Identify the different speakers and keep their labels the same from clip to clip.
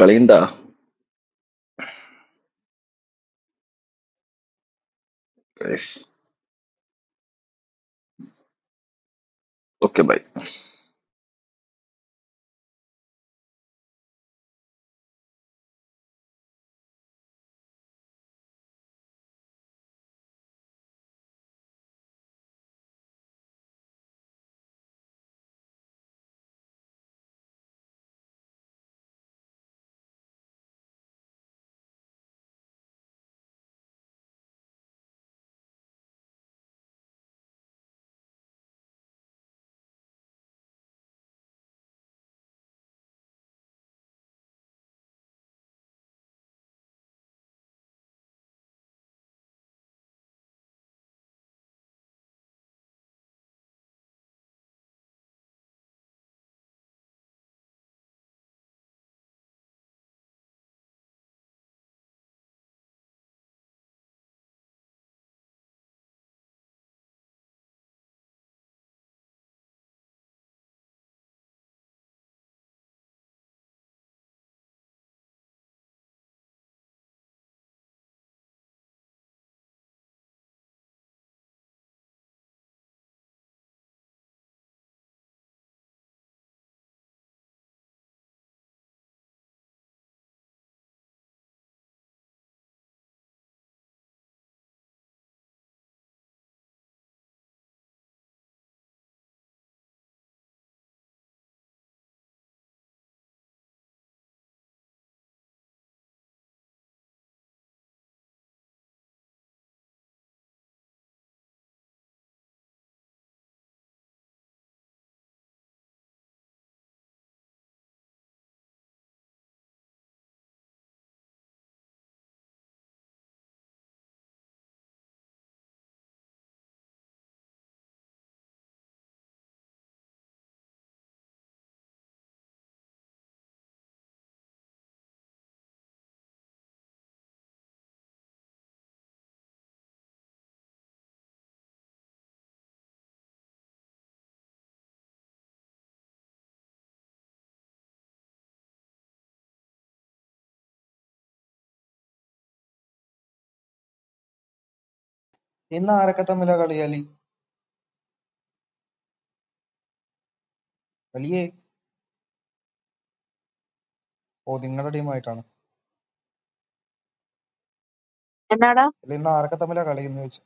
Speaker 1: കളിയുണ്ടാ okay bye
Speaker 2: ഇന്ന് ആരൊക്കെ തമ്മിലാ കളി അലി? അലിയേ ഓ നിങ്ങളുടെ ടീമായിട്ടാണ്.
Speaker 3: എന്നാടാ
Speaker 2: അല്ല ഇന്ന് ആരൊക്കെ തമ്മിലാ കളി എന്ന് ചോദിച്ചു.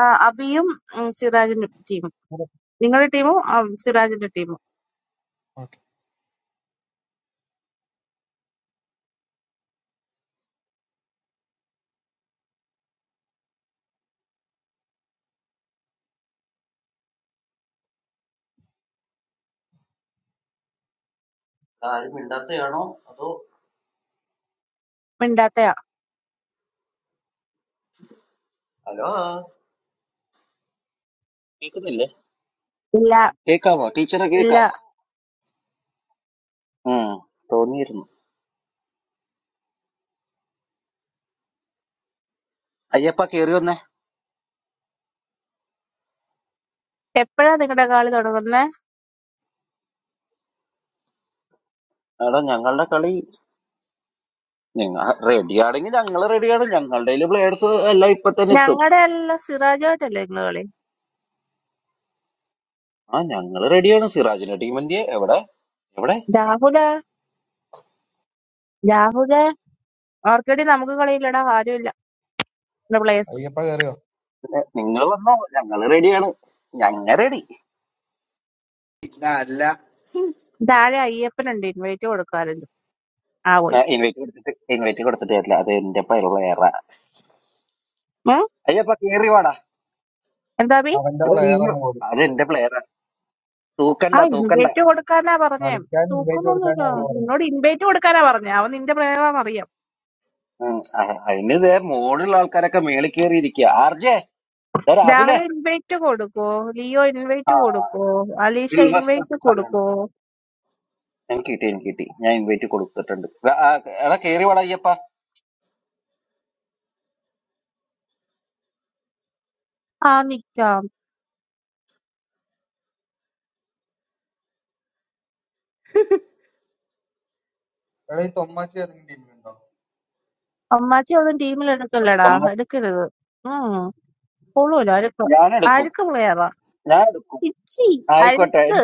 Speaker 3: ആ, അബിയും ഉം, സിറാജിന്റെ ടീമും നിങ്ങളുടെ ടീമും ആ, സിറാജിന്റെ ടീമും
Speaker 2: ഓക്കേ.
Speaker 3: മിണ്ടാത്തയാ ഇല്ല ഇല്ല എപ്പോഴാ നിങ്ങളുടെ കളി തുടങ്ങുന്നത് ഞങ്ങളുടെ അല്ല സിറാജുമായിട്ടല്ലേ നിങ്ങള് കളി രാഹുല രാഹുല ഓർക്കേടി നമുക്ക് കളിയില്ലടാ ആരുമില്ല നമ്മുടെ പ്ലേയേഴ്സ്
Speaker 2: അയ്യപ്പ കയറിയോ?
Speaker 4: ഇല്ല അല്ല
Speaker 3: താഴെ അയ്യപ്പനുണ്ട് ഇൻവൈറ്റ് കൊടുക്കാറുണ്ട് ആ പോയി ഉം? എന്താ ബി
Speaker 2: അവന്റെ player ആണ്.
Speaker 3: ആ ഇൻവൈറ്റ് കൊടുക്കാനാ പറഞ്ഞേ
Speaker 2: കളിക്കാൻ ഇൻവൈറ്റ് കൊടുക്കാൻ
Speaker 3: തൂക്കമൊന്നുമില്ല നിന്നോട് ഇൻവൈറ്റ് കൊടുക്കാനാ പറഞ്ഞേ അവൻ നിന്റെ പ്രേമാന്നറിയാം രാഹുൽ ഇൻവൈറ്റ് കൊടുക്കോ ലിയോ ഇൻവൈറ്റ് കൊടുക്കോ അലീഷ ഇൻവൈറ്റ് കൊടുക്കോ ആ നിക്കാം
Speaker 2: എടാ ഈ തൊമ്മാച്ചി ഏതെങ്കിലും ടീമിലുണ്ടോ?
Speaker 3: അമ്മാച്ചി ഒന്നും ടീമിൽ എടുക്കല്ലടാ എടുക്കരുത് ഉം കൊള്ളൂല അഴുക്ക് അഴുക്ക് പ്ലെയറാ ഇച്ചി അഴുക്ക്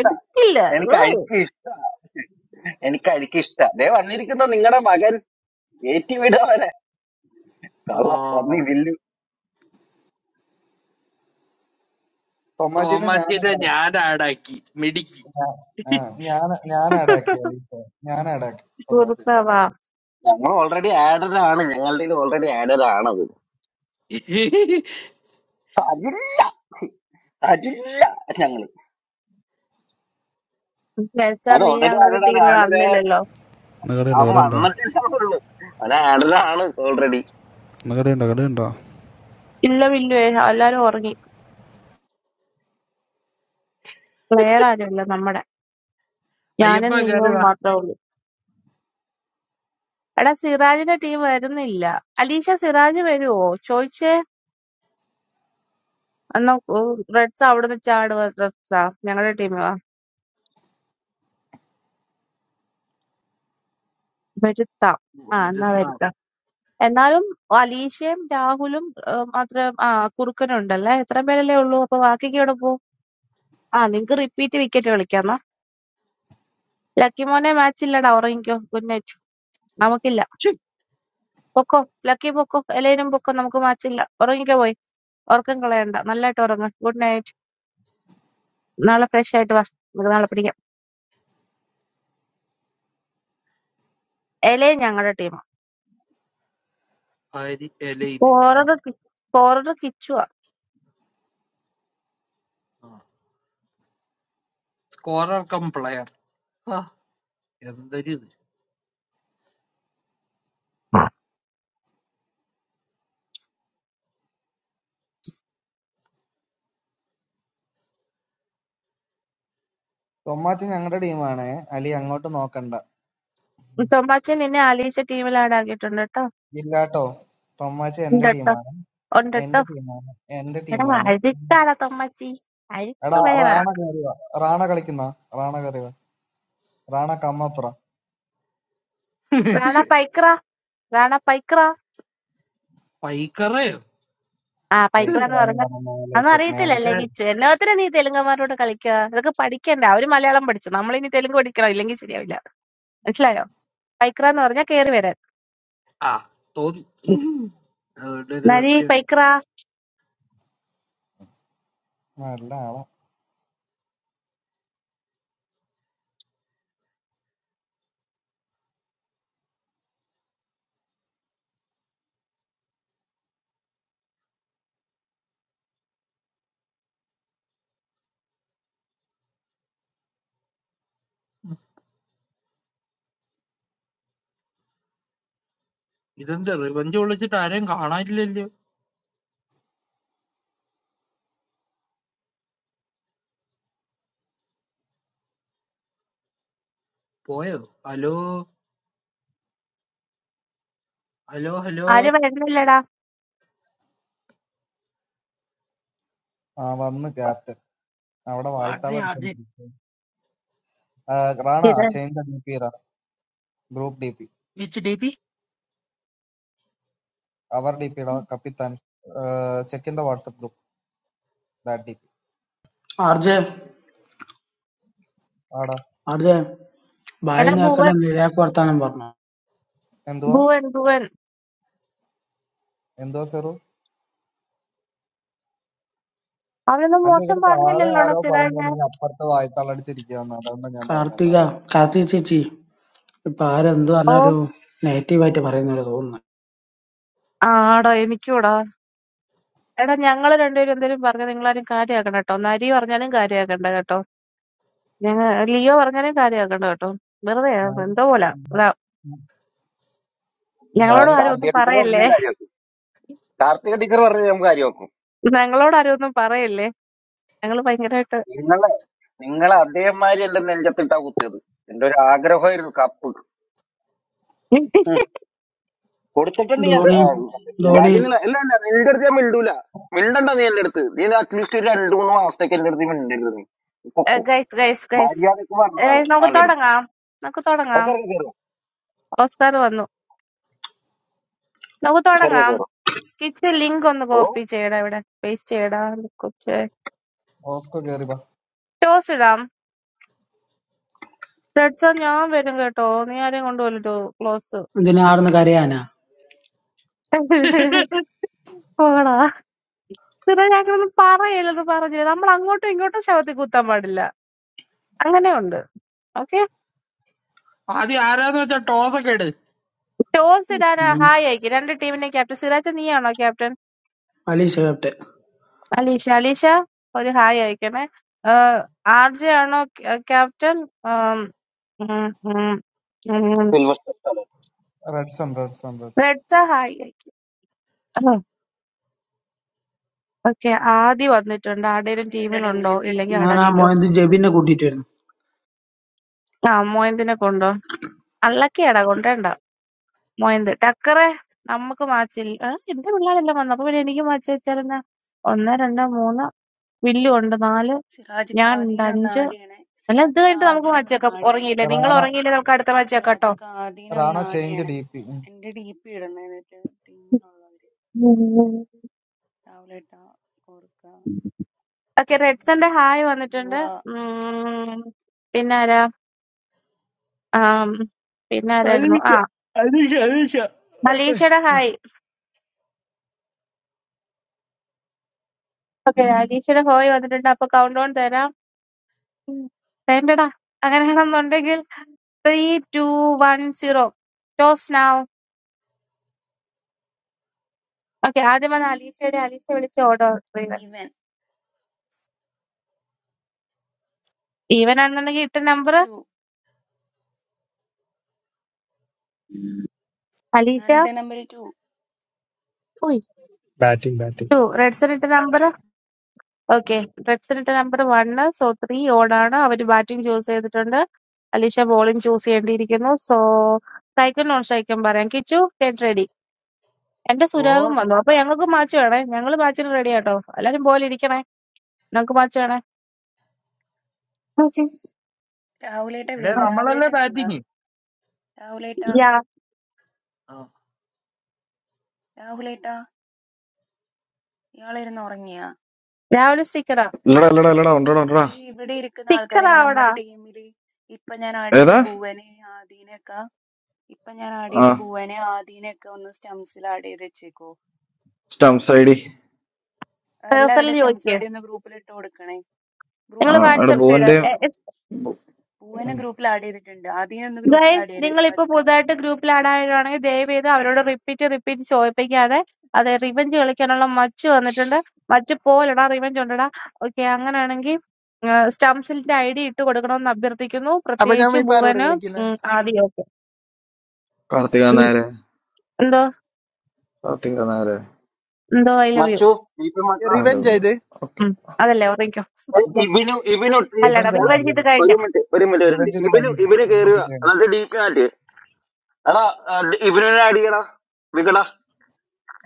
Speaker 3: എടുക്കില്ല ഊ.
Speaker 4: ഓ
Speaker 2: തൊമ്മാച്ചിനെ ഞാൻ add
Speaker 4: തോമാച്ചിയുടെ
Speaker 2: ആക്കി.
Speaker 4: ഞാൻ ആടാക്കി മിടുക്കി
Speaker 2: ആ, ഞാൻ ഞാൻ ആഡാക്കി അലി ഞാൻ ആഡാക്കി തൊമ്മാച്ചി.
Speaker 3: സുഹൃത്താവാ വിചാരിച്ചാ നീ ഞങ്ങളുടെ ടീമിൽ വന്നില്ലല്ലോ
Speaker 5: ഇന്ന് കടയുണ്ടോ കടയുണ്ടോ ഇന്ന് കടയുണ്ടോ കടയുണ്ടോ
Speaker 3: ഇല്ല വില്ലുവേ എല്ലാരും ഉറങ്ങി പ്ലെയർ ആരുമില്ല നമ്മുടെ
Speaker 4: അയ്യപ്പ
Speaker 3: ഞാനും
Speaker 4: കയറി
Speaker 3: നീയും
Speaker 4: വാ
Speaker 3: മാത്രമേ ഉള്ളൂ എടാ സിറാജിന്റെ ടീം വരുന്നില്ല അലീഷ സിറാജ് വരുവോ ചോദിച്ചേ എന്നാ റെഡ്സ് അവിടുന്ന് ചാടുക റെഡ്സാ ഞങ്ങളുടെ ടീമാ വരുത്താം ആ എന്നാ
Speaker 4: ഒരുത്തം.
Speaker 3: വരുത്താം എന്നാലും അലീഷയും രാഹുലും ഏഹ്, മാത്രം ആ കുറുക്കനും ഉണ്ടല്ലേ എത്ര പേരല്ലേ ഉള്ളൂ അപ്പൊ ബാക്കിയൊക്കെ എവിടെ പോകും ആ നിങ്ങക്ക് റിപ്പീറ്റ് വിക്കറ്റ് കളിക്കാന്നാ ലക്കി മോനെ മാച്ച് ഇല്ലടാ ഉറങ്ങിക്കോ ഗുഡ് നൈറ്റ് നമുക്കില്ല
Speaker 4: ഛി,
Speaker 3: പൊക്കോ ലക്കി പൊക്കോ എലേനും പൊക്കോ നമുക്ക് മാച്ച് ഇല്ല ഉറങ്ങിക്കോ പോയി ഉറക്കം കളയണ്ട നല്ലതായിട്ട് ഉറങ്ങ ഗുഡ് നൈറ്റ് നാളെ ഫ്രഷ് ആയിട്ട് വാ നമുക്ക് നാളെ പിടിക്കാം എലേ ഞങ്ങളുടെ ടീമാ
Speaker 4: ഹരി എലൈന് ആ
Speaker 3: ഫോറർ ഫോറർ കിച്ചുവാ
Speaker 4: ആ സ്കോറർ കം പ്ലെയർ ആ എന്തൊരു ഇത്
Speaker 2: തൊമ്മാച്ചി ഞങ്ങളുടെ ടീമാണ് അലി അങ്ങോട്ട് നോക്കണ്ട.
Speaker 3: തൊമ്മാച്ചി നിന്നെ ആലീശ ടീമിൽ ആഡാക്കിയിട്ടുണ്ട് കേട്ടോ
Speaker 2: ഇല്ലാട്ടോ തൊമ്മാച്ചി
Speaker 3: ഉണ്ട്
Speaker 2: എന്റെ
Speaker 3: കേട്ടോ
Speaker 2: ടീമാണ്
Speaker 3: ഉണ്ട് കേട്ടോ
Speaker 2: എന്റെ ടീമാണ് എന്റെ
Speaker 3: എടാ
Speaker 2: ടീമാണ്
Speaker 3: അഴുക്കാടാ തൊമ്മാച്ചി
Speaker 2: എടാ
Speaker 3: അഴുക്ക് പേരാ
Speaker 2: റാണ കയറിയോ റാണ കളിക്കുന്ന റാണ കയറിയോ റാണ കമ്മപ്ര
Speaker 3: റാണ പൈക്ര റാണ പൈക്ര
Speaker 4: പൈക്കറയോ
Speaker 3: ആ പൈക്ര എന്ന്
Speaker 2: സ്ട്രൈക്കറാന്ന്
Speaker 3: പറഞ്ഞ
Speaker 2: പറഞ്ഞ
Speaker 3: അതൊന്നും
Speaker 2: മേലേക്ക് മേലേക്ക്
Speaker 3: അറിയത്തില്ലല്ലേ
Speaker 4: ഞാൻ-
Speaker 2: വന്നു.
Speaker 3: കിച്ചു എല്ലാത്തിനും നീ തെലുങ്കന്മാരോട് കളിക്കുക ഇതൊക്കെ പഠിക്കണ്ട അവര് മലയാളം പഠിച്ചു നമ്മളിനി തെലുങ്ക് പഠിക്കണം ഇല്ലെങ്കിൽ ശരിയാവില്ല മനസ്സിലായോ പൈക്ര എന്ന് പറഞ്ഞാൽ കേറി വരാൻ
Speaker 4: ആ തോന്നി ഉം. അതുകൊണ്ട് ഒരു
Speaker 3: നരി
Speaker 4: സംശയം അടിച്ചു
Speaker 3: പൈക്ര
Speaker 2: നല്ല ആളാ
Speaker 4: ഇതെന്താ റിവഞ്ച് വിളിച്ചിട്ട് ആരെയും കാണാനില്ലല്ലോ പോയോ ഹലോ ഹലോ ഹലോ
Speaker 3: ആരും വരുന്നില്ലടാ
Speaker 2: ആ വന്ന് ക്യാപ്റ്റൻ അവിടെ
Speaker 6: అదే
Speaker 2: വായ്ത്താളം
Speaker 6: అదే
Speaker 2: അടിച്ചോണ്ടിരിക്കും റാണ
Speaker 3: ഇത്
Speaker 2: ചേഞ്ച് ദ ഡി പി ഇറ group D P
Speaker 6: which DP
Speaker 2: അവർ ഡി പി ഇടാ കപ്പിത്താൻ check in the WhatsApp group that D P
Speaker 7: RJ
Speaker 2: ആടാ
Speaker 7: ആർജെ ബായി
Speaker 3: എടാ
Speaker 2: ആടാ
Speaker 7: നേക്കണ്ട
Speaker 3: ഭുവൻ
Speaker 7: നിരയാക്ക് വർത്താനം പറഞ്ഞു
Speaker 2: എന്തുവാ
Speaker 3: ഭുവൻ ഭുവൻ
Speaker 2: എന്തുവാ സെറു
Speaker 3: അവനൊന്നും
Speaker 2: അല്ല
Speaker 3: മോശം
Speaker 2: ഇവിടെ താഴെ
Speaker 3: പറഞ്ഞില്ലല്ലോടാ
Speaker 2: ആരോ പറഞ്ഞു
Speaker 3: ചിരാജ്
Speaker 2: ഇല്ലെങ്കിൽ അപ്പുറത്തെ വായ്ത്താളം അടിച്ചിരിക്കുകയെന്ന് അതുകൊണ്ടാണ് ഞാൻ പറഞ്ഞത്
Speaker 7: കാർത്തിക
Speaker 2: അല്ലാതെ വേറെ.
Speaker 7: കാർത്തിക ചേച്ചി ഇപ്പൊ ആരെന്ത്
Speaker 3: ഓ
Speaker 7: പറഞ്ഞാലും നെഗറ്റീവ് ആയിട്ട് പറയുന്ന പോലെ തോന്നുന്നു
Speaker 3: ആടാ എനിക്കൂടാ എടാ ഞങ്ങള് രണ്ടുപേരും എന്തേലും പറഞ്ഞ നിങ്ങളാരും കാര്യമാക്കണ്ട കേട്ടോ നരി പറഞ്ഞാലും കാര്യമാക്കണ്ട കേട്ടോ ഞങ്ങ ലിയോ പറഞ്ഞാലും കാര്യമാക്കണ്ട കേട്ടോ വെറുതെ
Speaker 2: മാരി
Speaker 3: എന്തോ പോലെ ഇതാ ഞങ്ങളോട്
Speaker 2: മാരിയൊക്കെ
Speaker 3: ആരും ഒന്നും പറയല്ലേ ഞങ്ങളോട് ആരും ഒന്നും പറയല്ലേ ഞങ്ങള് ഭയങ്കരമായിട്ട്
Speaker 7: Dhoni Dhoni
Speaker 3: guys guys guys നമുക്ക് തുടങ്ങാം നമുക്ക് തുടങ്ങാം ഓസ്കാർ വന്നു നമുക്ക് തുടങ്ങാം കിച്ച് ലിങ്ക് ഒന്ന് കോപ്പി ചെയ്യടാ ഇവിടെ പേസ്റ്റ് ചെയ്യടാ കൊച്ച്
Speaker 2: ഓസ്കോ കേറി വാ
Speaker 3: ടോസ് ഇടാം റെഡ്സൺ ഞാൻ വരും കേട്ടോ നീ ആരെയും കൊണ്ടുപോലോ ക്ലോസ്
Speaker 7: എന്തിനാ ആടുന്ന് കരയാനാ
Speaker 3: പോടാ സിറോജ് അങ്ങനെ പറയല്ലെന്ന് പറഞ്ഞില്ല നമ്മൾ അങ്ങോട്ടും ഇങ്ങോട്ടും ശവത്തിൽ കുത്താൻ പാടില്ല അങ്ങനെ ഉണ്ട് ഓക്കെ
Speaker 4: ആദ്യം ആരാന്ന് വെച്ചാ ടോസ് ഒക്കെ ഇട്
Speaker 3: ടോസ് ഇടാൻ
Speaker 7: ഉം.
Speaker 3: ഹായ് അയക്കും രണ്ട് ടീമിന്റെ ക്യാപ്റ്റൻ സിറാജ നീയാണോ captain
Speaker 7: Malaysia captain
Speaker 3: Alisha Alisha ഒരു ഹായ് അയക്കണേ ആർ ജെ ആണോ ക്യാ- ക്യാപ്റ്റൻ ആം, ഉം, ഉം, ഉം.
Speaker 2: Red sun red sun red
Speaker 3: റെഡ്സ ഹായ് അയക്കും ഓക്കെ ആദി വന്നിട്ടുണ്ട് ആടേലും
Speaker 8: അത് എന്റെ ടീമിൽ
Speaker 3: ടീമിലുണ്ടോ
Speaker 8: എന്റെ
Speaker 3: ഇല്ലെങ്കിൽ
Speaker 8: ടീമിൽ
Speaker 7: ഞാൻ ആ
Speaker 8: എന്റെ
Speaker 3: അടകിക്കോ
Speaker 8: ടീമിൽ
Speaker 7: മോയന്ത് ജെബിനെ കൂട്ടിട്ട് വരുന്നു
Speaker 3: ആ മോയന്തിനെ കൊണ്ടോ അള്ളക്കയാടാ കൊണ്ടേണ്ട മോയിന്ത് ടക്കറെ നമുക്ക് മാച്ച് ഇല്ല ആ, എന്റെ പിള്ളേരെല്ലാം വന്നു അപ്പൊ പിന്നെ എനിക്ക് മാച്ച് വെച്ചാലെന്നാ ഒന്ന് രണ്ട് മൂന്ന് വില്ലു ഉണ്ട് നാല്
Speaker 8: സിറാജിക്ക്
Speaker 3: ഞാൻ ഉണ്ട്
Speaker 8: ആദീനെ ഒന്ന്
Speaker 3: അഞ്ച്
Speaker 8: ആടിയണേ
Speaker 3: അല്ല ഇത്
Speaker 8: സിറാജിക്ക്
Speaker 3: കഴിഞ്ഞിട്ട് നമുക്ക്
Speaker 8: ആദീനെ
Speaker 3: മാച്ച്
Speaker 8: ഒന്ന്
Speaker 3: വെക്കാം
Speaker 8: ആടിയണേ
Speaker 3: ഉറങ്ങിയില്ലേ നിങ്ങൾ
Speaker 2: റാണ
Speaker 3: ഉറങ്ങിയില്ലേ നമുക്ക് അടുത്ത മാച്ച് വെക്കാം കേട്ടോ
Speaker 8: സിറാജിക്ക് ആദീനെ
Speaker 2: റാണ
Speaker 8: ഒന്ന്
Speaker 2: ചേഞ്ച്
Speaker 8: ആടിയണേ
Speaker 2: ഡി പി
Speaker 8: എന്റെ ഡി പി ഇടണേ എന്നിട്ട് ടീമിലുള്ളവര് രാവിലെ ഇട്ടാ ഓർക്ക
Speaker 3: ഓക്കെ റെഡ്സന്റെ ഹായ്
Speaker 8: ബുവ
Speaker 3: വന്നിട്ടുണ്ട് ഉം, പിന്നെ ആരാ ആം, പിന്നെ ആരായിരുന്നു
Speaker 4: അലീഷ
Speaker 3: ആ
Speaker 4: അലീഷ
Speaker 3: അലീഷയുടെ
Speaker 4: അലീഷ
Speaker 3: ഹായ് ഓക്കെ അലീഷയുടെ ഹായ് വന്നിട്ടുണ്ട് അപ്പൊ കൗണ്ട് ഓൺ തരാം വേണ്ടടാ അങ്ങനെയാണെന്നുണ്ടെങ്കിൽ three two one zero toss now okay ആദ്യം വന്ന അലീഷയുടെ അലീഷ വിളിച്ച ഓർഡർ ഈവൻ
Speaker 8: ഈവൻ
Speaker 3: ഈവൻ ആണെന്നുണ്ടെങ്കിൽ ഇട്ട നമ്പർ
Speaker 8: ടു
Speaker 3: അലീഷ
Speaker 8: ഞാനിട്ട നമ്പർ ടു
Speaker 3: ഉയ്
Speaker 9: ബാറ്റിംഗ് ബാറ്റിംഗ്
Speaker 3: ടു റെഡ്സൺ ഇട്ട നമ്പർ ഓക്കെ റെഡ്സൺ ഇട്ട നമ്പർ വണ് സോ ത്രീ ഓടാണ് അവര് ബാറ്റിംഗ് ചൂസ് ചെയ്തിട്ടുണ്ട് അലീഷ ബോളിംഗ് ചൂസ് ചെയ്യേണ്ടിയിരിക്കുന്നു സോ സ്ട്രൈക്കും നോൺ സ്ട്രൈക്കും പറയാം കിച്ചു ഗെറ്റ് റെഡി എന്റെ
Speaker 4: ഓ
Speaker 3: സുരാഗും വന്നു അപ്പൊ ഞങ്ങൾക്ക് മാച്ച് വേണേ ഞങ്ങൾ മാച്ചിന് റെഡി ആട്ടോ എല്ലാരും പോലെ ഇരിക്കണേ ഞങ്ങൾക്ക് മാച്ച് വേണേ Okay.
Speaker 8: രാഹുലേട്ട എവിടെ
Speaker 4: എടേ
Speaker 3: ആ,
Speaker 8: ഉണ്ടാ രാഹുലേട്ട
Speaker 4: നമ്മളല്ലേ
Speaker 8: എവിടെ ഉണ്ടാ
Speaker 4: ബാറ്റിങ്
Speaker 8: രാഹുലേട്ട
Speaker 3: yeah.
Speaker 8: രാഹുലേട്ട ഇയാളിരുന്ന് ഉറങ്ങിയാ
Speaker 3: രാവിലെ സ്റ്റിക്കറാ
Speaker 1: ഇല്ലടാ ഇല്ലടാ ഇല്ലടാ ഉണ്ടടാ ഉണ്ടടാ
Speaker 8: ഈ ഇവിടെ ഇരിക്കുന്ന ആൾക്കാരെയൊക്കെ
Speaker 3: സ്റ്റിക്കറാ
Speaker 8: നമ്മുടെ ടീമിൽ ഇപ്പൊ ഞാൻ ആഡ് ചെയ്ത
Speaker 1: ഏതാ
Speaker 8: ഭുവനെ ആദീനെയൊക്കെ ഇപ്പൊ ഞാൻ ആഡ്
Speaker 1: ആ
Speaker 8: ചെയ്ത ഭുവനെ ആദീനെയൊക്കെ ഒന്ന് സ്റ്റംസിൽ ആഡ് ചെയ്ത് വെച്ചേക്കോ
Speaker 1: സ്റ്റംസ് ഐ ഡി
Speaker 3: പേഴ്സണൽ
Speaker 8: എല്ലാവരുടെ സ്റ്റംസ്
Speaker 3: ചോദിക്കുക
Speaker 8: ഐ ഡി ഒന്ന് ഗ്രൂപ്പിൽ ഇട്ട് കൊടുക്കണേ
Speaker 3: നിങ്ങൾ
Speaker 1: ആ
Speaker 8: ഗ്രൂപ്പിൽ ഒന്ന്
Speaker 1: അവിടെ
Speaker 3: വാട്സാപ്പിൽ
Speaker 8: ചോദിച്ച്
Speaker 1: ബോന്റെ
Speaker 8: സെറ്റ് ആക്കോ ഭുവനെ ഗ്രൂപ്പിൽ ആഡ് ചെയ്തിട്ടുണ്ട് ആദീനെ ഒന്ന് ഗ്രൂപ്പിൽ ആഡ്
Speaker 3: ഗൈസ്
Speaker 8: ചെയ്യണേ
Speaker 3: നിങ്ങൾ ഇപ്പൊ
Speaker 8: സിറാജിക്ക
Speaker 3: പുതുതായിട്ട് ഗ്രൂപ്പിൽ ആഡ് ആയതാണെങ്കിൽ ദയവ് ചെയ്ത് അവരോട് റിപ്പീറ്റ് റിപ്പീറ്റ് ചോദിപ്പിക്കാതെ അത് റിവഞ്ച് കളിക്കാനുള്ള മച്ച് വന്നിട്ടുണ്ട് മച്ച് പോലെടാ റിവഞ്ച് ഉണ്ടടാ ഓക്കെ അങ്ങനെയാണെങ്കിൽ സ്റ്റംസിന്റെ ഐ ഡി ഇട്ട് കൊടുക്കണമെന്ന് അഭ്യർത്ഥിക്കുന്നു
Speaker 10: അപ്പൊ ഞാൻ
Speaker 3: പ്രത്യേകിച്ച്
Speaker 10: ഇപ്പൊ ആരോട്
Speaker 3: ഭുവന്
Speaker 10: കളിക്കുന്നത്
Speaker 3: ഉം, ആദി ഓക്കെ
Speaker 1: കാർത്തിക നായരെ
Speaker 3: എന്തോ
Speaker 1: കാർത്തിക നായരെ
Speaker 3: എന്തോ ഐ ലവ് യു
Speaker 10: റിവെഞ്ച് ആയത്
Speaker 1: ഓക്കെ
Speaker 3: അതല്ലേ ഓർമ്മിക്കോ അല്ലടാ
Speaker 2: റിവഞ്ച് അല്ല
Speaker 3: റിവഞ്ച്
Speaker 2: അല്ല
Speaker 3: ഇത്
Speaker 2: അല്ല
Speaker 3: കഴിഞ്ഞു
Speaker 2: റിവഞ്ച് ഇത് കഴിഞ്ഞില്ല റിവഞ്ച് ഇത് കഴിഞ്ഞില്ല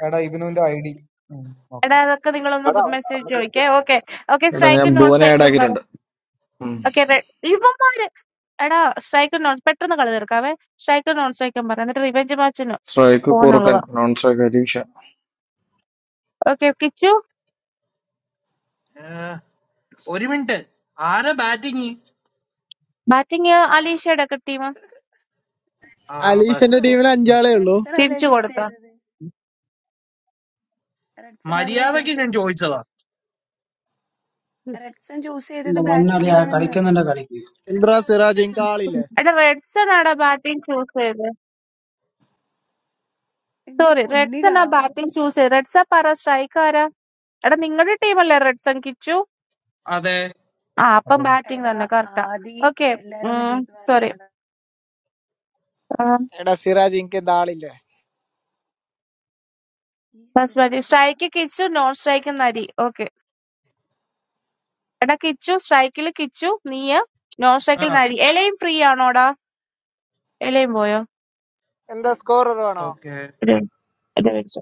Speaker 2: എടാ ഇബിനുവിന്റെ ഐ ഡി
Speaker 3: എടാ
Speaker 2: നോക്കട്ടെ
Speaker 3: അതൊക്കെ നിങ്ങളൊന്ന് മെസ്സേജ് ചോദിക്കേ ഓക്കെ ഓക്കെ
Speaker 1: എടാ ഞാൻ
Speaker 3: സ്ട്രൈക്കും നോൺ
Speaker 1: ബോനെ ആഡ്
Speaker 3: സ്ട്രൈക്കും
Speaker 1: ആക്കിയിട്ടുണ്ട്
Speaker 3: ഓക്കെ റെഡ് ഇവന്മാര് എടാ സ്ട്രൈക്കും നോൺ പെട്ടെന്ന് കളി തീർക്കാവേ സ്ട്രൈക്കും നോൺ സ്ട്രൈക്കും പറ എന്നിട്ട് റിവെഞ്ച് മാച്ചിന്
Speaker 1: സ്ട്രൈക്ക് കുറുക്കൻ
Speaker 3: പോകാനുള്ളതാ
Speaker 1: നോൺ സ്ട്രൈക്ക് അരീക്ഷ
Speaker 3: ഓക്കെ കിച്ചു
Speaker 4: ഒരു മിനിറ്റ് ആരാ ബാറ്റിങ്
Speaker 3: ബാറ്റിംഗ് അലീഷയുടെ ഒക്കെ ടീം
Speaker 4: ആ
Speaker 10: അലീഷന്റെ
Speaker 8: പൊക്കോ
Speaker 4: ബസ്റ്റ്
Speaker 10: ടീമിൽ അഞ്ചാളേ ഉള്ളൂ
Speaker 8: റെഡ്സൺ അല്ലേ
Speaker 3: തിരിച്ചു
Speaker 8: ചൂസ്
Speaker 3: കൊടുത്താ
Speaker 8: ചെയ്തത് റെഡ്സൺ അല്ലേ
Speaker 4: മര്യാദക്ക്
Speaker 8: ചൂസ്
Speaker 4: ഞാൻ
Speaker 8: ചെയ്തത്
Speaker 4: ചോദിച്ചതാ
Speaker 8: റെഡ്സൺ ചൂസ്
Speaker 7: എന്റെ
Speaker 8: ചെയ്തത്
Speaker 7: മോനറിയാ
Speaker 8: ബാറ്റിംഗ് ആണെന്ന്
Speaker 7: കളിക്കുന്നുണ്ട കളിക്ക്
Speaker 10: ഇന്ദ്ര സിറാജ് എനിക്ക് ആളില്ലേ
Speaker 3: എടാ റെഡ്സൺ ആടാ ബാറ്റിംഗ് ചൂസ് ചെയ്തത്
Speaker 8: എന്റെ
Speaker 3: സോറി
Speaker 8: പൊന്നി
Speaker 3: റെഡ്സൺ ആ
Speaker 8: രാഹുല്
Speaker 3: ബാറ്റിംഗ് ചൂസ് ചെയ്ത് റെഡ്സ പറ സ്ട്രൈക്ക് ആരാ എടാ നിങ്ങളുടെ ടീമല്ലേ റെഡ്സൺ കിച്ചു
Speaker 4: അതെ
Speaker 3: ആ അപ്പം
Speaker 2: അപ്പൊ
Speaker 3: ബാറ്റിംഗ്
Speaker 8: എടാ
Speaker 3: തന്നെ കറക്റ്റാ
Speaker 8: ആദി
Speaker 3: ഓക്കെ
Speaker 8: എല്ലാരും ഒന്ന് ഡീപ്പ്
Speaker 3: സോറി
Speaker 8: മാറ്റണം എടാ
Speaker 10: എടാ സിറാജ് എനിക്ക് എന്താ ആളില്ലേ
Speaker 8: ഈ
Speaker 3: first batting
Speaker 8: Siraj Khan
Speaker 3: strike Kichu non strike നരി ഓക്കെ എടാ കിച്ചു സ്ട്രൈക്കില് കിച്ചു നീയ് നോൺ
Speaker 4: ആ
Speaker 3: സ്ട്രൈക്കിൽ നരി എലയും ഫ്രീ ആണോടാ എലയും പോയോ
Speaker 10: എന്താ സ്കോറർ വേണോ
Speaker 4: ഓക്കെ
Speaker 3: ഒരു ഇത് വെച്ച്.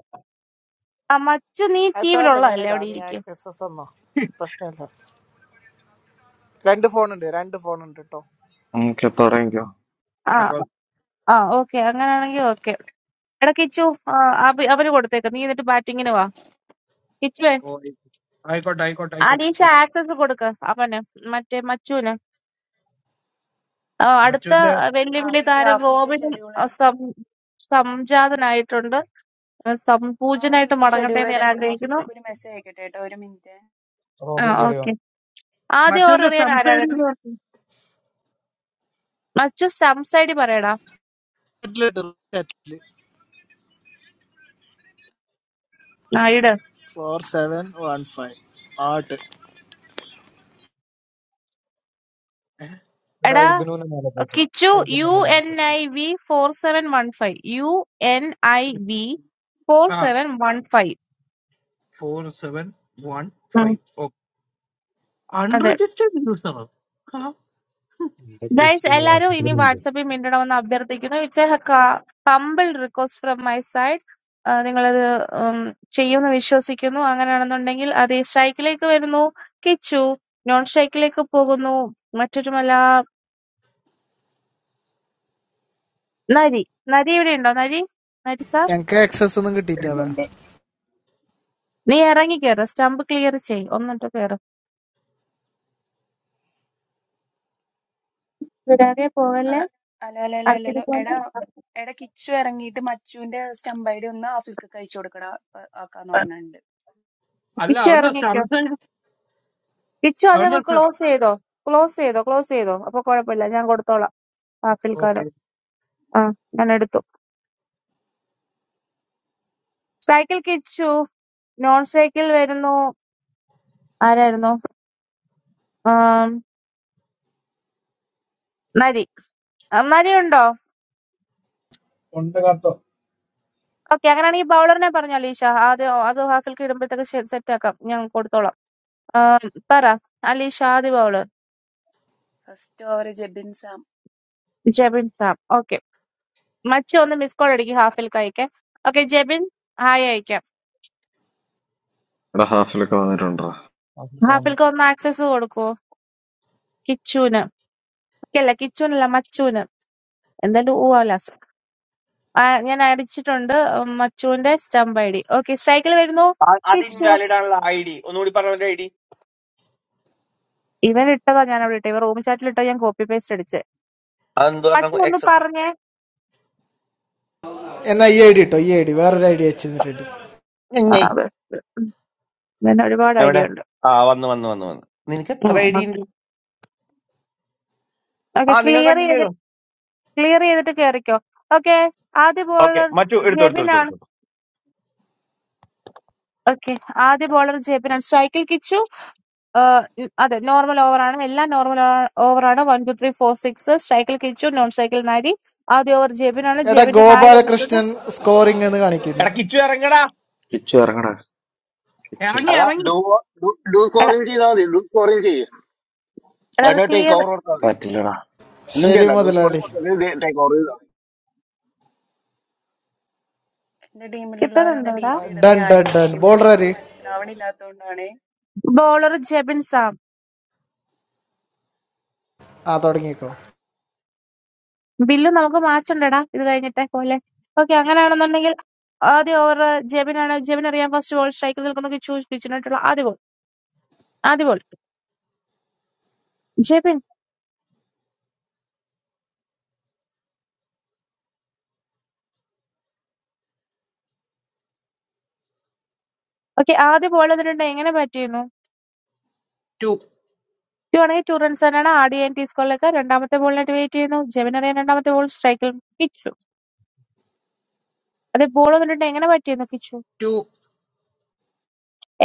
Speaker 3: ആ മച്ചു നീ
Speaker 10: അത് സാറില്ല ഞാൻ
Speaker 3: ടീമിലുള്ളതല്ലേ
Speaker 10: ഇടാ
Speaker 3: അവിടെ
Speaker 10: നീ
Speaker 3: ഇരിക്കും
Speaker 10: എസ് എസ് എന്നോ പ്രശ്നമില്ല രണ്ട് ഫോൺ ഉണ്ട് രണ്ട് ഫോൺ ഉണ്ട് കേട്ടോ
Speaker 1: ഓക്കെ തുടങ്ങിക്കോ
Speaker 3: ആ
Speaker 4: അപ്പൊ
Speaker 3: ആ ഓക്കെ അങ്ങനെയാണെങ്കിൽ ഓക്കെ എടാ കിച്ചു ആ, അവ- അവന് കൊടുത്തേക്ക് നീ എന്നിട്ട് ബാറ്റിങ്ങിന് വാ കിച്ചുവേ
Speaker 4: ഓ, ആയിക്കോട്ടെ ആയിക്കോട്ടെ ആയിക്കോട്ടെ
Speaker 3: അലീഷ
Speaker 4: പോയി.
Speaker 3: ആക്സസ് കൊടുക്ക അവന് മറ്റേ മച്ചുവിന് ആ, അടുത്ത
Speaker 4: മച്ചുവിന്റെ
Speaker 3: വെല്ലുവിളി
Speaker 8: ആഫിൽക്ക്
Speaker 3: താരം
Speaker 8: ആഫിൽക്ക്
Speaker 3: റോബിൻ
Speaker 8: ഷെഡ്യൂൾ
Speaker 3: ആ,
Speaker 8: ചെയ്ത്
Speaker 3: സം- സംജാതനായിട്ടുണ്ട് ആ,
Speaker 8: ആ,
Speaker 3: സംപൂജനായിട്ട്
Speaker 8: ആഫിൽക്ക്
Speaker 3: മടങ്ങട്ടെ
Speaker 8: ഷെഡ്യൂൾ
Speaker 3: എന്ന് ഞാൻ
Speaker 8: ചെയ്തേക്കണം
Speaker 3: ആഗ്രഹിക്കുന്നു
Speaker 8: ആഫിൽക്കൊക്കെ ഒരു മെസ്സേജ് അയക്കട്ടെ കേട്ടോ ഒരു മിനിറ്റ്
Speaker 3: ആ
Speaker 2: റോബിൻ കയറിയോ
Speaker 3: ഓക്കെ ആദ്യം ഓവർ
Speaker 4: മച്ചുവിന്റെ
Speaker 3: എറിയാൻ ആരാ
Speaker 4: സംസൈഡ്
Speaker 3: വരുന്നത്?
Speaker 4: എന്ന് പറഞ്ഞു
Speaker 3: മച്ചു സംസാരിടി പറയടാ ആ ഇട്
Speaker 10: ഫോർ സെവൻ വൺ ഫൈവ് ആട്ട്
Speaker 2: എടാ
Speaker 3: എടാ
Speaker 2: ഇബിനുവിന്റെ മേലെ പോയിട്ട്
Speaker 3: കിച്ചു
Speaker 2: ആ
Speaker 3: യു
Speaker 2: ഇബിനുവിന്റെ മേലെ
Speaker 3: എൻ
Speaker 2: പോയിട്ട്.
Speaker 3: I V four seven one five U N I V four
Speaker 4: ആ
Speaker 3: seven one five
Speaker 4: four seven one
Speaker 3: ഉം,
Speaker 4: ഫൈവ് ഓക്കെ
Speaker 3: അതെ
Speaker 4: അൺരജിസ്റ്റേർഡ് യൂസർ
Speaker 9: എന്റെ
Speaker 3: ഗൈസ്
Speaker 9: ക്രിസ്റ്റീന്
Speaker 3: എല്ലാരും ഇനി
Speaker 9: വാട്സപ്പിലുണ്ട്
Speaker 3: വാട്സപ്പിൽ മിണ്ടണമെന്ന് അഭ്യർത്ഥിക്കുന്നു it's a humble request from my side നിങ്ങളത് ഉം, ചെയ്യുമെന്ന് വിശ്വസിക്കുന്നു അങ്ങനെയാണെന്നുണ്ടെങ്കിൽ അത് സ്ട്രൈക്കിലേക്ക് വരുന്നു കിച്ചു നോൺ സ്ട്രൈക്കിലേക്ക് പോകുന്നു മറ്റൊരുമല്ല നരി നരി ഇവിടെ ഉണ്ടോ നരി നരി sir?
Speaker 10: ഞങ്ങക്ക് എക്സസ് ഒന്നും കിട്ടിയിട്ടാണ്
Speaker 11: Number.
Speaker 3: നീ ഇറങ്ങി കേറ് സ്റ്റമ്പ് ക്ലിയർ ചെയ് ഒന്നിട്ട് കേറ് വിടാതെ പോകല്ലേ
Speaker 8: ഹലോ ഹലോ ഹലോ
Speaker 3: ആർക്കിട്ട്
Speaker 8: ഹലോ
Speaker 3: പോകണ്ട
Speaker 8: എടാ എടാ കിച്ചു ഇറങ്ങിയിട്ട് മച്ചുവിന്റെ സ്റ്റംപ് ഐ ഡി ഒന്ന് ആഫിൽക്ക് അയച്ചു കൊടുക്കടാ ഇപ്പൊ ആക്കാന്ന് പറഞ്ഞിട്ടുണ്ട്
Speaker 4: അല്ല
Speaker 3: കിച്ചു
Speaker 4: അവന്റെ
Speaker 3: ഇറങ്ങിക്കോ
Speaker 4: സംസൈഡ്
Speaker 3: കിച്ചു അത്
Speaker 4: അവന്റെ
Speaker 3: ഞങ്ങൾ ക്ലോസ് ചെയ്തോ ക്ലോസ് ചെയ്തോ ക്ലോസ് ചെയ്തോ അപ്പൊ കുഴപ്പമില്ല ഞാൻ കൊടുത്തോളാം പാഫിൽക്കാര്
Speaker 4: ഓക്കെ
Speaker 3: ആ ഞാൻ എടുത്തു സൈക്കിൾ കിച്ചു നോൺ സൈക്കിൾ വരുന്നു ആരായിരുന്നു ആം, നരി ആ, നരി ഉണ്ടോ
Speaker 11: One, two,
Speaker 3: ഓക്കെ അങ്ങനെയാണെങ്കിൽ ബൗളറിനെ പറഞ്ഞോ അലീഷ ആദ്യം അത് ഹാഫിൽക്ക് ഇടുമ്പോഴത്തേക്ക് സെറ്റ് ആക്കാം ഞാൻ കൊടുത്തോളാം ആം, പറ അലീഷ ആദ്യ bowler
Speaker 8: first over Jebin Sam
Speaker 3: Jebin Sam Okay. മച്ചു ഒന്ന് മിസ് കോൾ അടിക്കും ഹാഫിൽക്ക് അയക്കാൻ ഓക്കെ ജെബിൻ ഹായ് അയക്കാം
Speaker 1: എടാ ഹാഫിലൊക്കെ വന്നിട്ടുണ്ടോ
Speaker 2: അതിൽ കാണുന്നു
Speaker 3: ഹാഫിൽക്ക് ഒന്ന് ആക്സസ് കൊടുക്കുവോ കിച്ചൂന് അല്ല കിച്ചൂനല്ല മച്ചൂന് എന്തായാലും ഊവാലാസ് ഞാൻ അടിച്ചിട്ടുണ്ട് ഉം, മച്ചുവിന്റെ സ്റ്റംപ് ഐ ഡി ഓക്കെ സ്ട്രൈക്കിൽ വരുന്നു
Speaker 12: ആ- അത്
Speaker 3: കിച്ചു
Speaker 12: ഇൻവാലിഡ് ആണുള്ള ഐ ഡി ഒന്നുകൂടി പറഞ്ഞ ഐ ഡി
Speaker 3: ഇവൻ ഇട്ടതാ ഞാൻ അവിടെ ഇട്ടേ ഇവ റൂം ചാറ്റിൽ ഇട്ടാ ഞാൻ കോപ്പി പേസ്റ്റ് അടിച്ച്
Speaker 12: അതെന്തോ
Speaker 3: മച്ചു
Speaker 12: പറഞ്ഞു
Speaker 3: ഒന്ന്
Speaker 12: എക്സെപ്റ്റ്
Speaker 3: പറഞ്ഞേ
Speaker 10: എന്നാ ഈ ഐ ഡി ഇട്ടോ ഈ ഐ ഡി വേറൊരു ഐ ഡി വെച്ചിട്ടുണ്ട്
Speaker 3: ആ, അതെ. ഉം, ഇവന് ഒരുപാട്
Speaker 12: എവിടെ
Speaker 3: ഐഡിയ ഉണ്ട്
Speaker 12: ആ വന്നു വന്നു വന്നു വന്നു നിനക്ക് എത്ര ഐ ഡി ഉണ്ട്
Speaker 3: ഓക്കെ
Speaker 12: ആ നിങ്ങൾ
Speaker 3: ക്ലിയർ
Speaker 12: കണ്ടിന്യൂ
Speaker 3: ചെയ്ത്
Speaker 12: ചെയ്തു
Speaker 3: ക്ലിയർ ചെയ്തിട്ട് കേറിക്കോ ഓക്കെ ആദ്യ
Speaker 12: ഓക്കെ
Speaker 3: ബോളർ
Speaker 12: മറ്റു എടുത്തു എടുത്തു എടുത്തു
Speaker 3: ജെബിനാണ്
Speaker 12: എടുത്തു എടുത്തു.
Speaker 3: ഓക്കെ ആദ്യ ബോളർ ജെബിനാണ് സ്ട്രൈക്കിൽ കിച്ചു ഏഹ് ഉം അതെ നോർമൽ ഓവറാണ് എല്ലാം നോർമൽ ഓവറാണ് one two three four six സ്ട്രൈക്കിൽ കിച്ചു നോൺ സ്ട്രൈക്കിൽ നാരി ആദ്യ ഓവർ ജെബിനാണ്
Speaker 10: എടാ
Speaker 3: ജെബിന്റെ ഹായ് വന്നിട്ടുണ്ട്
Speaker 10: ഗോപാലകൃഷ്ണൻ സ്കോറിംഗ് എന്ന് കാണിക്കുന്നു
Speaker 12: എടാ കിച്ചു ഇറങ്ങടാ
Speaker 1: കിച്ചു ഇറങ്ങടാ കിച്ചു
Speaker 4: ഇറങ്ങി ഇറങ്ങി
Speaker 3: എടാ എടാ അത് ക്ലിയർ
Speaker 1: പറ്റില്ലടാ
Speaker 10: ശരി മുതലാളി
Speaker 8: എന്റെ ടീമിലുള്ളവരൊന്ന് ഡി
Speaker 3: കിട്ടുന്നുണ്ടോടാ
Speaker 8: പി ഇടണേ
Speaker 10: ഡൺ ഡൺ
Speaker 8: ആരൊക്കെ
Speaker 10: ഡൺ ബോളർ ആര്
Speaker 8: ടീമിലുള്ളതെന്ന് മനസ്സിലാവണില്ലാത്തോണ്ടാണേ
Speaker 3: ബോളർ ജെബിൻ സാം
Speaker 10: ആ തുടങ്ങിക്കോ
Speaker 3: ബില്ല് നമുക്ക് മാച്ച് ഉണ്ടെടാ ഇത് കഴിഞ്ഞിട്ടേ കോലെ ഓക്കെ അങ്ങനെയാണെന്നുണ്ടെങ്കിൽ ആദ്യ ഓവർ ജെബിനാണ് ജെബിൻ അറിയാം ഫസ്റ്റ് ബോൾ സ്ട്രൈക്കിൽ നിൽക്കുന്ന കിച്ചു കിച്ചിനായിട്ടുള്ള ആദ്യ ബോൾ ആദ്യ ബോൾ ജെബിൻ ഓക്കെ ആദ്യ ബോൾ എന്നിട്ടുണ്ട് എങ്ങനെ ബാറ്റ് ചെയ്യുന്നു
Speaker 4: ടു
Speaker 3: ടു ആണെങ്കിൽ ടു റൺസ് തന്നെയാണ് ആഡ് ചെയ്യാൻ ടീസ്കോളിലേക്ക് രണ്ടാമത്തെ ബോളിനായിട്ട് വെയിറ്റ് ചെയ്യുന്നു ജെബിൻ അറിയാൻ രണ്ടാമത്തെ ബോൾ സ്ട്രൈക്കിൽ കിച്ചു അതെ ബോൾ വന്നിട്ടുണ്ട് എങ്ങനെ പറ്റിയെന്ന് കിച്ചു
Speaker 4: ടു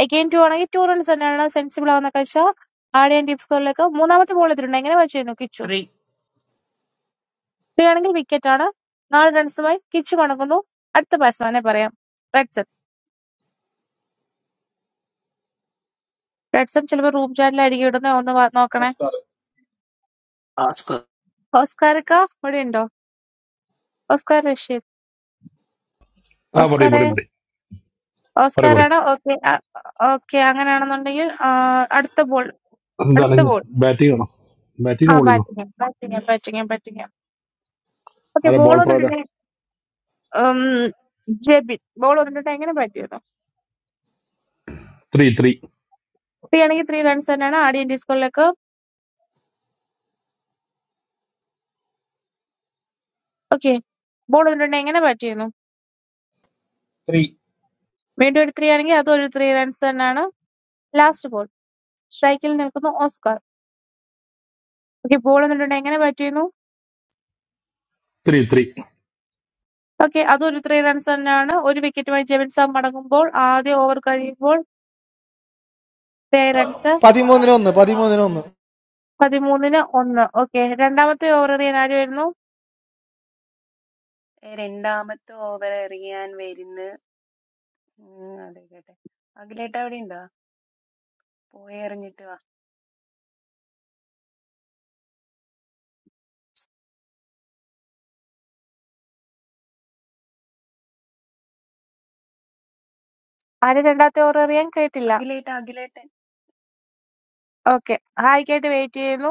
Speaker 3: അഗെയിൻ ടു ആണെങ്കിൽ ടു റൺസ് തന്നെയാണ് സെൻസിബിൾ ആവുന്ന കാഴ്ച ആഡ് ചെയ്യാൻ ടിപ്സുകളിലേക്ക് മൂന്നാമത്തെ ബോൾ എത്തിയിട്ടുണ്ട് എങ്ങനെ പറ്റിയെന്ന് കിച്ചു
Speaker 4: ത്രീ
Speaker 3: ത്രീ ആണെങ്കിൽ വിക്കറ്റ് ആണ് നാല് റൺസുമായി കിച്ചു മടങ്ങുന്നു അടുത്ത ബാറ്റ്സ്മാനെ പറയാം റെഡ്സൺ റെഡ്സൺ ചിലപ്പോൾ റൂം ചാറ്റിലായിരിക്കും ഇടുന്ന ഒന്ന് വാ- നോക്കണേ ഓസ്കാർക്ക് ഇവിടെ ഉണ്ടോ ഓസ്കാർ റഷീദ്
Speaker 13: Ah, very,
Speaker 3: ഓസ്കാറെ
Speaker 13: very, very, very.
Speaker 3: ഓസ്കാറാണ് ഓക്കെ ഓക്കെ അങ്ങനെയാണെന്നുണ്ടെങ്കിൽ ആ, അടുത്ത ബോൾ
Speaker 13: That
Speaker 3: അടുത്ത
Speaker 13: is
Speaker 3: ball
Speaker 13: batting, no, batting,
Speaker 3: ആ
Speaker 13: no bowling, no.
Speaker 3: Batting batting batting batting okay
Speaker 13: Are
Speaker 3: ball
Speaker 13: ball thrower,
Speaker 3: വന്നിട്ടുണ്ട് ഉം, ജെബിൻ ബോൾ വന്നിട്ടുണ്ട് എങ്ങനെ പറ്റിയിരുന്നു
Speaker 13: three, three,
Speaker 3: ത്രീ ആണെങ്കിൽ ത്രീ റൺസ് തന്നെയാണ് ആദ്യം ഡിസ്കോളിലേക്ക് ഓക്കെ ബോൾ വന്നിട്ടുണ്ട് എങ്ങനെ പറ്റിയിരുന്നു
Speaker 11: three,
Speaker 3: വീണ്ടും ഒരു ത്രീ ആണെങ്കിൽ അതും ഒരു ത്രീ റൺസ് തന്നെയാണ് ലാസ്റ്റ് ബോൾ സ്ട്രൈക്കിൽ നിൽക്കുന്നു ഓസ്കാർ ഓക്കെ ബോൾ വന്നിട്ടുണ്ട് എങ്ങനെ പറ്റിയിരുന്നു
Speaker 13: three, three,
Speaker 3: ഓക്കെ അതും ഒരു ത്രീ റൺസ് തന്നെയാണ് ഒരു വിക്കറ്റുമായി ജെബിൻ സാം മടങ്ങുമ്പോൾ ആദ്യ ഓവർ കഴിയുമ്പോൾ ത്രേ റൺസ്
Speaker 10: പതിമൂന്നിനൊന്ന് പതിമൂന്നിനൊന്ന്
Speaker 3: പതിമൂന്നിന് ഒന്ന് ഓക്കെ രണ്ടാമത്തെ ഓവർ എറിയാൻ ആര് വരുന്നു
Speaker 8: ഏ, രണ്ടാമത്തെ ഓവർ എറിയാൻ വരുന്ന ഉം, അതെ കേട്ടെ അഖിലേട്ട അവിടെ ഉണ്ടോ പോയി എറിഞ്ഞിട്ട് വാ
Speaker 3: ആര് രണ്ടാമത്തെ ഓവർ എറിയാൻ കേട്ടില്ല
Speaker 8: അഖിലേട്ട അഖിലേട്ടൻ
Speaker 3: ഓക്കെ ഹായ്ക്കായിട്ട് വെയിറ്റ് ചെയ്യുന്നു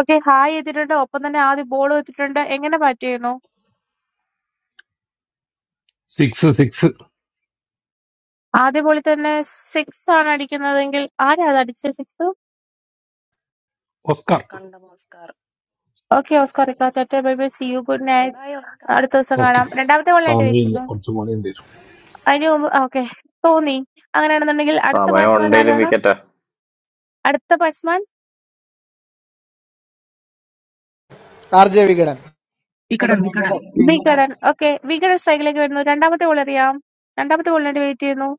Speaker 3: ഓക്കേ. ഹായ് എത്തിയിട്ടുണ്ട്. ഒപ്പം തന്നെ ആദ്യ ബോളും എത്തിയിട്ടുണ്ട്. എങ്ങനെ ബാറ്റ് ചെയ്യുന്നു?
Speaker 13: six, six,
Speaker 3: ആദ്യ ബോളിൽ തന്നെ സിക്സ് ആണ് അടിക്കുന്നതെങ്കിൽ ആരാ അത് അടിച്ചത് സിക്സ്?
Speaker 13: off cut.
Speaker 8: കണ്ട ഓസ്കാർ
Speaker 3: ഓക്കേ ഓസ്കാർ ഇക്ക. Tata bye bye see you good
Speaker 8: bye
Speaker 3: night.
Speaker 8: Bye Oscar
Speaker 3: അടുത്ത ദിവസം
Speaker 13: Okay,
Speaker 3: കാണാം. രണ്ടാമത്തെ ബോളിനായിട്ട് വെയിറ്റ് ചെയ്യുന്നു.
Speaker 13: Samuel or someone in this.
Speaker 3: അതിന് മുമ്പ് ഓക്കേ തോന്നി. അങ്ങനെയാണെന്നുണ്ടെങ്കിൽ അടുത്ത
Speaker 1: സമയം
Speaker 3: ബാറ്റ്സ്മാൻ
Speaker 1: ഉണ്ടേലും
Speaker 3: ആരാണ്?
Speaker 1: വിക്കറ്റാ
Speaker 3: അടുത്ത ബാറ്റ്സ്മാൻ
Speaker 10: ആർ ജെ വികടൻ
Speaker 6: ఇక్కడ
Speaker 7: നിങ്ങടെ-
Speaker 6: అండి ఇక్కడ అండి
Speaker 7: നിങ്ങടെ- നിങ്ങടെ-
Speaker 3: വികടൻ. ഓക്കേ വികടൻ സ്ട്രൈക്കിലേക്ക് വരുന്നു. രണ്ടാമത്തെ ബോൾ എറിയാം. രണ്ടാമത്തെ ബോളിനായിട്ട് വെയിറ്റ് ചെയ്യുന്നു.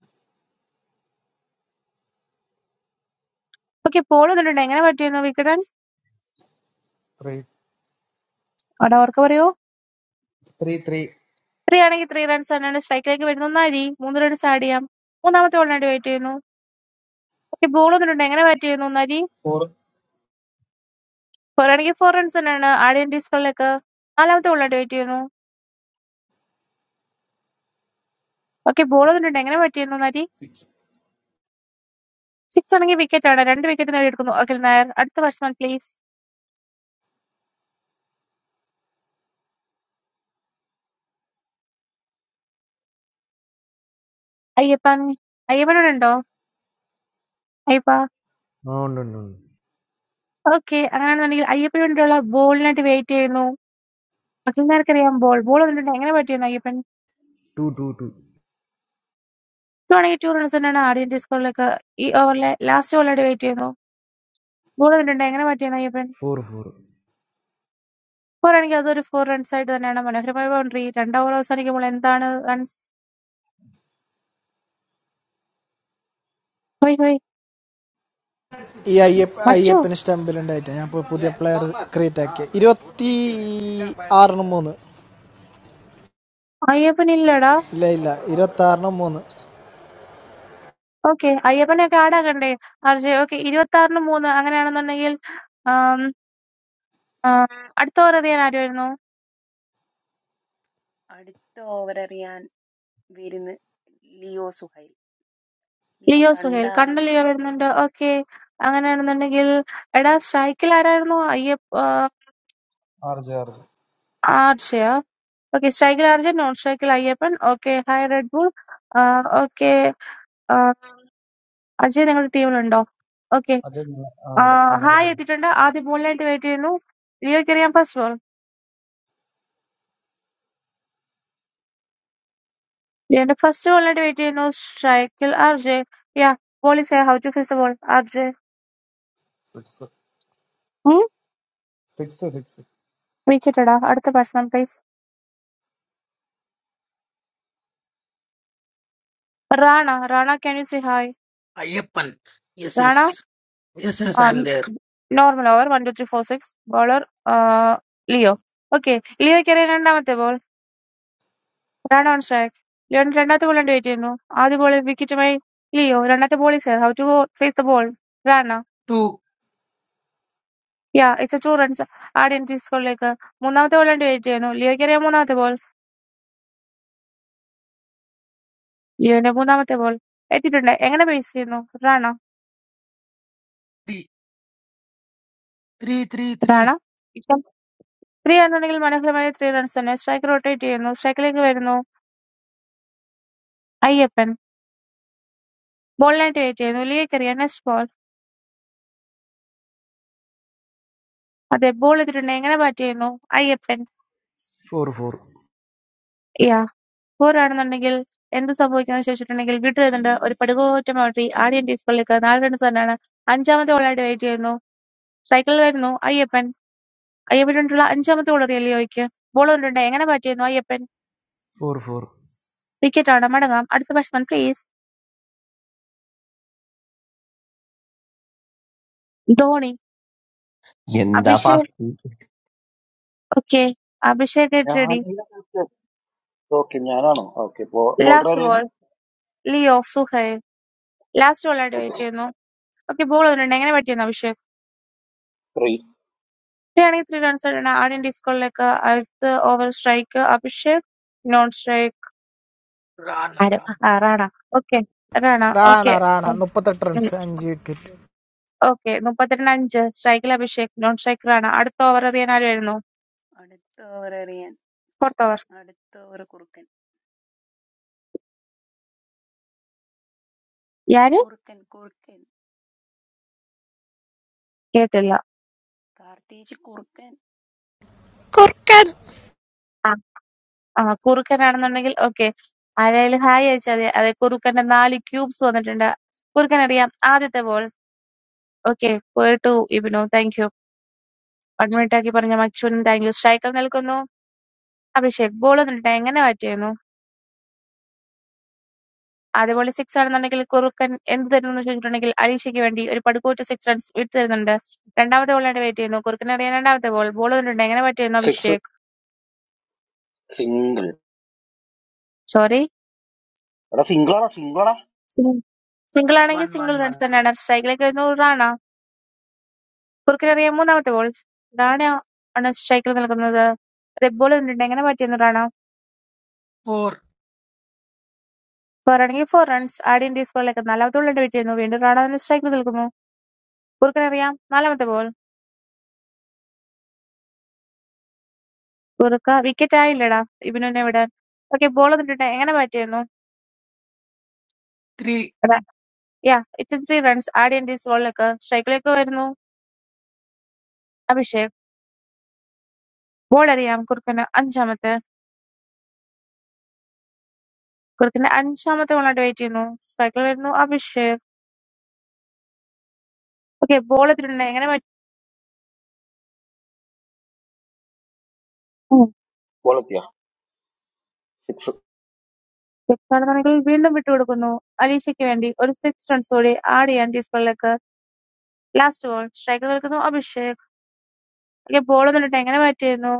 Speaker 3: ഓക്കേ ബോൾ വന്നിട്ടുണ്ട്. എങ്ങനെ ബാറ്റ് ചെയ്യുന്നു വികടൻ?
Speaker 2: ത്രീ
Speaker 3: അവിടെ ഓർക്ക് പറയൂ.
Speaker 2: ത്രീ ത്രീ
Speaker 3: ത്രീ ആണെങ്കിൽ ത്രീ റൺസ് തന്നെയാണ് സ്ട്രൈക്കിലേക്ക് വരുന്നത്. ഒന്നരി മൂന്ന് റൺസ് ആഡ് ചെയ്യാം. മൂന്നാമത്തെ ബോളിനായിട്ട് വെയിറ്റ് ചെയ്യുന്നു. ഓക്കെ ബോൾ വന്നിട്ടുണ്ട്. എങ്ങനെ ബാറ്റ് ചെയ്യുന്നു? ഒന്നരി
Speaker 11: four,
Speaker 3: ഫോർ ആണെങ്കിൽ ഫോർ റൺസ് തന്നെയാണ് ആഡ് ചെയ്യാൻ സ്കോറിലേക്ക്. നാലാമത്തെ ബോളിനായിട്ട് വെയിറ്റ് ചെയ്യുന്നു. ഓക്കെ ബോൾ വന്നിട്ടുണ്ട്. എങ്ങനെ ബാറ്റ് ചെയ്യുന്നു? ഒന്നരി
Speaker 11: six.
Speaker 3: സിക്സ് ആണെങ്കിൽ വിക്കറ്റ് ആണ്. രണ്ട് വിക്കറ്റ് നേടിയെടുക്കുന്നു. അഖിൽ നായർ അടുത്ത ബാറ്റ്സ്മാൻ പ്ലീസ്. അയ്യപ്പൻ അയ്യപ്പനോട് ഉണ്ടോ? Ayyappa
Speaker 14: No, no, no. no.
Speaker 3: Okay അങ്ങനെയാണെന്നുണ്ടെങ്കിൽ അയ്യപ്പന് വേണ്ടിയുള്ള ബോളിനായിട്ട് വെയിറ്റ് ചെയ്യുന്നു. അഖിൽ നായർക്കറിയാം ബോൾ ബോൾ വന്നിട്ടുണ്ട്. എങ്ങനെ ബാറ്റ് ചെയ്യുന്നു അയ്യപ്പൻ? ടു ആണെങ്കിൽ ടു റൺസ് തന്നെയാണ് ആഡ് ചെയ്യാൻ സ്കോറിലേക്ക്. ഈ ഓവറിലെ ലാസ്റ്റ് ബോളായിട്ട് വെയിറ്റ് ചെയ്യുന്നു. ഗോൾ കണ്ടിട്ടുണ്ട്. എങ്ങനെ മാറ്റിയെന്ന് അയ്യപ്പൻ?
Speaker 14: 4, 4.
Speaker 3: പോരാണെങ്കിൽ അതൊരു ഫോർ റൺസായിട്ട് തന്നെയാണ്. മനോഹരമായ ബൗണ്ടറി. രണ്ട് ഓവർ അവസാനിക്കുമ്പോൾ എന്താണ് റൺസ്? ഹോയ് ഹോയ്
Speaker 10: ഈ അയ്യപ്പ
Speaker 3: മച്ചു
Speaker 10: അയ്യപ്പന് സ്റ്റമ്പിലുണ്ടായിട്ട് ഞാൻ ഇപ്പോൾ പുതിയ പ്ലെയർ ക്രിയേറ്റ് ആക്കിയ ഇരുപത്തി ആറിന് മൂന്ന്
Speaker 3: അയ്യപ്പൻ ഇല്ലടാ.
Speaker 10: ഇല്ല ഇല്ല ഇരുപത്തി ആറിന് മൂന്ന്
Speaker 3: ഓക്കെ അയ്യപ്പനെയൊക്കെ ആടാകണ്ടേ ആർജെ? ഓക്കെ ഇരുപത്തിയാറിന് മൂന്ന് അങ്ങനെയാണെന്നുണ്ടെങ്കിൽ ആം, ആം, അടുത്ത ഓവർ അറിയാൻ ആരുമായിരുന്നു?
Speaker 8: അടുത്ത ഓവർ എറിയാൻ വിരുന്ന് Leo Suhail Leo
Speaker 3: Leo Suhail. കണ്ട
Speaker 8: കണ്ടാവരുത്
Speaker 3: ലിയോ വരുന്നുണ്ട്. ഓക്കെ അങ്ങനെയാണെന്നുണ്ടെങ്കിൽ എടാ സ്ട്രൈക്കിൽ ആരായിരുന്നു? അയ്യപ്പ ആ,
Speaker 2: ആർ ജെ ആർ ജെ
Speaker 3: ആർജെയാ? ഓക്കെ സ്ട്രൈക്കിൽ ആർജെ നോൺ സ്ട്രൈക്കിൽ Ayyappan. Okay hi Red Bull. Okay Ajay നിങ്ങളുടെ ടീമിലുണ്ടോ? ഓക്കെ.
Speaker 2: അജയ് ഞങ്ങ- ആ, ഉണ്ട്
Speaker 3: ആഹ് ഹായ്
Speaker 2: ഞങ്ങളുടെ
Speaker 3: എത്തിയിട്ടുണ്ട്. ആദ്യ ബോളിനായിട്ട് വെയിറ്റ് ചെയ്യുന്നു. ലിയോയ്ക്ക് അറിയാം ഫസ്റ്റ് ബോൾ. ലിയോന്റെ ഫസ്റ്റ് ബോളിനായിട്ട് വെയിറ്റ് ചെയ്യുന്നു. സ്ട്രൈക്കിൽ R J. Yeah ball is how to face the ball R J.
Speaker 2: Six six six
Speaker 3: wicket ഇടാ. അടുത്ത person please. Rana Rana can you see hi
Speaker 6: Ayyappan yes
Speaker 3: Rana
Speaker 6: yes yes yes I'm there
Speaker 3: normal over one two three four six bowler Leo okay ലിയോയ്ക്ക് അറിയാം രണ്ടാമത്തെ ball Rana on strike ലിയോന്റെ രണ്ടാമത്തെ ബോളിനായിട്ട് wait ചെയ്യുന്നു ആദ്യ ബോൾ വിക്കറ്റുമായി ലിയോ രണ്ടാമത്തെ ball is how to face the ball Rana
Speaker 6: two
Speaker 3: yeah, it's a two runs add in the സ്കോറിലേക്ക്. മൂന്നാമത്തെ ബോൾ വേണ്ടി വെയിറ്റ് ചെയ്യുന്നു. ലിയോയ്ക്കറിയാം മൂന്നാമത്തെ ബോൾ. ലിയോന്റെ മൂന്നാമത്തെ ബോൾ എത്തിയിട്ടുണ്ട്. എങ്ങനെ പേസ് ചെയ്യുന്നു? Rana.
Speaker 6: Three three three three
Speaker 3: Rana. ഇപ്പം ത്രീ ആണെന്നുണ്ടെങ്കിൽ മനോഹരമായ ത്രീ റൺസ് തന്നെ. സ്ട്രൈക്ക് റൊട്ടേറ്റ് ചെയ്യുന്നു. സ്ട്രൈക്കിലേക്ക് വരുന്നു. അയ്യപ്പൻ. ബോളിനായിട്ട് വെയിറ്റ് ചെയ്യുന്നു. ലിയോയ്ക്കറിയാം നെക്സ്റ്റ് ബോൾ. അതെ, ബോൾ എത്തിയിട്ടുണ്ട്. എങ്ങനെ ബാറ്റ് ചെയ്യുന്നു? അയ്യപ്പൻ.
Speaker 14: 4, 4.
Speaker 3: യാ, ഫോർ ആണെന്നുണ്ടെങ്കിൽ എന്ത് സംഭവിക്കുമെന്ന് ചോദിച്ചിട്ടുണ്ടെങ്കിൽ ബ്യൂട്ടി ചെയ്തിട്ടുണ്ട്. ഒരു പടുകൂറ്റൻ ബൗണ്ടറി ആദ്യം സ്കോറിലേക്ക് നാല് റൺസ് തന്നെയാണ്. അഞ്ചാമത്തെ ബോളായിട്ട് വെയിറ്റ് ചെയ്യുന്നു. സൈക്കിളിൽ വരുന്നു. അയ്യപ്പൻ അയ്യപ്പനുവേണ്ടിയുള്ള അഞ്ചാമത്തെ വളറി ലിയോയ്ക്ക്. ബോൾ കൊണ്ടുണ്ട്. എങ്ങനെ ബാറ്റ് ചെയ്യുന്നു അയ്യപ്പൻ?
Speaker 14: 4, 4.
Speaker 3: വിക്കറ്റാണ്. മടങ്ങാം. അടുത്ത ബാറ്റ്സ്മാൻ പ്ലീസ്. ധോണി.
Speaker 12: എന്താ
Speaker 3: Abhishek.
Speaker 12: Fast
Speaker 3: okay. Abhishek get ready. Last ball. Leo Suhail. Last ബോളായിട്ട് ബാറ്റ് ചെയ്യുന്നു. ഓക്കെ ബോൾ വന്നിട്ടുണ്ട്. എങ്ങനെ ബാറ്റ് ചെയ്യുന്നു അഭിഷേക്? ഇത്രയാണെങ്കിൽ ത്രീ റൺസ് ആയിട്ടാണ് ആദ്യം ഡിസ്കോളിലേക്ക് അടുത്ത over strike Abhishek non strike
Speaker 6: రాన్
Speaker 3: ആരും
Speaker 6: రాన్
Speaker 3: ആ, റാണ ഓക്കെ റാണ
Speaker 10: റാണ
Speaker 3: ഓക്കെ
Speaker 10: റാണ മുപ്പത്തെട്ട് റൺസ് അഞ്ച് വിക്കറ്റ്
Speaker 3: ഓക്കെ മുപ്പത്തിരണ്ട് അഞ്ച് സ്ട്രൈക്കിൽ അഭിഷേക് നോൺ സ്ട്രൈക്ക് റാണ അടുത്ത ഓവർ എറിയാൻ ആരും വരുന്നു
Speaker 8: അടുത്തവരറിയാൻ
Speaker 3: ഫോർത്ത് ഓവർ
Speaker 8: അടുത്തവർ കുറുക്കൻ
Speaker 3: യാര്
Speaker 8: കുറുക്കൻ കുറുക്കൻ
Speaker 3: കേട്ടില്ല.
Speaker 8: കാർത്തിച്ച് കുറുക്കൻ
Speaker 10: കുർക്കൻ
Speaker 3: ആ ആ കുറുക്കനാണെന്നുണ്ടെങ്കിൽ ഓക്കെ. ആരായാലും ഹായ് അയച്ചാ മതി. അതെ കുറുക്കന്റെ 4 ക്യൂബ്സ് വന്നിട്ടുണ്ട്. കുറുക്കനറിയാം ആദ്യത്തെ ബോൾ ഓക്കെ പോയിട്ടു ഇബിനു. Thank you. അഡ്മിറ്റാക്കി പറഞ്ഞ മച്ചുനും താങ്ക് യു. സ്ട്രൈക്കിൽ നിൽക്കുന്നു അഭിഷേക്. ബോൾ വന്നിട്ട് എങ്ങനെ ബാറ്റ് ചെയ്യുന്നു? ആദ്യ ബോളിൽ സിക്സ് ആണെന്നുണ്ടെങ്കിൽ കുറുക്കൻ എന്ത് തരുന്നു എന്ന് ചോദിച്ചിട്ടുണ്ടെങ്കിൽ അലീഷയ്ക്ക് വേണ്ടി ഒരു പടുകൂറ്റ സിക്സ് റൺസ് വിട്ടുതരുന്നുണ്ട്. രണ്ടാമത്തെ ബോളിനായിട്ട് വെയിറ്റ് ചെയ്യുന്നു. കുറുക്കൻ അറിയാൻ രണ്ടാമത്തെ ബോൾ ബോൾ വന്നിട്ടുണ്ട് എങ്ങനെ ബാറ്റ് ചെയ്യുന്നു അഭിഷേക്? സോറി സിംഗിൾ ആണെങ്കിൽ
Speaker 6: one
Speaker 3: single
Speaker 6: one one
Speaker 3: runs തന്നെയാണ്. സ്ട്രൈക്കിലേക്ക് വരുന്നു റാണ. കുറുക്കനറിയാം മൂന്നാമത്തെ ബോൾ റാണെ ആണ് സ്ട്രൈക്കിൽ നിൽക്കുന്നത്. റെഡ് ബോൾ വന്നിട്ടുണ്ട്. എങ്ങനെ മാറ്റിയെന്ന് റാണ.
Speaker 6: ఫోర్
Speaker 3: ഫോറാണെങ്കിൽ ഫോർ റൺസ്. ആഡ് ഇന്ത്യ സ്കോറിലേക്ക് നാലാമത്തെ ബോൾ വെട്ടിയിരുന്നു. വീണ്ടും റാണ തന്നെ സ്ട്രൈക്കിൽ നിൽക്കുന്നു. കുറുക്കനറിയാം നാലാമത്തെ ബോൾ. കുറുക്ക വിക്കറ്റ് ആയില്ലടാ ഇബിനുവിനെ വിടാൻ. ഓക്കെ ബോൾ വന്നിട്ടുണ്ട്. എങ്ങനെ മാറ്റിയിരുന്നു
Speaker 6: three
Speaker 3: yeah it's three runs. Add India സ്കോറിലേക്ക് സ്ട്രൈക്കിലേക്ക് വരുന്നു. അഭിഷേക് ബോൾ അറിയാം കുറുക്കന് അഞ്ചാമത്തെ കുറുക്കന് അഞ്ചാമത്തെ ബോളായിട്ട് വെയിറ്റ് ചെയ്യുന്നു. സ്ട്രൈക്കിൽ വരുന്നു അഭിഷേക്. ഓക്കെ ബോൾ എത്തിയിട്ടുണ്ട്. എങ്ങനെ മാറ്റി സെക്സാടനങ്ങളിൽ വീണ്ടും വിട്ടുകൊടുക്കുന്നു അലീഷയ്ക്ക് വേണ്ടി. ഒരു സിക്സ് റൺസ് കൂടി ആഡ് ചെയ്യാൻ ടീസറിലേക്ക്. Last ball. സ്ട്രൈക്കിൽ നിൽക്കുന്നു അഭിഷേക്. വലിയ ബോളൊന്നും ഇട്ട് എങ്ങനെ ബാറ്റ് ചെയ്യുന്നു?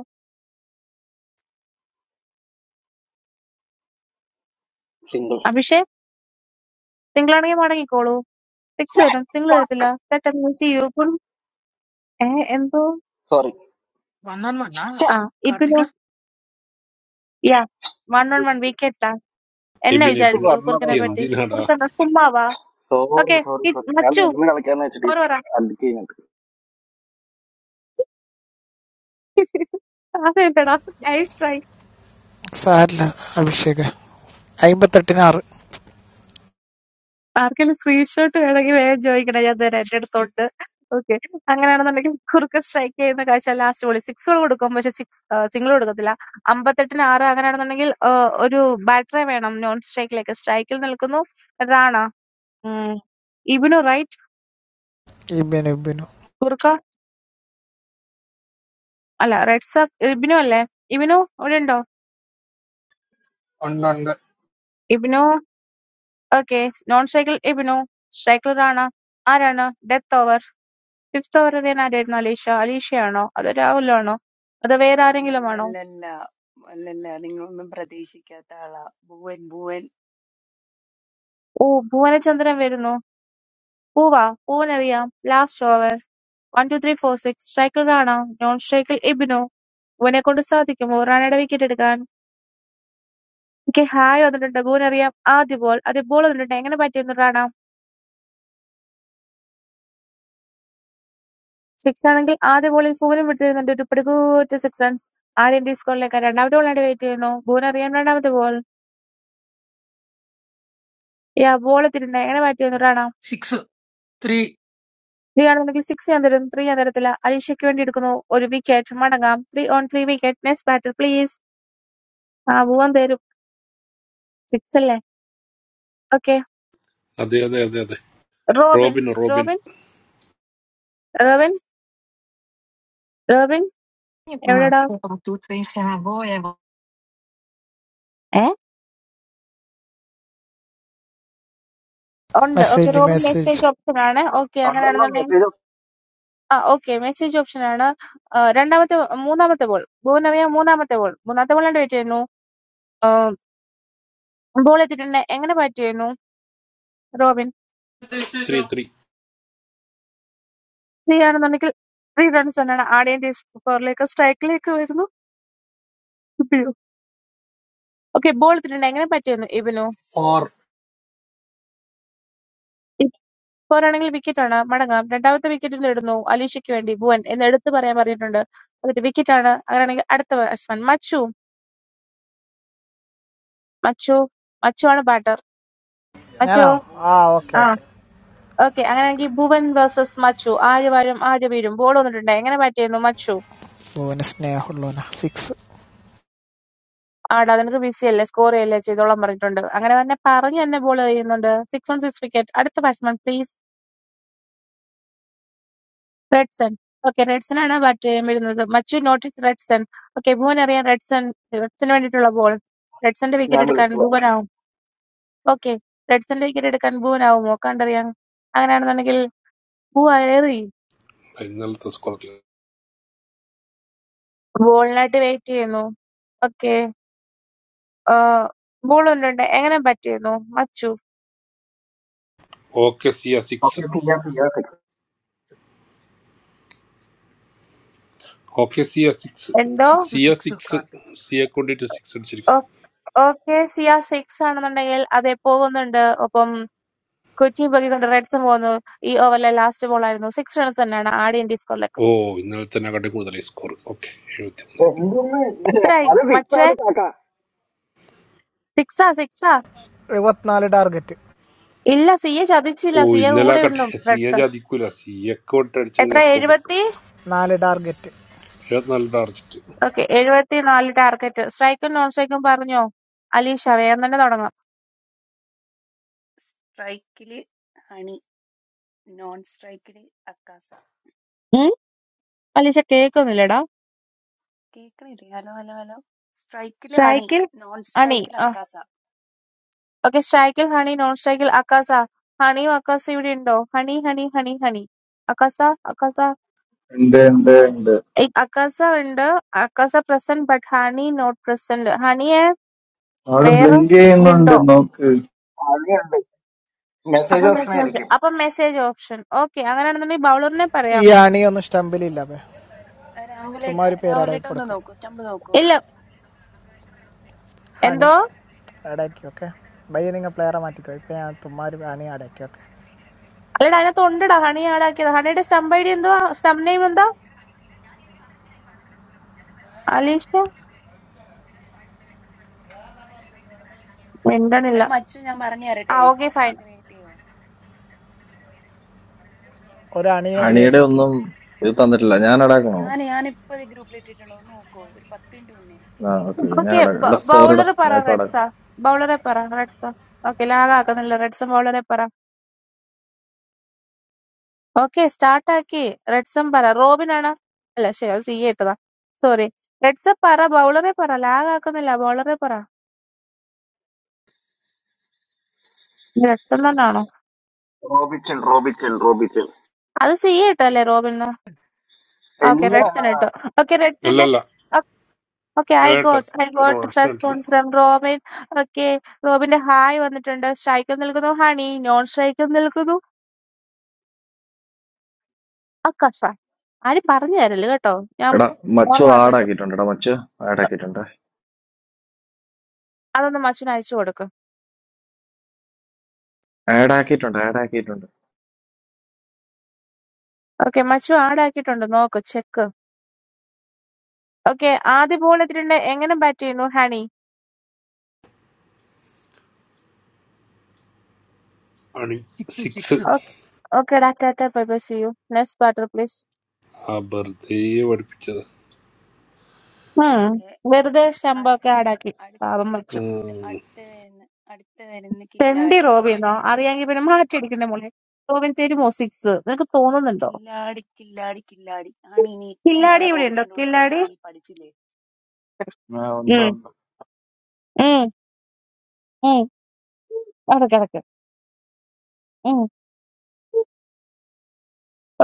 Speaker 3: അഭിഷേക് സിംഗിളാണെങ്കിൽ മടങ്ങിക്കോളൂ. സിക്സ് തരും. സിംഗിൾ തരത്തില്ല. Setup will see you. Full ഏ എന്തോ
Speaker 6: వన్ వన్ వన్
Speaker 3: ആ
Speaker 6: కార్తిక
Speaker 3: ഇബിനോ യാ വൺ ഓൺ വൺ വിക്കറ്റാ. എന്നെ
Speaker 15: എബിൻ എബിൻ
Speaker 3: വിചാരിച്ചു കുറുക്കനെ പറ്റി.
Speaker 15: എന്തിനാടാ
Speaker 3: കുറുക്കൻ ചുമ്മാവാ. ഓക്കെ മച്ചു സ്കോർ പറ. അതെ ഡൈവ് സ്ട്രൈക്ക്
Speaker 10: സാരില്ല അഭിഷേക അമ്പത്തെട്ടിന് ആറ്
Speaker 3: ആർക്കെങ്കിലും സ്ക്രീൻഷോട്ട് വേണമെങ്കിൽ വേഗം ചോദിക്കണം ഞാൻ തരാം എന്റെ അടുത്തുണ്ട് ഓക്കെ അങ്ങനെയാണെന്നുണ്ടെങ്കിൽ കുറുക്ക് സ്ട്രൈക്ക് ചെയ്യുന്ന കാഴ്ച ലാസ്റ്റ് ബോളി സിക്സുകൾ കൊടുക്കും പക്ഷെ സിംഗിൾ കൊടുക്കത്തില്ല അമ്പത്തെട്ടിന് ആറ് അങ്ങനെയാണെന്നുണ്ടെങ്കിൽ ആ, ഒരു ബാറ്ററെ വേണം നോൺ സ്ട്രൈക്കിലേക്ക് സ്ട്രൈക്കിൽ നിൽക്കുന്നു റാണ ഉം. ഇബിനു റൈറ്റ്
Speaker 10: ഇബിനു ഇബിനു
Speaker 3: കുറുക്ക അല്ല റെഡ് സബ് ഇബിനു അല്ലേ ഇബിനു ഇവിടെ ഉണ്ടോ
Speaker 16: Under under
Speaker 3: Ebin okay non സ്ട്രൈക്കിൽ ഇബിനു സ്ട്രൈക്കിൽ റാണ ആരാണ് ഡെത്ത് ഓവർ ഫിഫ്തവനിതൻ ആരായിരുന്നു അലീഷ? അലീഷയാണോ? അതോ രാഹുലാണോ? അതോ വേറാരെങ്കിലുമാണോ?
Speaker 8: അല്ലല്ലല്ലല്ല അല്ലല്ല നിങ്ങളൊന്നും പ്രതീക്ഷിക്കാത്ത ആളാ ഭുവൻ ഭുവൻ
Speaker 3: ഓ ഭുവനചന്ദ്രൻ വരുന്നു. പൂവാ? പൂവനറിയാം. Last over. One two three four six. സ്ട്രൈക്കിൽ റാണ. നോൺ സ്ട്രൈക്കിൽ ഇബിനു. ഭുവനെക്കൊണ്ട് സാധിക്കുമോ റാണയുടെ വിക്കറ്റ് എടുക്കാൻ? ഓക്കെ ഹായ് വന്നിട്ടുണ്ട്. ഭുവനറിയാം. ആദ്യ ബോൾ. ആദ്യ ബോൾ വന്നിട്ടുണ്ട്. എങ്ങനെ പറ്റിയിരുന്നു റാണ? സിക്സ് ആണെങ്കിൽ ആദ്യ ബോളിൽ ഭുവനും വിട്ടിരുന്നുണ്ട് ഒരു പിടികൂറ്റ സിക്സ് റൺസ്. ആദ്യം ഡി സ്കോറിലേക്ക് രണ്ടാമത്തെ ബോളിനായിട്ട് വെയിറ്റ് ചെയ്യുന്നു. ഭുവനറിയാം രണ്ടാമത്തെ ബോൾ. യാ ബോൾ എത്തിയിട്ടുണ്ട്. എങ്ങനെ പറ്റിയിരുന്നു റാണ?
Speaker 6: సిక్స్ త్రీ
Speaker 3: ത്രീയാണെന്നുണ്ടെങ്കിൽ സിക്സ് ഞാൻ തരുന്നു. ത്രീ ഞാൻ തരത്തില്ല. അലീഷയ്ക്ക് വേണ്ടി എടുക്കുന്നു. ഒരു വിക്കറ്റ് മടങ്ങാം. Three on three wicket. Next batter please. ആ ഭുവൻ തരും. സിക്സ് അല്ലേ? ഓക്കെ.
Speaker 15: അതെ അതെ അതെ അതെ
Speaker 3: Robin
Speaker 15: Robin Robin
Speaker 3: Robin Robin Robin എവിടെടാ? ഏ ഉണ്ട്. Okay
Speaker 10: message
Speaker 3: Robin
Speaker 10: message
Speaker 3: message option ആണ്. ഓക്കെ അങ്ങനെയാണെന്നുണ്ടെങ്കിൽ ആ ഓക്കെ മെസ്സേജ് ഓപ്ഷൻ ആണ്. ആ, രണ്ടാമത്തെ മൂന്നാമത്തെ ബോൾ ഭുവൻ അറിയാം മൂന്നാമത്തെ ബോൾ മൂന്നാമത്തെ ബോളിന്റെ വെയിറ്റ് ചെയ്യുന്നു. ബോൾ എത്തിയിട്ടുണ്ട്. എങ്ങനെ ബാറ്റ് ചെയ്യുന്നു റോബിൻ?
Speaker 15: ത്രീ ത്രീ
Speaker 3: ത്രീ ആണെന്നുണ്ടെങ്കിൽ ത്രീ റൺസ് ആണ് ആഡ് ചെയ്യേണ്ടി സ്കോറിലേക്ക് സ്ട്രൈക്കിലേക്ക് വരുന്നു. ഓക്കേ, ബോൾ ഇട്ടിട്ടുണ്ട്. എങ്ങനെ പറ്റിയെന്ന് ഇബിനു?
Speaker 16: four
Speaker 3: ഇപ്പോരാണെങ്കിൽ വിക്കറ്റാണ്. മടങ്ങാം. രണ്ടാമത്തെ വിക്കറ്റ് ഇടുന്നു. അലീഷയ്ക്ക് വേണ്ടി ഭുവൻ എന്ന് എടുത്തു പറയാൻ പറഞ്ഞിട്ടുണ്ട്. എന്നിട്ട് വിക്കറ്റാണ്. അങ്ങനെയാണെങ്കിൽ അടുത്ത ബാറ്റ്സ്മാൻ മച്ചു. മച്ചു മച്ചു ആണ് ബാറ്റർ. മച്ചു
Speaker 10: ഞാനോ ആ ഓക്കെ
Speaker 3: ആ
Speaker 10: ഓക്കെ
Speaker 3: ഓക്കെ അങ്ങനെയാണെങ്കിൽ ഭുവൻ വേഴ്സസ് മച്ചു. ആര് വാഴും ആര് വീഴും. ബോൾ വന്നിട്ടുണ്ട്. എങ്ങനെ ബാറ്റ് ചെയ്യുന്നു മച്ചു?
Speaker 10: ഓന് സ്നേഹമുള്ളവന സിക്സ്
Speaker 3: ആടാ നിനക്ക് ബിസി അല്ലേ സ്കോർ ചെയ്യല്ലേ ചെയ്തോളാൻ പറഞ്ഞിട്ടുണ്ട്. അങ്ങനെ തന്നെ പറഞ്ഞ് തന്നെ ബോൾ ചെയ്യുന്നുണ്ട്. Six on six wicket. അടുത്ത ബാറ്റ്സ്മാൻ പ്ലീസ്. റെഡ്സൺ. ഓക്കേ. റെഡ്സനാണ് ബാറ്റ് ചെയ്യാൻ വരുന്നത്. മച്ചു നോട്ടിസ് റെഡ്സൺ. ഓക്കേ. ഭുവനറിയാം റെഡ്സൺ റെഡ്സന് വേണ്ടിയിട്ടുള്ള ബോൾ. റെഡ്സന്റെ വിക്കറ്റ് എടുക്കാൻ ഭുവനാവും. ഓക്കേ. റെഡ്സന്റെ വിക്കറ്റ് എടുക്കാൻ ഭുവനാവുമോ? കണ്ടറിയാം. അങ്ങനെയാണെന്നുണ്ടെങ്കിൽ ഭുവ എറി.
Speaker 15: ഇന്നലത്തെ സ്കോറിൽ
Speaker 3: ബോളിനായിട്ട് വെയിറ്റ് ചെയ്യുന്നു. ഓക്കേ. ബോൾ കൊണ്ടുണ്ട്. എങ്ങനെ ബാറ്റ് ചെയ്യുന്നു? മച്ചു.
Speaker 15: Okay Siya six okay Siya six
Speaker 3: എന്തോ
Speaker 6: six
Speaker 15: Siya
Speaker 6: six
Speaker 15: six
Speaker 6: Karthik
Speaker 15: സിയെ കൊണ്ടിട്ട് സിക്സ്
Speaker 3: ഓ-
Speaker 15: അടിച്ചിരിക്കും
Speaker 3: ഓക്കേ. സിയ സിക്സ് ആണെന്നുണ്ടെങ്കിൽ അതെ പോകുന്നുണ്ട്. ഒപ്പം കൊച്ചിയും പൊക്കിക്കൊണ്ട് റെഡ്സൺ പോകുന്നു. ഈ ഓവറിലെ ലാസ്റ്റ് ബോൾ ആയിരുന്നു. സിക്സ് റൺസ് തന്നെയാണ് ആഡ് ഇൻഡീസ്
Speaker 15: ഓ ഇന്നലെ തന്നെ ആകട്ടെ കൂടുതലായി സ്കോർ ഓക്കെ എഴുപത്തി മൂന്ന്
Speaker 3: എത്രയായി മച്ചുവേ സിക്സാ സിക്സാ
Speaker 10: എഴുപത്തിനാല് ടാർഗറ്റ്
Speaker 3: ഇല്ല സിയെ ചതിച്ചില്ല
Speaker 15: ഓ
Speaker 3: സിയെ
Speaker 15: ഇന്നലെ
Speaker 3: കൂടെയുള്ളൂ
Speaker 15: ആകട്ടെ സിയെ
Speaker 3: റെഡ്സൺ
Speaker 15: ജാതിക്കൂല സിയൊക്കെ കൊണ്ട്
Speaker 3: എത്ര
Speaker 15: അടിച്ചിങ്ങനെ എപ്പം കിട്ടും
Speaker 3: എഴുപത്തി
Speaker 10: നാല് ടാർഗറ്റ്
Speaker 15: എഴുപത്തിനാല് ടാർജറ്റ്
Speaker 3: ഓക്കെ എഴുപത്തി നാല് ടാർഗറ്റ് സ്ട്രൈക്കും നോൺ സ്ട്രൈക്കും പറഞ്ഞോ അലീഷ വേഗം തന്നെ തുടങ്ങാം
Speaker 8: സ്ട്രൈക്കില് ഹണി നോൺ സ്ട്രൈക്കില് അക്കാസ
Speaker 3: ഉം? അലീഷ കേൾക്കുന്നില്ലടാ
Speaker 8: കേക്കണില്ലേ ഹലോ ഹലോ ഹലോ സ്ട്രൈക്കില് ഹണി
Speaker 3: സ്ട്രൈക്കിൽ
Speaker 8: നോൺ
Speaker 3: ഹണി
Speaker 8: സ്ട്രൈക്കിൽ
Speaker 3: ആ
Speaker 8: അക്കാസ
Speaker 3: ഓക്കെ സ്ട്രൈക്കിൽ ഹണി നോൺ സ്ട്രൈക്കിൽ അക്കാസ ഹണിയും അക്കാസ ഇവിടെ ഉണ്ടോ ഹണി ഹണി ഹണി ഹണി അക്കാസ അക്കാസ
Speaker 17: And then, and then, and then,
Speaker 3: ഏയ്, അക്കാസ ഉണ്ട് അക്കാസ present but Honey not present ഹണിയെ
Speaker 17: all
Speaker 3: വേറെ
Speaker 8: ഹണിയുണ്ട്
Speaker 17: blingy and all
Speaker 8: ഹണിയുണ്ട്
Speaker 3: ഉണ്ടോ
Speaker 17: that. Okay,
Speaker 3: അപ്പൊ മെസ്സേജ് അപ്പൊ മെസ്സേജ് ഓപ്ഷൻ ഓക്കെ അങ്ങനെയാണെന്നുണ്ടെങ്കിൽ ബൗളറിനെ
Speaker 10: ഈ
Speaker 3: പറയാം
Speaker 10: അണി ഒന്നും സ്റ്റമ്പിലില്ല അപ്പേ ചുമ്മാ
Speaker 8: രാഹുലേട്ട
Speaker 10: ഒരു പേര് ഇടയിൽ
Speaker 8: രാഹുലേട്ട ഒന്ന്
Speaker 10: കൊടുക്കാം
Speaker 8: നോക്കൂ സ്റ്റമ്പ് നോക്കൂ
Speaker 3: ഇല്ല
Speaker 10: ഹണി
Speaker 3: എന്തോ
Speaker 10: ഇടയ്ക്ക് ഓക്കെ ബയ്യ നിങ്ങൾ പ്ലെയറെ മാറ്റിക്കോ ഇപ്പം ഞാൻ ചുമ്മാ ഒരു ഹണി അടയ്ക്കും ഓക്കെ
Speaker 3: അല്ലടാ അതിനകത്ത് ഉണ്ടടാ ഹണി ആടാക്കിയത് ഹണിയുടെ സ്റ്റംപ് ഐ ഡി എന്തോ സ്റ്റംപ് നെയിം എന്തോ അലീഷ മിണ്ടണില്ല
Speaker 8: എടാ മച്ചു ഞാൻ പറഞ്ഞു
Speaker 3: ആ
Speaker 8: തരട്ടെ
Speaker 3: ഓക്കെ
Speaker 8: നീ
Speaker 3: ഫൈൻ
Speaker 8: ക്രിയേറ്റ് ചെയ്യോ
Speaker 10: ഒരു അണീനെ
Speaker 1: ഹണിയുടെ
Speaker 10: ക്രിയേറ്റ് ആക്കി
Speaker 1: ഒന്നും ഇത് തന്നിട്ടില്ല ഞാൻ അടാക്കണോ
Speaker 8: ഞാൻ ഞാനിപ്പോ ഇത് ഗ്രൂപ്പിൽ ഇട്ടിട്ടുണ്ട് ഒന്ന് നോക്കോ ഒരു പത്ത് മിനിറ്റ് മുന്നേ
Speaker 1: ആ ഓക്കെ ഞാൻ
Speaker 3: ഓക്കെ
Speaker 1: അടാ എടാ സോറിടാ
Speaker 3: ബൗളർ പറ
Speaker 1: ഞാൻ ഇപ്പൊ അടാക്കാം.
Speaker 3: റെഡ്സ ബൗളറെ പറ റെഡ്സ ഓക്കെ ലാഗാക്കുന്നില്ല റെഡ്സം ബൗളറെ പറ ഓക്കെ സ്റ്റാർട്ട് ആക്കി റെഡ്സം പറ റോബിൻ ആണ് അല്ല ശരി അത് സി ഇട്ടതാ സോറി റെഡ്സ പറ ബൗളറെ പറ ലാഗാക്കുന്നില്ല ബൗളറെ പറ റെഡ്സം തന്നെയാണോ അത് സി ഇട്ടല്ലേ Robin Okay, Redson it. Okay, Redson.
Speaker 15: അല്ലല്ല
Speaker 3: o- Okay, I
Speaker 15: വേട്ട
Speaker 3: got I got
Speaker 15: റോൾസ്
Speaker 3: response from Robin. Okay, റോബിന്റെ ഹായ് വന്നിട്ടുണ്ട് സ്ട്രൈക്ക് നിൽക്കുന്നു ഹണി നോൺ സ്ട്രൈക്ക് നിൽക്കുന്നു അക്കസ ആരും പറഞ്ഞു തരല് കേട്ടോ ഞാൻ
Speaker 1: എടാ മച്ചു
Speaker 3: ഓർമ്മ
Speaker 1: ആഡ്
Speaker 3: കേട്ടോ
Speaker 1: ആക്കിയിട്ടുണ്ട് എടാ മച്ചു ആഡ് ആക്കിയിട്ടുണ്ട്
Speaker 3: അതൊന്ന് മച്ചുന് അയച്ചു കൊടുക്കും
Speaker 1: ആഡ് ആക്കിയിട്ടുണ്ട് ആഡ് ആക്കിയിട്ടുണ്ട്
Speaker 3: ഓക്കെ മച്ചു ആടാക്കിയിട്ടുണ്ട് നോക്ക് ചെക്ക് ഓക്കെ ആദ്യ ബോൾ എത്തിയിട്ടുണ്ട് എങ്ങനെ ബാറ്റ് ചെയ്യുന്നു ഹണി
Speaker 15: അണി
Speaker 6: six
Speaker 15: six
Speaker 6: six
Speaker 3: okay okay ഡാ tata bye bye see you next batter please
Speaker 15: ആ വെറുതെ പഠിപ്പിച്ചത്
Speaker 3: ഹും
Speaker 8: ഓക്കെ
Speaker 3: വെറുതെ ശമ്പൊക്കെ ആടാക്കി
Speaker 8: അടുത്ത
Speaker 3: പാവം മച്ചു
Speaker 15: ഉം.
Speaker 8: അടുത്ത വരുന്ന അടുത്ത വരുന്ന
Speaker 3: തെണ്ടി
Speaker 8: കില്ലാടി
Speaker 3: റോബിന്നോ അറിയാമെങ്കിൽ പിന്നെ മാറ്റിയടിക്കണ്ടേ മോളെ റോബിൻ തരുമോ സിക്സ് നിനക്ക് തോന്നുന്നുണ്ടോ
Speaker 8: കില്ലാടി കില്ലാടി കില്ലാടി ആണ് ഇനി ഇത്രയും
Speaker 3: കില്ലാടി
Speaker 8: കാലം
Speaker 3: ഇവിടെ ഉണ്ടോ
Speaker 8: റോബിച്ചന്റെ കൂടെ
Speaker 3: കില്ലാടി
Speaker 8: കളിച്ചിട്ട് നീ പഠിച്ചില്ലേ
Speaker 18: ആ, ഉണ്ട്
Speaker 3: ഉം,
Speaker 18: ഉണ്ട്.
Speaker 3: ഉം, ഉം. അവിടെ കിടക്ക്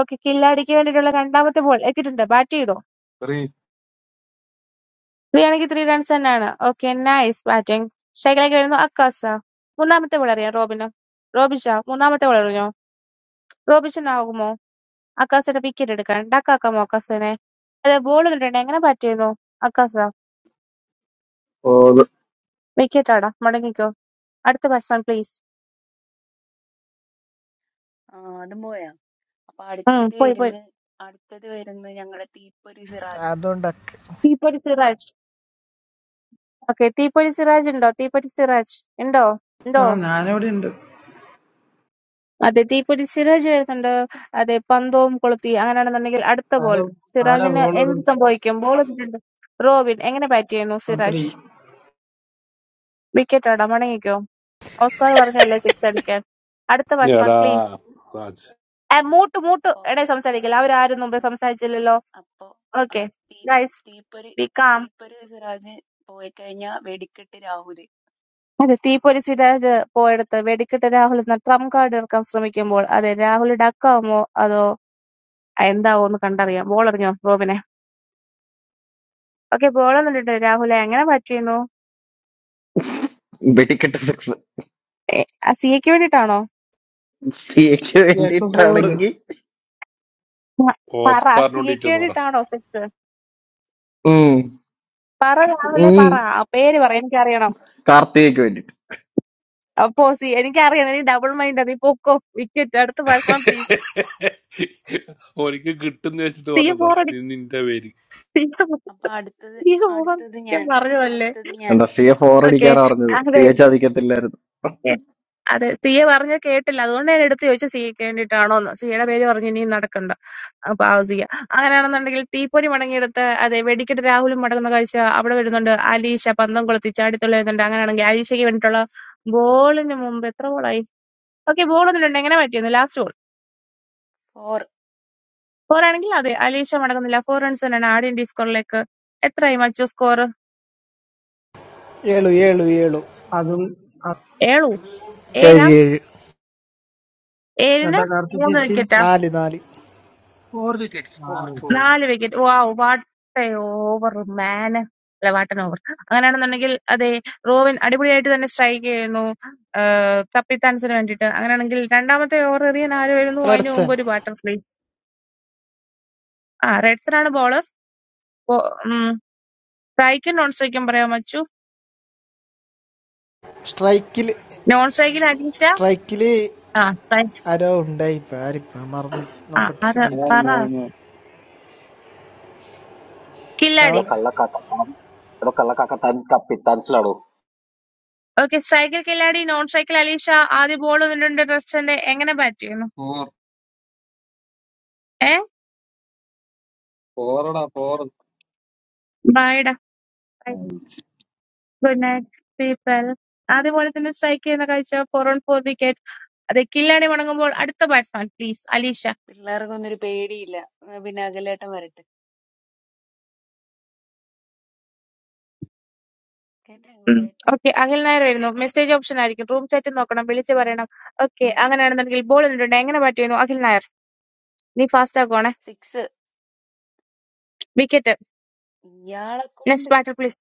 Speaker 3: ഓക്കെ കില്ലാടിക്ക് വേണ്ടിയിട്ടുള്ള രണ്ടാമത്തെ ബോൾ എത്തിയിട്ടുണ്ട് ബാറ്റ് ചെയ്തോ
Speaker 18: ത്രീ
Speaker 3: ത്രീ ആണെങ്കിൽ ത്രീ റൺസ് തന്നെയാണ് ഓക്കെ നൈസ് ബാറ്റിംഗ് സ്ട്രൈക്കിലേക്ക് വരുന്നു അക്കാസ മൂന്നാമത്തെ ബോൾ അറിയാം റോബിന് റോബിഷ മൂന്നാമത്തെ ബോൾ അറിഞ്ഞോ റോബിഷൻ ആകുമോ അക്കാസയുടെ വിക്കറ്റ് എടുക്കാൻ ഡക്കാക്കാമോ അക്കാസിനെ അതെ ബോൾ കണ്ടിട്ടുണ്ട് എങ്ങനെ ബാറ്റ് ചെയ്യുന്നു അക്കാസ
Speaker 17: for.
Speaker 3: വിക്കറ്റ് ആടാ മടങ്ങിക്കോ അടുത്ത പേഴ്സൺ പ്ലീസ്
Speaker 8: ആ അതും പോയാ അപ്പൊ
Speaker 3: ഉം
Speaker 8: അടുത്തത്
Speaker 3: പോയി പോയി
Speaker 8: വരുന്ന അടുത്തത് വരുന്ന ഞങ്ങളുടെ തീപ്പൊരി സിറാജ്
Speaker 10: അതുകൊണ്ടൊക്കെ
Speaker 3: തീപ്പൊരി സിറാജ് ഓക്കെ തീപ്പൊരി സിറാജ് ഉണ്ടോ തീപ്പൊരി സിറാജ് ഉണ്ടോ ഉണ്ടോ
Speaker 7: ആ ഞാനിവിടെ ഉണ്ട്
Speaker 3: അതെ തീപ്പൊരി സിറാജ് വരുന്നുണ്ട് അതെ പന്തവും കൊളുത്തി അങ്ങനെയാണെന്നുണ്ടെങ്കിൽ അടുത്ത ബോൾ
Speaker 7: ആരാ ആരാ
Speaker 3: സിറാജിന്
Speaker 7: ബോളർ
Speaker 3: എന്ത് സംഭവിക്കും ബോൾ ഇട്ടിട്ടുണ്ട് റോബിൻ എങ്ങനെ ബാറ്റ് ചെയ്യുന്നു
Speaker 7: ത്രീ
Speaker 3: സിറാജ് വിക്കറ്റ് ആടാ മടങ്ങിക്കോ ഓസ്കാർ പറഞ്ഞല്ലേ സിക്സ് അടിക്കാൻ അടുത്ത ബാറ്റ്സ്മാൻ പ്ലീസ്
Speaker 15: എടാ
Speaker 3: മൂട്ട് മൂട്ട്
Speaker 8: അപ്പൊ
Speaker 3: എടേ സംസാരിക്കില്ല അവരാരും മുമ്പേ
Speaker 8: അ-
Speaker 3: സംസാരിച്ചില്ലല്ലോ
Speaker 8: അപ്പൊ
Speaker 3: ഓക്കെ
Speaker 8: അപ്പൊ തീ
Speaker 3: ഗൈസ്
Speaker 8: തീപ്പൊരി
Speaker 3: ബി കാം.
Speaker 8: തീപ്പൊരി സിറാജ് പോയി കഴിഞ്ഞാ വെടിക്കെട്ട് രാഹുല്
Speaker 3: അതെ തീപ്പൊരി സിരാജ് പോയെടുത്ത് വെടിക്കെട്ട് രാഹുൽ എന്ന ട്രംപ് കാർഡ് ഇറക്കാൻ ശ്രമിക്കുമ്പോൾ അതെ രാഹുൽ ഡക്കാവുമോ അതോ എന്താവോ എന്ന് കണ്ടറിയാം ബോൾ എറിഞ്ഞോ റോബിനെ ഓക്കെ ബോളൊന്നുണ്ട് രാഹുലെ എങ്ങനെ പറ്റിയിരുന്നു
Speaker 1: വെടിക്കെട്ട് സിക്സ്
Speaker 3: ഏ, ആ സിയയ്ക്ക് വേണ്ടിട്ടാണോ
Speaker 1: സിയക്ക്
Speaker 7: ഫോർ
Speaker 1: വേണ്ടിയിട്ടാണെങ്കിൽ
Speaker 3: പറ സിയയ്ക്ക്
Speaker 15: ഓസ്കാറിനോണ്ടിട്ടെന്ന് പറ
Speaker 3: വേണ്ടിട്ടാണോ സെറ്റ്
Speaker 1: ഉം,
Speaker 3: പറ രാഹുലെ
Speaker 1: ഉം,
Speaker 3: പറ ആ പേര് പറ എനിക്കറിയണം
Speaker 1: കാർത്തികയ്ക്ക് വേണ്ടിയിട്ട്
Speaker 3: അപ്പോ സി എനിക്കറിയാം നീ ഡബിൾ മൈൻഡ് നീ പൊക്കോ വിക്കറ്റ് അടുത്ത ബാറ്റ്സ്മാൻ പ്ലീസ്
Speaker 15: ഓനിക്ക് കിട്ടുന്ന വെച്ചിട്ട്
Speaker 3: സിയ
Speaker 15: പറഞ്ഞതാ
Speaker 3: ബോറടി
Speaker 15: ഇത് നിന്റെ പേര്
Speaker 3: സിയ ബോ-
Speaker 8: അപ്പൊ അടുത്തത്
Speaker 3: സിയ
Speaker 8: അടുത്തത്
Speaker 3: ബോറടിക്കാൻ
Speaker 8: ഞാൻ
Speaker 3: പറഞ്ഞതല്ലേ
Speaker 8: അടുത്തത് ഞാൻ
Speaker 1: എന്താ സിയെ ഫോർ
Speaker 3: ഓക്കെ
Speaker 1: അടിക്കാനാ പറഞ്ഞത്
Speaker 3: അതെ
Speaker 1: സിയെ ചതിക്കത്തില്ലായിരുന്നു
Speaker 3: ഉം. അതെ സിയെ പറഞ്ഞ കേട്ടില്ല അതുകൊണ്ട് ഞാൻ എടുത്ത് ചോദിച്ചു സിയക്ക് വേണ്ടിയിട്ടാണോന്ന് സിയുടെ പേര് പറഞ്ഞ് ഇനിയും നടക്കണ്ട അപ്പൊ ആ സിയ അങ്ങനെയാണെന്നുണ്ടെങ്കിൽ തീപ്പൊരി മടങ്ങിയെടുത്ത അതെ വെടിക്കെട്ട് രാഹുലും മടങ്ങുന്ന കാഴ്ച അവിടെ വരുന്നുണ്ട് അലീഷ പന്തം കൊളുത്തി ചാടിത്തുള്ളുന്നുണ്ട് അങ്ങനെയാണെങ്കിൽ അലീഷയ്ക്ക് വേണ്ടിയിട്ടുള്ള ബോളിന് മുമ്പ് എത്ര ബോളായി ഓക്കെ ബോൾ ഒന്നുണ്ട് എങ്ങനെ പറ്റിയൊന്നു ലാസ്റ്റ് ബോൾ
Speaker 8: ഫോർ
Speaker 3: ഫോർ ആണെങ്കിൽ അതെ അലീഷ മടങ്ങുന്നില്ല ഫോർ റൺസ് തന്നെയാണ് ആദ്യം സ്കോറിലേക്ക് എത്രയായി മച്ചു സ്കോർ
Speaker 10: ഏഴു ഏഴു ഏഴു
Speaker 7: അതും അ-
Speaker 3: ഏഴു
Speaker 10: ഏഴ്
Speaker 3: ഏഴാ
Speaker 10: ഏഴ്
Speaker 3: ഏഴിന്
Speaker 7: കേട്ടാ കാർത്തി
Speaker 3: മൂന്ന്
Speaker 7: ചേച്ചി
Speaker 3: വിക്കറ്റാ
Speaker 10: നാല് നാല്
Speaker 6: ఫోర్ వికెట్స్
Speaker 2: നാല്
Speaker 6: ఫోర్ ఫోర్
Speaker 2: വിക്കറ്റ്
Speaker 3: നാല് wicket wow what a over man അല്ല വാട്ട് ആൻ ഓവർ അങ്ങനെയാണെന്നുണ്ടെങ്കിൽ അതെ റോവിൻ അടിപൊളിയായിട്ട് തന്നെ സ്ട്രൈക്ക് ചെയ്യുന്നു കപ്പിത്താൻസിന് വേണ്ടിയിട്ട് അങ്ങനെയാണെങ്കിൽ രണ്ടാമത്തെ ഓവർ എറിയാൻ ആര് വരുന്നു അതിന് മുമ്പ്
Speaker 10: റെഡ്സൺ
Speaker 3: ഒരു ബാറ്റർ പ്ലീസ് ആ റെഡ്സനാണ് ബോളർ സ്ട്രൈക്കും നോൺ സ്ട്രൈക്കും പറയാൻ വെച്ചു
Speaker 10: സ്ട്രൈക്കിൽ
Speaker 3: നോൺ സ്ട്രൈക്കിൽ അനീഷ
Speaker 10: സ്ട്രൈക്കിൽ
Speaker 3: ആ സ്ട്രൈക്ക്
Speaker 10: ആരോ ഉണ്ടായി ഇപ്പം ആരിപ്പം മറന്നു
Speaker 3: ആ
Speaker 10: നോക്കട്ടെ ഒരു
Speaker 3: അത്
Speaker 18: ഞാൻ
Speaker 10: മിനിറ്റ്
Speaker 3: പറ
Speaker 18: ഞാൻ
Speaker 3: കില്ലാടി
Speaker 10: അവൻ
Speaker 3: ഓക്കെ സ്ട്രൈക്കിൽ കില്ലാടി നോൺ സ്ട്രൈക്കിൽ അലീഷ ആദ്യ ബോൾ നിന്നിട്ടുണ്ട് റെഡ്സന്റെ എങ്ങനെ ബാറ്റ് ചെയ്യുന്നു
Speaker 18: ഫോർ
Speaker 3: ഏ
Speaker 18: ഫോറടാ ഫോർ
Speaker 3: ബൈഡ ഗുഡ് നൈറ്റ് പീപ്പിൾ ആദ്യ ബോളിൽ തന്നെ സ്ട്രൈക്ക് ചെയ്യുന്ന കാഴ്ച ഫോർ ഓൺ ഫോർ വിക്കറ്റ് അതെ കില്ലാടി മുടങ്ങുമ്പോൾ അടുത്ത ബാറ്റ്സ്മാൻ പ്ലീസ് അലീഷ
Speaker 8: പിള്ളേർക്കൊന്നും ഒരു പേടിയില്ല എന്നാ പിന്നെ അകലേട്ടൻ വരട്ടെ കേട്ടാ കേട്ടാ
Speaker 3: ഓക്കെ അഖിൽ നായർ വരുന്നു മെസ്സേജ് ഓപ്ഷൻ ആയിരിക്കും റൂം ചാറ്റ് നോക്കണം വിളിച്ച് പറയണം ഓക്കെ അങ്ങനെയാണെന്നുണ്ടെങ്കിൽ ബോൾ ഇട്ടിട്ടുണ്ട് എങ്ങനെ ബാറ്റ് ചെയ്യുന്നു അഖിൽ നായർ നീ ഫാസ്റ്റ് ആക്കുവാണേ
Speaker 8: സിക്സ്
Speaker 3: വിക്കറ്റ്
Speaker 8: ഇയാളെ കൊണ്ട്
Speaker 3: നെക്സ്റ്റ് ബാറ്റർ പ്ലീസ്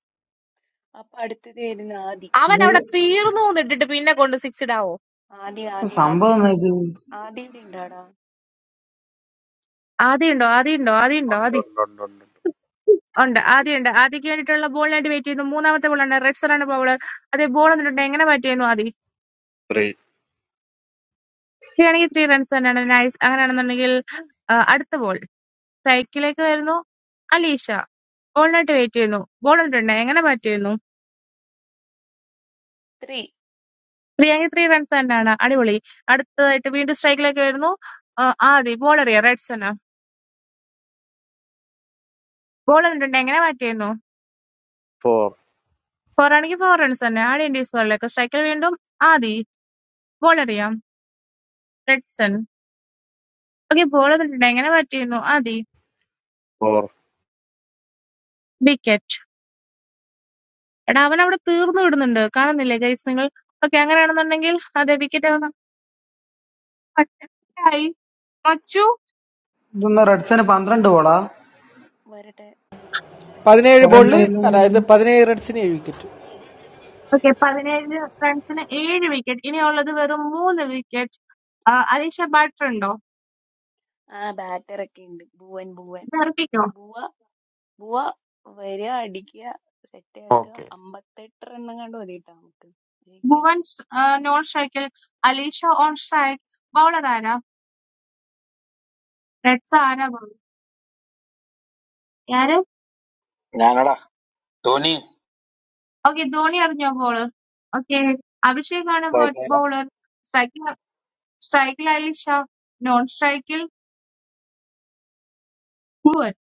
Speaker 8: അപ്പൊ അടുത്തത് വരുന്ന ആദി
Speaker 3: അവൻ
Speaker 7: ഇത്
Speaker 3: അവിടെ തീർന്നു എന്നിട്ടിട്ട് പിന്നെ കൊണ്ട് സിക്സ് ഇടാവോ
Speaker 8: ആദി ആദി ആദി
Speaker 7: സംഭവം എന്നാ ഇത്
Speaker 8: ആദിയുടെ ഉണ്ടാടാ
Speaker 3: ആദ്യം ഉണ്ടോ ആദ്യം ഉണ്ടോ ആദ്യം ഉണ്ടോ
Speaker 19: One, one,
Speaker 3: ആദ്യം
Speaker 19: one, one, one,
Speaker 3: ഉണ്ട് ആദ്യമുണ്ട് ആദ്യക്ക് വേണ്ടിയിട്ടുള്ള ബോളിനായിട്ട് വെയിറ്റ് ചെയ്യുന്നു മൂന്നാമത്തെ ബോളാണ് റെഡ് സറാണ് ബൗളർ അതേ ബോൾ എന്നിട്ടുണ്ട് എങ്ങനെ ബാറ്റ് ചെയ്യുന്നു
Speaker 19: three,
Speaker 3: ത്രീ ആണെങ്കിൽ ത്രീ റൺസ് തന്നെയാണ് നൈസ് അങ്ങനെയാണെന്നുണ്ടെങ്കിൽ ആ, അടുത്ത ബോൾ സ്ട്രൈക്കിലേക്ക് വരുന്നു അലീഷ ബോളിനായിട്ട് വെയിറ്റ് ചെയ്യുന്നു ബോൾ ഇട്ടുണ്ട് എങ്ങനെ ബാറ്റ് ചെയ്യുന്നു
Speaker 8: ത്രീ
Speaker 3: ത്രീ ആണെങ്കിൽ ത്രീ റൺസ് തന്നെയാണ് അടിപൊളി അടുത്തതായിട്ട് വീണ്ടും സ്ട്രൈക്കിലേക്ക് വരുന്നു ആ, ആദി ബോൾ അറിയാം റെഡ്സ് തന്നെ ബോൾ ഇട്ടുണ്ട് എങ്ങനെ ബാറ്റ് ചെയ്യുന്നു
Speaker 19: four,
Speaker 3: ഫോർ ആണെങ്കിൽ ഫോർ റൺസ് തന്നെ ആഡിയൻറ്റീസ് ബോളിലേക്ക് സ്ട്രൈക്കിൽ വീണ്ടും ആദി ബോൾ അറിയാം റെഡ്സൺ ഓക്കെ ബോൾ ഇട്ടുണ്ട് എങ്ങനെ ബാറ്റ് ചെയ്യുന്നു ആദി
Speaker 19: four.
Speaker 3: വിക്കറ്റ് എടാ അവൻ അവിടെ തീർന്നു വിടുന്നുണ്ട് കാണുന്നില്ലേ ഗൈസ് നിങ്ങൾ ഓക്കെ അങ്ങനെയാണെന്നുണ്ടെങ്കിൽ അതെ വിക്കറ്റ് പട്ടായി മച്ചു
Speaker 7: ഇതൊന്ന് റെഡ്സിന് പന്ത്രണ്ട് ബോളാ
Speaker 8: വരട്ടെ വ-
Speaker 10: പതിനേഴ്
Speaker 7: കൊറേ
Speaker 10: ബോളിൽ
Speaker 7: നേരം
Speaker 8: വര-
Speaker 7: എല്ലാം
Speaker 10: അതായത്
Speaker 7: ഒന്ന്
Speaker 10: പതിനേഴ് റൺസിന് ഏഴ് വിക്കറ്റ്
Speaker 3: ഓക്കെ പതിനേഴ് റൺസിന് ഏഴ് വിക്കറ്റ് ഇനിയുള്ളത് വെറും മൂന്ന് വിക്കറ്റ് അലീഷ ബാറ്റർ ഉണ്ടോ
Speaker 8: ആ ബാറ്റർ ഒക്കെ ഉണ്ട് ഭുവൻ ഭുവൻ
Speaker 3: ഇത് ഇറക്കിക്കോ
Speaker 8: ഭുവ ഭുവ വരിക അടിക്കുക സെറ്റ് ആക്കുക
Speaker 20: Okay.
Speaker 8: അമ്പത്തെട്ട് റണ്ണം കണ്ട് മതിട്ടാ നമുക്ക് ജയിക്കാൻ
Speaker 3: ഭുവൻ നോൺ സ്ട്രൈക്കിൽ അലീഷ ഓൺ സ്ട്രൈക്ക് ബൗളർ ആരാ റെഡ്സ് ആരാ ബൗളർ ഞാന് ഓക്കെ ധോണി അറിഞ്ഞോ ബോള് ഓക്കെ അഭിഷേക് ആണ് ബൗളർ സ്ട്രൈക്കിൽ സ്ട്രൈക്കിൽ അലീഷ നോൺ സ്ട്രൈക്കിൽ ഭുവൻ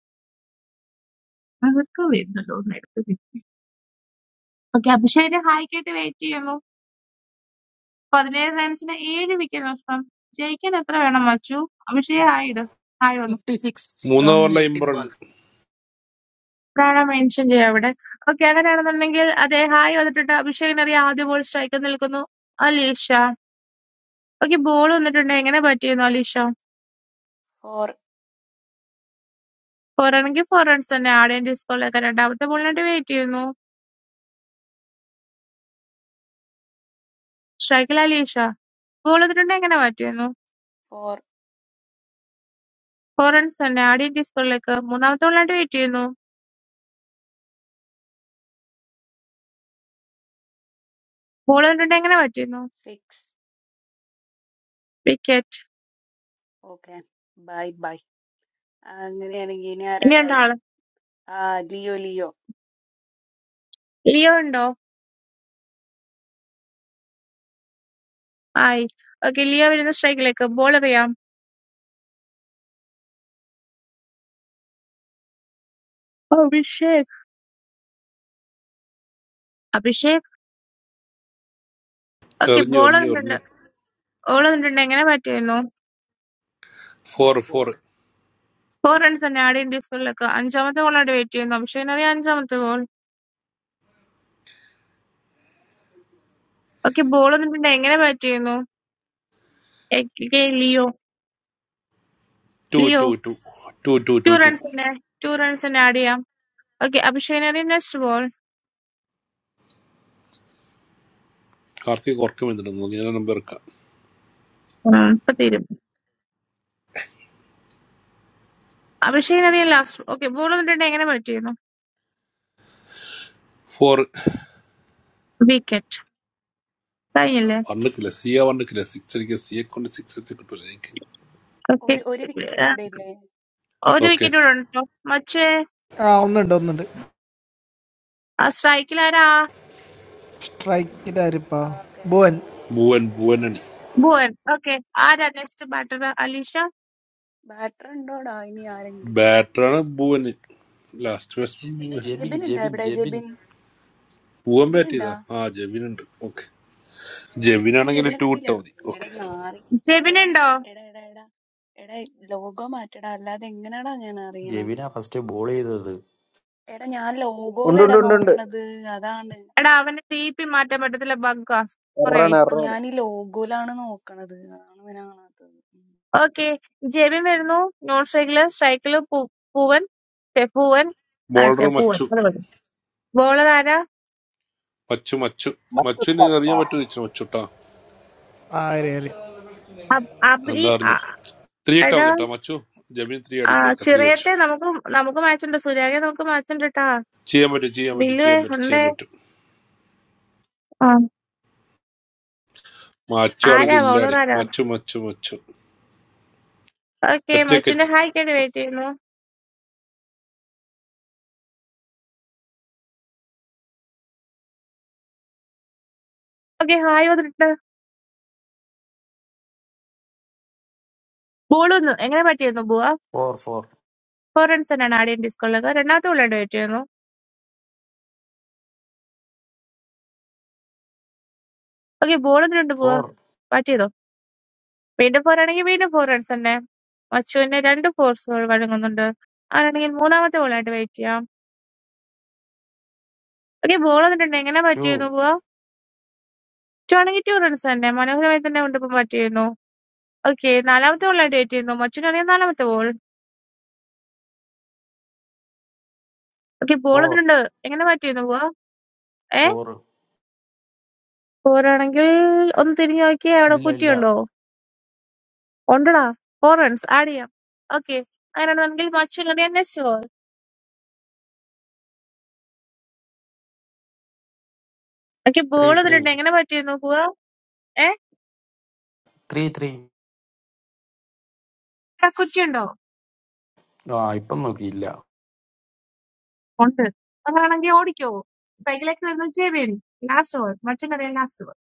Speaker 3: അതൊക്കെ വരുന്നല്ലോ ഓക്കെ അഭിഷേകിന്റെ ഹായ്ക്കായിട്ട് വെയിറ്റ് ചെയ്യുന്നു പതിനേഴ് റൺസിന് ഏഴ് വിക്കറ്റ് നഷ്ടം. ജയിക്കാൻ എത്ര വേണം മച്ചു? അഭിഷേക് ഹായ് ഇട്. ഹായ് വന്നു.
Speaker 6: ఫిఫ్టీ సిక్స్
Speaker 15: മൂന്ന്
Speaker 6: ఫ్రమ్
Speaker 15: ഓവറിലെ
Speaker 6: ఎయిటీన్
Speaker 15: ഇമ്പറുണ്ട്
Speaker 6: బాల్స్
Speaker 3: അപ്പോഴാണ് മെൻഷൻ ചെയ്യുക അവിടെ. ഓക്കെ അങ്ങനെയാണെന്നുണ്ടെങ്കിൽ അതെ ഹായ് വന്നിട്ടുണ്ട്. അഭിഷേകിന് അറിയാം ആദ്യ ബോൾ സ്ട്രൈക്കിൽ നിൽക്കുന്നു അലീഷ. ഓക്കെ ബോൾ വന്നിട്ടുണ്ട്. എങ്ങനെ ബാറ്റ് ചെയ്യുന്നു അലീഷ?
Speaker 8: ഫോർ
Speaker 3: ഫോർ ആണെങ്കിൽ ഫോർ റൺസ് തന്നെ. ആടെയും ഡിസ്കോളിലൊക്കെ രണ്ടാമത്തെ ബോളിനായിട്ട് വെയിറ്റ് ചെയ്യുന്നു. സ്ട്രൈക്കിൽ അലീഷ. ബോൾ വന്നിട്ടുണ്ട്. എങ്ങനെ ബാറ്റ് ചെയ്യുന്നു?
Speaker 8: ഫോർ
Speaker 3: ഫോർ റൺസ് തന്നെ. ആടെയും ഡിസ്കോളിലേക്ക് മൂന്നാമത്തെ ബോളിനായിട്ട് വെയിറ്റ് ചെയ്യുന്നു. ബോൾ വന്നിട്ടുണ്ട്. എങ്ങനെ ബാറ്റ് ചെയ്യുന്നു?
Speaker 8: Six
Speaker 3: wicket.
Speaker 8: Okay bye bye അങ്ങനെയാണെങ്കിൽ ഇനി ആരാടാ
Speaker 3: ഇനിയുണ്ട്
Speaker 8: ഉള്ളത്
Speaker 3: ആള്.
Speaker 8: ആ ലിയോ ലിയോ
Speaker 3: ലിയോ ഉണ്ടോ? ഹായ്. ഓക്കേ ലിയോ വരുന്ന സ്ട്രൈക്കിലേക്ക് ബോൾ അറിയാം ഓ, അഭിഷേക് അഭിഷേക് ഓക്കെ
Speaker 15: എറിഞ്ഞു
Speaker 3: ബോൾ
Speaker 15: എറിഞ്ഞു
Speaker 3: വന്നിട്ടുണ്ട്
Speaker 15: എറിഞ്ഞു
Speaker 3: ബോൾ വന്നിട്ടുണ്ട് എങ്ങനെ ബാറ്റ് ചെയ്യുന്നു
Speaker 15: four
Speaker 6: four
Speaker 15: four
Speaker 6: four
Speaker 3: four runs തന്നെ ആഡ് ഇന്ത്യ സ്കൂളിലേക്ക് അഞ്ചാമത്തെ ബോളായിട്ട് ബാറ്റ് ചെയ്യുന്നു അഭിഷേകിന് അറിയാം അഞ്ചാമത്തെ ബോൾ ഓക്കെ ബോൾ വന്നിട്ടുണ്ട് എങ്ങനെ ബാറ്റ് ചെയ്യുന്നു okay Leo
Speaker 15: two
Speaker 3: Leo
Speaker 15: two two two two
Speaker 3: two
Speaker 15: two two
Speaker 3: runs തന്നെ ടു റൺസ് തന്നെ ആഡ് ചെയ്യാം ഓക്കെ അഭിഷേകിന് അറിയാം നെക്സ്റ്റ് ബോൾ
Speaker 15: കാർത്തിക് ഉറക്കം വന്നിട്ടുണ്ട് ഞാൻ നമ്പർ എടുക്കാം
Speaker 3: ഇപ്പൊ തീരും അഭിഷേകിന് അറിയാം ലാസ്റ്റ് ഓക്കെ ബോൾ വന്നിട്ടുണ്ട് എങ്ങനെ ബാറ്റ് ചെയ്യുന്നു
Speaker 15: ഫോർ
Speaker 3: വിക്കറ്റ് കഴിഞ്ഞില്ലേ
Speaker 15: വന്നിക്കില്ല സിയ വന്നിക്കില്ല സിക്സ് അടിക്കുക സിയെ കൊണ്ട് സിക്സ് അടിച്ച് കിട്ടൂല എനിക്ക്
Speaker 3: ഓക്കെ
Speaker 8: ഒരു ഒരു വിക്കറ്റും കൂടെ ഇല്ലേ
Speaker 3: ഒരു
Speaker 15: ഓക്കെ
Speaker 3: വിക്കറ്റ് കൂടെ ഉണ്ടോ മറ്റേ
Speaker 10: ആ ഒന്നുണ്ട് ഒന്നുണ്ട്
Speaker 3: ആ സ്ട്രൈക്കിൽ ആരാ
Speaker 10: സ്ട്രൈക്കിൽ ആരിപ്പാ
Speaker 8: ഓക്കെ
Speaker 10: ഭുവൻ
Speaker 15: ഭുവൻ ഭുവൻ അണി
Speaker 3: ഭുവൻ ഓക്കെ ആരാ നെക്സ്റ്റ് ബാറ്റർ അലീഷ
Speaker 8: ബാറ്റർ ഉണ്ടോടാ ഇനി ആരെങ്കിലും
Speaker 15: ബാറ്ററാണ് ഭുവന് last batsman Bhuvan
Speaker 20: Jabin,
Speaker 8: Jebin ഉണ്ടോ
Speaker 20: Jabin,
Speaker 8: എവിടെ
Speaker 20: Jabin.
Speaker 8: ജെബിൻ
Speaker 15: ഭുവൻ
Speaker 8: ജെബിൻ
Speaker 15: ബാറ്റ്
Speaker 8: ഉണ്ടോ
Speaker 15: ചെയ്താ ആ ജെവിൻ ഉണ്ട് ഓക്കെ ജെവിൻ
Speaker 8: എവിടെ
Speaker 15: ആണെങ്കിൽ
Speaker 8: ജെബിനെ
Speaker 15: ടു
Speaker 8: കണ്ടില്ല
Speaker 15: ഇട്ടാ മതി
Speaker 8: എടാ
Speaker 15: ഓക്കെ
Speaker 8: നാറി എടാ
Speaker 3: ജെബിനുണ്ടോ
Speaker 8: എടാ എടാ എടാ എടാ ലോഗോ മാറ്റടാ അല്ലാതെ എങ്ങനെയാടാ ഞാൻ അറിയണ
Speaker 20: Jabin, na first e borey the the
Speaker 8: എടാ ഞാൻ ലോഗോയിലെടാ
Speaker 21: Undundundund,
Speaker 8: നോക്കണത് അതാണ്
Speaker 3: എടാ അവനെ തീപ്പി മാറ്റാൻ പറ്റത്തില്ല ബഗ്ഗാ
Speaker 21: Arun
Speaker 3: കൊറേയായി
Speaker 8: ഓ
Speaker 21: Arun,
Speaker 8: ഞാൻ ഈ ലോഗോയിലാണ് നോക്കണത് അതാണ് ഇവനെ കാണാത്തത്
Speaker 3: ഓക്കെ ജെബിൻ വരുന്നു നോൺ സ്ട്രൈക്കില് സ്ട്രൈക്കില് പൂവൻ ഛെ, പൂവൻ ആ ഛെ,
Speaker 15: ബോളർ
Speaker 3: പൂവൻ
Speaker 15: മച്ചു
Speaker 3: അത് മതി ബോളർ ആരാ
Speaker 15: മച്ചു മച്ചു മച്ചുവിന് അറിയാൻ പറ്റുമോ ചോദിച്ചു മച്ചുട്ടാ
Speaker 10: ആരേറി
Speaker 3: അബ്- അബി
Speaker 15: എന്താ
Speaker 3: ആ,
Speaker 15: അറിഞ്ഞോ ത്രീ ഇട്ടാ
Speaker 3: എടാ
Speaker 15: മതി കേട്ടോ മച്ചു ജമീൻ ത്രീ
Speaker 3: ആ,
Speaker 15: അടിക്കോ ത്രീ വെച്ചു
Speaker 3: ചിറയത്തെ നമുക്ക് നമുക്ക് മാച്ചുണ്ട് സുരാഗെ നമുക്ക് മാച്ചുണ്ട് കേട്ടാ
Speaker 15: ചെയ്യാൻ പറ്റും ചെയ്യാൻ പറ്റും
Speaker 3: ബില്ലുവേ
Speaker 15: ചെയ്യാൻ പറ്റും ചെയ്യാൻ
Speaker 3: ഉണ്ടേ
Speaker 15: പറ്റും
Speaker 3: ആ.
Speaker 15: മച്ചു
Speaker 3: ആരാ
Speaker 15: ആൾക്ക്
Speaker 3: ബോളർ
Speaker 15: ഇല്ലാടെ
Speaker 3: ആരാ
Speaker 15: മച്ചു മച്ചു മച്ചു
Speaker 3: ഓക്കെ മച്ചുന്റെ
Speaker 15: ഒറ്റക്കറ്റ്
Speaker 3: ഹായ്ക്കായിട്ട് വെയിറ്റ് ചെയ്യുന്നു ഓക്കെ ഹായ് വന്നിട്ട് ബോൾ ഒന്ന് എങ്ങനെ പറ്റിയിരുന്നു ബുവ
Speaker 20: four, four,
Speaker 3: ഫോറൻസനാണ് ആദ്യം ഡിസ്കോളിലേക്ക് രണ്ടാമത്തെ ബോളിനായിട്ട് വെയിറ്റ് ചെയ്യുന്നു. ഓക്കേ, ബോളിന് രണ്ട് പോവാ
Speaker 20: four,
Speaker 3: ബാറ്റ് ചെയ്തോ. വീണ്ടും പോരാണെങ്കിൽ വീണ്ടും ഫോറൻസന്റെ മച്ചുവിന് രണ്ട് ഫോർസുകൾ വഴങ്ങുന്നുണ്ട്. അങ്ങനെയാണെങ്കിൽ മൂന്നാമത്തെ ബോളായിട്ട് വെയിറ്റ് ചെയ്യാം. ഓക്കേ, ബോൾ വന്നിട്ടുണ്ട് എങ്ങനെ ബാറ്റ് ചെയ്യുന്നു
Speaker 20: two,
Speaker 3: പോവാ ടു ആണെങ്കിൽ ടു റൺസ് തന്നെ മനോഹരമായി തന്നെ കൊണ്ടിപ്പം ബാറ്റ് ചെയ്യുന്നു. ഓക്കേ, നാലാമത്തെ ബോളായിട്ട് വെയിറ്റ് ചെയ്യുന്നു. മച്ചുവിനാണെങ്കിൽ നാലാമത്തെ ബോൾ. ഓക്കേ, ബോൾ
Speaker 20: four,
Speaker 3: വന്നിട്ടുണ്ട് എങ്ങനെ ബാറ്റ് ചെയ്യുന്നു പോവാ ഏ
Speaker 20: four.
Speaker 3: ഫോറാണെങ്കിൽ ഒന്ന് തിരിഞ്ഞു നോക്കിയേ അവിടെ
Speaker 20: Illa illa.
Speaker 3: കുറ്റിയുണ്ടോ? ഉണ്ടടാ ഫോർ റൺസ് ആഡ് ചെയ്യാം. ഓക്കേ അങ്ങനെയാണെങ്കിൽ മച്ചു എനിക്ക് ബോൾ
Speaker 20: Three
Speaker 3: തന്നിട്ടുണ്ട്
Speaker 20: three.
Speaker 3: എങ്ങനെ പറ്റിയെന്ന് നോക്കുക ഏ
Speaker 20: Three three.
Speaker 3: കുറ്റിയുണ്ടോ
Speaker 20: No, ipon mo kila.
Speaker 3: ഉണ്ട് അതാണെങ്കിൽ ഓടിക്കോ സൈക്കിളേക്ക് വരുന്നു ജെബിൻ ലാസ്റ്റ് ബോൾ മച്ചന്റെ അറിയാം ലാസ്റ്റ് ബോൾ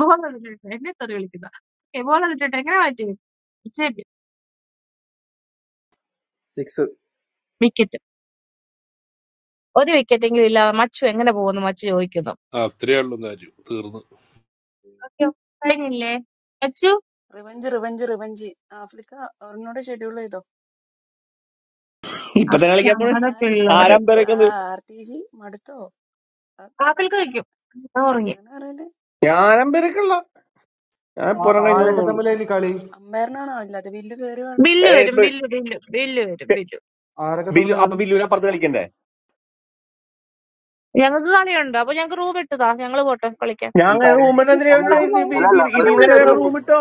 Speaker 3: ബോൾ തന്നിട്ടുണ്ട് എന്നെ തെറി വിളിക്കുന്ന ബോൾ തന്നിട്ടുണ്ട് എങ്ങനെ പറ്റിയത് ജെബിൻ
Speaker 21: six.
Speaker 3: വിക്കറ്റ് ഒരു വിക്കറ്റ് എങ്കിലും ഇല്ലാതെ മച്ചു എങ്ങനെ പോകുന്നു മച്ചു ചോദിക്കുന്നു
Speaker 15: ആ അത്രേ ഉള്ളൂ കാര്യം തീർന്നു
Speaker 3: ഓക്കേ, കഴിഞ്ഞില്ലേ മച്ചു
Speaker 8: റിവഞ്ച് റിവഞ്ച് റിവഞ്ച് ആഫ്രിക്ക ഒരെണ്ണോടെ ഷെഡ്യൂൾ ചെയ്തോ
Speaker 12: ഇപ്പൊ തന്നെ കളിക്കാൻ പോണേ
Speaker 3: അപ്ഷാടെ
Speaker 8: ആ
Speaker 3: പിള്ളേരെ
Speaker 12: ആരംപരക്കുന്നത്
Speaker 8: കാർത്തിജി മടുത്തോ അ- അ-
Speaker 3: ആപ്പിൾക്ക് വയ്ക്കും ആ, ഉറങ്ങി
Speaker 8: അങ്ങനെ പറയല്ലേ
Speaker 12: ഞാനമ്പരക്കല്ല ഞാൻ
Speaker 8: ബില്ല്
Speaker 12: പുറം കഴിഞ്ഞു
Speaker 2: ആരൊക്കെ
Speaker 8: കയറുകയാണ്
Speaker 12: വന്നുള്ളൂ
Speaker 2: തമ്മിലാ ഇനി കളി
Speaker 8: അമ്പയറിനാണോ അല്ലാതെ ബില്ല് കയറുകയാണ്
Speaker 3: ബില്ല്
Speaker 12: ഏ,
Speaker 3: വരും
Speaker 12: ബി-
Speaker 3: ബില്ല് ബില്ല് ബില്ല് വരും
Speaker 12: ഏ,
Speaker 3: ബില്ല്
Speaker 2: ആരൊക്കെ
Speaker 12: ബിലു
Speaker 2: തമ്മിലാ
Speaker 12: അപ്പൊ
Speaker 2: കളി
Speaker 12: ബില്ലുവിനെ അപ്പുറത്ത് കളിക്കണ്ടേ
Speaker 3: ഞങ്ങൾക്ക് കളിയുണ്ട് അപ്പൊ ഞങ്ങൾക്ക് റൂം ഇട്ടതാ ഞങ്ങള് പോട്ടെ കളിക്കാൻ
Speaker 12: ഞാൻ
Speaker 3: പക്ഷെ
Speaker 12: റൂമിട്ടെന്തിനാ
Speaker 3: പക്ഷെ ഞാൻ ഇങ്ങോട്ട്
Speaker 12: ഇതിൽ നിന്ന് തന്നെ വേറെ
Speaker 3: വിളിക്കാൻ-
Speaker 12: റൂം ഇട്ടോ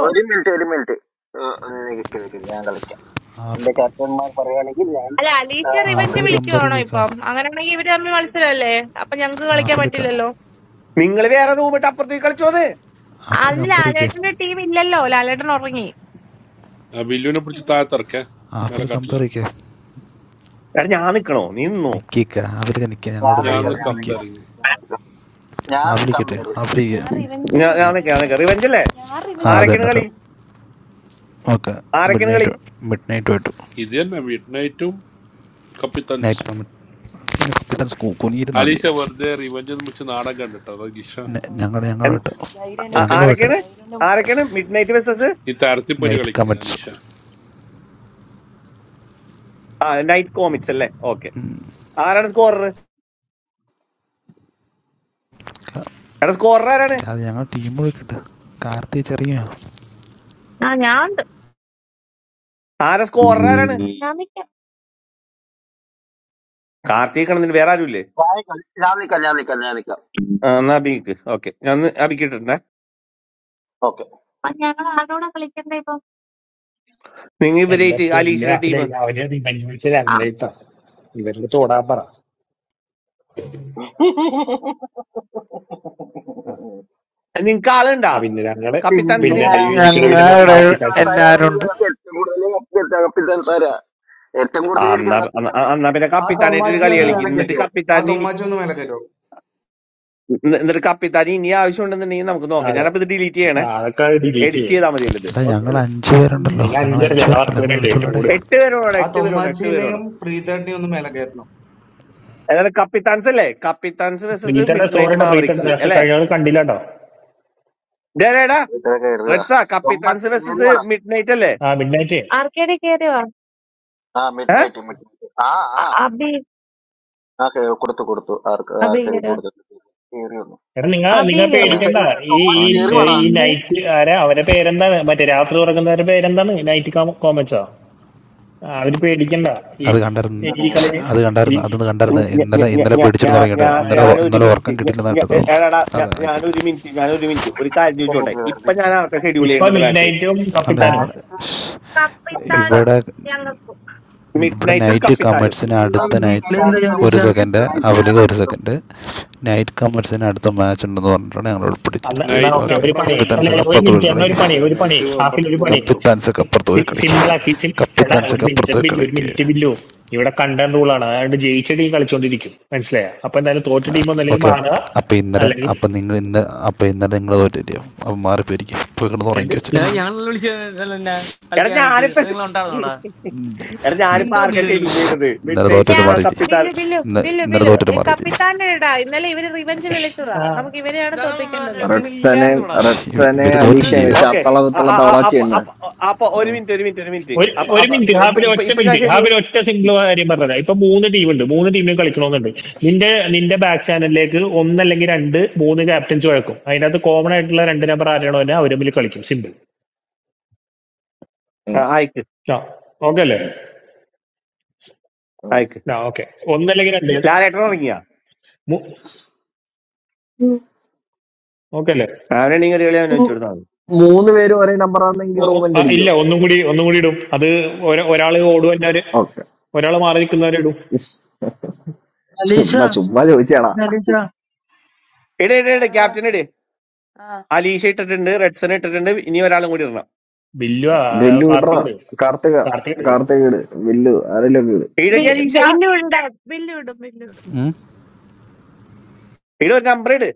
Speaker 3: അല്ല അലീഷ റിവെഞ്ച്
Speaker 5: ആപ്പിൽ കമ്പയർ
Speaker 3: വിളിക്കുവാണോ
Speaker 5: കേൾക്കുക
Speaker 3: ഇപ്പം അങ്ങനെയാണെങ്കിൽ
Speaker 8: ആ
Speaker 3: ഇവര് തമ്മിൽ
Speaker 8: റിവഞ്ച്
Speaker 3: മത്സരമല്ലേ
Speaker 8: റിവഞ്ച്
Speaker 3: അപ്പൊ ഞങ്ങക്ക് കളിക്കാൻ
Speaker 8: റിവഞ്ച്
Speaker 5: ആപ്പിൽ
Speaker 8: റിവഞ്ച്
Speaker 3: പറ്റില്ലല്ലോ
Speaker 12: നിങ്ങൾ വേറെ റൂം ഇട്ട്
Speaker 8: റിവഞ്ച്.
Speaker 12: അപ്പുറത്തേക്ക് കളിച്ചോന്ന്
Speaker 5: ആപ്പിൽ
Speaker 3: അതിന്
Speaker 5: കമ്പയർ ചെയ്യേ
Speaker 3: ലാലേട്ടന്റെ ടീം ഇല്ലല്ലോ ലാലേട്ടൻ ഉറങ്ങി
Speaker 15: ആ ബില്ലുവിനെ പിടിച്ച് താഴത്തിറക്കേ മേലെ
Speaker 5: ആപ്പിൽ
Speaker 15: കാട്ടില്ല
Speaker 5: കമ്പയർ ചെയ്യേ
Speaker 12: എടാ ഞാൻ നിക്കണോ നീ നിന്നോ
Speaker 5: നിൽക്കുക ആപ്പിലൊക്കെ നിൽക്കുക ഞങ്ങളോട്
Speaker 15: ഞാൻ
Speaker 5: കളിയാ നിൽക്കുക
Speaker 15: കമ്പയറിങ്
Speaker 5: ആപ്പിലിക്കട്ടെ
Speaker 8: ആ,
Speaker 5: ആപ്പിലേക്ക്
Speaker 8: ഞാൻ റിവഞ്ച്
Speaker 12: ഞാൻ ഞാൻ
Speaker 8: വിളിക്കട്ടെ
Speaker 12: നിൽക്കാം
Speaker 8: എന്ന്
Speaker 12: നിൽക്കാം റിവെഞ്ച് അല്ലേ
Speaker 8: ഞാൻ
Speaker 5: ആ
Speaker 8: റിവഞ്ച്
Speaker 5: അത്
Speaker 12: ആരൊക്കെയാണ്
Speaker 5: തന്നെ
Speaker 8: വിളിച്ച്
Speaker 12: കളി
Speaker 5: റ-
Speaker 8: ആ,
Speaker 5: ഓക്കെ മിഡ്
Speaker 12: ആരൊക്കെയാണ് കളി
Speaker 5: നൈറ്റ് മിഡ് നൈറ്റ് ആയിട്ട്
Speaker 15: ഇത് തന്നെ മിഡ് നൈറ്റും കപ്പിത്തൻസ്
Speaker 5: നൈറ്റ് കമ്പിത്തൻ സ്കൂ കുനിയിരുന്നാൽ മതി
Speaker 15: അലീഷ വെറുതെ റിവഞ്ച് എന്ന് വിളിച്ച് നാടൻ കണ്ടിട്ടോ അലീഷ
Speaker 8: ആ,
Speaker 5: ഞങ്ങളുടെ
Speaker 8: ഓസ്കാർക്ക്
Speaker 12: എൻ-
Speaker 5: ഞങ്ങളുമായിട്ട്
Speaker 8: ധൈര്യം എന്റെ
Speaker 12: ആ-
Speaker 15: ഓക്കെ
Speaker 8: മുട്ട്
Speaker 5: ഞങ്ങളുമായിട്ട്
Speaker 12: ആരൊക്കെയാണ്
Speaker 8: ധൈര്യം എന്റെ മുട്ട്
Speaker 12: ആരൊക്കെയാണ് മിഡ് നൈറ്റ് വെസസ്
Speaker 15: ഈ താരത്തിപ്പൊരു
Speaker 5: നൈറ്റ്
Speaker 15: കളിക്ക്
Speaker 5: കമൻസ്
Speaker 15: അലീഷ
Speaker 12: നൈറ്റ് കോമിക്സ് അല്ലേ ഓക്കെ ആരാണ് സ്കോറർ എടാ സ്കോറർ ആരാണ്
Speaker 5: അത് ഞങ്ങൾ ടീം വിളിക്കട്ടെ കാർത്തി ചെറിയ
Speaker 3: ആ ഞാൻ ഉണ്ട്
Speaker 12: ആരാ സ്കോറർ ആരാണ്
Speaker 3: ഞാൻ നിക്കാം
Speaker 12: കാർത്തിക് കണത്തിന് വേറെ ആരുമില്ലേ ആ, എന്നാ അബിക്ക് ഓക്കെ ഞാൻ അബിക്കിട്ടുണ്ടേ
Speaker 3: അപ്പൊ ഞങ്ങൾ ആരോടാ കളിക്കണ്ടേ ഇപ്പം
Speaker 12: നിങ്ങൾ
Speaker 9: എന്റെ
Speaker 12: ഇവരേറ്റ്
Speaker 9: പൊന്നെ
Speaker 12: അലീഷയുടെ ടീം
Speaker 9: അല്ല അവനെ റിവഞ്ച് വിളിച്ച രംഗളേട്ടാ ഇവരുടെ തോടാൻ പറ ആ
Speaker 12: നിങ്ങക്ക് ആളുണ്ടാ
Speaker 9: ആ, പിന്നെ ഞങ്ങള്
Speaker 12: കപ്പിത്താൻസിന്
Speaker 9: പിന്നെ ലൈവ് ഇരിക്കണ പിന്നെ മൊത്തം
Speaker 10: ഞങ്ങളുടെ
Speaker 9: കത്തിക്കാച്ചൻ
Speaker 10: എല്ലാവരും ഉണ്ട്
Speaker 12: ആ, എന്നാ എന്നാ എന്നാ പിന്നെ
Speaker 2: ആ
Speaker 12: കപ്പിത്താനായിട്ട് ഒരു
Speaker 2: തൊമ്മാച്ചി
Speaker 12: കളി
Speaker 9: ആ
Speaker 2: ഒന്ന്
Speaker 12: കളിക്കും
Speaker 2: വേണം
Speaker 12: എന്നിട്ട്
Speaker 2: കയറ്റുമോ ആ
Speaker 12: കപ്പിത്താൻ ഇനി-
Speaker 2: തൊമ്മാച്ചി ഒന്ന് മേലെ കയറ്റോ
Speaker 12: എന്നിട്ട് കപ്പിത്താൻ ഇനി ആവശ്യം ഉണ്ടെന്നുണ്ടെങ്കിൽ നമുക്ക് നോക്കാം
Speaker 9: അതെ
Speaker 12: ഞാനപ്പോ ഇത് ഡിലീറ്റ്
Speaker 9: ആ,
Speaker 12: ചെയ്യണേ
Speaker 9: അതൊക്കെ ഡിലീറ്റ്
Speaker 12: എഡിറ്റ്
Speaker 9: ചെയ്യും
Speaker 12: ചെയ്താൽ മതിയല്ലോ
Speaker 5: എടാ
Speaker 12: ഇത്
Speaker 5: ഞങ്ങൾ അഞ്ച് പേരുണ്ടല്ലോ
Speaker 9: നിങ്ങൾ
Speaker 5: ഞങ്ങൾ
Speaker 9: അഞ്ചര
Speaker 5: അഞ്ച്
Speaker 9: ഞങ്ങൾ
Speaker 5: പേരുണ്ടല്ലോ ഞങ്ങൾ
Speaker 9: അത്തുവരുണ്ട്
Speaker 5: കളിച്ചോളാടെ
Speaker 9: റോഡ്
Speaker 12: എട്ട് പേര് വേണം
Speaker 2: ആ
Speaker 12: എട്ട് പേര് വേണം എട്ട് പേര്
Speaker 2: തൊമ്മാച്ചിനെയും
Speaker 12: വേണം
Speaker 2: പ്രീതേട്ടിനെയും ഒന്ന് മേലെ കയറ്റണം
Speaker 12: അതായത് കപ്പിത്താൻസ് അല്ലേ കപ്പിത്താൻസ് വേഴ്സസ്
Speaker 9: പ്രീത്തട
Speaker 12: മിഡ് നൈറ്റ്
Speaker 9: സോറിയുടെ പ്രീത്തട
Speaker 12: മാവറിക്സ്
Speaker 9: നേരത്തെ
Speaker 12: അല്ലേ
Speaker 9: കഴിഞ്ഞാൽ കണ്ടില്ലാട്ടോ
Speaker 12: ഡേ ഡേടാ റെഡ്സാ കപ്പിത്താൻസ് വേഴ്സസ് മിഡ് നൈറ്റ് അല്ലേ
Speaker 9: ആ മിഡ് നൈറ്റ്
Speaker 3: ആർക്കേടി കേറിയോ
Speaker 12: ഏ?
Speaker 3: അബി അബി കേറിയോ
Speaker 9: എടാ നിങ്ങൾ നിങ്ങൾ
Speaker 3: അബിയും കേറിയോ
Speaker 9: പേടിക്കണ്ട ഈ ഈ
Speaker 3: ഒന്ന്
Speaker 9: ഈ
Speaker 3: രണ്ട്
Speaker 9: നൈറ്റ് ആരാ അവരെ പേരെന്താണ് മറ്റേ രാത്രി ഉറങ്ങുന്നവരുടെ പേരെന്താണ് നൈറ്റ് കോമച്ചോ ആ, അവര് പേടിക്കണ്ട ഈ
Speaker 5: അത് കണ്ടായിരുന്നു
Speaker 9: ഈ കളി
Speaker 5: ശ്ശ്, അത്
Speaker 9: ഈ
Speaker 5: കണ്ടായിരുന്നു അതൊന്ന് കണ്ടായിരുന്നു
Speaker 12: ഞ- ഞ-
Speaker 5: ഇന്നലെ
Speaker 12: ഞ- ഞ-
Speaker 5: ഇന്നലെ
Speaker 12: ഞ-
Speaker 5: പേടിച്ചിട്ട്
Speaker 12: ഞാ-
Speaker 9: ആ,
Speaker 5: തുടങ്ങിയിട്ട്
Speaker 12: ഞാ-
Speaker 5: ഇന്നലെ
Speaker 9: ആയിക്കോട്ടെ
Speaker 12: ഞാനൊരു
Speaker 5: ഇന്നലെ
Speaker 12: മിനിറ്റ്
Speaker 5: ഉറക്കം
Speaker 12: ഞ-
Speaker 5: കിട്ടിയില്ലെന്നാ
Speaker 12: ഞ-
Speaker 5: കേട്ടത്
Speaker 9: ഉം.
Speaker 12: എടാടാ ഞാ-
Speaker 5: അതാ
Speaker 12: ഞാനൊരു
Speaker 5: ആയിക്കോട്ടെ
Speaker 12: മിനിറ്റ് ഞാനൊരു മിനിറ്റ് ഒരു കാര്യം ചോദിച്ചോട്ടെ ഇപ്പൊ ഞാൻ ആർക്കാ ഷെഡ്യൂൾ
Speaker 9: ഇപ്പൊ
Speaker 12: ചെയ്യേണ്ടത്
Speaker 9: മിഡ്
Speaker 12: മാച്ച്
Speaker 9: നൈറ്റും
Speaker 5: അതുകൊണ്ട്
Speaker 9: കപ്പിത്താനും
Speaker 5: ഞങ്ങൾ
Speaker 3: കപ്പിത്താനും
Speaker 5: ഇവിടെ
Speaker 3: ഞങ്ങൾക്കും
Speaker 12: മിഡ്
Speaker 5: ഇവിടെ
Speaker 12: നൈറ്റും
Speaker 5: നൈറ്റ്
Speaker 3: അഭിഷേക്
Speaker 12: കപ്പിത്താനും
Speaker 5: കമേഴ്സിന്
Speaker 7: ഇരുന്ന് എന്താ
Speaker 5: അടുത്ത
Speaker 7: എന്താ ഈ കളി
Speaker 5: നൈറ്റ്
Speaker 7: എന്താ അലീഷ
Speaker 5: ഒരു സെക്കൻഡ് അവലേക്ക് ഒരു സെക്കൻഡ് നൈറ്റ് കമേഴ്സിന് അടുത്ത മാച്ച് ഉണ്ടെന്ന് പറഞ്ഞിട്ടാണ് ഞങ്ങൾ ഇവിടെ
Speaker 9: അന്ന് എന്നാ
Speaker 5: പിടിച്ചിരുത്തിയത്
Speaker 15: നൈറ്റിന്
Speaker 9: ഓക്കെ
Speaker 5: ഓക്കെ
Speaker 9: ഒരു
Speaker 15: അപ്പുറം
Speaker 9: പണി
Speaker 15: റൂം
Speaker 9: അല്ല അല്ല,
Speaker 5: കപ്പിത്താൻസൊക്കെ
Speaker 15: വേറെ
Speaker 9: ഒരു
Speaker 15: റൂം
Speaker 5: അപ്പുറത്ത്
Speaker 9: മിനിറ്റ്
Speaker 5: പോയി
Speaker 9: എന്നാ
Speaker 15: ഉണ്ടാവും
Speaker 9: ഒരു
Speaker 5: കളിക്ക്
Speaker 9: പണി
Speaker 15: ഓക്കെ
Speaker 9: ഒരു പണി
Speaker 15: നൈറ്റ്
Speaker 9: ഹാഫിൽ
Speaker 15: അമ്പത്തി
Speaker 9: ഒരു
Speaker 15: റൂമിൽ
Speaker 9: പണി
Speaker 15: കിട്ടും.
Speaker 5: കപ്പിത്താൻസൊക്കെ അപ്പുറത്ത് പോയി കളിക്ക്
Speaker 9: സിമ്പിൾ ആക്കി സിം എടാ ഒരു
Speaker 5: കപ്പിത്താൻസൊക്കെ
Speaker 9: മിനിറ്റ്
Speaker 5: അപ്പുറത്ത് പോയി
Speaker 9: ബില്ല് ഒരു
Speaker 5: കളിക്ക്
Speaker 9: മിനിറ്റ് ബില്ലു ഇവിടെ കണ്ടന്റ് റൂളാണ് അതുകൊണ്ട് ജയിച്ച ടീം കളിച്ചോണ്ടിരിക്കും മനസ്സിലായോ അപ്പൊ എന്തായാലും തോറ്റ ടീം ഒന്നല്ലെങ്കിൽ
Speaker 5: ഓക്കെ
Speaker 9: മാറുക
Speaker 5: അപ്പോൾ ഇന്നലെ
Speaker 9: അല്ലെങ്കിൽ
Speaker 5: അപ്പോൾ നിങ്ങൾ ഇന്ന് അപ്പോൾ ഇന്നലെ നിങ്ങൾ തോറ്റില്ലയോ അപ്പോൾ മാറിപ്പോയിരിക്കും ഇപ്പോൾ കിടന്ന് ഉറങ്ങി
Speaker 9: എന്ത്
Speaker 22: ഏ,
Speaker 5: വെച്ചില്ല
Speaker 9: ഇന്ന്
Speaker 22: ഞങ്ങളെല്ലാം വിളിച്ചത് എന്നാ
Speaker 12: എടാ
Speaker 22: കളിക്കാൻ വേണ്ടിട്ട്
Speaker 12: ഞാനിപ്പോ
Speaker 22: അത് നിങ്ങൾ ഉണ്ടായിരുന്നോടാ
Speaker 5: ഉം.
Speaker 12: എടാ
Speaker 5: ഇന്ന്
Speaker 12: ഞാനിപ്പോ
Speaker 22: എന്തോടാ
Speaker 12: ആർക്കാ
Speaker 22: ബില്ല് നീ
Speaker 12: ഷെഡ്യൂൾ
Speaker 5: ശ്ശ്.
Speaker 12: ചെയ്യേണ്ടത് മിഡ്
Speaker 5: ഇന്നലെ തോറ്റിട്ട്
Speaker 3: ഞാൻ
Speaker 12: നൈറ്റ്
Speaker 5: മാറിയില്ലേ
Speaker 12: കപ്പിത്താൻ
Speaker 3: ബില്ലു ബില്ലു
Speaker 5: ഇന്ന്
Speaker 3: ബില്ലു
Speaker 5: ഇന്നലെ
Speaker 3: ബില്ലു
Speaker 5: തോറ്റിട്ട്
Speaker 3: ഈ
Speaker 5: മാറിയില്ലേ
Speaker 3: കപ്പിത്താന്റെ ഇടാ ഇന്നലെ ഇവര് റിവെഞ്ച് വിളിച്ചതാ നമുക്ക് ഇവരെയാണ്
Speaker 22: ഇതാണ് മമ്മി
Speaker 3: തോപ്പിക്കേണ്ടത്
Speaker 22: പറഞ്ഞു നിങ്ങൾ
Speaker 1: റെഡ്സനെയും
Speaker 22: ഇല്ലായിരുന്നു ഇവിടെ
Speaker 5: ശ്ശ്. ഇവ-
Speaker 1: റെഡ്സനെയും
Speaker 5: ഇവര്
Speaker 22: അത്
Speaker 1: അലീഷയും
Speaker 22: മമ്മി
Speaker 5: തോറ്റില്ലയോ
Speaker 1: വെച്ച്
Speaker 22: പറഞ്ഞ
Speaker 12: ഓക്കെ
Speaker 1: അത്തള
Speaker 22: ടേസ്റ്റ്
Speaker 1: വിത്തള
Speaker 12: അപ്പൊ
Speaker 1: തവളാച്ചിയുണ്ട്
Speaker 12: അപ്പൊ അപ്പൊ ഒരു
Speaker 1: ഉം,
Speaker 12: മിനിറ്റ് ഒരു മിനിറ്റ് ഒരു മിനിറ്റ്
Speaker 9: ഒരു
Speaker 12: അപ്പൊ
Speaker 9: ഒരു
Speaker 12: അപ്പൊ
Speaker 9: മിനിറ്റ്
Speaker 12: ഇപ്പൊ
Speaker 9: ഹാബിൽ
Speaker 12: ഇപ്പൊ
Speaker 9: ഒറ്റ
Speaker 12: ഇപ്പൊ ഞാൻ
Speaker 9: മിനിറ്റ്
Speaker 12: ഷെഡ്യൂൾ
Speaker 9: ഹാബിൽ ഒറ്റ സിംഗിൾ കാര്യം പറഞ്ഞതാ ഇപ്പൊ
Speaker 8: എന്നെ
Speaker 9: മൂന്ന് ടീമുണ്ട് മൂന്ന് ടീമിനും കളിക്കണമെന്നുണ്ട് നിന്റെ നിന്റെ ബാക്ക് ചാനലിലേക്ക് ഒന്നല്ലെങ്കിൽ രണ്ട് മൂന്ന് ക്യാപ്റ്റൻസ് വഴക്കും അതിനകത്ത് കോമൺ ആയിട്ടുള്ള രണ്ട് നമ്പർ ആരാണോ തന്നെ അവർ തമ്മിൽ കളിക്കും സിമ്പിൾ
Speaker 12: ആ,
Speaker 1: ഉം,
Speaker 12: അയക്ക്
Speaker 9: ആ ഓക്കെ അല്ലേ
Speaker 1: ഉം, ഉം.
Speaker 12: അയക്ക്
Speaker 9: ആ ഓക്കെ ഒന്നല്ലെങ്കിൽ രണ്ട്
Speaker 12: ലാലേട്ടൻ ഇറങ്ങിയാ
Speaker 1: ഉം,
Speaker 9: ഓക്കെ അല്ലേ
Speaker 12: അവനുണ്ടെങ്കിൽ ഒരു കളി അവനെ
Speaker 1: ഉം.
Speaker 12: വെച്ച് കൊടുത്താൽ മതി
Speaker 1: മൂന്ന് പേരും ഒരേ നമ്പർ ആണെങ്കിൽ
Speaker 9: ഓ- ഓ, ആ,
Speaker 1: റൂമിന്റെ
Speaker 9: ഇല്ല
Speaker 1: അടിക്കുവോ
Speaker 9: ഒന്നും കൂടി ഒന്നും കൂടി ഇടും അത് ഒര- ഒരാള് ഓടും എന്നവര്
Speaker 1: ഓക്കെ
Speaker 9: ഒരാൾ മാറി നിൽക്കുന്നവരെ ഇടും
Speaker 1: ചുമ്മാ
Speaker 7: അലീഷ
Speaker 1: ചുമ്മാ ചോദിച്ചാടാ
Speaker 7: അലീഷ
Speaker 12: ഇടേ ഇടേ
Speaker 8: പറ
Speaker 12: ഇടേ
Speaker 8: പറ
Speaker 12: ക്യാപ്റ്റൻ ഇട്
Speaker 8: ആ
Speaker 12: അലീഷ ഇട്ടിട്ടുണ്ട് റെഡ്സൺ ഇട്ടിട്ടുണ്ട് ഇനി ഒരാളും കൂടി ഇടണം
Speaker 9: ബില്ലു
Speaker 1: ബില്ലു ഇടറാ
Speaker 9: കാർത്തിക്
Speaker 1: കാർത്തിക
Speaker 9: കാർത്തിക്
Speaker 1: കാർത്തിക ഇട് ബില്ലു ആരെങ്കിലും ഇട്
Speaker 12: ഇടടി
Speaker 3: ബി-
Speaker 12: അലീഷ
Speaker 3: ബില്ലു ഉണ്ട് ബില്ലു ഇടും ബില്ലു ഇടും
Speaker 5: ഉം?
Speaker 12: ഇട ഒരു നമ്പർ ഇട്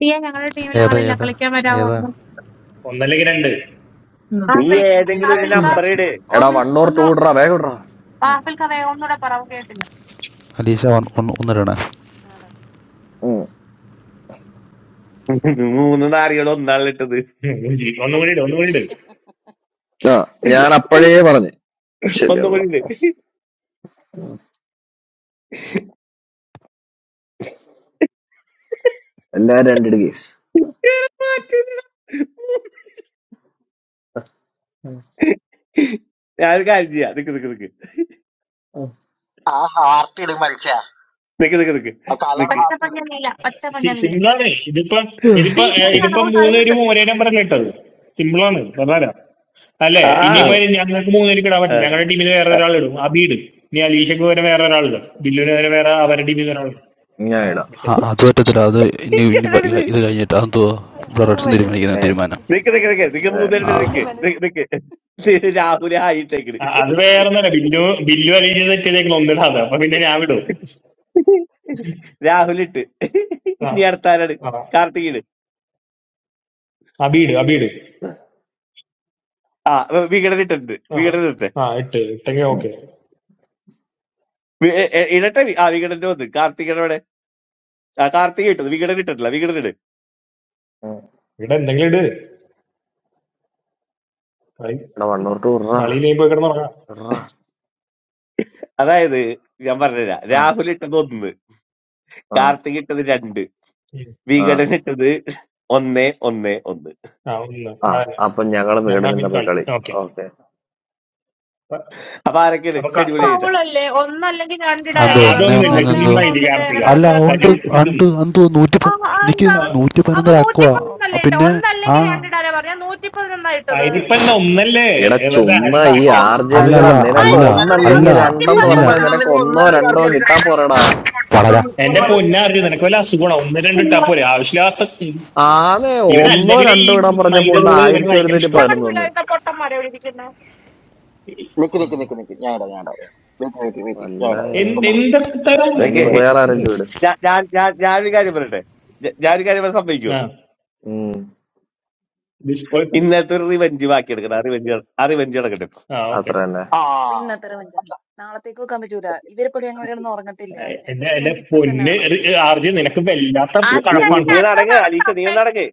Speaker 3: പിയ ഞങ്ങളുടെ ടീമിൽ
Speaker 5: ഏതാ
Speaker 3: ആളില്ല
Speaker 5: ഏതാ
Speaker 3: കളിക്കാൻ വരാമോ
Speaker 5: ഏതാ
Speaker 3: ഒന്ന്
Speaker 9: ഒന്നല്ലെങ്കിൽ രണ്ട്
Speaker 7: ഉം
Speaker 12: നീ
Speaker 7: സിയ
Speaker 8: ഏതെങ്കിലും ഒരു
Speaker 3: ആപ്പിൾക്ക
Speaker 8: നമ്പർ
Speaker 7: സിയ
Speaker 12: ഏതെങ്കിലും
Speaker 8: ഇട്ടാ
Speaker 12: ഒരു
Speaker 8: മതി
Speaker 3: ആപ്പിൾക്ക
Speaker 7: വരൂല
Speaker 12: നമ്പർ ഇട്
Speaker 1: എടാ
Speaker 3: ഒന്ന്
Speaker 1: വൺ ഓർ ടു
Speaker 3: ഒന്ന്
Speaker 1: ഇടറാ വേഗം ഇടറാ ഉം.
Speaker 3: ആപ്പിൾക്ക വേഗം ഒന്നുകൂടെ പറവ് കേട്ടില്ല
Speaker 5: അലീഷ വന്ന് ഒന്ന് ഒന്നിടണേ
Speaker 8: ആടാ
Speaker 1: ഉം.
Speaker 12: മൂന്ന് നാറികൾ ഒന്നാണ് ഇട്ടത്
Speaker 9: ഉം, ഉം, ജി. ഒന്നും കൂടി ഇട് ഒന്നും കൂടി ഇട്
Speaker 1: ആ ഞാൻ അപ്പോഴേ പറഞ്ഞു ശരി
Speaker 12: ഒന്നും
Speaker 1: എന്നാ
Speaker 12: കൂടി ഇട്
Speaker 1: എല്ലാരും രണ്ടിട് കേസ്
Speaker 12: എടാ, മാറ്റ് ഇതെടാ. ഞാനൊരു കാര്യം ചെയ്യാം നിക്ക് നിക്ക് നിക്ക് നിക്ക് നിക്ക് നിക്ക് നിക്ക്
Speaker 3: പച്ചപ്പഞ്ഞ നീല പച്ചപ്പഞ്ഞ നീല
Speaker 9: സിമ്പിളാണ് ഇതിപ്പം
Speaker 3: നീ
Speaker 9: ഇതിപ്പോ ഏഹ്
Speaker 3: കേറി വാ,
Speaker 9: ഇതിപ്പം
Speaker 3: നമുക്ക്
Speaker 9: മൂന്ന്
Speaker 3: കളിയുണ്ട്
Speaker 9: പേരും ഒരേ നമ്പറല്ലേ ഇട്ടത് സിമ്പിളാണ് പ്രധാനം അല്ലേ
Speaker 12: ആ
Speaker 9: ഇനിയിപ്പോ
Speaker 1: ഉം.
Speaker 9: ഞങ്ങൾക്ക് മൂന്ന് പേർക്ക് ഇടാൻ
Speaker 12: ആ,
Speaker 9: പറ്റില്ല
Speaker 12: ആ.
Speaker 9: ഞങ്ങളുടെ ടീമിൽ വേറെ ഒരാൾ ഇടും അബി ഇടും ഇനി അലീഷക്ക് പകരം വേറെ ഒരാൾ ഇടും ബില്ലുവിന് പകരം വേറെ അവരുടെ ടീമിൽ നിന്ന് ഒരാൾ ഇടും
Speaker 1: ഞാൻ
Speaker 9: ആ
Speaker 1: ഇടാം
Speaker 9: ഓക്കെ
Speaker 5: ആ
Speaker 9: ശരി
Speaker 5: അത് പറ്റത്തില്ല അത് ഇനി ഇനി വ-
Speaker 12: നിക്കാണെടീ.
Speaker 5: ഇത് കഴിഞ്ഞിട്ട് അതെന്തോ
Speaker 8: അതൊന്നും
Speaker 5: ബ്രഡ്സും തീരുമാനിക്കുന്ന
Speaker 8: പറ്റത്തില്ല
Speaker 1: ഞാൻ ഇടാം
Speaker 5: തീരുമാനം
Speaker 8: എനിക്ക്
Speaker 12: നിക്ക് നിക്ക്
Speaker 8: എനി-
Speaker 12: നിക്ക് നിക്ക്
Speaker 8: എനിക്ക്
Speaker 1: ഞാൻ
Speaker 5: ആ
Speaker 12: മൂന്നേരത്തിൽ
Speaker 8: ബില്ലുവിന്റെ
Speaker 12: നിക്ക് നിക്ക് നിക്ക് ഇത്
Speaker 8: മനസ്സ്
Speaker 12: രാഹുൽ ആയിട്ടേക്കണ്
Speaker 9: ആ, അത്
Speaker 12: ഓക്കെ
Speaker 9: വേറെ ഒന്നല്ല ബില്ലു ബില്ലു അലീഷ സെറ്റ് ചെയ്തേക്കണം ഒന്നിടാ അത് അപ്പൊ പിന്നെ ഞാൻ വിടും
Speaker 12: രാഹുൽ ഇട്ട്
Speaker 9: ആ
Speaker 12: ഇനി അടുത്താരാണ്
Speaker 9: ആ
Speaker 12: കാർത്തികന്
Speaker 9: അബി ഇട് അബി ഇട്
Speaker 1: ഇടാം.
Speaker 12: ആ വികടൻ ഇട്ടിട്ടുണ്ട്
Speaker 9: ആ
Speaker 12: വികടൻ ഇട്ടെ
Speaker 9: ആ ഇട്ട് ഇട്ടെങ്കിൽ
Speaker 1: ഉം.
Speaker 9: ഓക്കെ
Speaker 12: വി- എ- എ- ഇടട്ടെ വി- ആ വികടന്റെ വന്ന് കാർത്തികനോടെ ആ കാർത്തിക ഇട്ടത് വികടൻ ഇട്ടിട്ടില്ല വികടൻ ഇട്
Speaker 1: ഉം.
Speaker 9: ഇവിടെ എന്തെങ്കിലും ഇട് കളി
Speaker 1: എടാ വൺ ഓർ ടു ഇടറാ
Speaker 9: കളിയിലേക്ക് പോയി കിടന്നുറങ്ങാം
Speaker 1: ഇടറാ
Speaker 12: അതായത് ഞാൻ പറഞ്ഞുതരാം
Speaker 1: ആ
Speaker 12: രാഹുൽ ഇട്ടത് ഒന്ന്
Speaker 1: ആ
Speaker 12: കാർത്തിക ഇട്ടത് രണ്ട്
Speaker 1: ആ
Speaker 12: വികടൻ ഇട്ടത് ഒന്നേ ഒന്നേ ഒന്ന്
Speaker 9: ആ ഒന്ന്
Speaker 1: ആ
Speaker 9: ആ,
Speaker 1: അപ്പൊ ഞങ്ങളും
Speaker 9: ഞങ്ങൾ
Speaker 1: വികടനും
Speaker 9: തമ്മിൽ
Speaker 1: തമ്മിൽ
Speaker 9: കളി
Speaker 1: കളി
Speaker 9: ഓക്കെ
Speaker 1: ഓക്കെ
Speaker 12: അപ്പൊ ആരൊക്കെയാണ്
Speaker 9: അപ്പൊ ക-
Speaker 12: ഷെഡ്യൂൾ
Speaker 9: ക-
Speaker 3: ഫൗളല്ലേ ഒന്നല്ലെങ്കിൽ
Speaker 9: ആ,
Speaker 5: അതെന്തോ
Speaker 3: രണ്ടിടാനല്ലേ
Speaker 5: ഒന്നേ
Speaker 3: പറഞ്ഞപ്പോ
Speaker 9: അതൊന്നുമില്ല
Speaker 5: ഒന്നേന്ന്
Speaker 3: ഒന്നേ
Speaker 5: എന്തോ
Speaker 9: ചുമ്മാ
Speaker 3: ഒന്ന്
Speaker 9: ഇരി
Speaker 3: ഒന്നിട്ട്
Speaker 9: കാർത്തിക
Speaker 3: ഞങ്ങളുടെ
Speaker 5: അല്ല ഉണ്ട്
Speaker 3: കളിയാക്കുന്നേ
Speaker 9: കാര്യം ഇതും
Speaker 5: ഉണ്ട് എന്തോ നൂറ്റി
Speaker 3: ആ
Speaker 5: പ-
Speaker 3: ആ,
Speaker 5: നിക്ക്
Speaker 3: എന്താ
Speaker 9: ആ,
Speaker 5: നൂറ്റി
Speaker 3: അപ്പൊ
Speaker 5: പതിനൊന്നര അക്കുവാ
Speaker 3: നൂറ്റിപ്പതിനൊന്നല്ലേ ഇട്ടോ
Speaker 5: പിന്നെ ആ
Speaker 3: ഒന്നല്ലെങ്കിൽ രണ്ടിടാനാ പറഞ്ഞ നൂറ്റിപ്പതിനൊന്നാ ഇട്ടത്
Speaker 9: അതിനിപ്പല്ല ഒന്നല്ലേ
Speaker 1: എടാ
Speaker 9: ഏ, വെറുതെ
Speaker 1: ചുമ്മാ ഈ
Speaker 9: അൻപാക്കിയത്
Speaker 1: ആർ ജെ
Speaker 5: അല്ല
Speaker 1: വികടാ
Speaker 5: അല്ല
Speaker 1: നിനക്ക്
Speaker 5: അല്ല
Speaker 3: അല്ല അത്
Speaker 5: അല്ല
Speaker 1: ഒന്നല്ലെങ്കിൽ രണ്ടെന്ന്
Speaker 5: അല്ല
Speaker 1: പറഞ്ഞാൽ
Speaker 3: നൂറ്റിപ്പതിനൊന്നാ
Speaker 1: നിനക്ക് ഒന്നോ രണ്ടോ കിട്ടാൻ പോരടാ
Speaker 5: വളരാ
Speaker 9: എന്റെ പൊന്നാർജി നിനക്ക് വല്ല അസുഖമാണോ ഒന്ന് രണ്ട് ഇട്ടാ പോലെ ആവശ്യമില്ലാത്ത
Speaker 1: ആന്നെ
Speaker 9: ഇവൻ
Speaker 1: ഒന്നോ
Speaker 9: അല്ലെങ്കിൽ ഈ
Speaker 1: രണ്ടോ ഇടാൻ പറഞ്ഞപ്പോ
Speaker 9: മൈദ
Speaker 1: ഉണ്ട്
Speaker 9: റൂള് ഇവന്
Speaker 1: ആയിരത്തി
Speaker 9: ഭയങ്കര
Speaker 1: ഒരുന്നൂറ്റി
Speaker 9: ഇഷ്ടം
Speaker 3: ഞങ്ങളുടെ
Speaker 1: പതിനൊന്ന് വന്ന്
Speaker 3: പിള്ളേരൊക്കെ പൊട്ടന്മാരെ വിളിക്കുന്നത്
Speaker 1: നല്ല
Speaker 9: എന്ത്
Speaker 1: കാര്യമുണ്ടോ
Speaker 9: എന്തൊക്കെ തരം
Speaker 1: അതിന്
Speaker 12: ഓക്കെ
Speaker 1: വേറെ ആരെങ്കിലും ഇട്
Speaker 12: ഞാൻ ഞാൻ ഞാൻ ഞാനൊരു കാര്യം പറയട്ടെ ഞ- ഞാനൊരു കാര്യം പറയാൻ സമ്മതിക്കോ
Speaker 9: ആ
Speaker 1: ഉം
Speaker 9: ഡിസ്കോയിട്ട്
Speaker 12: ഇന്നത്തെ ഒരു റിവഞ്ച് ബാക്കിയെടുക്കണം ആ റിവഞ്ച് ആ റിവഞ്ച് നടക്കട്ടെ
Speaker 9: ആ ഓക്കെ
Speaker 1: അത്ര തന്നെ
Speaker 8: അപ്പൊ ഇന്നത്തെ റിവഞ്ചാ നാളത്തേക്ക് വെക്കാൻ പറ്റൂല ഇവരെ പോലെ ഞങ്ങൾ കിടന്ന് ഉറങ്ങത്തില്ല
Speaker 9: എന്റെ
Speaker 8: ഞങ്ങൾക്ക്
Speaker 9: എന്റെ
Speaker 8: റിവഞ്ച് ഇപ്പൊ തന്നെ
Speaker 9: പൊന്ന്
Speaker 8: വേണം
Speaker 9: ആർജി നിനക്ക് വല്ലാത്ത
Speaker 12: നി-
Speaker 3: അത്
Speaker 12: നി- നീ
Speaker 9: കഴപ്പാണ്
Speaker 3: കഴിഞ്ഞ്
Speaker 12: നീ
Speaker 9: കേട്ടോ
Speaker 3: അടുത്ത
Speaker 12: നടക്ക് അലീഷ
Speaker 3: നടത്താം
Speaker 12: നീ ഒന്ന്
Speaker 3: പെ-
Speaker 12: നടക്ക്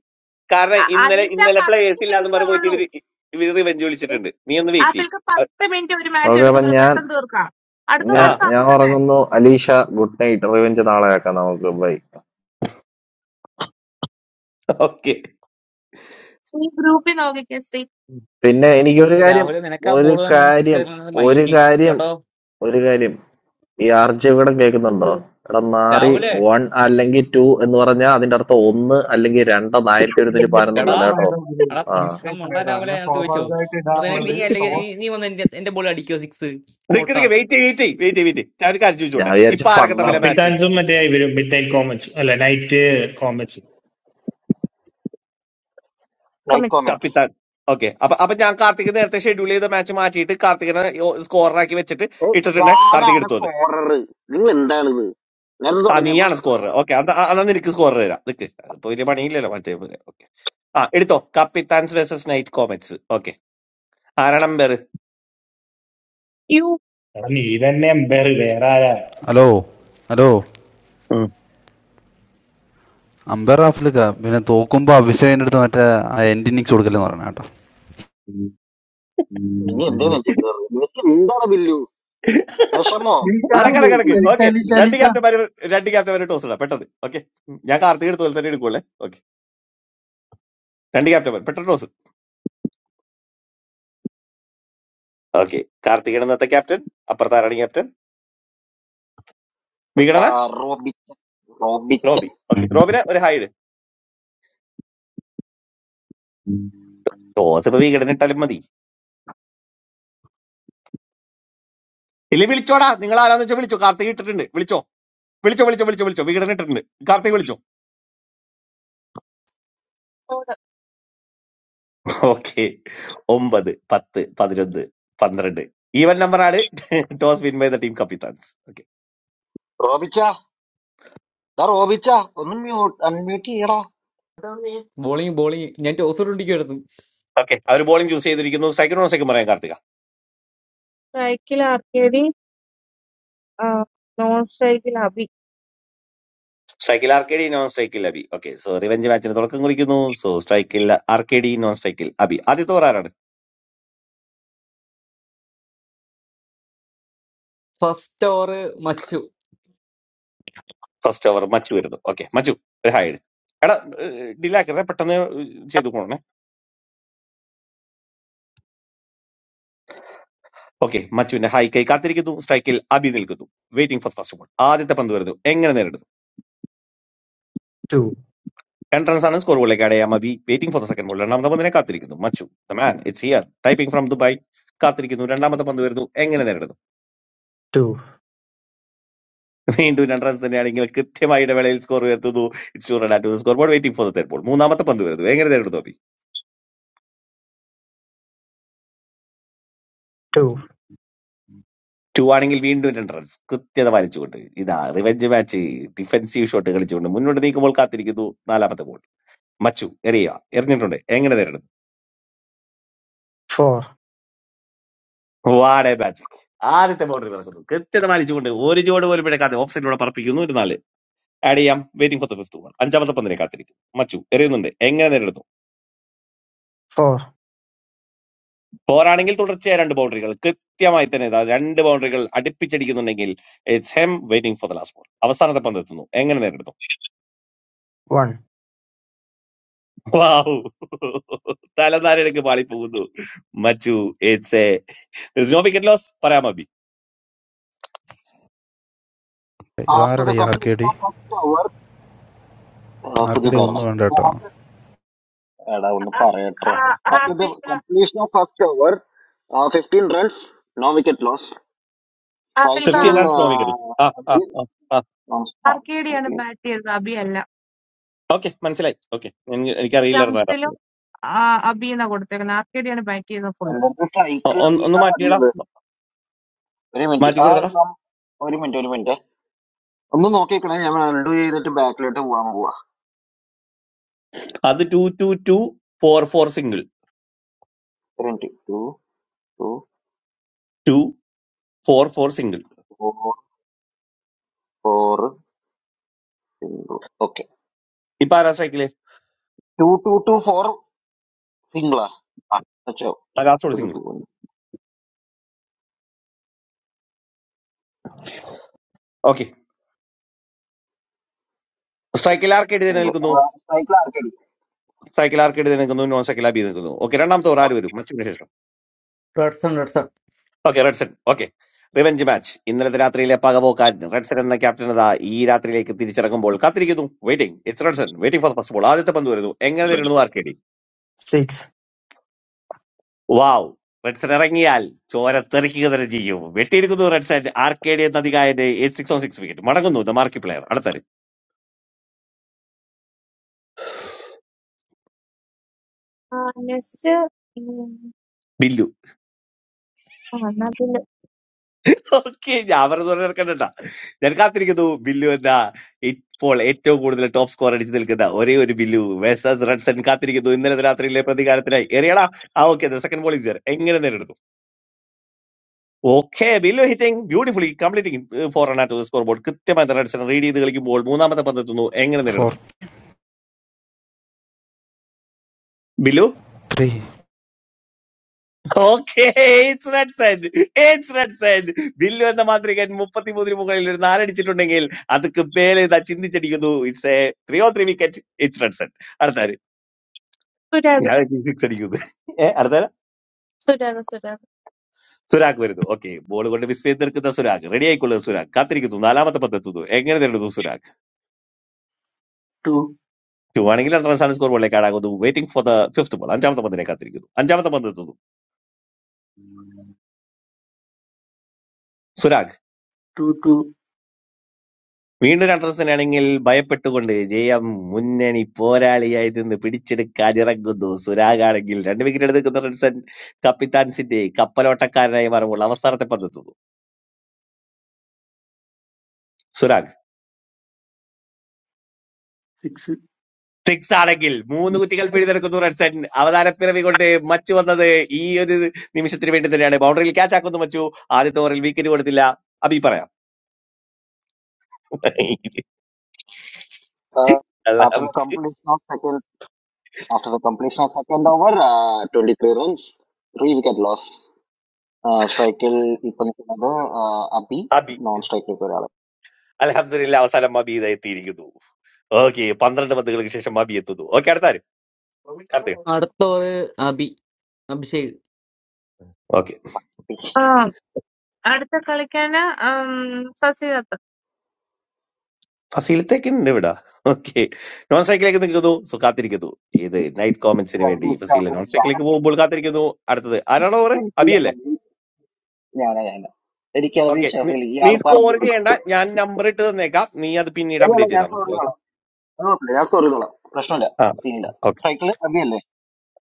Speaker 12: കാരണം
Speaker 3: അ-
Speaker 12: ഇന്നലെ
Speaker 3: അലീഷ
Speaker 12: ഇന്നലെ
Speaker 3: പത്ത്
Speaker 12: പ്ലേയേഴ്സ് ഇല്ലാന്ന്
Speaker 3: മിനിറ്റേ
Speaker 12: പറഞ്ഞ് പോയിട്ട്
Speaker 3: ഉള്ളൂ
Speaker 12: ഇവര് ഇവര് റിവഞ്ച് വിളിച്ചിട്ടുണ്ട്
Speaker 3: അലീഷ-
Speaker 12: നീ ഒന്ന് വെയിറ്റ് ചെയ്യ്
Speaker 3: ആപ്പിൾക്ക് പത്ത്
Speaker 12: അ-
Speaker 3: മിനിറ്റ് ഒരു മാച്ച്
Speaker 1: ഓക്കെ അപ്പൊ
Speaker 3: എടുക്കുന്നുള്ളൂ
Speaker 1: ഞാൻ
Speaker 3: പെട്ടെന്ന് തീർക്കാം അടുത്ത
Speaker 12: ആ
Speaker 1: ഞാൻ
Speaker 3: നടത്താം
Speaker 1: ഞാൻ
Speaker 3: അപ്പൊ തന്നെ
Speaker 1: ഉറങ്ങുന്നു അലീഷ ഗുഡ് നൈറ്റ് റിവെഞ്ച് നാളെ ആക്കാം നമുക്ക് ബൈ
Speaker 12: ഓക്കെ
Speaker 3: ശ്രീ ഗ്രൂപ്പിൽ നോക്കിക്കേ ശ്രീ
Speaker 1: പിന്നെ എനിക്കൊരു കാര്യം
Speaker 22: രാഹുല് നിനക്ക് ആ
Speaker 1: ഒരു
Speaker 22: ബോൾ തന്നെ സിക്സ്
Speaker 1: കാര്യം
Speaker 22: എടുക്കുന്നത്
Speaker 1: ഒരു
Speaker 22: മൈൻഡ്
Speaker 1: കാര്യം
Speaker 22: കേട്ടോ
Speaker 1: ഒരു കാര്യം ഈ ആർജി ഇവിടെ കേൾക്കുന്നുണ്ടോ എടാ നാറി
Speaker 22: രാഹുലേ
Speaker 1: വൺ അല്ലെങ്കിൽ ടു എന്ന് പറഞ്ഞാൽ അതിന്റെ അർത്ഥം ഒന്ന് അല്ലെങ്കിൽ രണ്ടെന്ന് ആയിരത്തി ഒരുന്നൂറ്റി
Speaker 22: എടാ
Speaker 1: പതിനൊന്നല്ല
Speaker 2: മിസ്റ്റേക്ക്
Speaker 1: കേട്ടോ
Speaker 2: ആയതാ ഗുരു
Speaker 22: എടാ
Speaker 1: ആ
Speaker 22: ഭക്ഷണം
Speaker 2: മിസ്റ്റേക്ക്
Speaker 22: ഉണ്ടാ
Speaker 2: ആയതാ
Speaker 22: രാഹുലെ
Speaker 2: ഞാൻ
Speaker 22: ഞാൻ ചോദിച്ചോ
Speaker 2: സ്വാഭാവികമായിട്ട്
Speaker 22: അപ്പൊ നിന- നീ
Speaker 2: ഇടാറുള്ളത്
Speaker 22: അല്ലെങ്കിൽ നീ നീ വന്ന് എന്റെ എന്റെ ബോൾ അടിക്കോ സിക്സ്
Speaker 12: നിക്ക്
Speaker 22: പോട്ടാ
Speaker 12: നിക്ക് വെയിറ്റ് വെയിറ്റ് വെയിറ്റ് വെയിറ്റ് ഞാൻ ഒരു കാര്യം
Speaker 1: ഞാൻ
Speaker 12: ചോദിച്ചോട്ടെ
Speaker 1: വിചാരിച്ച
Speaker 12: ഇപ്പൊ ആരൊക്കെ തമ്മിലെ
Speaker 1: ഫണ്ണാണെന്ന്
Speaker 12: മാച്ച്
Speaker 9: കപ്പിത്താൻസും മറ്റേ ഇവരും മിഡ് നൈറ്റ് കോമറ്റ്സ് അല്ല നൈറ്റ് കോമറ്റ്സ്
Speaker 3: കൊമിക്സ്
Speaker 12: തപ്പിത്താൻ ഓക്കെ അപ്പൊ അപ്പൊ ഞാൻ കാർത്തിക് നേരത്തെ ഷെഡ്യൂൾ ചെയ്ത മാച്ച് മാറ്റിയിട്ട് കാർത്തികനെ സ്കോറാക്കി വെച്ചിട്ട് ഇട്ടിട്ടുണ്ടേ കാർത്തിക് എടുത്തു അത് ആ നീയാണ് സ്കോറർ ഓക്കെ അന്നാ നിനക്ക് സ്കോറർ തരാം നിക്ക് അതിപ്പോ വലിയ പണിയില്ലല്ലോ മറ്റേ പോലെ ഓക്കെ ആ എടുത്തോ Kappithans versus night comets okay ആരാണ് അമ്പയർ
Speaker 3: യു
Speaker 9: എടാ നീ തന്നെ എംപയർ വേറെ ആരാ
Speaker 5: ഹലോ ഹലോ അമ്പയർ റാഫിലൊക്കെ പിന്നെ തോക്കുമ്പോ അഭിഷേകിന്റെ അടുത്ത് മറ്റേ എൻഡ് ഇന്നിങ്സ് കൊടുക്കലെന്ന് പറയണ കേട്ടോ
Speaker 7: അലീഷ
Speaker 12: അടക്കടക്കിടക്ക്
Speaker 7: അലീഷ
Speaker 12: ഓക്കെ
Speaker 7: അലീഷ
Speaker 12: രണ്ട്
Speaker 7: അലീഷ
Speaker 12: ക്യാപ്റ്റന്മാര് രണ്ട് ക്യാപ്റ്റന്മാര് ടോസ് ഇടാം പെട്ടെന്ന് ഓക്കെ ഞാൻ കാർത്തിക് എടുത്ത പോലെ തന്നെ എടുക്കുള്ളേ ഓക്കെ രണ്ട് ക്യാപ്റ്റന്മാർ പെട്ടെന്ന് ടോസ് ഓക്കെ കാർത്തികൻ ഇന്നത്തെ ക്യാപ്റ്റൻ അപ്പുറത്ത് ആരാണ് ക്യാപ്റ്റൻ വികടന റോബി ഓക്കെ റോബിനെ ഒരു ഹൈഡ് ടോസ് ഇപ്പൊ വികടൻ ഇട്ടാലും മതി ഇല്ലേ വിളിച്ചോടാ നിങ്ങൾ ആരാന്ന് വെച്ചാൽ വിളിച്ചോ കാർത്തിക് ഇട്ടിട്ടുണ്ട് വിളിച്ചോ വിളിച്ചോ വിളിച്ചോ വിളിച്ചോ വിളിച്ചോ വികടൻ ഇട്ടിട്ടുണ്ട് കാർത്തിക് വിളിച്ചോ ഓക്കെ ഒമ്പത് പത്ത് പതിനൊന്ന് പന്ത്രണ്ട് ഈവൻ നമ്പറാണ് toss win by the team Kappithans okay
Speaker 22: bowling bowling ഞാൻ ടോസ് ഇടിക്കുമായിരുന്നു
Speaker 12: ഓക്കെ അവർ ബോളിംഗ് ചൂസ് ചെയ്തിരിക്കുന്നു സ്ട്രൈക്കും നോൺ സ്ട്രൈക്കും പറയാൻ കാർത്തിക
Speaker 3: സ്ട്രൈക്കിൽ ആർക്കേടി നോൺ സ്ട്രൈക്കിൽ അബി
Speaker 12: സ്ട്രൈക്കിൽ ആർ കെ ഡി നോൺ സ്ട്രൈക്കിൽ അബി ഓക്കെ സോ റിവെഞ്ച് മാച്ചിന് തുടക്കം കുറിക്കുന്നു സോ സ്ട്രൈക്കിൽ ആർ കെ ഡി നോൺ സ്ട്രൈക്കിൽ അബി ആദ്യത്തെ ഓവർ ആരാണ്
Speaker 22: ഫസ്റ്റ് ഓവർ മച്ചു
Speaker 12: ഫസ്റ്റ് ഓവർ മച്ചു വരുന്നു ഓക്കെ മച്ചു ഒരു ഹായ് ഇട്. എടാ ഡിലാക്കരുത് പെട്ടെന്ന് ചെയ്തു പോണേ ഓക്കെ മച്ചുവിന്റെ ഹായ് കൈ കാത്തിരിക്കുന്നു സ്ട്രൈക്കിൽ അബി നിൽക്കുന്നു വെയിറ്റിംഗ് ഫോർ ഫസ്റ്റ് ബോൾ ആദ്യത്തെ പന്ത് വരുന്നു എങ്ങനെ നേരിടും
Speaker 23: Two,
Speaker 12: രണ്ട് റൺസാണ് സ്കോർ ബോളിലേക്ക് ആഡ് ചെയ്യാം മതി waiting for the second ball രണ്ടാമത്തെ പന്തിനെ കാത്തിരിക്കുന്നു മച്ചു the man it's here typing from Dubai കാത്തിരിക്കുന്നു രണ്ടാമത്തെ പന്ത് വരുന്നു എങ്ങനെ നേരിടുന്നു
Speaker 23: two,
Speaker 12: വീണ്ടും രണ്ട് റൺസ് തന്നെയാണെങ്കിൽ കൃത്യമായ ഇടവേളയിൽ സ്കോർ ഉയർത്തുന്നു it's score board waiting for the third ball മൂന്നാമത്തെ പന്ത് വരുന്നു എങ്ങനെ നേരിടുന്നു അബി
Speaker 23: two,
Speaker 12: ടു ആണെങ്കിൽ വീണ്ടും രണ്ട് റൺസ് കൃത്യത പാലിച്ചുകൊണ്ട് ഇതാ റിവെഞ്ച് മാച്ച് ഡിഫെൻസീവ് ഷോട്ട് കളിച്ചുകൊണ്ട് മുന്നോട്ട് നീക്കുമ്പോൾ കാത്തിരിക്കുന്നു നാലാമത്തെ ബോൾ മച്ചു എറിയുക എറിഞ്ഞിട്ടുണ്ട് എങ്ങനെ നേരിടുന്നു
Speaker 23: four,
Speaker 12: വാടേ മാച്ച് ആദ്യത്തെ ബൗണ്ടറി പറക്കുന്നു കൃത്യത പാലിച്ചുകൊണ്ട് ഒരു ജോഡ് പോലും പിഴക്കാതെ ഓഫ് സൈഡിലൂടെ പറപ്പിക്കുന്നു ഒരു നാല് ആഡ് ചെയ്യാം waiting for the fifth ball അഞ്ചാമത്തെ പന്തിനെ കാത്തിരിക്കും മച്ചു എറിയുന്നുണ്ട് എങ്ങനെ നേരിടുന്നു
Speaker 23: four,
Speaker 12: ഫോറാണെങ്കിൽ തുടർച്ചയായ രണ്ട് ബൗണ്ടറികൾ കൃത്യമായി തന്നെ ഇതാ രണ്ട് ബൗണ്ടറികൾ അടുപ്പിച്ചടിക്കുന്നുണ്ടെങ്കിൽ ഇറ്റ്സ് ഹെം waiting for the last ball അവസാനത്തെ പന്ത് എത്തുന്നു എങ്ങനെ നേരിടുന്നു
Speaker 23: one,
Speaker 12: വാഹു തലനാരിടക്ക് പാളിപ്പോകുന്നു മച്ചു it's a no wicket loss പറയാം അബി
Speaker 5: ഇതാരുടെ ഈ R K D R K D ഒന്നും വേണ്ട കേട്ടോ
Speaker 3: ആ- ആ- ആപ്പിൾക്ക് ആപ്പിൾക്ക്
Speaker 12: ഫിഫ്റ്റി റൺസ് നോ വിക്കറ്റ് ആ ആ ആ ആ
Speaker 3: ആർക്കേഡിയാണ് ബാറ്റ് ചെയ്തത് അബി അല്ല
Speaker 12: ഓക്കെ മനസ്സിലായി ഓക്കെ എനിക്കറിയില്ലായിരുന്നു ആരാ.
Speaker 3: സ്റ്റംസിലും അബിന്നാ കൊടുത്തേക്കുന്നത് ആർക്കേഡിയാണ് ബാറ്റ് ചെയ്തത് ഫുള്ള്
Speaker 12: ഒ- ഒന്ന് ഒന്ന് മാറ്റിയടാ മാറ്റി കൊടുത്തടാ അത് two two two four four single four four single ഇപ്പൊ ആരാ സ്ട്രൈക്കില് ലാസ്റ്റ് സിംഗിൾ ഓക്കെ സ്ട്രൈക്കിൽ ആർക്കേഡ് തന്നെ നിൽക്കുന്നു സ്ട്രൈക്കിൽ ആർക്കേഡ് തന്നെ നിൽക്കുന്നു നോൺ സ്ട്രൈക്കിൽ അബി നിൽക്കുന്നു ഓക്കെ രണ്ടാമത്തെ ഓർ ആര് വരും മച്ചിന് ശേഷം
Speaker 22: Redson Redson
Speaker 12: okay Redson okay revenge match ഇന്നലത്തെ രാത്രിയിലെ പകപോക്കാരൻ റെഡ്സൺ എന്ന ക്യാപ്റ്റൻ അതാ ഈ രാത്രിയിലേക്ക് തിരിച്ചിറങ്ങുമ്പോൾ കാത്തിരിക്കുന്നു waiting it's Redson waiting for first ball ആദ്യത്തെ പന്ത് വരുന്നു എങ്ങനെ തരുന്നു ആർക്കേഡി
Speaker 23: six.
Speaker 12: വാവ് റെഡ്സൺ ഇറങ്ങിയാൽ ചോര തെറിക്കുക തന്നെ ചെയ്യും വെട്ടിയിരിക്കുന്നു റെഡ്സൺ ആർക്കേഡി എന്ന അധികായന്റെ eight six on six wicket മടങ്ങുന്നു ദ മാർക്കി പ്ലെയർ അടുത്തത്
Speaker 3: ആ നെക്സ്റ്റ്
Speaker 12: ബില്ലു
Speaker 3: ആ എന്നാ പിന്നെ
Speaker 12: ഓക്കെ ഞാൻ പറഞ്ഞു നടക്കണ്ട ഞാൻ കാത്തിരിക്കുന്നു ബില്ലു എന്ന ഇപ്പോൾ ഏറ്റവും കൂടുതൽ ടോപ്പ് സ്കോർ അടിച്ചു നിൽക്കുന്ന ഒരേ ഒരു ബില്ലു വേഴ്സസ് റൺസൺ കാത്തിരിക്കുന്നു ഇന്നലെ രാത്രിയിലെ പ്രതികാരത്തിനായി എറിയടാ ആ ഓക്കെ സെക്കൻഡ് ബോൾ ഇസ് എങ്ങനെ നേരിടുന്നു okay Billu hitting beautifully completing four run at score board കൃത്യമായി റൺസൺ റീഡ് ചെയ്ത് കളിക്കുമ്പോൾ മൂന്നാമത്തെ പന്തെത്തുന്നു എങ്ങനെ
Speaker 5: ഫോർ
Speaker 12: നേരിടുന്നു Billu
Speaker 5: three
Speaker 12: okay it's Red said it's Red said Billu എന്ന മാന്ത്രികൻ മുപ്പത്തിമൂന്നിന് മുകളിൽ ഒരു നാലടിച്ചിട്ടുണ്ടെങ്കിൽ അതൊക്കെ പേലെ ഇതാ ചിന്തിച്ചടിക്കുന്നു it's a three or three wicket it's Red said അടുത്താര്
Speaker 3: സുരാഗ്
Speaker 12: ഞാൻ സിക്സ് അടിക്കുന്നു ഏ അടുത്താര
Speaker 3: സുരാഗ് സുരാഗ്
Speaker 12: സുരാഗ് വരുന്നു ഓക്കെ ബോൾ കൊണ്ട് മിസ് ചെയ്ത് നിൽക്കുന്ന സുരാഗ് റെഡി ആയിക്കൊള്ളുക സുരാഗ് കാത്തിരിക്കുന്നു നാലാമത്തെ പന്ത് എത്തുന്നു എങ്ങനെ നേരിടുന്നു സുരാഗ്
Speaker 24: Two,
Speaker 12: ടു ആണെങ്കിൽ രണ്ട് റൺസാണ് സ്കോർ ബോളിലേക്ക് ആടാകുന്നു waiting for the fifth ball അഞ്ചാമത്തെ പന്തിനെ കാത്തിരിക്കുന്നു അഞ്ചാമത്തെ പന്ത് എത്തുന്നു സുരാഗ്
Speaker 24: two, two,
Speaker 12: വീണ്ടും രണ്ടരസനാണെങ്കിൽ ഭയപ്പെട്ടുകൊണ്ട് ജയം മുന്നണി പോരാളിയായി നിന്ന് പിടിച്ചെടുക്കാനിറങ്ങുന്നു സുരാഗാണെങ്കിൽ രണ്ട് വിക്കറ്റ് എടുക്കുന്ന റൺസൺ കപ്പിത്താൻസിന്റെ കപ്പലോട്ടക്കാരനായി മാറുമ്പോൾ അവസാനത്തെ പന്തെത്തുന്നു സുരാഗ്
Speaker 24: six.
Speaker 12: സിക്സ് ആണെങ്കിൽ മൂന്ന് കുറ്റികൾ പിഴുതെടുക്കുന്നു റൺസൺ അവതാര പിറവി കൊണ്ട് മച്ചു വന്നത് ഈ ഒരു നിമിഷത്തിന് വേണ്ടി തന്നെയാണ് ബൗണ്ടറിയിൽ ക്യാച്ച് ആക്കുന്നു മച്ചു ആദ്യത്തെ ഓവറിൽ വിക്കറ്റ് കൊടുത്തില്ല അബി പറയാം അൽഹംദ്- അബി അലഹമില്ല അവസാനം അബി ഇതാ എത്തിയിരിക്കുന്നു ഓക്കെ പന്ത്രണ്ട് പന്തുകൾക്ക് ശേഷം അബി എത്തുന്നു ഓക്കെ അടുത്ത കാർത്തിക്
Speaker 22: അടുത്ത ഓവർ അബി അഭിഷേക്
Speaker 12: ഓക്കെ
Speaker 3: ആ, അടുത്ത കളിക്കാന് ശശികത്ത്
Speaker 12: ഫസീലത്തേക്ക് ഉണ്ട് ഇവിടെ ഓക്കെ നോൺ സ്ട്രൈക്കിലേക്ക് നിൽക്കുന്നു സോ കാത്തിരിക്കുന്നു ഏത് നൈറ്റ് കോമന്റ്സിന് വേണ്ടി ഫസീല നോൺ സ്ട്രൈക്കിലേക്ക് പോകുമ്പോൾ കാത്തിരിക്കുന്നു അടുത്തത് ആരാണോ ഓവർ അബിയല്ലേ ഓക്കെ നീ സ്കോർ ചെയ്യേണ്ട ഞാൻ നമ്പർ ഇട്ട് തന്നേക്കാം നീ അത് പിന്നീട് അപ്ഡേറ്റ് ചെയ്താൽ മതി ഓക്കെ ആ ഓക്കെ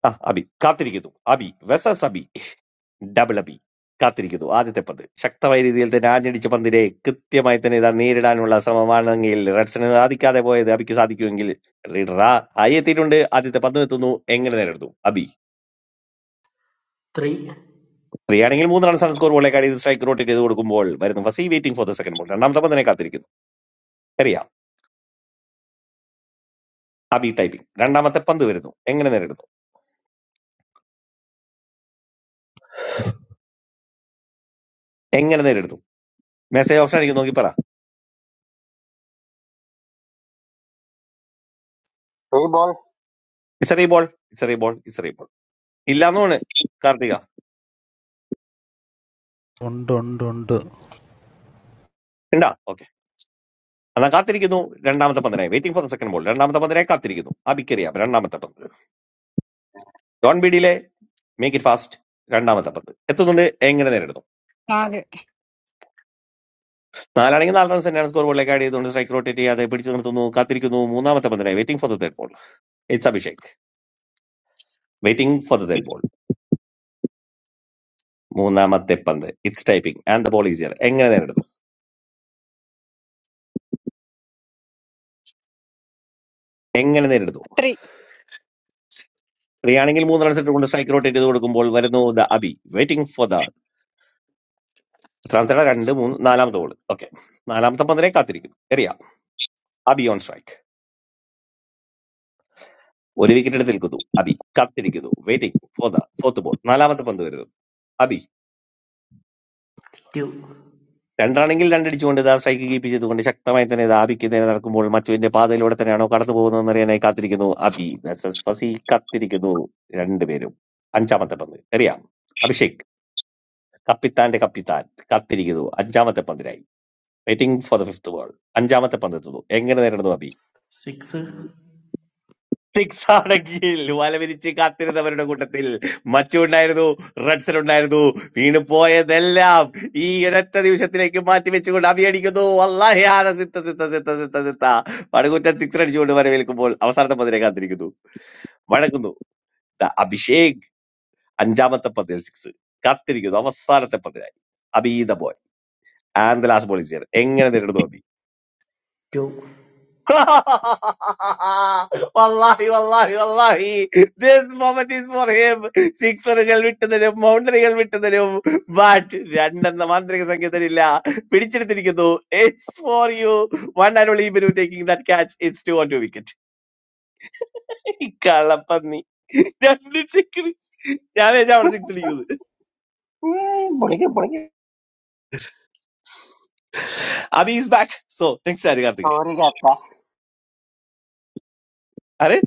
Speaker 12: ആ അബി കാത്തിരിക്കുന്നു അബി വെസസ് അബി ഡബിൾ അബി കാത്തിരിക്കുന്നു ആദ്യത്തെ പന്ത് ശക്തമായ രീതിയിൽ തന്നെ ആഞ്ഞടിച്ച പന്തിനെ കൃത്യമായി തന്നെ ഇതാ നേരിടാനുള്ള ശ്രമമാണെങ്കിൽ റെഡ്സന് സാധിക്കാതെ പോയത് അബിക്ക് സാധിക്കുമെങ്കിൽ റീഡർ ആ ആയി എത്തിയിട്ടുണ്ട് ആദ്യത്തെ പന്ത് എത്തുന്നു എങ്ങനെ നേരിടുന്നു അബി
Speaker 25: three
Speaker 12: ഫ്രീ ആണെങ്കിൽ മൂന്ന് റൺസാണ് സ്കോർ ബോളേക്കാടി സ്ട്രൈക്ക് റോട്ടേറ്റ് ചെയ്ത് കൊടുക്കുമ്പോൾ വരുന്നു Fuzzy waiting for the second ball രണ്ടാമത്തെ പന്തിനെ കാത്തിരിക്കുന്നു അറിയാം അബി ടൈപ്പിംഗ് രണ്ടാമത്തെ പന്ത് വരുന്നു എങ്ങനെ നേരിടുന്നു എങ്ങനെ നേരിടുന്നു മെസ്സേജ് ഓപ്ഷൻ എനിക്ക് നോക്കി പറ ഇസറി ബോൾ ഇസറി ബോൾ ഇസറി ബോൾ ഇല്ലാന്നോണ് കാർത്തിക
Speaker 5: ഉണ്ട് ഉണ്ട് ഉണ്ട്
Speaker 12: ഉണ്ടാ എന്നാൽ കാത്തിരിക്കുന്നു രണ്ടാമത്തെ പന്തിനായി വെയിറ്റിംഗ് ഫോർ സെക്കൻഡ് ബോൾ രണ്ടാമത്തെ പന്തിനായി കാത്തിരിക്കുന്നു അബിക്കറിയാം രണ്ടാമത്തെ പന്ത് ഡോൺ ബീഡിയിലെ മേക്ക് ഇറ്റ് ഫാസ്റ്റ് രണ്ടാമത്തെ പന്ത് എത്തുന്നുണ്ട് എങ്ങനെ നേരിടുന്നു
Speaker 26: Not
Speaker 12: നാലാണെങ്കിൽ നാല് റൺസ് തന്നെയാണ് സ്കോർ ബോളിലേക്ക് ആഡ് ചെയ്തുകൊണ്ട് സ്ട്രൈക്ക് റോട്ടേറ്റ് ചെയ്യാതെ പിടിച്ചു നിർത്തുന്നു കാത്തിരിക്കുന്നു മൂന്നാമത്തെ പന്തിനായി waiting for the third ball it's Abhishek waiting for the third ball മൂന്നാമത്തെ പന്ത് it's typing and the ball easier എങ്ങനെ നേരിടുന്നു എങ്ങനെ നേരിടുന്നു
Speaker 26: three.
Speaker 12: സ്ത്രീയാണെങ്കിൽ മൂന്ന് റൺസ് ഇട്ടുകൊണ്ട് സ്ട്രൈക്ക് റോട്ടേറ്റ് ചെയ്ത് കൊടുക്കുമ്പോൾ വരുന്നു the Abhi waiting for the എത്രാമത്തെ രണ്ട് മൂന്ന് നാലാമത്തെ ബോൾ ഓക്കെ നാലാമത്തെ പന്തിനെ കാത്തിരിക്കുന്നു എറിയാം അബി ഓൺ സ്ട്രൈക്ക് ഒരു വിക്കറ്റ് നിൽക്കുന്നു അബി കാത്തിരിക്കുന്നു waiting for the fourth ball നാലാമത്തെ പന്ത് വരുന്നു അബി
Speaker 25: two
Speaker 12: രണ്ടാണെങ്കിൽ രണ്ടടിച്ചുകൊണ്ട് ഇതാ സ്ട്രൈക്ക് കീപ്പ് ചെയ്തുകൊണ്ട് ശക്തമായി തന്നെ ഇത് ആബിക്ക് നേരെ നടക്കുമ്പോൾ മച്ചുവിന്റെ പാതയിലൂടെ തന്നെയാണോ കടന്നു പോകുന്നതെന്ന് അറിയാനായി കാത്തിരിക്കുന്നു അബി versus ഫസി കാത്തിരിക്കുന്നു രണ്ടുപേരും അഞ്ചാമത്തെ പന്ത് അറിയാം അഭിഷേക് കപ്പിത്താന്റെ കപ്പിത്താൻ കാത്തിരിക്കുന്നു അഞ്ചാമത്തെ പന്തിനായി waiting for the fifth ball അഞ്ചാമത്തെ പന്ത് എത്തുന്നു എങ്ങനെ നേരിടുന്നു അബി
Speaker 25: six
Speaker 12: സിക്സ് ആണെങ്കിൽ വലവിരിച്ച് കാത്തിരുന്നവരുടെ കൂട്ടത്തിൽ മച്ചു ഉണ്ടായിരുന്നു റഡ്സൺ ഉണ്ടായിരുന്നു വീണു പോയതെല്ലാം ഈ ഒരൊറ്റ നിമിഷത്തിലേക്ക് മാറ്റി വെച്ചുകൊണ്ട് അഭിയടിക്കുന്നു അള്ളാഹി ആന സിത്ത സിത്ത സിത്ത സിത്ത സിത്ത പടുകുറ്റൻ സിക്സ് അടിച്ചുകൊണ്ട് വരവേൽക്കുമ്പോൾ അവസാനത്തെ പന്തിനെ കാത്തിരിക്കുന്നു വഴങ്ങുന്നു ദാ അഭിഷേക് അഞ്ചാമത്തെ പന്തിൽ സിക്സ് കാത്തിരിക്കുന്നു അവസാനത്തെ പന്തിനായി അബീത ബോയ് ആൻഡ് ലാസ്റ്റ് ബോൾ എങ്ങനെ നേരിടുന്നു Abhi
Speaker 25: two
Speaker 12: wallahi, wallahi, wallahi. This moment is for him. സിക്സറുകൾ വിട്ടുതരും ബൗണ്ടറികൾ വിട്ടുതരും ബട്ട് രണ്ടെന്ന മാന്ത്രിക സംഖ്യതയില്ല പിടിച്ചെടുത്തിരിക്കുന്നു it's four you one and only Binu taking that catch it's two on two wicket കള്ളപ്പന്നി രണ്ട് ടിക്കറി ഞാൻ വിചാരിച്ചു അവിടെ സിക്സ് അടിക്കുന്നത് Abhi is back so next ആര് കാർത്തിക ആര്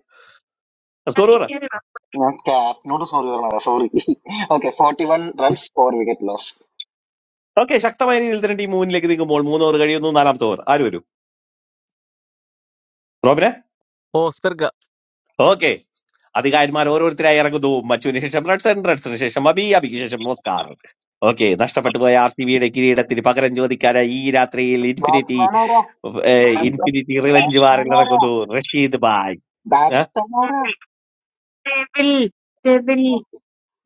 Speaker 12: സ്കോർ ഓവർ ഓക്കെ ശക്തമായ രീതിയിൽ തന്നെ ടീം മുന്നിലേക്ക് നീങ്ങുമ്പോൾ മൂന്ന് ഓവർ കഴിയുന്നു നാലാമത്തെ ഓവർ ആര് വരും റോബിന
Speaker 22: ഓസ്കർക്ക
Speaker 12: ഓക്കെ അധികാരിമാർ ഓരോരുത്തരായി ഇറങ്ങുന്നു മച്ചുവിന് ശേഷം റെഡ്സൺ റെഡ്സന് ശേഷം അബി അബിക്ക് ശേഷം ഓസ്കാർ ഓക്കെ നഷ്ടപ്പെട്ടു പോയ ആർ സി ബിയുടെ കിരീടത്തിന് പകരം ചോദിക്കാനായി ഈ രാത്രിയിൽ ഇൻഫിനിറ്റി ഏഹ്, ഇൻഫിനിറ്റി റിവഞ്ച് വാറിൽ ഇറങ്ങുന്നു Rasheed bhai
Speaker 3: Devil Devil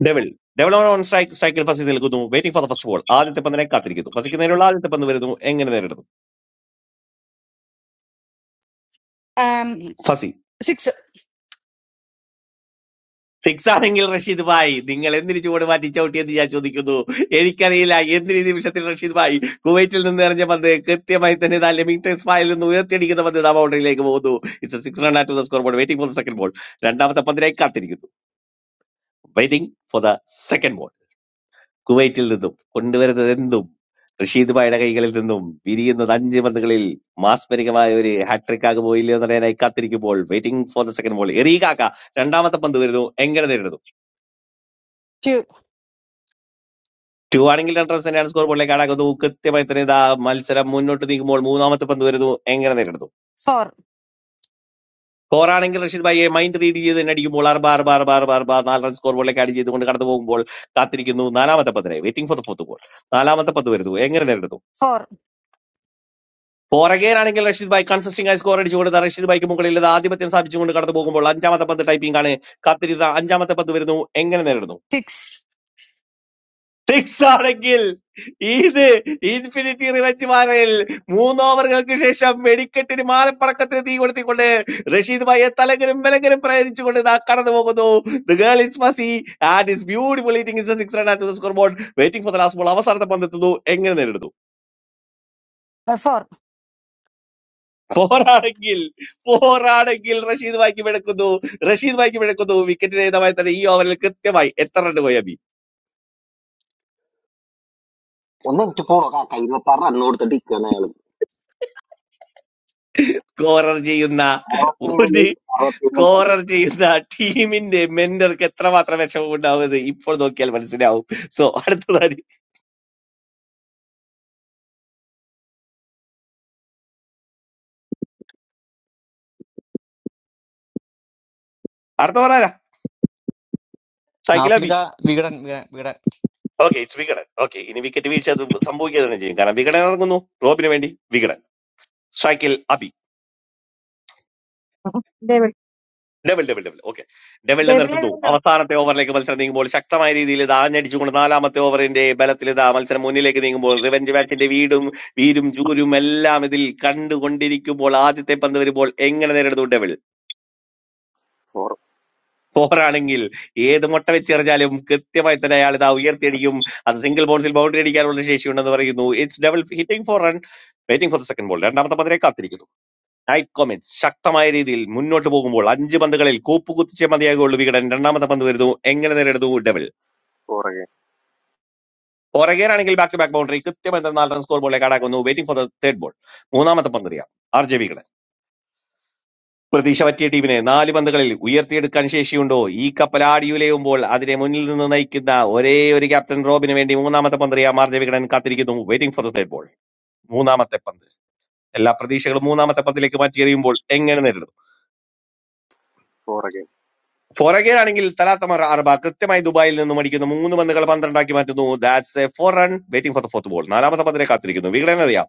Speaker 12: Devil Devil on strike സ്ട്രൈക്കിൽ ഫസി നിൽക്കുന്നു waiting for the first ball ആദ്യത്തെ പന്തിനെ കാത്തിരിക്കുന്നു ഫസിക്ക് നേരെയുള്ള ആദ്യത്തെ പന്ത് വരുന്നു എങ്ങനെ നേരിടുന്നു
Speaker 26: Um,
Speaker 12: ഫസി
Speaker 26: six,
Speaker 12: ഫിക്സ് ആണെങ്കിൽ റഷീദ് ഭായ് നിങ്ങൾ എന്തിന് ചുവട് മാറ്റി ചവിട്ടിയെന്ന് ഞാൻ ചോദിക്കുന്നു എനിക്കറിയില്ല എന്തിന് ഈ നിമിഷത്തിൽ റഷീദ് ഭായ് കുവൈറ്റിൽ നിന്ന് എറിഞ്ഞ പന്ത് കൃത്യമായി തന്നെ ദാ ലെമിംഗ്ടൺ സ്പായിൽ നിന്ന് ഉയർത്തിയടിക്കുന്ന പന്ത് ദാ ബൗണ്ടറിയിലേക്ക് പോകുന്നു it's six run at the score board waiting for the second ball രണ്ടാമത്തെ പന്തിനായി കാത്തിരിക്കുന്നു waiting for the second ball കുവൈറ്റിൽ നിന്നും കൊണ്ടുവരുന്നത് എന്തും റഷീദ് ഭായുടെ കൈകളിൽ നിന്നും വിരിയുന്നത് അഞ്ച് പന്തുകളിൽ മാസ്മരികമായ ഒരു ഹാട്രിക് ആകുമോ ഇല്ലയോ എന്നറിയാനായി കാത്തിരിക്കുമ്പോൾ waiting for the second ball എറിയുക രണ്ടാമത്തെ പന്ത് വരുന്നു എങ്ങനെ നേരിടുന്നു
Speaker 26: two,
Speaker 12: ടു ആണെങ്കിൽ റൺറേഴ്സ് തന്നെയാണ് സ്കോർ ബോർഡിലേക്ക് ആടാക്കുന്നത് കൃത്യമായി തന്നെ ഇതാ മത്സരം മുന്നോട്ട് നീങ്ങുമ്പോൾ മൂന്നാമത്തെ പന്ത് വരുന്നു എങ്ങനെ നേരിടുന്നു
Speaker 26: four,
Speaker 12: ഫോർ ആണെങ്കിൽ റഷീദ് ഭായിയെ മൈൻഡ് റീഡ് ചെയ്ത് തന്നെ അടിക്കുമ്പോൾ ആറ് ബാർ ബാർ ബാർ ബാർ ബാർ നാല് റൺ സ്കോർ ബോർഡിലേക്ക് ആഡ് ചെയ്തുകൊണ്ട് കടന്നു പോകുമ്പോൾ കാത്തിരിക്കുന്നു നാലാമത്തെ പന്തിനെ waiting for the fourth ball നാലാമത്തെ പന്ത് വരുന്നു എങ്ങനെ നേരിടുന്നു
Speaker 26: four,
Speaker 12: ഫോർ അഗെയിൻ ആണെങ്കിൽ റഷീദ് ഭായ് കൺസിസ്റ്റിംഗ് ആയി സ്കോർ അടിച്ചുകൊണ്ട് ദാ റഷീദ് ഭായിക്ക് മുകളിൽ ഇത് ആധിപത്യം സ്ഥാപിച്ചുകൊണ്ട് കടന്നു പോകുമ്പോൾ അഞ്ചാമത്തെ പന്ത് ടൈപ്പിംഗ് ആണ് കാത്തിരുന്ന അഞ്ചാമത്തെ പന്ത് വരുന്നു എങ്ങനെ നേരിടുന്നു
Speaker 26: six,
Speaker 12: സിക്സ് ആണെങ്കിൽ ഇത് ഇൻഫിനിറ്റി റിവഞ്ച് മാറിൽ മൂന്ന് ഓവറുകൾക്ക് ശേഷം വെടിക്കെട്ടിന് മാലപ്പടക്കത്തിന് തീ കൊടുത്തിക്കൊണ്ട് റഷീദ് ഭായിയെ തലകരും വിലകരും പ്രയണിച്ചുകൊണ്ട് ഇതാ കടന്നു പോകുന്നു the girl is messy and is beautiful eating is a six run at the score board waiting for the last ball അവസാനത്തെ പന്തെത്തുന്നു എങ്ങനെ നേരിടുന്നു
Speaker 26: uh, four,
Speaker 12: പോരാണെങ്കിൽ പോരാണെങ്കിൽ റഷീദ് ഭായിക്ക് വിളക്കുന്നു റഷീദ് ഭായിക്ക് വിളക്കുന്നു വിക്കറ്റിന് ഏതമായി തന്നെ ഈ ഓവറിൽ കൃത്യമായി എത്ര റൺ പോയി സ്കോറർ ചെയ്യുന്ന ഒരു സ്കോറർ ചെയ്യുന്ന ടീമിന്റെ മെന്റർക്ക് എത്രമാത്രം വിഷമമുണ്ടാവുന്നത് ഇപ്പോൾ നോക്കിയാൽ മനസ്സിലാവും സോ അടുത്തതാണ് അടുത്ത പറയാ Shakeela B
Speaker 22: Africa Vikatan Vikatan
Speaker 12: okay it's Vikatan okay ഇനി വിക്കറ്റ് വീഴ്ച അത് സംഭവിക്കുക തന്നെ ചെയ്യും കാരണം വികടൻ ഇറങ്ങുന്നു റോബിന് വേണ്ടി Vikatan Shakil
Speaker 3: David
Speaker 12: double double double okay ഡബിളിനെ
Speaker 3: ഡേവിഡ്
Speaker 12: നിർത്തുന്നു
Speaker 3: എവിടെയുണ്ടോ
Speaker 12: അവസാനത്തെ ഓവറിലേക്ക് മത്സരം നീങ്ങുമ്പോൾ ശക്തമായ രീതിയിൽ ഇതാ ഞടിച്ചുകൊണ്ട് നാലാമത്തെ ഓവറിന്റെ ബലത്തിൽ ഇതാ മത്സരം മുന്നിലേക്ക് നീങ്ങുമ്പോൾ റിവഞ്ച് മാച്ചിന്റെ വീടും വീരും ജൂരും എല്ലാം ഇതിൽ കണ്ടുകൊണ്ടിരിക്കുമ്പോൾ ആദ്യത്തെ പന്ത് വരുമ്പോൾ എങ്ങനെ നേരിടുന്നു ഡബിൾ
Speaker 27: Four,
Speaker 12: ഫോറാണെങ്കിൽ ഏത് മുട്ട വെച്ചെറിഞ്ഞാലും കൃത്യമായി തന്നെ അയാൾ ഇതാ ഉയർത്തിയടിക്കും അത് സിംഗിൾ ബൗൺസിൽ ബൗണ്ടറി അടിക്കാനുള്ള ശേഷിയുണ്ടെന്ന് പറയുന്നു it's double hitting four run waiting for second ball രണ്ടാമത്തെ പന്തിനെ കാത്തിരിക്കുന്നു നൈറ്റ് കൊമറ്റ്സ് ശക്തമായ രീതിയിൽ മുന്നോട്ട് പോകുമ്പോൾ അഞ്ച് പന്തുകളിൽ കൂപ്പുകുത്തിച്ചേ മതിയാകുള്ളൂ വികടൻ രണ്ടാമത്തെ പന്ത് വരുന്നു എങ്ങനെ നേരിടുന്നു ഡെവിൽ
Speaker 27: four again,
Speaker 12: പുറകേരാണെങ്കിൽ ബാക്ക് ടു ബാക്ക് ബൗണ്ടറി കൃത്യമായി നാല് റൺ സ്കോർ ബോളിലേക്ക് കടാക്കുന്നു waiting for the third ball മൂന്നാമത്തെ പന്ത് എറിയാം ആർ ജെ വികടൻ പ്രതീക്ഷ പറ്റിയ ടീമിനെ നാല് പന്തുകളിൽ ഉയർത്തിയെടുക്കാൻ ശേഷിയുണ്ടോ ഈ കപ്പൽ ആടിയുലയുമ്പോൾ അതിനെ മുന്നിൽ നിന്ന് നയിക്കുന്ന ഒരേ ഒരു ക്യാപ്റ്റൻ റോബിന് വേണ്ടി മൂന്നാമത്തെ പന്ത് എറിയാം ആർ ജെ വികടൻ കാത്തിരിക്കുന്നു waiting for the third ball മൂന്നാമത്തെ പന്ത് എല്ലാ പ്രതീക്ഷകളും മൂന്നാമത്തെ പന്തിലേക്ക് മാറ്റി എറിയുമ്പോൾ എങ്ങനെ നേരിടും
Speaker 27: four again,
Speaker 12: ഫോറഗേരാണെങ്കിൽ തലാത്തമർ അർബ കൃത്യമായി ദുബായിൽ നിന്നും അടിക്കുന്നു മൂന്ന് പന്തുകൾ പന്ത്രണ്ടാക്കി മാറ്റുന്നു that's a four run waiting for the fourth ball നാലാമത്തെ പന്തിനെ കാത്തിരിക്കുന്നു വികടൻ അറിയാം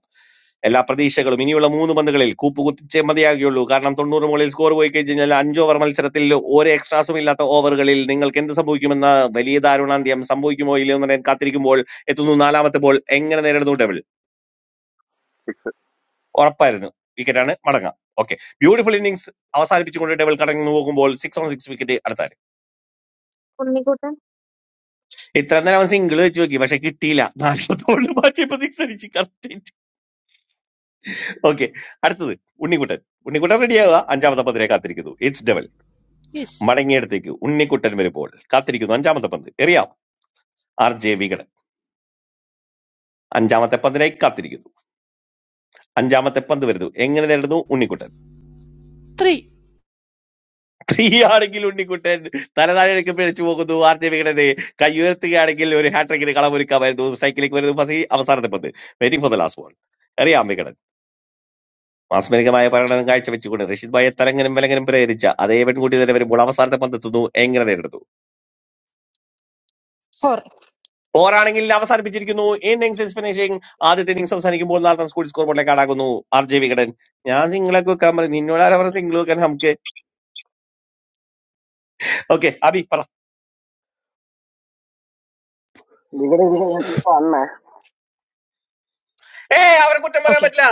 Speaker 12: എല്ലാ പ്രതീക്ഷകളും ഇനിയുള്ള മൂന്ന് പന്തുകളിൽ കൂപ്പ് കുത്തിച്ചേ മതിയാകുകയുള്ളൂ കാരണം തൊണ്ണൂറ് മുകളിൽ സ്കോർ പോയി കഴിഞ്ഞാൽ അഞ്ച് ഓവർ മത്സരത്തിൽ ഒരു എക്സ്ട്രാസും ഇല്ലാത്ത ഓവറുകളിൽ നിങ്ങൾക്ക് എന്ത് സംഭവിക്കുമെന്ന വലിയ ദാരുണാന്ത്യം സംഭവിക്കുമോ ഇല്ലയോ എന്ന് ഞാൻ കാത്തിരിക്കുമ്പോൾ എത്തുന്നു നാലാമത്തെ ബോൾ എങ്ങനെ നേരിടുന്നു ഡെവിൾ
Speaker 27: six.
Speaker 12: ഉറപ്പായിരുന്നു വിക്കറ്റാണ് മടങ്ങാം ഓക്കെ ബ്യൂട്ടിഫുൾ ഇന്നിംഗ്സ് അവസാനിപ്പിച്ചുകൊണ്ട് ഡെവിൾ കടന്നു പോകുമ്പോൾ സിക്സ് ഓൺ സിക്സ് വിക്കറ്റ് അടുത്തായി
Speaker 3: ഉണ്ണിക്കുട്ടൻ
Speaker 12: ഇത്ര നേരം അവൻ സിംഗിൾ വെച്ച് നോക്കി പക്ഷെ കിട്ടിയില്ല നാലാമത്തോളിൽ മാറ്റിയപ്പോ സിക്സ് അടിച്ച് കറക്റ്റ് ഓക്കെ അടുത്തത് ഉണ്ണിക്കുട്ടൻ ഉണ്ണിക്കുട്ടൻ റെഡിയാവുക അഞ്ചാമത്തെ പന്തിനെ കാത്തിരിക്കുന്നു ഇറ്റ്സ് ഡബിൾ
Speaker 28: Is
Speaker 12: മടങ്ങിയെടുത്തേക്ക് ഉണ്ണിക്കുട്ടൻ വരുമ്പോൾ കാത്തിരിക്കുന്നു അഞ്ചാമത്തെ പന്ത് എറിയാം ആർ ജെ വികടൻ അഞ്ചാമത്തെ പന്തിനായി കാത്തിരിക്കുന്നു അഞ്ചാമത്തെ പന്ത് വരുന്നു എങ്ങനെ നേടുന്നു ഉണ്ണിക്കുട്ടൻ
Speaker 28: three
Speaker 12: ത്രീ ആണെങ്കിൽ ഉണ്ണിക്കുട്ടൻ തലതാഴെ പിഴച്ചു പോകുന്നു ആർ ജെ വികടനെ കൈ ഉയർത്തുകയാണെങ്കിൽ ഒരു ഹാട്രിക്കിന് കളമൊരുക്കാമായിരുന്നു സ്ട്രൈക്കിലേക്ക് വരുന്നു ഫസി അവസാനത്തെ പന്ത് waiting for the last ball എറിയാം വികടൻ മാസ്മരികമായ പ്രകടനം കാഴ്ചവെച്ചുകൊണ്ട് റഷീദ് ഭായെ തലങ്ങനും വിലങ്ങനും പ്രേരിച്ച അതേ പെൺകുട്ടി തന്നെ വരുമ്പോൾ അവസാനത്തെ പന്തെത്തുന്നു എങ്ങനെ നേരിടുന്നു
Speaker 26: four.
Speaker 12: പോരാണെങ്കിൽ അവസാനിപ്പിച്ചിരിക്കുന്നു ഇന്നിംഗ്സ് ഫിനിഷിംഗ് ആദ്യത്തെ ഇന്നിംഗ്സ് അവസാനിക്കുമ്പോൾ നാല് റൺസ് കൂടി സ്കോർ ബോർഡിലേക്ക് ആടാകുന്നു ആർ ജെ വികടൻ ഞാൻ നിങ്ങളെ കുക്കാൻ പറഞ്ഞു നിന്നോട് ആരാ പറഞ്ഞു നിങ്ങൾ വെക്കാൻ നമുക്ക് ഓക്കെ അബി പറ ഏ അവരെ കുറ്റം പറയാൻ
Speaker 26: Okay.
Speaker 12: പറ്റില്ല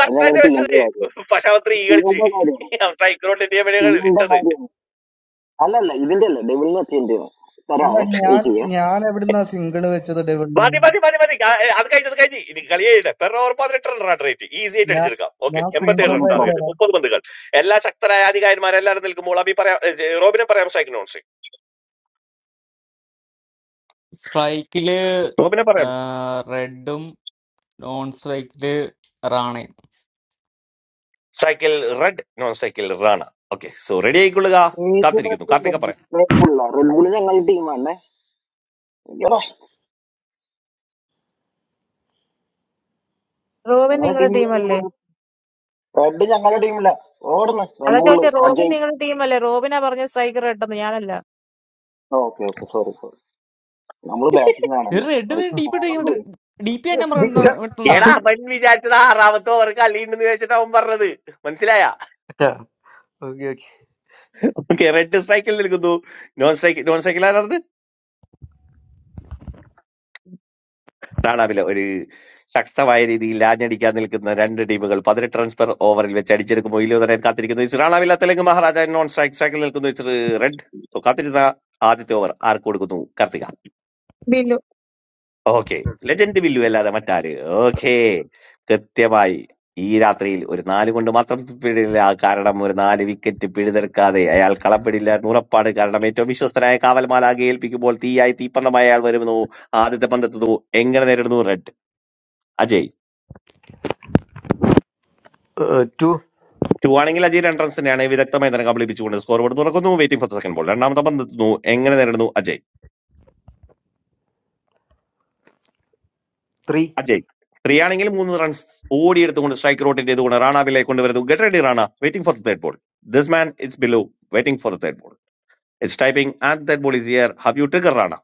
Speaker 12: കറക്റ്റായിട്ട് വെച്ചത് പക്ഷെ അവൻ ത്രീ കളിച്ച് അവൻ സ്ട്രൈക്കിലോട്ട് ഇന്ത്യ ഇട്ടത്
Speaker 2: അല്ല ഞാൻ ഞാൻ എവിടുന്നാ സിംഗിൾ വെച്ചത് ഡെവിളിന്
Speaker 12: മതി മതി മതി മതി ആ, ഏ, അത് കഴിഞ്ഞത് കഴിഞ്ഞ് ഇനി കളിയേയില്ല പെർ ഓവർ പതിനെട്ട് റൺ റൺ റേറ്റ് ഈസി ആയിട്ട്
Speaker 2: ഞാൻ
Speaker 12: അടിച്ചെടുക്കാം ഓക്കെ
Speaker 2: ഞാൻ
Speaker 12: എൺപത്തി ഏഴ്
Speaker 2: സ്ക്രീൻഷോട്ട്
Speaker 12: റൺസ്
Speaker 2: അയച്ചു
Speaker 12: ടാർഗറ്റ്
Speaker 2: തരാം
Speaker 12: മുപ്പത് പന്തുകൾ എല്ലാ ശക്തരായ അധികാരിമാരെല്ലാവരും നിൽക്കുമ്പോൾ അബി പറയാം ഏ, ജെ- റോബിനെ പറയാം സ്ട്രൈക്ക് നോൺ സ്ട്രൈക്ക്
Speaker 22: സ്ട്രൈക്കില്
Speaker 12: റോബിനെ പറയാം
Speaker 22: റെഡും നോൺ സ്ട്രൈക്കില് റാണയും
Speaker 12: സ്ട്രൈക്കിൽ റെഡ് നോൺ സ്ട്രൈക്കിൽ റാണ ഓക്കെ സോ റെഡി ആയിക്കൊള്ളുക കാത്തിരിക്കുന്നു കാർത്തിക പറയാം
Speaker 3: റോബിൻ നിങ്ങളുടെ ടീമല്ലേ അതാ ചോദിച്ചേ റോബിൻ നിങ്ങളുടെ ടീമല്ലേ റോബിനാ പറഞ്ഞ സ്ട്രൈക്കർ ഇട്ടെന്ന് ഞാനല്ല
Speaker 22: ഒരു റെഡ് ഡീപ്പ് ഡി പി ആ നമ്പർ
Speaker 29: Yeah.
Speaker 22: വെട്ടുന്ന
Speaker 12: എടാ അവൻ വിചാരിച്ചത് ആറാമത്തെ ഓവർ കളിയുണ്ടെന്ന് വിചാരിച്ചിട്ട് അവൻ പറഞ്ഞത് മനസ്സിലായ
Speaker 29: Yeah. Okay. okay.
Speaker 12: Okay Red സ്ട്രൈക്കിൽ നിൽക്കുന്നു നോൺ സ്ട്രൈക്ക് നോൺ സ്ട്രൈക്കിൽ ആരാ നാണാവില ഒരു ശക്തമായ രീതിയിൽ ആഞ്ഞടിക്കാൻ നിൽക്കുന്ന രണ്ട് ടീമുകൾ പതിനെട്ട് റൺസ് പെർ ഓവറിൽ വെച്ച് അടിച്ചെടുക്കുമ്പോൾ ഇല്ലുതരാൻ കാത്തിരിക്കുന്നു ഇച്ചിരി റാണാവില തെലുങ്ക് മഹാരാജ നോൺ സ്ട്രൈക്ക് സ്ട്രൈക്കിൽ നിൽക്കുന്നു ഇച്ചിരി റെഡ് സോ കാത്തിരുന്ന ആദ്യത്തെ ഓവർ ആർക്ക് കൊടുക്കുന്നു കാർത്തിക
Speaker 3: ബില്ലു
Speaker 12: ഓക്കെ ലെജൻഡ് വില്ലു അല്ലാതെ മറ്റാര് ഓക്കെ കൃത്യമായി ഈ രാത്രിയിൽ ഒരു നാല് കൊണ്ട് മാത്രം പിടില്ല കാരണം ഒരു നാല് വിക്കറ്റ് പിഴുതെടുക്കാതെ അയാൾ കളപ്പിടില്ല നൂറപ്പാട് കാരണം ഏറ്റവും വിശ്വസ്തനായ കാവൽമാലാകെ ഏൽപ്പിക്കുമ്പോൾ തീയായി തീപ്പന്തമായി അയാൾ വരുന്നു ആദ്യത്തെ പന്തെത്തുന്നു എങ്ങനെ നേരിടുന്നു റെഡ് അജയ്
Speaker 29: Uh, two,
Speaker 12: ടുവാണെങ്കിൽ അജയ് രണ്ട് റൺസിനെയാണ് വിദഗ്ധമായി തന്നെ കബളിപ്പിച്ചുകൊണ്ട് സ്കോർ ബോർഡ് തുറക്കുന്നു വെയിറ്റിംഗ് ഫോർ സെക്കൻഡ് ബോൾ രണ്ടാമത്തെ പന്ത് എത്തുന്നു എങ്ങനെ നേടുന്നു അജയ്
Speaker 29: three,
Speaker 12: അജയ് ത്രീ ആണെങ്കിൽ മൂന്ന് റൺസ് ഓടിയെടുത്തുകൊണ്ട് സ്ട്രൈക്ക് റോട്ടേറ്റ് ചെയ്തുകൊണ്ട് റാണാബിലെ കൊണ്ടുവരുന്നു get ready Rana waiting for the third ball this man it's Billu waiting for the third ball it's typing and third ball is here have you trigger Rana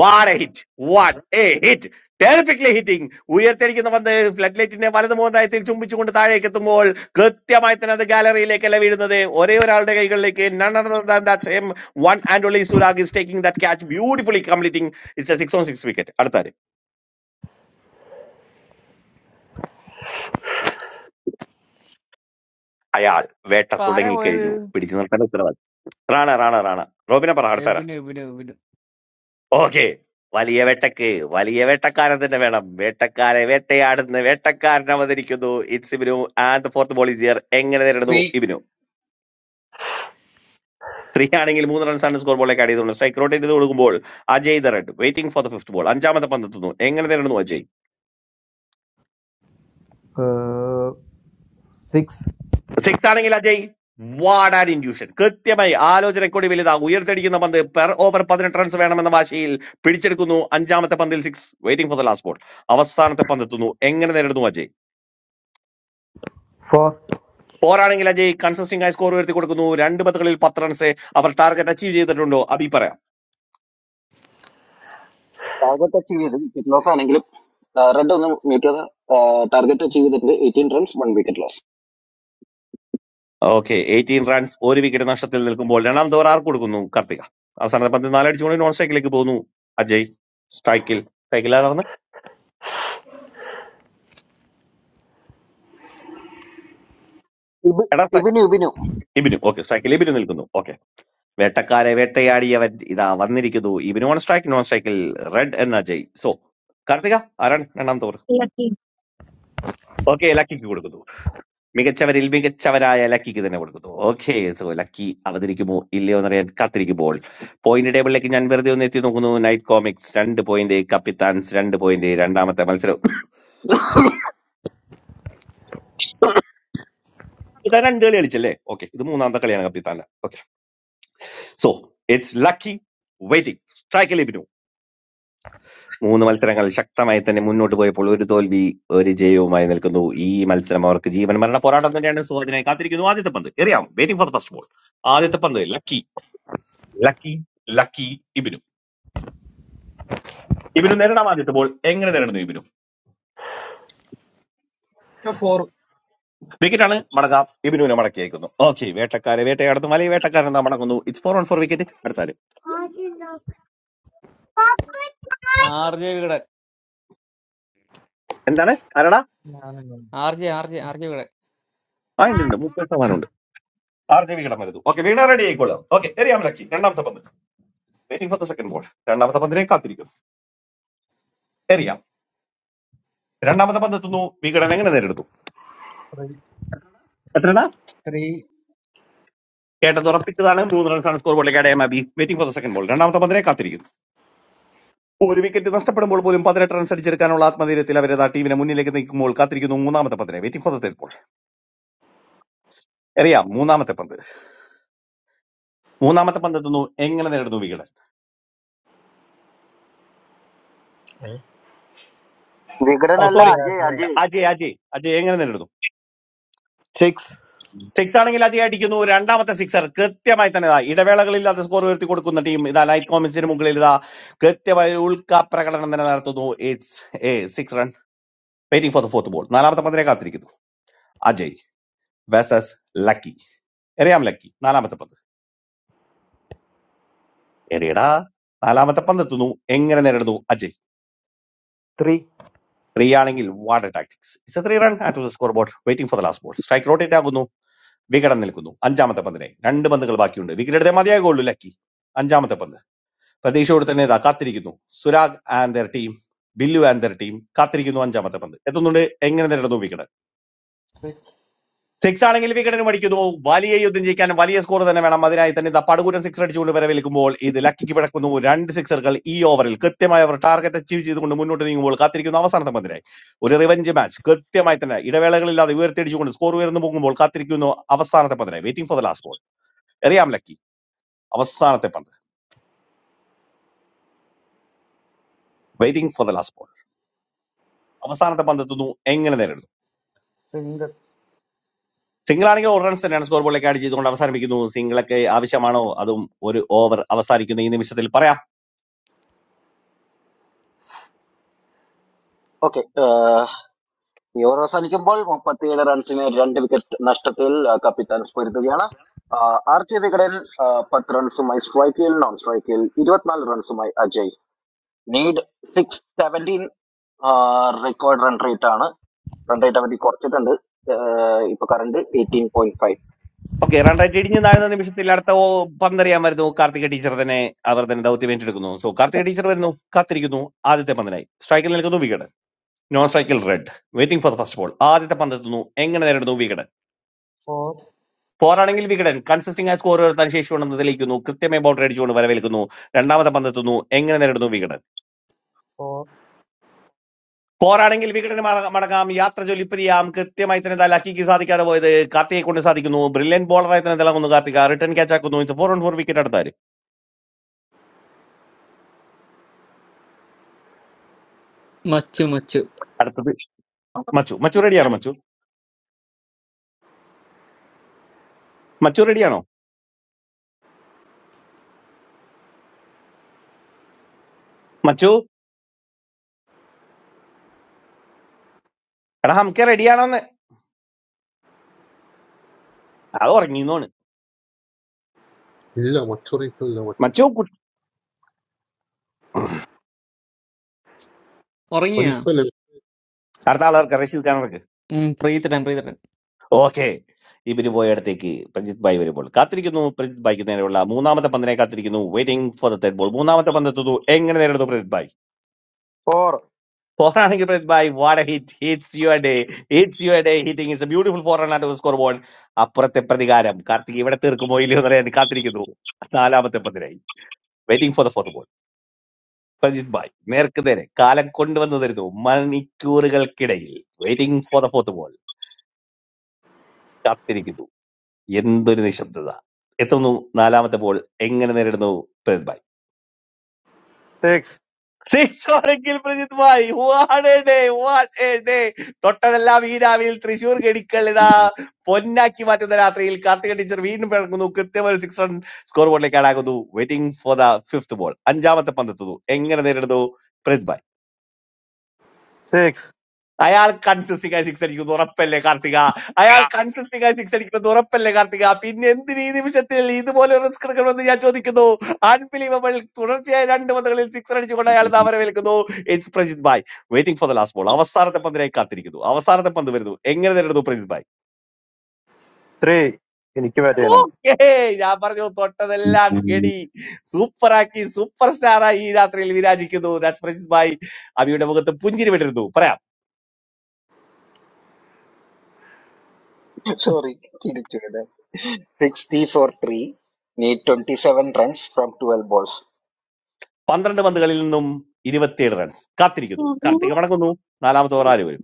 Speaker 12: what a hit what a hit terrifically hitting ഉയർത്തിരിക്കുന്ന പന്ത് flood ലൈറ്റിന്റെ വലത് മോന്തായത്തിൽ ചുംബിച്ചുകൊണ്ട് താഴേക്ക് എത്തുമ്പോൾ കൃത്യമായി തന്നെ അത് ഗാലറിയിലേക്കല്ല വീഴുന്നത് ഒരേ ഒരാളുടെ കൈകളിലേക്ക് same one and only Surag is taking that catch beautifully completing it's six on six wicket അടുത്താര് അയാൾ വേട്ട
Speaker 22: ഇപ്പൊ ആരാ പോയത്
Speaker 12: തുടങ്ങിക്കഴിഞ്ഞു പിടിച്ചു നിർത്തേണ്ട ഉത്തരവാദി റാണ റാണ റാണ റോബിനെ പറ അടുത്താരാ
Speaker 22: എബിന് എബിന് എബിന്
Speaker 12: ഓക്കെ വലിയ വേട്ടക്ക് വലിയ വേട്ടക്കാരൻ തന്നെ വേണം വേട്ടക്കാരെ വേട്ടയാടുന്ന വേട്ടക്കാരൻ അവതരിക്കുന്നു it's Ibinu and fourth ball here എങ്ങനെ നേരിടുന്നു
Speaker 16: three
Speaker 12: ഇബിനു ത്രീ ആണെങ്കിൽ മൂന്ന് റൺസാണ് സ്കോർ ബോളിലേക്ക് ആഡ് ചെയ്തുകൊണ്ട് സ്ട്രൈക്ക് റോട്ട് ചെയ്ത് കൊടുക്കുമ്പോൾ Ajay the Red waiting for the fifth ball അഞ്ചാമത്തെ പന്തെത്തുന്നു എങ്ങനെ നേരിടുന്നു അജയ്
Speaker 29: uh, six,
Speaker 12: സിക്സ് ആണെങ്കിൽ അജയ് വാഡ് ആൻഡ് ഇൻഡ്യൂഷൻ കൃത്യമായി ആലോചനക്കൂടി വലുതാ ഉയർത്തടിക്കുന്ന പന്ത് പെർ ഓവർ പതിനെട്ട് റൺസ് വേണമെന്ന വാശിയിൽ പിടിച്ചെടുക്കുന്നു അഞ്ചാമത്തെ പന്തിൽ six waiting for the last ball അവസാനത്തെ പന്തെത്തുന്നു എങ്ങനെ നേരിടുന്നു അജയ്
Speaker 29: four,
Speaker 12: പോരാണെങ്കിൽ അജയ് കൺസിസ്റ്റിംഗ് ആയി സ്കോർ ഉയർത്തി കൊടുക്കുന്നു രണ്ട് പത്തുകളിൽ പത്ത് റൺസ് അവർ ടാർഗറ്റ് അച്ചീവ് ചെയ്തിട്ടുണ്ടോ അബി പറയാം ഓക്കെ എയ്റ്റീൻ റൺസ് ഒരു വിക്കറ്റ് നഷ്ടത്തിൽ നിൽക്കുമ്പോൾ രണ്ടാമത്തെ ഓവർ ആർക്ക് കൊടുക്കുന്നു കാർത്തിക അവസാനത്തെ പന്ത് നാലടിച്ചുകൊണ്ട് നോൺ സ്ട്രൈക്കിലേക്ക് പോകുന്നു അജയ് സ്ട്രൈക്കിൽ സ്ട്രൈക്കിൽ ആരാണ് എടാ സ്ട്രൈ- ഇബിനു ഓക്കെ സ്ട്രൈക്കിൽ ഇബിനു നിൽക്കുന്നു ഓക്കെ വേട്ടക്കാരെ വേട്ടയാടിയവൻ ഇതാ വന്നിരിക്കുന്നു ഇബിനു ഓൺ സ്ട്രൈക്ക് നോൺ സ്ട്രൈക്കിൽ റെഡ് എന്ന അജയ് സോ കാർത്തിക ആരാണ് രണ്ടാമത്തെ ഓവർ ഓക്കെ ലക്കിക്ക് കൊടുക്കുന്നു മികച്ചവരിൽ മികച്ചവരായ ലക്കിക്ക് തന്നെ കൊടുക്കുന്നു ഓക്കെ സോ ലക്കി അവതരിക്കുമോ ഇല്ലയോ എന്നറിയാൻ കാത്തിരിക്കുമ്പോൾ പോയിന്റ് ടേബിളിലേക്ക് ഞാൻ വെറുതെ ഒന്ന് എത്തി നോക്കുന്നു നൈറ്റ് കോമിക്സ് രണ്ട് പോയിന്റ് കപ്പിത്താൻസ് രണ്ട് പോയിന്റ് രണ്ടാമത്തെ മത്സരം കപ്പിത്താൻ രണ്ട് കളി കളിച്ചല്ലേ ഓക്കെ ഇത് മൂന്നാമത്തെ കളിയാണ് കപ്പിത്താന്റെ okay so it's Lucky waiting സ്ട്രൈക്കിൽ ഇബിനു മൂന്ന് മത്സരങ്ങൾ ശക്തമായി തന്നെ മുന്നോട്ട് പോയപ്പോൾ ഒരു തോൽവി ഒരു ജയവുമായി നിൽക്കുന്നു ഈ മത്സരം അവർക്ക് ജീവൻ മരണ പോരാട്ടം തന്നെയാണ് സോ അതിനായി കാത്തിരിക്കുന്നു ആദ്യത്തെ പന്ത് എറിയാം waiting for the first ball ആദ്യത്തെ പന്ത് Lucky Lucky Lucky Ibinu Ibinu നേരിടാൻ ആദ്യത്തെ എങ്ങനെ നേരിടുന്നു ഇബിനു
Speaker 16: yeah four.
Speaker 12: വിക്കറ്റാണ് മടക്കാം ഇബിനുവിനെ മടക്കി അയക്കുന്നു ഓക്കെ വേട്ടക്കാരെ വേട്ടയാടുന്നു വലയ വേട്ടക്കാരൻ മടങ്ങുന്നു it's four on four wicket അടുത്താല്
Speaker 22: ആർ ജെ വികടൻ
Speaker 12: എന്താണ് ആരടാ
Speaker 2: ഞാനുണ്ട്
Speaker 22: R J R J R J Vikatan
Speaker 12: ആ ഉണ്ട് ഉണ്ട് മുപ്പത് ശതമാനം ഉണ്ട് ആർ ജെ വികടം വരുന്നു ഓക്കെ വീണ റെഡി ആയിക്കോളാം ഓക്കെ എറിയാം ലക്കി രണ്ടാമത്തെ പന്ത് waiting for the second ball രണ്ടാമത്തെ പന്തിനെ കാത്തിരിക്കും എറിയാം രണ്ടാമത്തെ പന്ത് എത്തുന്നു വികടൻ എങ്ങനെ നേരിടുന്നു
Speaker 2: ത്രീ
Speaker 12: എത്രടാ
Speaker 2: ത്രീ
Speaker 12: കേട്ടത് ഉറപ്പിച്ചതാണ് മൂന്ന് റൺസാണ് സ്കോർ ബോളിലേക്ക് അടയാൻ മാബി waiting for the second ball രണ്ടാമത്തെ പന്തിനെ കാത്തിരിക്കുന്നു ഒരു വിക്കറ്റ് നഷ്ടപ്പെടുമ്പോൾ പോലും പതിനെട്ട് റൺസ് അടിച്ചെടുക്കാനുള്ള ആത്മധൈര്യത്തിൽ അവരേതാ ടീമിനെ മുന്നിലേക്ക് നീക്കുമ്പോൾ കാത്തിരിക്കുന്നു മൂന്നാമത്തെ പന്തിനെ waiting for the third ball അറിയാം മൂന്നാമത്തെ പന്ത് മൂന്നാമത്തെ പന്ത് എത്തുന്നു എങ്ങനെ നേടുന്നു വികടൻ ഓ
Speaker 2: അതെ
Speaker 12: സോറി
Speaker 2: അതെ
Speaker 12: അജയ് അജയ് അജയ് എങ്ങനെ നേടുന്നു
Speaker 29: six,
Speaker 12: സിക്സ് ആണെങ്കിൽ അജയ് അടിക്കുന്നു രണ്ടാമത്തെ സിക്സർ കൃത്യമായി തന്നെ ഇതാ ഇടവേളകളില്ലാതെ സ്കോർ ഉയർത്തി കൊടുക്കുന്ന ടീം ഇതാ നൈറ്റ് കോമിൻസിന് മുകളിൽ ഇതാ കൃത്യമായ ഒരു ഉൾക്കാ പ്രകടനം തന്നെ നടത്തുന്നു it's a six run waiting for the fourth ball നാലാമത്തെ പന്തിനെ കാത്തിരിക്കുന്നു അജയ് വേഴ്സസ് ലക്കി എറിയാം ലക്കി നാലാമത്തെ പന്ത് എറിയടാ നാലാമത്തെ പന്ത് എത്തുന്നു എങ്ങനെ നേരിടുന്നു അജയ്
Speaker 29: three,
Speaker 12: ത്രീ ആണെങ്കിൽ water tactics it's a three run at score board waiting for the last ball strike rotate ആകുന്നു വികടൻ നിൽക്കുന്നു അഞ്ചാമത്തെ പന്തിനെ രണ്ട് പന്തുകൾ ബാക്കിയുണ്ട് വിക്കറ്റ് എടുത്തേ മതിയാകുള്ളൂ ലക്കി അഞ്ചാമത്തെ പന്ത് പ്രതീക്ഷയോട് തന്നെ ഇതാ കാത്തിരിക്കുന്നു Surag and their team Billu and their team കാത്തിരിക്കുന്നു അഞ്ചാമത്തെ പന്ത് എത്തുന്നുണ്ട് എങ്ങനെ നേരിടുന്നു വിക്കറ്റ്
Speaker 2: സിക്സ്
Speaker 12: സിക്സ് ആണെങ്കിൽ വിക്കറ്റിന് മടിക്കുന്നു വലിയ യുദ്ധം ജയിക്കാൻ വലിയ സ്കോർ തന്നെ വേണം അതിനായി തന്നെ ഇതാ പടുകൂറ്റൻ സിക്സ് അടിച്ചുകൊണ്ട് വരവേൽക്കുമ്പോൾ ഇത് ലക്കിക്ക് പിടക്കുന്നു രണ്ട് സിക്സറുകൾ ഈ ഓവറിൽ കൃത്യമായി അവർ ടാർഗറ്റ് അച്ചീവ് ചെയ്തുകൊണ്ട് മുന്നോട്ട് നീങ്ങുമ്പോൾ കാത്തിരിക്കുന്നു അവസാനത്തെ പന്തിനായി ഒരു റിവഞ്ച് മാച്ച് കൃത്യമായി തന്നെ ഇടവേളകളില്ലാതെ ഉയർത്തിയടിച്ചുകൊണ്ട് സ്കോർ ഉയർന്നു പോകുമ്പോൾ കാത്തിരിക്കുന്നു അവസാനത്തെ പതിനായി waiting for the last ball എറിയാം ലക്കി അവസാനത്തെ പന്ത് waiting for the last ball അവസാനത്തെ പന്ത് എത്തുന്നു എങ്ങനെ നേരിടുന്നു
Speaker 2: സിംഗിൾ
Speaker 12: സിംഗിളാണെങ്കിൽ ഒരു റൺസ് തന്നെയാണ് സ്കോർ ബോളിലേക്ക് ആഡ് ചെയ്തുകൊണ്ട് അവസാനിപ്പിക്കുന്നു സിംഗിളൊക്കെ ആവശ്യമാണോ അതും ഒരു ഓവർ അവസാനിക്കുന്ന ഈ നിമിഷത്തിൽ പറയാം ഓക്കെ റൺ റേറ്റ് ഇടിഞ്ഞ് താഴ്ന്ന നിമിഷത്തിൽ അടുത്ത ഓ പന്തറിയാൻ വരുന്നു കാർത്തിക ടീച്ചർ തന്നെ അവർ തന്നെ ദൗത്യം ഏറ്റെടുക്കുന്നു സോ കാർത്തിക ടീച്ചർ വരുന്നു കാത്തിരിക്കുന്നു ആദ്യത്തെ പന്തിനായി സ്ട്രൈക്കിൽ നിൽക്കുന്നു വികടൻ നോൺ സ്ട്രൈക്കിൽ red waiting for the first ball ആദ്യത്തെ പന്ത് എത്തുന്നു എങ്ങനെ നേരിടുന്നു വികടൻ
Speaker 2: ഫോർ
Speaker 12: ഫോറാണെങ്കിൽ വികടൻ കൺസിസ്റ്റിംഗ് ആയി സ്കോർ ഉയർത്താൻ ശേഷിയുണ്ടെന്ന് തെളിയിക്കുന്നു കൃത്യമായി ബൗണ്ടറി അടിച്ചുകൊണ്ട് വരവേൽക്കുന്നു രണ്ടാമത്തെ പന്തെത്തുന്നു എങ്ങനെ നേരിടുന്നു വികടൻ
Speaker 2: ഫോർ
Speaker 12: പോരാണെങ്കിൽ വികടന് മട- മടങ്ങാം യാത്ര ജോലിപ്പതിയാം കൃത്യമായി തന്നെ ദാ ലക്കിക്ക് സാധിക്കാതെ പോയത് കാർത്തികെ കൊണ്ട് സാധിക്കുന്നു ബ്രില്യൻ ബോളറായി തന്നെ തിളങ്ങുന്നു കാർത്തിക റിട്ടേൺ ക്യാച്ച് ആക്കുന്നു it's four on four wicket അടുത്താര്
Speaker 22: മച്ചു മച്ചു
Speaker 12: അടുത്തത് മച്ചു മച്ചു റെഡിയാണോ മച്ചു മച്ചു റെഡിയാണോ മച്ചു എടാ നമുക്ക് റെഡിയാണോന്ന് അത് ഉറങ്ങിന്നോണ്
Speaker 15: ഇല്ല മറ്റൊറിക്കല്ല മറ്റു
Speaker 12: മച്ചു കു-
Speaker 22: ഉറങ്ങിയാ
Speaker 15: അവനിപ്പല്ലേ
Speaker 12: അടുത്ത ആളർക്ക് റഷീദ് ഖാനർക്ക്
Speaker 22: ഉം, പ്രീതടൻ പ്രീതടൻ
Speaker 12: ഓക്കെ ഇവര് പോയടത്തേക്ക് പ്രജിത് ബായി വരുമ്പോൾ കാത്തിരിക്കുന്നു പ്രജിത് ബായിക്ക് നേരെയുള്ള മൂന്നാമത്തെ പന്തിനെ കാത്തിരിക്കുന്നു waiting for the third ball മൂന്നാമത്തെ പന്തെത്തുന്നു എങ്ങനെ നേരിടുന്നു പ്രജിത് ബായി
Speaker 30: Four,
Speaker 12: Four-running replaced by what a hit. Hits your day. Hits your day. Hitting is a beautiful four-runner to the scoreboard. അപ്പുറത്തെ പ്രതികാരം കാർത്തിക് ഇവിടെ തീർക്കുമോ ഇല്ലയോ എന്ന് അറിയാൻ കാത്തിരിക്കുന്നു നാലാമത്തെ പന്തിനായി waiting for the fourth ball Prajith bhai നേർക്ക് നേരെ കാലം കൊണ്ടുവന്നു തരുന്നു മണിക്കൂറുകൾക്കിടയിൽ waiting for the fourth ball കാത്തിരിക്കുന്നു എന്തൊരു നിശബ്ദത എത്തുന്നു നാലാമത്തെ ബോൾ എങ്ങനെ നേരിടുന്നു പ്രജിത് ബായ്
Speaker 30: six,
Speaker 12: സിക്സ് ആണെങ്കിൽ Prajith bhai what a day what a day തൊട്ടതെല്ലാം ഈ രാവിലെ തൃശൂർ ഗഡിക്കൾ ഇതാ പൊന്നാക്കി മാറ്റുന്ന രാത്രിയിൽ കാർത്തിക ടീച്ചർ വീണ്ടും പിറക്കുന്നു കൃത്യമായ ഒരു സിക്സ് റൺ സ്കോർ ബോർഡിലേക്ക് ആടാകുന്നു waiting for the fifth ball അഞ്ചാമത്തെ പന്തെത്തുന്നു എങ്ങനെ നേരിടുന്നു പ്രജിത് ഭായ്
Speaker 30: six,
Speaker 12: അയാൾ കൺസിസ്റ്റിംഗ് ആയി സിക്സ് അടിക്കുന്നു ഉറപ്പല്ലേ കാർത്തിക അയാൾ കൺസിസ്റ്റിംഗ് ആയി സിക്സ് അടിക്കുന്നത് ഉറപ്പല്ലേ കാർത്തിക പിന്നെ എന്തിന് ഈ നിമിഷത്തിൽ ഇതുപോലെ റിസ്ക് എടുക്കണമെന്ന് ഞാൻ ചോദിക്കുന്നു അൺബിലീവബിൾ തുടർച്ചയായി രണ്ട് പന്തുകളിൽ സിക്സ് അടിച്ചുകൊണ്ട് അയാൾ താമരമേൽക്കുന്നു it's Prajith bhai waiting for the last ball അവസാനത്തെ പന്തിനായി കാത്തിരിക്കുന്നു അവസാനത്തെ പന്ത് വരുന്നു എങ്ങനെ നേരിടുന്നു Prajith bhai
Speaker 30: three. In which match are we?
Speaker 12: Okay ഞാൻ പറഞ്ഞു തൊട്ടതെല്ലാം ഗഡി സൂപ്പറാക്കി സൂപ്പർ സ്റ്റാറായി ഈ രാത്രിയിൽ വിരാജിക്കുന്നു ദാറ്റ്സ് പ്രജിത് ബായ് അബിയുടെ മുഖത്ത് പുഞ്ചിരി വിട്ടിരുന്നു പറയാം പന്ത്രണ്ട് പന്തുകളിൽ നിന്നും ഇരുപത്തിയേഴ് റൺസ് കാത്തിരിക്കുന്നു കാർത്തിക മടങ്ങുന്നു നാലാമത്തെ ഓവർ ആര് വരും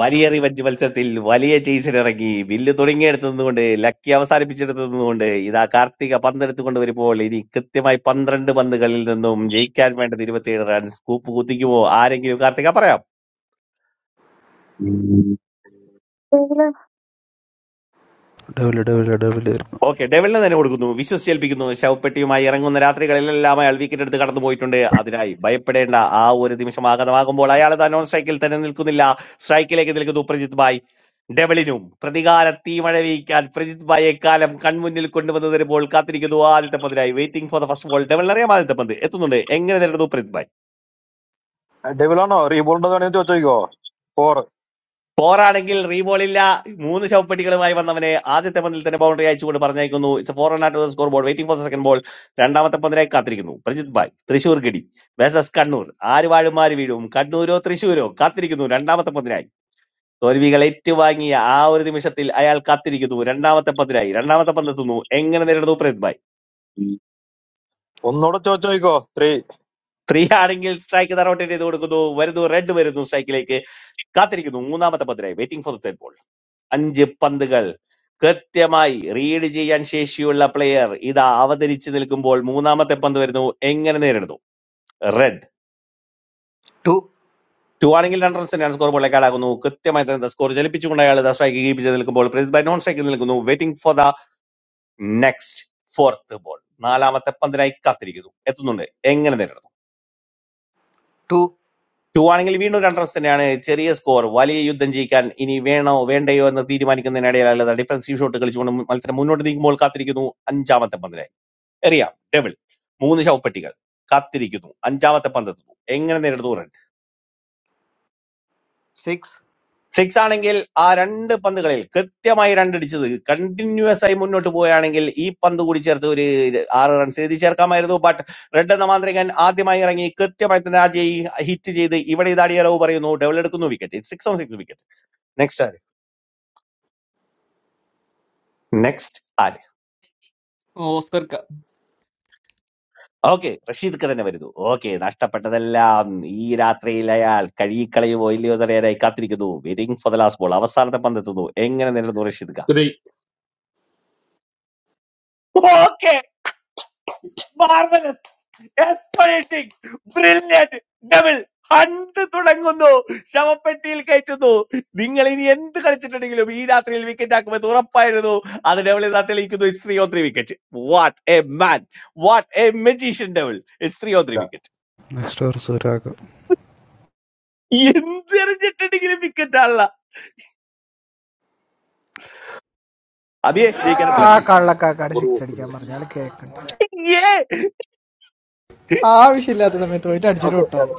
Speaker 12: വലിയ റിവഞ്ച് മത്സരത്തിൽ വലിയ ചേസിലിറങ്ങി വില്ല് തുടങ്ങിയെടുത്തതുകൊണ്ട് ലക്കി അവസാനിപ്പിച്ചെടുത്തതുകൊണ്ട് ഇതാ കാർത്തിക പന്തെടുത്തുകൊണ്ട് വരുമ്പോൾ ഇനി കൃത്യമായി പന്ത്രണ്ട് പന്തുകളിൽ നിന്നും ജയിക്കാൻ വേണ്ടത് ഇരുപത്തിയേഴ് റൺസ് കൂപ്പ് കുത്തിക്കുമോ ആരെങ്കിലും കാർത്തിക പറയാം
Speaker 3: lucky
Speaker 5: double double double
Speaker 12: okay ഡെവലിന് തന്നെ കൊടുക്കുന്നു വിശ്വസിച്ചേൽപ്പിക്കുന്നു ശവപ്പെട്ടിയുമായി ഇറങ്ങുന്ന രാത്രികളിലെല്ലാം അയാൾ വിക്കറ്റ് എടുത്ത് കടന്നു പോയിട്ടുണ്ട് അതിനായി ഭയപ്പെടേണ്ട ആ ഒരു നിമിഷം ആഗതമാകുമ്പോൾ അയാൾ താൻ നോൺ സ്ട്രൈക്കിൽ തന്നെ നിൽക്കുന്നില്ല സ്ട്രൈക്കിലേക്ക് നിൽക്കുന്നു പ്രജിത് ഭായ് ഡെവലിനും പ്രതികാര തീമഴ വീക്കാൻ പ്രജിത് ഭായ് എക്കാലം കൺമുന്നിൽ കൊണ്ടുവന്ന് തരുമ്പോൾ കാത്തിരിക്കുന്നു ആദ്യത്തെ പന്തിനായി waiting for the first ball ഡെവലിനറിയാം ആദ്യത്തെ പന്ത് എത്തുന്നുണ്ട് എങ്ങനെ നേരിടുന്നു Prajith bhai
Speaker 30: Devilano, Reebolna are playing today. Four,
Speaker 12: ഫോറാണെങ്കിൽ റീബോളില്ല മൂന്ന് ശവപ്പെട്ടികളുമായി വന്നവനെ ആദ്യത്തെ പന്തിൽ തന്നെ ബൗണ്ടറി അയച്ചുകൊണ്ട് പറഞ്ഞയക്കുന്നു ഇറ്റ്സ് ഫോർ നാട്ടുള്ള score board waiting for second ball രണ്ടാമത്തെ പന്തിനായി കാത്തിരിക്കുന്നു പ്രജിത് ബായ് തൃശൂർ ഗഡി വേസസ് കണ്ണൂർ ആര് വാഴും ആര് വീഴും കണ്ണൂരോ തൃശൂരോ കാത്തിരിക്കുന്നു രണ്ടാമത്തെ പന്തിനായി തോൽവികൾ ഏറ്റുവാങ്ങിയ ആ ഒരു നിമിഷത്തിൽ അയാൾ കാത്തിരിക്കുന്നു രണ്ടാമത്തെ പന്തിനായി രണ്ടാമത്തെ പന്തെത്തുന്നു എങ്ങനെ നേരിടുന്നു Prajith bhai
Speaker 30: Onnoda are playing today. Three,
Speaker 12: free ആണെങ്കിൽ സ്ട്രൈക്ക് തറോട്ടേറ്റ് ചെയ്ത് കൊടുക്കുന്നു വരുന്നു റെഡ് വരുന്നു സ്ട്രൈക്കിലേക്ക് കാത്തിരിക്കുന്നു മൂന്നാമത്തെ പന്തിനായി വെയിറ്റിംഗ് ഫോർ തേർഡ് ബോൾ. അഞ്ച് പന്തുകൾ കൃത്യമായി റീഡ് ചെയ്യാൻ ശേഷിയുള്ള പ്ലെയർ ഇതാ അവതരിച്ച് നിൽക്കുമ്പോൾ മൂന്നാമത്തെ പന്ത് വരുന്നു എങ്ങനെ നേരിടുന്നു റെഡ്
Speaker 29: two,
Speaker 12: ടു ആണെങ്കിൽ രണ്ടർ തന്നെയാണ് സ്കോർ ബോളിലേക്ക് ആടാകുന്നു കൃത്യമായി തന്നെ സ്കോർ ജലിപ്പിച്ചുകൊണ്ട് അയാൾ സ്ട്രൈക്ക് കീപ്പ് ചെയ്ത് നിൽക്കുമ്പോൾ പ്രീത് ബൈ നോൺ സ്ട്രൈക്കിൽ നിൽക്കുന്നു waiting for the next fourth ball നാലാമത്തെ പന്തിനായി കാത്തിരിക്കുന്നു എത്തുന്നുണ്ട് എങ്ങനെ നേരിടുന്നു
Speaker 29: two,
Speaker 12: ടു ആണെങ്കിൽ വീണ്ടും രണ്ട് റൺസ് തന്നെയാണ് ചെറിയ സ്കോർ വലിയ യുദ്ധം ജയിക്കാൻ ഇനി വേണോ വേണ്ടയോ എന്ന് തീരുമാനിക്കുന്നതിനിടയിൽ അല്ലാതെ ഡിഫൻസീവ് ഷോട്ട് കളിച്ചുകൊണ്ട് മത്സരം മുന്നോട്ട് നീങ്ങുമ്പോൾ കാത്തിരിക്കുന്നു അഞ്ചാമത്തെ പന്തിനായി എറിയാം ഡെവിൾ മൂന്ന് ശവപ്പെട്ടികൾ കാത്തിരിക്കുന്നു അഞ്ചാമത്തെ പന്ത് എത്തുന്നു എങ്ങനെ നേരിടുന്നു റൺ
Speaker 29: six,
Speaker 12: സിക്സ് ആണെങ്കിൽ ആ രണ്ട് പന്തുകളിൽ കൃത്യമായി രണ്ട് അടിച്ചത് കണ്ടിന്യൂസ് ആയി മുന്നോട്ട് പോവുകയാണെങ്കിൽ ഈ പന്ത് കൂടി ചേർത്ത് ഒരു ആറ് റൺസ് എഴുതി ചേർക്കാമായിരുന്നു ബട്ട് റെഡ് എന്ന മാന്ത്രികൻ ആദ്യമായി ഇറങ്ങി കൃത്യമായി തന്നെ അജയ് ഹിറ്റ് ചെയ്ത് ഇവിടെ ഇതാടിയ റവ് പറയുന്നു ഡെവിൾ എടുക്കുന്നു wicket six on six wicket next ആര് നെക്സ്റ്റ്
Speaker 22: ഓസ്കർ ക-
Speaker 12: ഓക്കെ റഷീദ്ക്ക് തന്നെ വരുന്നു ഓക്കെ നഷ്ടപ്പെട്ടതെല്ലാം ഈ രാത്രിയിൽ അയാൾ കഴുകിക്കളയുമോ ഇല്ലയോ എന്നറിയാനായി കാത്തിരിക്കുന്നു waiting for the last ball അവസാനത്തെ പന്തെത്തുന്നു എങ്ങനെ നേരിടുന്നു റഷീദ് ഖാൻ
Speaker 15: ഇത്രേ ഇല്ല.
Speaker 12: Okay marvellous expiating brilliant double hunt തുടങ്ങുന്നു ശവപ്പെട്ടിയിൽ കയറ്റുന്നു നിങ്ങൾ ഇനി എന്ത് കളിച്ചിട്ടുണ്ടെങ്കിലും ഈ രാത്രിയിൽ വിക്കറ്റ് ആക്കുമെന്ന് ഉറപ്പായിരുന്നു അത് ഡബിൾ ഇതാ തെളിയിക്കുന്നു it's three on three wicket what a man what a magician double it's three on three wicket
Speaker 5: next വർഷം ഒരാൾക്ക്
Speaker 12: എന്തെറിഞ്ഞിട്ടുണ്ടെങ്കിലും വിക്കറ്റ് ആണല്ല. അബിയെ
Speaker 15: ഈ
Speaker 12: ജയിക്കാനത്രേ
Speaker 10: ആ കള്ളക്കാക്കാട്
Speaker 15: ചോറ്
Speaker 10: സിക്സ് അടിക്കാൻ
Speaker 15: വെക്കുന്നില്ല
Speaker 10: പറഞ്ഞാൽ കേൾക്കുന്നത്
Speaker 12: ഇയ്യേ!
Speaker 10: ആവശ്യമില്ലാത്ത സമയത്ത് പോയിട്ട് അടിച്ചിട്ട് ഔട്ടാവും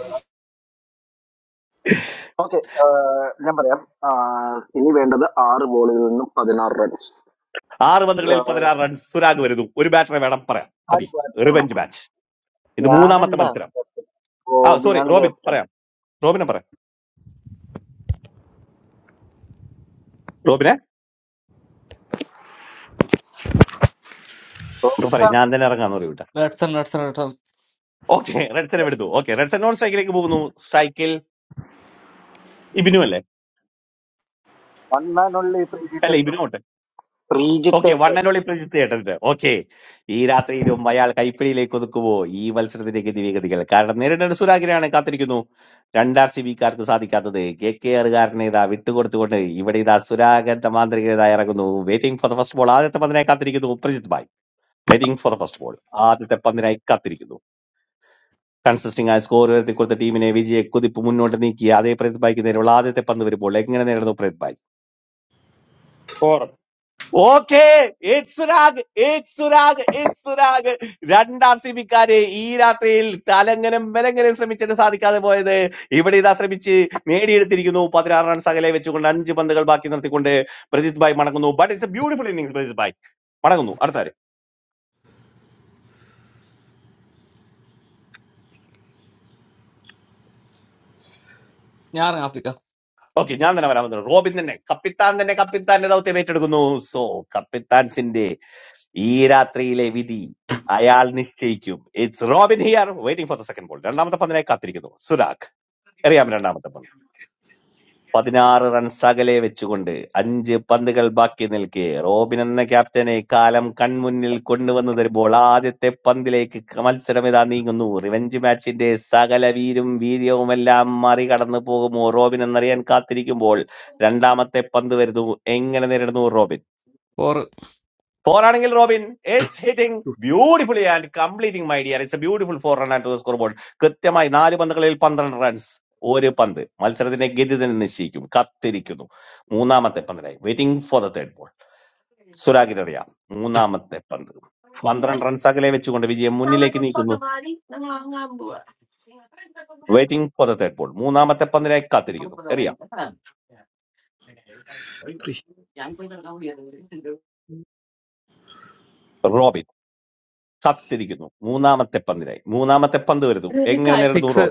Speaker 12: ആറ് പന്തുകളിൽ പതിനാറ് റൺസ് സുരാഗ് വരുന്നു ഒരു ബാറ്ററെ വേണം പറയാം അബി റിവെഞ്ച് മാച്ച് ഇത് മൂന്നാമത്തെ മത്സരം ആ സോറി റോബിൻ പറയാം റോബിനെ പറയാം റോബിനെ ഇപ്പൊ പറയും ഞാൻ തന്നെ ഇറങ്ങാന്ന് പറയും വിട്ട
Speaker 22: റെഡ്സൺ റെഡ്സൺ റെഡ്സൺ
Speaker 12: ഓക്കെ റെഡ്സനെ എടുത്തു ഓക്കെ റെഡ്സൺ നോൺ സ്ട്രൈക്കിലേക്ക് പോകുന്നു സ്ട്രൈക്കിൽ ഇബിനു അല്ലേ അല്ല ഇബിനു okay one and only Prajith ഏട്ടന്റെ ഓക്കെ ഈ രാത്രിയിലും അയാൾ കൈപ്പിടിയിലേക്ക് ഒതുക്കുവോ ഈ മത്സരത്തിന്റെ ഗതിവിഗതികൾ കാരണം നേരിടേണ്ട സുരാഗിനെയാണ് കാത്തിരിക്കുന്നു രണ്ടാർ സി ബിക്കാർക്ക് സാധിക്കാത്തത് കെ കെ ആറുകാരനെ ഇതാ വിട്ടുകൊടുത്തുകൊണ്ട് ഇവിടെ ഇതാ സുരാഗൻ തമാന്തരികത ഇറങ്ങുന്നു waiting for the first ball ആദ്യത്തെ പന്തിനായി കാത്തിരിക്കുന്നു Prajith bhai waiting for the first ball ആദ്യത്തെ പന്തിനായി കാത്തിരിക്കുന്നു കൺസിസ്റ്റിംഗ് ആയ സ്കോർ ഉയർത്തി കൊടുത്ത ടീമിനെ വിജയ കുതിപ്പ് മുന്നോട്ട് നീക്കി അതേ പ്രജിത് ഭായ്ക്ക് നേരെയുള്ള ആദ്യത്തെ പന്ത് വരുമ്പോൾ എങ്ങനെ നേരിടുന്നു പ്രജിത് ഭായ്
Speaker 30: four.
Speaker 12: ഓക്കേ ഏക് സുരാഗ് ഏക് സുരാഗ് ഏക് സുരാഗ് രണ്ട് ആർ സി ബിക്കാര് ഈ രാത്രിയിൽ തലങ്ങനം ബലങ്ങനം ശ്രമിച്ചിട്ട് സാധിക്കാതെ പോയത് ഇവിടെ ഇതാ ശ്രമിച്ച് നേടിയെടുത്തിരിക്കുന്നു പതിനാറ് റൺസ് അകലെ വെച്ചുകൊണ്ട് അഞ്ച് പന്തുകൾ ബാക്കി നിർത്തിക്കൊണ്ട് പ്രജിത് ഭായ് മടങ്ങുന്നു but it's a beautiful inning Prajith bhai മടങ്ങുന്നു അടുത്താര്
Speaker 22: ഞാൻ ആഫ്രിക്ക
Speaker 12: ഓക്കെ ഞാൻ തന്നെ വരാൻ വന്നു റോബിൻ തന്നെ കപ്പിത്താൻ തന്നെ കപ്പിത്താന്റെ ദൗത്യം ഏറ്റെടുക്കുന്നു സോ കപ്പിത്താൻസിന്റെ ഈ രാത്രിയിലെ വിധി അയാൾ നിശ്ചയിക്കും it's Robin here waiting for the second ball രണ്ടാമത്തെ പന്തിനായി കാത്തിരിക്കുന്നു സുരാഗ് എറിയാം രണ്ടാമത്തെ പന്ത് പതിനാറ് റൺസ് അകലെ വെച്ചുകൊണ്ട് അഞ്ച് പന്തുകൾ ബാക്കി നിൽക്കെ റോബിൻ എന്ന ക്യാപ്റ്റനെ കാലം കൺമുന്നിൽ കൊണ്ടുവന്നു തരുമ്പോൾ ആദ്യത്തെ പന്തിലേക്ക് ക- മത്സരം ഇതാ നീങ്ങുന്നു റിവഞ്ച് മാച്ചിന്റെ സകല വീരും വീര്യവുമെല്ലാം മറികടന്നു പോകുമോ റോബിൻ എന്നറിയാൻ കാത്തിരിക്കുമ്പോൾ രണ്ടാമത്തെ പന്ത് വരുന്നു എങ്ങനെ നേരിടുന്നു റോബിൻ
Speaker 22: ഫോർ
Speaker 12: Four ആണെങ്കിൽ Robin it's hitting beautifully and completing my dear it's a beautiful four run and to score board കൃത്യമായി നാല് പന്തുകളിൽ പന്ത്രണ്ട് റൺസ് ഒരു പന്ത് മത്സരത്തിന്റെ ഗതി തന്നെ നിശ്ചയിക്കും കത്തിരിക്കുന്നു മൂന്നാമത്തെ പന്തിനായി waiting for the third ball സുരാഗിനറിയാം മൂന്നാമത്തെ പന്ത്
Speaker 29: four,
Speaker 12: പന്ത്രണ്ട് റൺസ് അകലെ വെച്ചുകൊണ്ട് വിജയം മുന്നിലേക്ക് നീക്കുന്നു waiting for the third ball മൂന്നാമത്തെ പന്തിനായി കാത്തിരിക്കുന്നു എറിയാം
Speaker 29: three,
Speaker 12: റോബിൻ കത്തിരിക്കുന്നു മൂന്നാമത്തെ പന്തിനായി മൂന്നാമത്തെ പന്ത് വരുന്നു എങ്ങനെ നേരിടുന്നു
Speaker 22: സിക്സ്
Speaker 12: റോബിൻ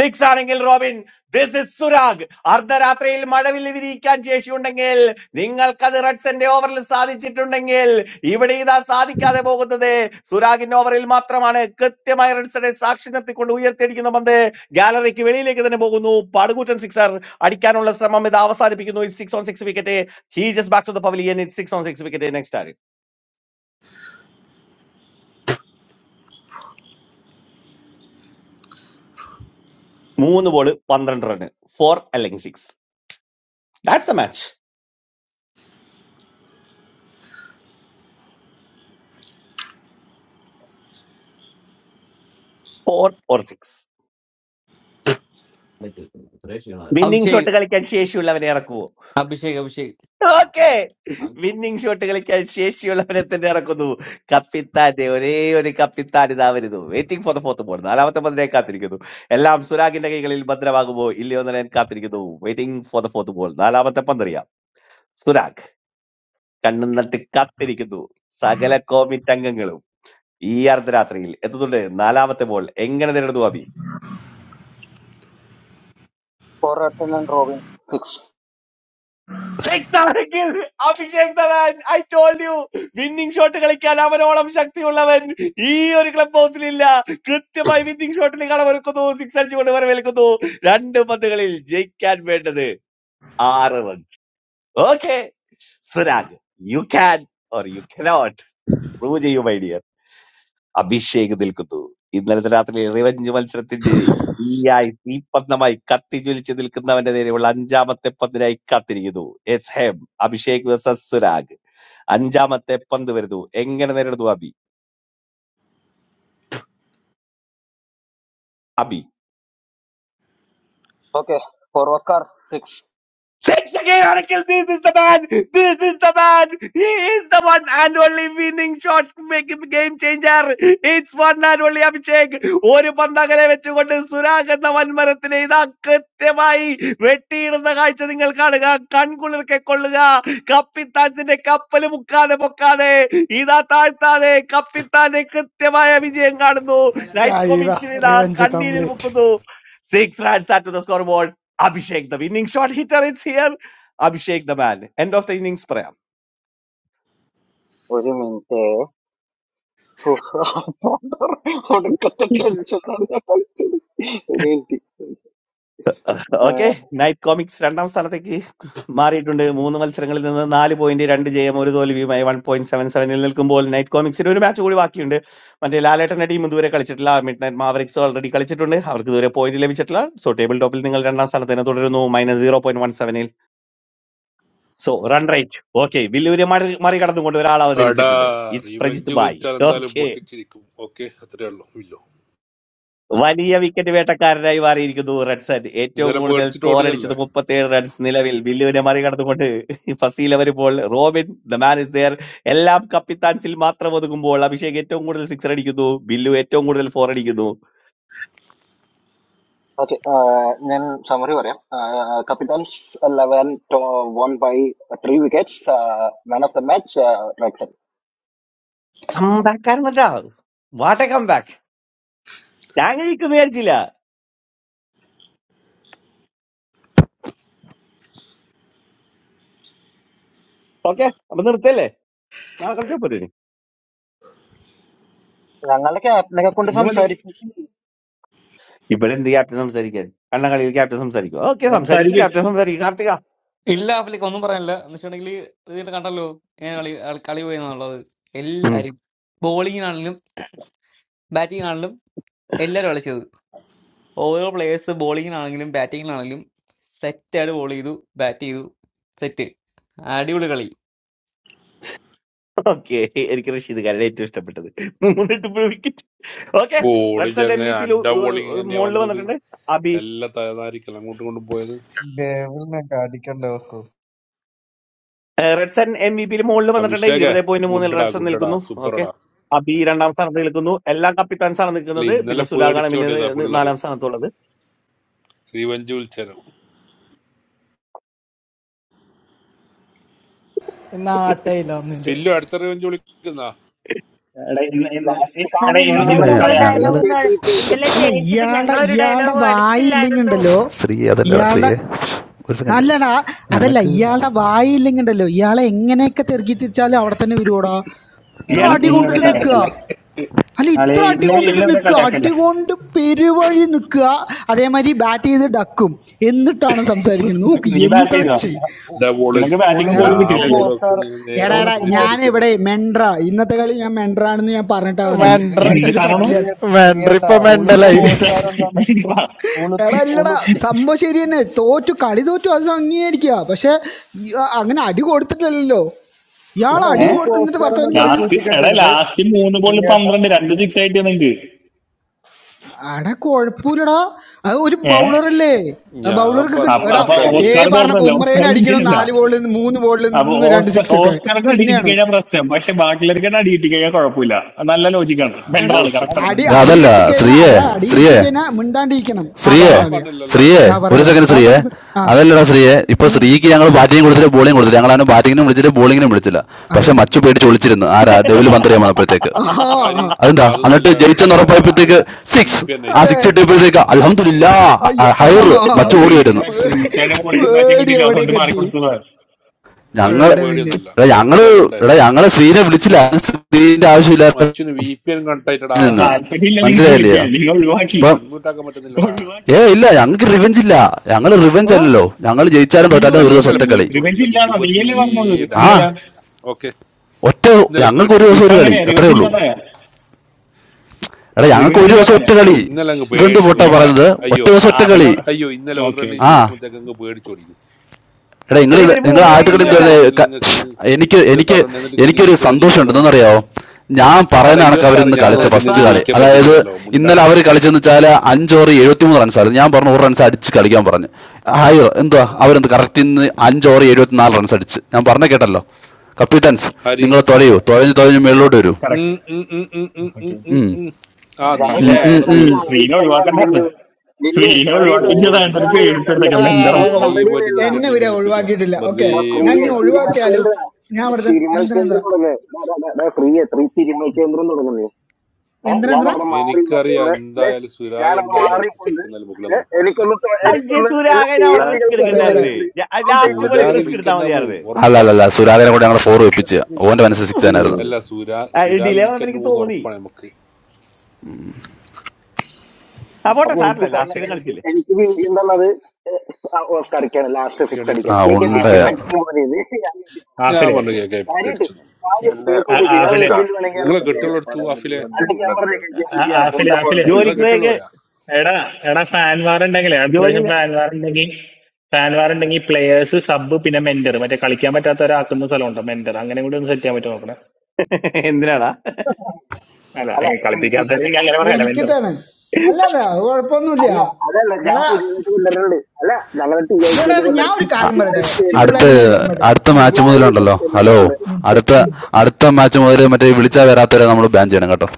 Speaker 12: ടിക്സ് ആണെങ്കിൽ റോബിൻ ദിസ് ഇസ് സുരാഗ് അർദ്ധരാത്രിയിൽ മഴവിൽ വിരിയിക്കാൻ ശേഷിയുണ്ടെങ്കിൽ നിങ്ങൾക്കത് റെഡ്സന്റെ ഓവറിൽ സാധിച്ചിട്ടുണ്ടെങ്കിൽ ഇവിടെ ഇതാ സാധിക്കാതെ പോകുന്നത് സുരാഗിന്റെ ഓവറിൽ മാത്രമാണ് കൃത്യമായി റെഡ്സനെ സാക്ഷി നിർത്തിക്കൊണ്ട് ഉയർത്തിയടിക്കുന്ന പന്ത് ഗാലറിക്ക് വെളിയിലേക്ക് തന്നെ പോകുന്നു പടുകൂറ്റൻ സിക്സർ അടിക്കാനുള്ള ശ്രമം ഇത് അവസാനിപ്പിക്കുന്നു six on six wicket he just back to the pavilion it six on six wicket next ആര് മൂന്ന് ബോൾ പന്ത്രണ്ട് റൺ ഫോർ അല്ലെങ്കിൽ six that's a match four or six winning
Speaker 22: Abhishek
Speaker 12: shot കളിക്കാൻ ശേഷിയുള്ളവനെ ഇറക്കുവോ
Speaker 22: Abhishek
Speaker 12: okay
Speaker 22: Abhishek
Speaker 12: winning shot കളിക്കാൻ ശേഷിയുള്ളവനെ തന്നെ ഇറക്കുന്നു കപ്പിത്താന്റെ ഒരേ ഒരു കപ്പിത്താൻ ഇതാ വരുന്നു waiting for the fourth ball നാലാമത്തെ പന്തിനെ കാത്തിരിക്കുന്നു എല്ലാം സുരാഗിന്റെ കൈകളിൽ ഭദ്രമാകുമോ ഇല്ലയോ എന്ന് ഞാൻ കാത്തിരിക്കുന്നു waiting for the fourth ball നാലാമത്തെ പന്തറിയാം സുരാഗ് കണ്ണും നട്ട് കാത്തിരിക്കുന്നു സകല കോമിറ്റ് അംഗങ്ങളും ഈ അർദ്ധരാത്രിയിൽ എത്തുന്നുണ്ട് നാലാമത്തെ ബോൾ എങ്ങനെ നേരിടുന്നു അബി സിക്സ് ആണെങ്കിൽ Abhishek Dhawan I told you winning shot കളിക്കാൻ അവനോളം ശക്തിയുള്ളവൻ ഈ ഒരു ക്ലബ് ഹൗസിൽ ഇല്ല കൃത്യമായി വിന്നിംഗ് ഷോട്ടിൽ കളമൊരുക്കുന്നു സിക്സ് അടിച്ചുകൊണ്ട് വരവേൽക്കുന്നു രണ്ട് പന്തുകളിൽ ജയിക്കാൻ വേണ്ടത് ആറ് runs okay Surag you can or you cannot prove ചെയ്യൂ മൈ ഡിയർ അഭിഷേക് നിൽക്കുന്നു ഇന്നലത്തെ രാത്രി റിവഞ്ച് മത്സരത്തിന്റെ
Speaker 29: six.
Speaker 12: തീയായി തീപ്പന്തമായി കത്തി ജ്വലിച്ച് നിൽക്കുന്നവന്റെ നേരെയുള്ള അഞ്ചാമത്തെ പന്തിനായി കാത്തിരിക്കുന്നു it's hmm Abhishek versus Surag അഞ്ചാമത്തെ പന്ത് വരുന്നു എങ്ങനെ നേരിടുന്നു Abi Abi Six again, Oracle. This is the man. This is the man. He is the one and only winning shot making game changer. It's one and only Abhishek. ഒരു പന്തകലെ വെച്ചുകൊണ്ട് സുരാഗ് എന്ന വൻമരത്തിനെ ഇതാ കൃത്യമായി വെട്ടിയിടുന്ന കാഴ്ച നിങ്ങൾ കാണുക കൺകുളിർക്കെ കൊള്ളുക കപ്പിത്താൻസിന്റെ കപ്പൽ മുക്കാതെ പൊക്കാതെ ഇതാ താഴ്ത്താതെ കപ്പിത്താന്റെ കൃത്യമായ വിജയം കാണുന്നു
Speaker 10: യാ
Speaker 12: നൈറ്റ് കോമിക്സിന് ഇതാ
Speaker 10: റിവഞ്ച്
Speaker 12: കണ്ണീരിൽ
Speaker 10: കംപ്ലീറ്റ്
Speaker 12: മുക്കുന്നു six runs at the scoreboard Abhishek, the winning shot hitter, is here. Abhishek the man end of the innings പറയാം ഓക്കെ നൈറ്റ് കോമിക്സ് രണ്ടാം സ്ഥലത്തേക്ക് മാറിയിട്ടുണ്ട് മൂന്ന് മത്സരങ്ങളിൽ നിന്ന് നാല് പോയിന്റ് രണ്ട് ജയം ഒരു തോൽവിയുമായി വൺ പോയിന്റ് സെവൻ സെവനിൽ നിൽക്കുമ്പോൾ നൈറ്റ് കോമിക്സിന് ഒരു മാച്ച് കൂടി ബാക്കിയുണ്ട് മറ്റേ ലാലേട്ടന്റെ ടീം ഇതുവരെ കളിച്ചിട്ടില്ല മിഡ് നൈറ്റ് മാവറിക്സ് ഓൾറെഡി കളിച്ചിട്ടുണ്ട് അവർക്ക് ഇതുവരെ പോയിന്റ് ലഭിച്ചിട്ടില്ല സോ ടേബിൾ ടോപ്പിൽ നിങ്ങൾ രണ്ടാം സ്ഥാനത്ത് തന്നെ തുടരുന്നു മൈനസ് സീറോ പോയിന്റ് വൺ സെവനിൽ സോ റൺ റേറ്റ് ഓക്കെ വലിയൊരു മറി മറികടന്നുകൊണ്ട് ഒരാൾ
Speaker 15: അടാ
Speaker 12: അവതരിച്ചിട്ടുണ്ട് ഇറ്റ്സ് പ്രജിത്
Speaker 15: റിവെഞ്ച്
Speaker 12: ബായ്
Speaker 15: വിളിച്ചാൽ എന്തായാലും
Speaker 12: ഓക്കെ
Speaker 15: പൊട്ടിച്ചിരിക്കും ഓക്കെ അത്രേ ഉള്ളൂ ഇല്ലോ
Speaker 12: വലിയ വിക്കറ്റ് വേട്ടക്കാരനായി മാറിയിരിക്കുന്നു റൺസൺ ഏറ്റവും
Speaker 15: ഇന്നലെ
Speaker 12: കൂടുതൽ
Speaker 15: പേടിച്ചിട്ട്
Speaker 12: സ്കോർ
Speaker 15: ഓടിയതല്ലേ
Speaker 12: അടിച്ചത് 37 റൺസ് നിലവിൽ ബില്ലുവിനെ മറികടന്നുകൊണ്ട് ഫസീല വരുമ്പോൾ Robin the man is there എല്ലാം കപ്പിത്താൻസിൽ മാത്രം ഒതുങ്ങുമ്പോൾ അഭിഷേക് ഏറ്റവും കൂടുതൽ സിക്സർ അടിക്കുന്നു ബില്ലു ഏറ്റവും കൂടുതൽ ഫോർ അടിക്കുന്നു കംബാക്കാരനല്ല വാട്ട് എ കംബാക്ക് ഞാൻ കഴിക്കുന്ന വിചാരിച്ചില്ല ഓക്കെ അപ്പൊ നിർത്തല്ലേ നാളെ കളിച്ചാൽ പോരെ
Speaker 9: ഇനി മതി
Speaker 12: ഇപ്പോഴെന്ത് ക്യാപ്റ്റൻ സംസാരിക്കാൻ കണ്ണ കളിയിൽ ക്യാപ്റ്റൻ സംസാരിക്കും ഓക്കെ സംസാരിക്കും
Speaker 9: സംസാരിക്കും
Speaker 12: ക്യാപ്റ്റൻ സംസാരിക്കും കാർത്തിക
Speaker 22: ഇല്ല ആഫ്ലിക്ക് ഒന്നും പറയാനില്ല എന്ന് വെച്ചിട്ടുണ്ടെങ്കിൽ ഇതിന്റെ കണ്ടല്ലോ എങ്ങനെ കളി ആൾ- കളി പോയി എന്നുള്ളത് എല്ലാരും ബോളിങ്ങിനാണെങ്കിലും ബാറ്റിങ്ങിനാണെങ്കിലും എല്ലാവരും കളിച്ചത് ഓരോ പ്ലേയേഴ്സ് ബോളിങ്ങിനാണെങ്കിലും ബാറ്റിങ്ങിനാണെങ്കിലും സെറ്റ് ആയിട്ട് ബോൾ ചെയ്തു ബാറ്റ് ചെയ്തു സെറ്റ് അടിപൊളി കളി
Speaker 12: ഓക്കെ എനിക്ക് റഷീദ് കാരുടെ ഏറ്റവും ഇഷ്ടപ്പെട്ടത് മൂന്നിട്ട് ഓക്കെ
Speaker 15: ഓടി
Speaker 12: റെഡ്സൺ എം
Speaker 15: ചങ്ങ
Speaker 12: വി പിയിൽ
Speaker 15: അന്റെ ബോളിങ് തന്നെയാ
Speaker 12: മുകളിൽ
Speaker 15: വന്നത്
Speaker 12: വന്നിട്ടുണ്ട് അബി
Speaker 15: എല്ലാ തലനാരിക്കല്ല അങ്ങോട്ടും കൊണ്ടും പോയത്
Speaker 2: ഡെവിളിനൊക്കെ അടിക്കണ്ട അവസ്ഥ
Speaker 12: ഏഹ് റെഡ്സൺ എം വി പിയിൽ മുകളിൽ വന്നിട്ടുണ്ട്
Speaker 15: അഭിഷേകേ
Speaker 12: ഇരുപത് പോയിന്റ് മൂന്നിൽ
Speaker 15: ഗുഡടാ
Speaker 12: റെഡ്സൺ
Speaker 15: ഗുഡടാ
Speaker 12: നിൽക്കുന്നു ഓക്കെ
Speaker 15: സൂപ്പറടാ
Speaker 12: അബി രണ്ടാം സ്ഥാനത്ത് നിൽക്കുന്നു എല്ലാ കപ്പിത്താൻസാണ്
Speaker 15: അല്ല
Speaker 12: നിൽക്കുന്നത് പിന്നെ
Speaker 15: ഇന്നലെ
Speaker 12: സുലാഖാണ് പിന്നെ ഇത്
Speaker 15: പേടിച്ചോടിയതാ
Speaker 12: ന-
Speaker 15: പിള്ളറ്
Speaker 12: നാലാം സ്ഥാനത്തുള്ളത്
Speaker 15: റിവെഞ്ച് വിളിച്ചാലും
Speaker 10: നാട്ടയില്ല ഒന്നിന്റെ
Speaker 15: പില്ലോ അടുത്ത റിവെഞ്ച് വിളിക്കുന്ന
Speaker 9: എടാ ഇന്ന് ഇന്ന് ഇ-
Speaker 3: അത്
Speaker 9: എടാ ഇന്ന്
Speaker 3: ഇന്നലെ
Speaker 5: ഇല്ലല്ല
Speaker 9: ഇന്ന്
Speaker 3: ഞങ്ങൾ
Speaker 9: കളിയാക്കരുത്
Speaker 3: ഡയലോഗ്
Speaker 5: ഞങ്ങള്
Speaker 3: ഒന്നും അടി- ഇന്നലെ
Speaker 31: അല്ല
Speaker 3: ജയിച്ചിട്ട്
Speaker 31: ഇയാളുടെ
Speaker 3: ഞങ്ങൾ ഒരു
Speaker 31: ഇയാളുടെ
Speaker 3: ഡയലോഗും
Speaker 31: വായി ഇല്ലെങ്കിൽ
Speaker 3: അടിച്ചില്ലായിരുന്നു
Speaker 31: ഉണ്ടല്ലോ
Speaker 5: സ്ത്രീ അതല്ലടാ
Speaker 31: ഇയാളുടെ
Speaker 5: സ്ത്രീയെ ഒരു സെക്കൻഡ്
Speaker 31: അല്ലടാ അതല്ല
Speaker 5: ഞങ്ങൾക്ക്
Speaker 31: ഇയാളുടെ വായി ഇല്ലെങ്കിൽ ഉണ്ടല്ലോ ഇയാളെ എങ്ങനെയൊക്കെ തെറുക്കി തിരിച്ചാലും അവിടെ തന്നെ വരുവോടാ
Speaker 9: എടാ,
Speaker 31: ഇത്ര
Speaker 12: എടാ
Speaker 9: ഇന്ന്
Speaker 31: അടി
Speaker 9: ഇന്ന് വരെ
Speaker 31: കൊണ്ടിട്ട്
Speaker 12: നീന്തേ
Speaker 31: നിൽക്കുക
Speaker 9: കളിയാക്കല്ല
Speaker 31: അല്ല
Speaker 9: നാളെ
Speaker 31: ഇത്ര അടി
Speaker 9: ഇന്ന്
Speaker 31: കൊണ്ടിട്ട്
Speaker 9: ഇന്ന് വരെ
Speaker 31: നിൽക്കുക
Speaker 9: കളിയാക്കല്ല
Speaker 31: അടി കൊണ്ട് പെരുവഴി നിൽക്കുക അതേമാതിരി ബാറ്റ് ചെയ്ത് ഡക്കും എന്നിട്ടാണ് സംസാരിക്കുന്നത്
Speaker 9: നി-
Speaker 31: നോക്ക്
Speaker 9: നീ ബാറ്റ്
Speaker 31: എന്താ
Speaker 9: ചെയ്തോ
Speaker 31: ചെയ്
Speaker 15: എന്റെ ബോൾ
Speaker 9: നിനക്ക്
Speaker 15: വെച്ച്
Speaker 2: ഉളു
Speaker 9: ബാറ്റിംഗ്
Speaker 31: എടാ
Speaker 9: പോലും
Speaker 15: ഞാൻ
Speaker 2: ഉളുപ്പ്
Speaker 9: കിട്ടിയില്ലല്ലോ
Speaker 15: ബോൾ
Speaker 2: മോസ്കാർ
Speaker 15: വെക്കുന്നത് നേരെ
Speaker 31: എടാ എടാ
Speaker 2: ഉളുപ്പ്
Speaker 15: ഓപ്പോസിറ്റ്
Speaker 31: ഞാൻ
Speaker 2: മോസ്
Speaker 31: ഇവിടെ
Speaker 15: അടിക്കുന്നത്
Speaker 31: മെൻഡ്ര ഇന്നത്തെ കളി ഞാൻ മെൻഡ്രാണെന്ന് ഞാൻ പറഞ്ഞിട്ടാ വന്ന്
Speaker 9: എന്ത്
Speaker 10: മെൻഡർ
Speaker 2: ശ്രീയ
Speaker 9: എന്ത്
Speaker 31: എനിക്കിത്
Speaker 9: സാധനമാണ്
Speaker 2: ശ്രീയ
Speaker 31: പറ്റില്ല
Speaker 10: മെൻഡർ
Speaker 2: ശ്രീയേട്ടാ
Speaker 10: ഇപ്പൊ
Speaker 2: ഉളുപ്പ്
Speaker 10: മെൻഡലായി
Speaker 9: എന്ത് സാ-
Speaker 2: മോസ്കാരം തമ്മിൽ
Speaker 9: എന്തുവാ?
Speaker 2: ഉളുപ്പ്
Speaker 31: എടാ
Speaker 2: ഉളു
Speaker 31: ഇല്ലടാ സംഭവം ശരി തന്നെ തോറ്റു കളി തോറ്റു അത് അംഗീകരിക്കുക പക്ഷെ ഈ ആ- അങ്ങനെ അടി കൊടുത്തിട്ടില്ലല്ലോ ഇയാൾ
Speaker 2: അല്ല
Speaker 9: ഏ
Speaker 31: അടിയും
Speaker 2: ഉളുപ്പ്
Speaker 31: കൊടുത്ത് എന്നിട്ട്
Speaker 2: ഓസ്കാരം
Speaker 31: വർത്തമാനം
Speaker 2: തമ്മിൽ
Speaker 31: പറയണ്
Speaker 9: ലാസ്റ്റ് എടാ
Speaker 2: കൂട്ടിക്കെട്ടരുത്
Speaker 9: ലാസ്റ്റ് മൂന്ന് ബോളിൽ
Speaker 2: ശ്രീയേട്ട
Speaker 9: പന്ത്രണ്ട് രണ്ട് സിക്സ് ആയിട്ട് നിനക്ക്
Speaker 31: എടാ കുഴപ്പമില്ലടാ അത് ഒരു
Speaker 9: ഏ
Speaker 31: ബൗളറല്ലേ ആ
Speaker 15: ഞാൻ
Speaker 31: ബൗളർക്ക് കിട്ടും
Speaker 9: അപ്പൊ
Speaker 15: പറഞ്ഞത്
Speaker 31: എടാ
Speaker 9: അപ്പൊ
Speaker 15: വെച്ചാല്
Speaker 31: ഏ
Speaker 9: ഓസ്കാർ
Speaker 31: പറഞ്ഞ
Speaker 9: ബോളറല്ല
Speaker 31: ബുംറേനെ
Speaker 9: ഓസ്കാർ
Speaker 31: അടിക്കണം നാല്
Speaker 9: മനുഷ്യനല്ല
Speaker 31: ബോളിൽ നിന്ന് മൂന്ന് ബോളിൽ
Speaker 9: അപ്പൊ
Speaker 31: നിന്ന് രണ്ട്
Speaker 9: ഓസ്കർ
Speaker 31: സിക്സ് ഒക്കെ
Speaker 9: ഓസ്കർക്ക് അടി കിട്ടി
Speaker 31: പിന്നെയാണ്
Speaker 9: കഴിഞ്ഞാൽ പ്രശ്നം പക്ഷെ ബാക്കിയുള്ളവർക്ക് തന്നെ അടി കിട്ടി കഴിഞ്ഞാൽ കുഴപ്പമില്ല അത് നല്ല ലോജിക്കാണ്
Speaker 15: അത്
Speaker 31: എടാ
Speaker 9: ബെൻഡറാണ്
Speaker 15: പ്രശ്നം
Speaker 9: കറക്റ്റ്
Speaker 2: അല്ല
Speaker 9: ആണ്
Speaker 31: അടി
Speaker 5: ഇല്ല,
Speaker 9: ബെൻഡറാണ്
Speaker 31: അടി
Speaker 5: അതല്ല
Speaker 31: കിട്ടിക്കഴിഞ്ഞാൽ
Speaker 5: ശ്രീയെ
Speaker 31: എടാ അടി
Speaker 5: ശ്രീയെ
Speaker 31: കിട്ടിക്കഴിഞ്ഞാൽ മിണ്ടാണ്ടിരിക്കണം ആ
Speaker 5: ശ്രീയെ
Speaker 15: ഞാൻ
Speaker 31: പറയടാ അളിയ
Speaker 15: പറഞ്ഞില്ല
Speaker 5: ശ്രീയെ
Speaker 15: എല്ലാവരോടും
Speaker 31: ആ
Speaker 5: ഒരു
Speaker 31: പറയടാ അളിയ
Speaker 5: സെക്കൻഡ്
Speaker 31: ആ
Speaker 5: ശ്രീയെ
Speaker 31: പറയും പറ. ആ
Speaker 5: അതല്ലടാ ശ്രീയെ ഇപ്പൊ
Speaker 31: ഉം.
Speaker 5: ശ്രീക്ക് ഞങ്ങൾ ബാറ്റിംഗ് കൊടുത്തില്ല ബോളിംഗ് കൊടുത്തില്ല ഞങ്ങൾ അവനെ ബാറ്റിങ്ങിനും വിളിച്ചില്ല ബോളിങ്ങിനും വിളിച്ചില്ല
Speaker 31: അതെ
Speaker 5: പക്ഷെ മച്ചു പേടിച്ച് ഒളിച്ചിരുന്നു ആരാ ഡെവിൽ പന്തറിയാൻ വന്നപ്പോഴത്തേക്ക്
Speaker 31: ആ
Speaker 15: ആര്
Speaker 31: ആ.
Speaker 5: അതെന്താ എന്നിട്ട്
Speaker 15: അതൊന്നല്ല ഡ-
Speaker 5: ജയിച്ചെന്ന് ഉറപ്പായപ്പോഴത്തേക്ക്
Speaker 15: മച്ചുവിന് വി
Speaker 5: സിക്സ്
Speaker 15: പി എൻ
Speaker 5: ആ
Speaker 15: ആയിട്ടാ
Speaker 5: സിക്സ്
Speaker 31: അതെ
Speaker 5: കിട്ടിയപ്പോഴത്തേക്ക് അലഹമില്ല
Speaker 31: അയ്യോ
Speaker 5: ഹയർ
Speaker 9: അത്
Speaker 5: മച്ചു ഓടി
Speaker 9: പ്രീത
Speaker 5: വരുന്നു
Speaker 31: പേ-
Speaker 9: പ്രീതയുടെ ബോളിംഗ് മാറ്റം
Speaker 31: പേടി
Speaker 9: കിട്ടിയില്ല അതുകൊണ്ട്
Speaker 31: എവിടേക്ക് എത്തി
Speaker 9: മാറിക്കൊടുത്തതാണ്
Speaker 5: ഞങ്ങൾ
Speaker 15: മച്ചുവിന്
Speaker 31: അല്ല പിന്നെ
Speaker 15: പേടിയൊന്നല്ല
Speaker 5: എടാ
Speaker 15: മച്ചു
Speaker 5: ഞങ്ങള്
Speaker 15: അവിടെ
Speaker 5: എടാ
Speaker 15: ഉണ്ടായിരുന്നു
Speaker 5: ഞങ്ങള് ശ്രീനെ വിളിച്ചില്ല അത് ശ്രീന്റെ ആവശ്യമില്ലായിരുന്നു
Speaker 15: മച്ചുവിന് വി പി എൻ കണക്ട് ആയിട്ടടാ
Speaker 9: ഏഹ് താല്പര്യം ഇല്ലെന്ന് എനിക്ക്
Speaker 5: മനസ്സിലായില്ലയോ
Speaker 9: വിളിക്കാൻ നിങ്ങൾ ഒഴിവാക്കി
Speaker 5: അപ്പൊ
Speaker 15: അൺമ്യൂട്ട് ആക്കാൻ പറ്റുന്നില്ലടാ
Speaker 9: ഒഴിവാക്കി
Speaker 5: ഏ
Speaker 9: വരാം.
Speaker 5: ഇല്ല ഞങ്ങൾക്ക് റിവെഞ്ച് ഇല്ല ഞങ്ങൾ റിവെഞ്ച്
Speaker 31: എടാ
Speaker 5: അല്ലല്ലോ ഞങ്ങൾ ജയിച്ചാലും
Speaker 9: ഏഹ്
Speaker 31: എന്തോ
Speaker 5: തോറ്റാലും
Speaker 15: ഇന്നലെ
Speaker 5: ഒരു ദിവസം
Speaker 15: ഇന്നലെ
Speaker 5: ഒറ്റ
Speaker 31: ഒഴിവാക്കിയത്
Speaker 5: കളി
Speaker 9: റിവെഞ്ച്
Speaker 15: പേടിച്ചോടിയില്ല ബില്ലു,
Speaker 9: ഇല്ലാന്നോ
Speaker 15: വെറുതെ
Speaker 9: നീയല്ലേ
Speaker 31: ഉം.
Speaker 9: പറഞ്ഞത്
Speaker 5: ആ
Speaker 15: ഡയലോഗ്
Speaker 9: ഇന്നലെ
Speaker 15: അലക്കില്ല ഓക്കെ
Speaker 5: ഒറ്റ
Speaker 15: ഇന്നലെ
Speaker 5: ഞങ്ങൾക്ക് ഒരു
Speaker 15: പേടിച്ചോടി
Speaker 5: ദിവസം
Speaker 9: ഇപ്പൊ
Speaker 5: ഒരു
Speaker 15: നിങ്ങള്
Speaker 5: കളി
Speaker 9: അങ്ങനെയാ
Speaker 5: അത്രേ
Speaker 9: റിവെഞ്ച്
Speaker 5: ഉള്ളൂ
Speaker 9: ഇല്ലാന്നായ
Speaker 5: എടാ ഞങ്ങൾക്ക്
Speaker 9: റിവെഞ്ച്
Speaker 5: ഒരു ദിവസം
Speaker 9: ഇല്ലാന്നായ
Speaker 5: ഒറ്റ കളി
Speaker 15: ഇന്നലെ അങ്ങ്
Speaker 5: ഇവന്ത്
Speaker 9: നീ
Speaker 5: ഫോട്ടോ
Speaker 15: പേടിച്ചോടി
Speaker 9: അവ
Speaker 15: നിങ്ങള്
Speaker 5: പറഞ്ഞത് ഒറ്റ
Speaker 15: അയ്യോ
Speaker 5: ദിവസം ഒറ്റ കളി
Speaker 9: അവനോ
Speaker 15: അയ്യോ ഇന്നലെ ഒരു
Speaker 9: ഓക്കെ
Speaker 15: റണ്ണിൽ
Speaker 9: ഓക്കെ
Speaker 5: ആ
Speaker 9: ഓക്കെ
Speaker 15: ജയിക്കുമ്പോഴത്തേക്ക് അങ്ങ് പേടിച്ചോടി
Speaker 5: എടാ നിങ്ങൾ
Speaker 12: അല്ല ഇവര്
Speaker 5: നിങ്ങൾ
Speaker 12: മൂന്ന് കളി
Speaker 5: ആദ്യത്തെ
Speaker 15: ഇന്ന്
Speaker 5: കളി
Speaker 12: കഴിഞ്ഞു
Speaker 15: ഞാൻ
Speaker 12: വരാ
Speaker 15: തന്നില്ല
Speaker 5: എന്തുവരുന്നത്
Speaker 15: നിങ്ങൾക്ക്
Speaker 5: എനിക്ക്
Speaker 15: ഇരുപത്തി
Speaker 5: എനിക്ക്
Speaker 15: ആറ് റൺ എന്നിട്ട് നിങ്ങൾക്ക്
Speaker 5: എനിക്കൊരു
Speaker 15: ജയിക്കാൻ
Speaker 5: സന്തോഷമുണ്ട്
Speaker 15: പറ്റിയില്ലല്ലോ
Speaker 5: എന്തെന്നറിയാവോ ഞാൻ
Speaker 15: എടാ
Speaker 5: പറയുന്ന കണക്ക്
Speaker 15: ഇരുപത്തി ആറ്
Speaker 5: അവരിന്ന്
Speaker 15: ഞാൻ
Speaker 5: കളിച്ച
Speaker 15: തന്നിട്ട്
Speaker 22: റെഡ്സാ
Speaker 5: ഫസ്റ്റ്
Speaker 15: നിങ്ങൾക്ക്
Speaker 5: കളി
Speaker 15: ജയിക്കാൻ
Speaker 5: അതായത്
Speaker 15: പറ്റിയില്ലല്ലോ
Speaker 5: ഇന്നലെ അവർ
Speaker 15: മിണ്ടാണ്ടിരുന്നോ
Speaker 5: കളിച്ചെന്ന് വെച്ചാൽ അഞ്ച് ഓവർ എഴുപത്തിമൂന്ന് റൺസ് ആയിരുന്നു ഞാൻ പറഞ്ഞു ഒരു റൺസ് അടിച്ച് കളിക്കാൻ പറഞ്ഞു ഹായോ എന്തുവാ അവരെന്ത് കറക്റ്റ് ഇന്ന് അഞ്ച് ഓവർ എഴുപത്തിനാല് റൺസ് അടിച്ച് ഞാൻ പറഞ്ഞ കേട്ടല്ലോ കപ്പിറ്റൻസ്
Speaker 15: ഹരി
Speaker 5: നിങ്ങൾ തുഴയൂ തുഴഞ്ഞ് തുഴഞ്ഞ് മേളിലോട്ട്
Speaker 9: കറക്റ്റ്
Speaker 5: വരൂ
Speaker 15: ഉം,
Speaker 9: കറക്റ്റ്
Speaker 15: ഉം, ഉം, ഉം, ഉം, ഉം,
Speaker 9: കറക്റ്റ്
Speaker 15: ഉം,
Speaker 5: ഉം.
Speaker 15: ഉം. ആ നീ
Speaker 5: ഉം,
Speaker 9: പക്ഷേ
Speaker 5: ഉം,
Speaker 15: പറഞ്ഞിട്ടൂടെ
Speaker 9: ശ്രീ
Speaker 5: ഉം.
Speaker 15: തോഴുന്നല്ലോ
Speaker 9: ശ്രീനെ
Speaker 15: ഇപ്പൊ
Speaker 9: ഒഴിവാക്കണ്ടായിരുന്നു ശ്രീനെ
Speaker 15: പോട്
Speaker 9: ഒഴിവാക്കിച്ചതാണ് എന്തൊരു
Speaker 15: ബില്ലു
Speaker 9: പേടിപ്പെടുത്തൊക്കെ
Speaker 31: എടാ എടാ, എടാ,
Speaker 9: മെന്തറും
Speaker 15: നീ
Speaker 31: എടാ.
Speaker 15: പോയിട്ട് നിന്റെ
Speaker 31: എന്നെ ഇവരെ
Speaker 15: ടീമിൽ പോയിട്ട് പറ
Speaker 31: ഒഴിവാക്കിയിട്ടില്ല
Speaker 15: വെറുതെ
Speaker 31: ഓക്കെ ഞാൻ
Speaker 15: വന്നിട്ട്
Speaker 31: ഇനി
Speaker 15: ഇതാക്കല്ല
Speaker 31: ഒഴിവാക്കിയാലും ഞാൻ അവിടുത്തെ എന്ത്ര എന്ത്ര എന്ത്ര എന്ത്ര
Speaker 15: എനിക്കറിയാം എന്തായാലും സുരാഗ് എന്തായാലും അടുത്ത സിക്സ് എന്നാലും മുകളിൽ ഉറപ്പാ
Speaker 12: അയ്യേ സുരാഖന
Speaker 27: എടാ,
Speaker 12: അവിടെ റിസ്ക്
Speaker 27: എടാ,
Speaker 31: വരെ വരെ
Speaker 12: എടുക്കണ്ടായിരുന്നു
Speaker 27: എടാ,
Speaker 12: ലാസ്റ്റ് പോലൊക്കെ
Speaker 15: സുരാഗ്
Speaker 12: റിസ്ക്
Speaker 27: three,
Speaker 12: എടുത്താൽ
Speaker 15: വിക്കറ്റിനാ പോവും
Speaker 12: മതിയായിരുന്നു
Speaker 5: അല്ല അല്ല
Speaker 15: ഉറപ്പാണ്
Speaker 5: അല്ല സുരാഗനെ കൂടെ ഞങ്ങൾ ഫോർ
Speaker 27: എടാ,
Speaker 5: വെപ്പിച്ച്
Speaker 27: three.
Speaker 5: ഓന്റെ മനസ്സിൽ സിക്സ് ആയിരുന്നു
Speaker 15: അല്ല സുരാ സുരാഗ്
Speaker 12: ഡിലേ വന്നപ്പോ
Speaker 15: വിക്കറ്റിന്
Speaker 12: എനിക്ക്
Speaker 15: പോകുന്ന
Speaker 12: തോന്നി
Speaker 15: ഉറപ്പാണ് നമുക്ക്
Speaker 12: ആ പോട്ടെ
Speaker 9: പക്ഷേ
Speaker 12: സാറില്ല
Speaker 9: പക്ഷേ
Speaker 12: ലാസ്റ്റിലും കളിച്ചില്ലേ
Speaker 5: ആ
Speaker 15: ഇല്ലണിക്കളിയില്ല
Speaker 5: ഉണ്ട്
Speaker 9: ആഫിലെ
Speaker 15: ഞാൻ
Speaker 9: ആഫിലെ
Speaker 15: പറഞ്ഞു കേൾക്കാൻ പേടിച്ചു
Speaker 27: എന്റെ
Speaker 9: ആ- ആഫിലെ
Speaker 27: ഓസ്കാർക്ക
Speaker 15: നിങ്ങളെ
Speaker 27: നിങ്ങൾക്കെല്ലാം
Speaker 15: കെട്ടുള്ള എടുത്തു
Speaker 27: ഉറപ്പാണെങ്കിൽ
Speaker 15: ആഫിലെ
Speaker 27: നിങ്ങൾ എന്റെ മൂന്നടിച്ചത്
Speaker 9: ആ- ആഫിലെ ആഫിലെ
Speaker 15: നിങ്ങളെ
Speaker 12: ജോലിക്ക്
Speaker 15: കെട്ടുള്ള
Speaker 12: പോയേക്ക്
Speaker 15: പോയാ
Speaker 9: എടാ എടാ ഫാൻ വാർ ഉണ്ടെങ്കിലേ അടുത്ത
Speaker 12: ജോലി
Speaker 9: പ്രാവശ്യം ഫാൻ വാർ ഉണ്ടെങ്കിൽ ഫാൻ വാർ ഉണ്ടെങ്കിൽ പ്ലേയേഴ്സ് സബ് പിന്നെ മെന്റർ മറ്റേ കളിക്കാൻ പറ്റാത്ത ഒരാക്കുന്ന സ്ഥലമുണ്ടോ മെന്റർ അങ്ങനെ കൂടി ഒന്ന് സെറ്റ് ചെയ്യാൻ പറ്റുമോ നോക്കണേ
Speaker 12: എന്തിനാടാ
Speaker 9: അല്ല ഏ, കളിപ്പിക്കാത്തവര് അങ്ങനെ
Speaker 31: ഇത്
Speaker 9: പറയല്ല മെന്റർ
Speaker 31: എനിക്കിട്ടാണ് അല്ലാതെ അത് കുഴപ്പമൊന്നുമില്ല എടാ എടാ എടാ, ഞാൻ ഒരു
Speaker 5: ആ,
Speaker 31: കാര്യം പറയട്ടെ
Speaker 5: അടുത്ത
Speaker 31: സിമ്പിളായിട്ട് ഞാൻ ഒരു കാര്യം പറയട്ടെ
Speaker 5: അടുത്ത മാച്ച് മുതലുണ്ടല്ലോ ഹലോ
Speaker 31: ഉം,
Speaker 5: അടുത്ത
Speaker 31: ഉം.
Speaker 5: അടുത്ത മാച്ച് മുതൽ മറ്റേ വിളിച്ചാൽ വരാത്തവരെ നമ്മൾ ബാൻ ചെയ്യണം കേട്ടോ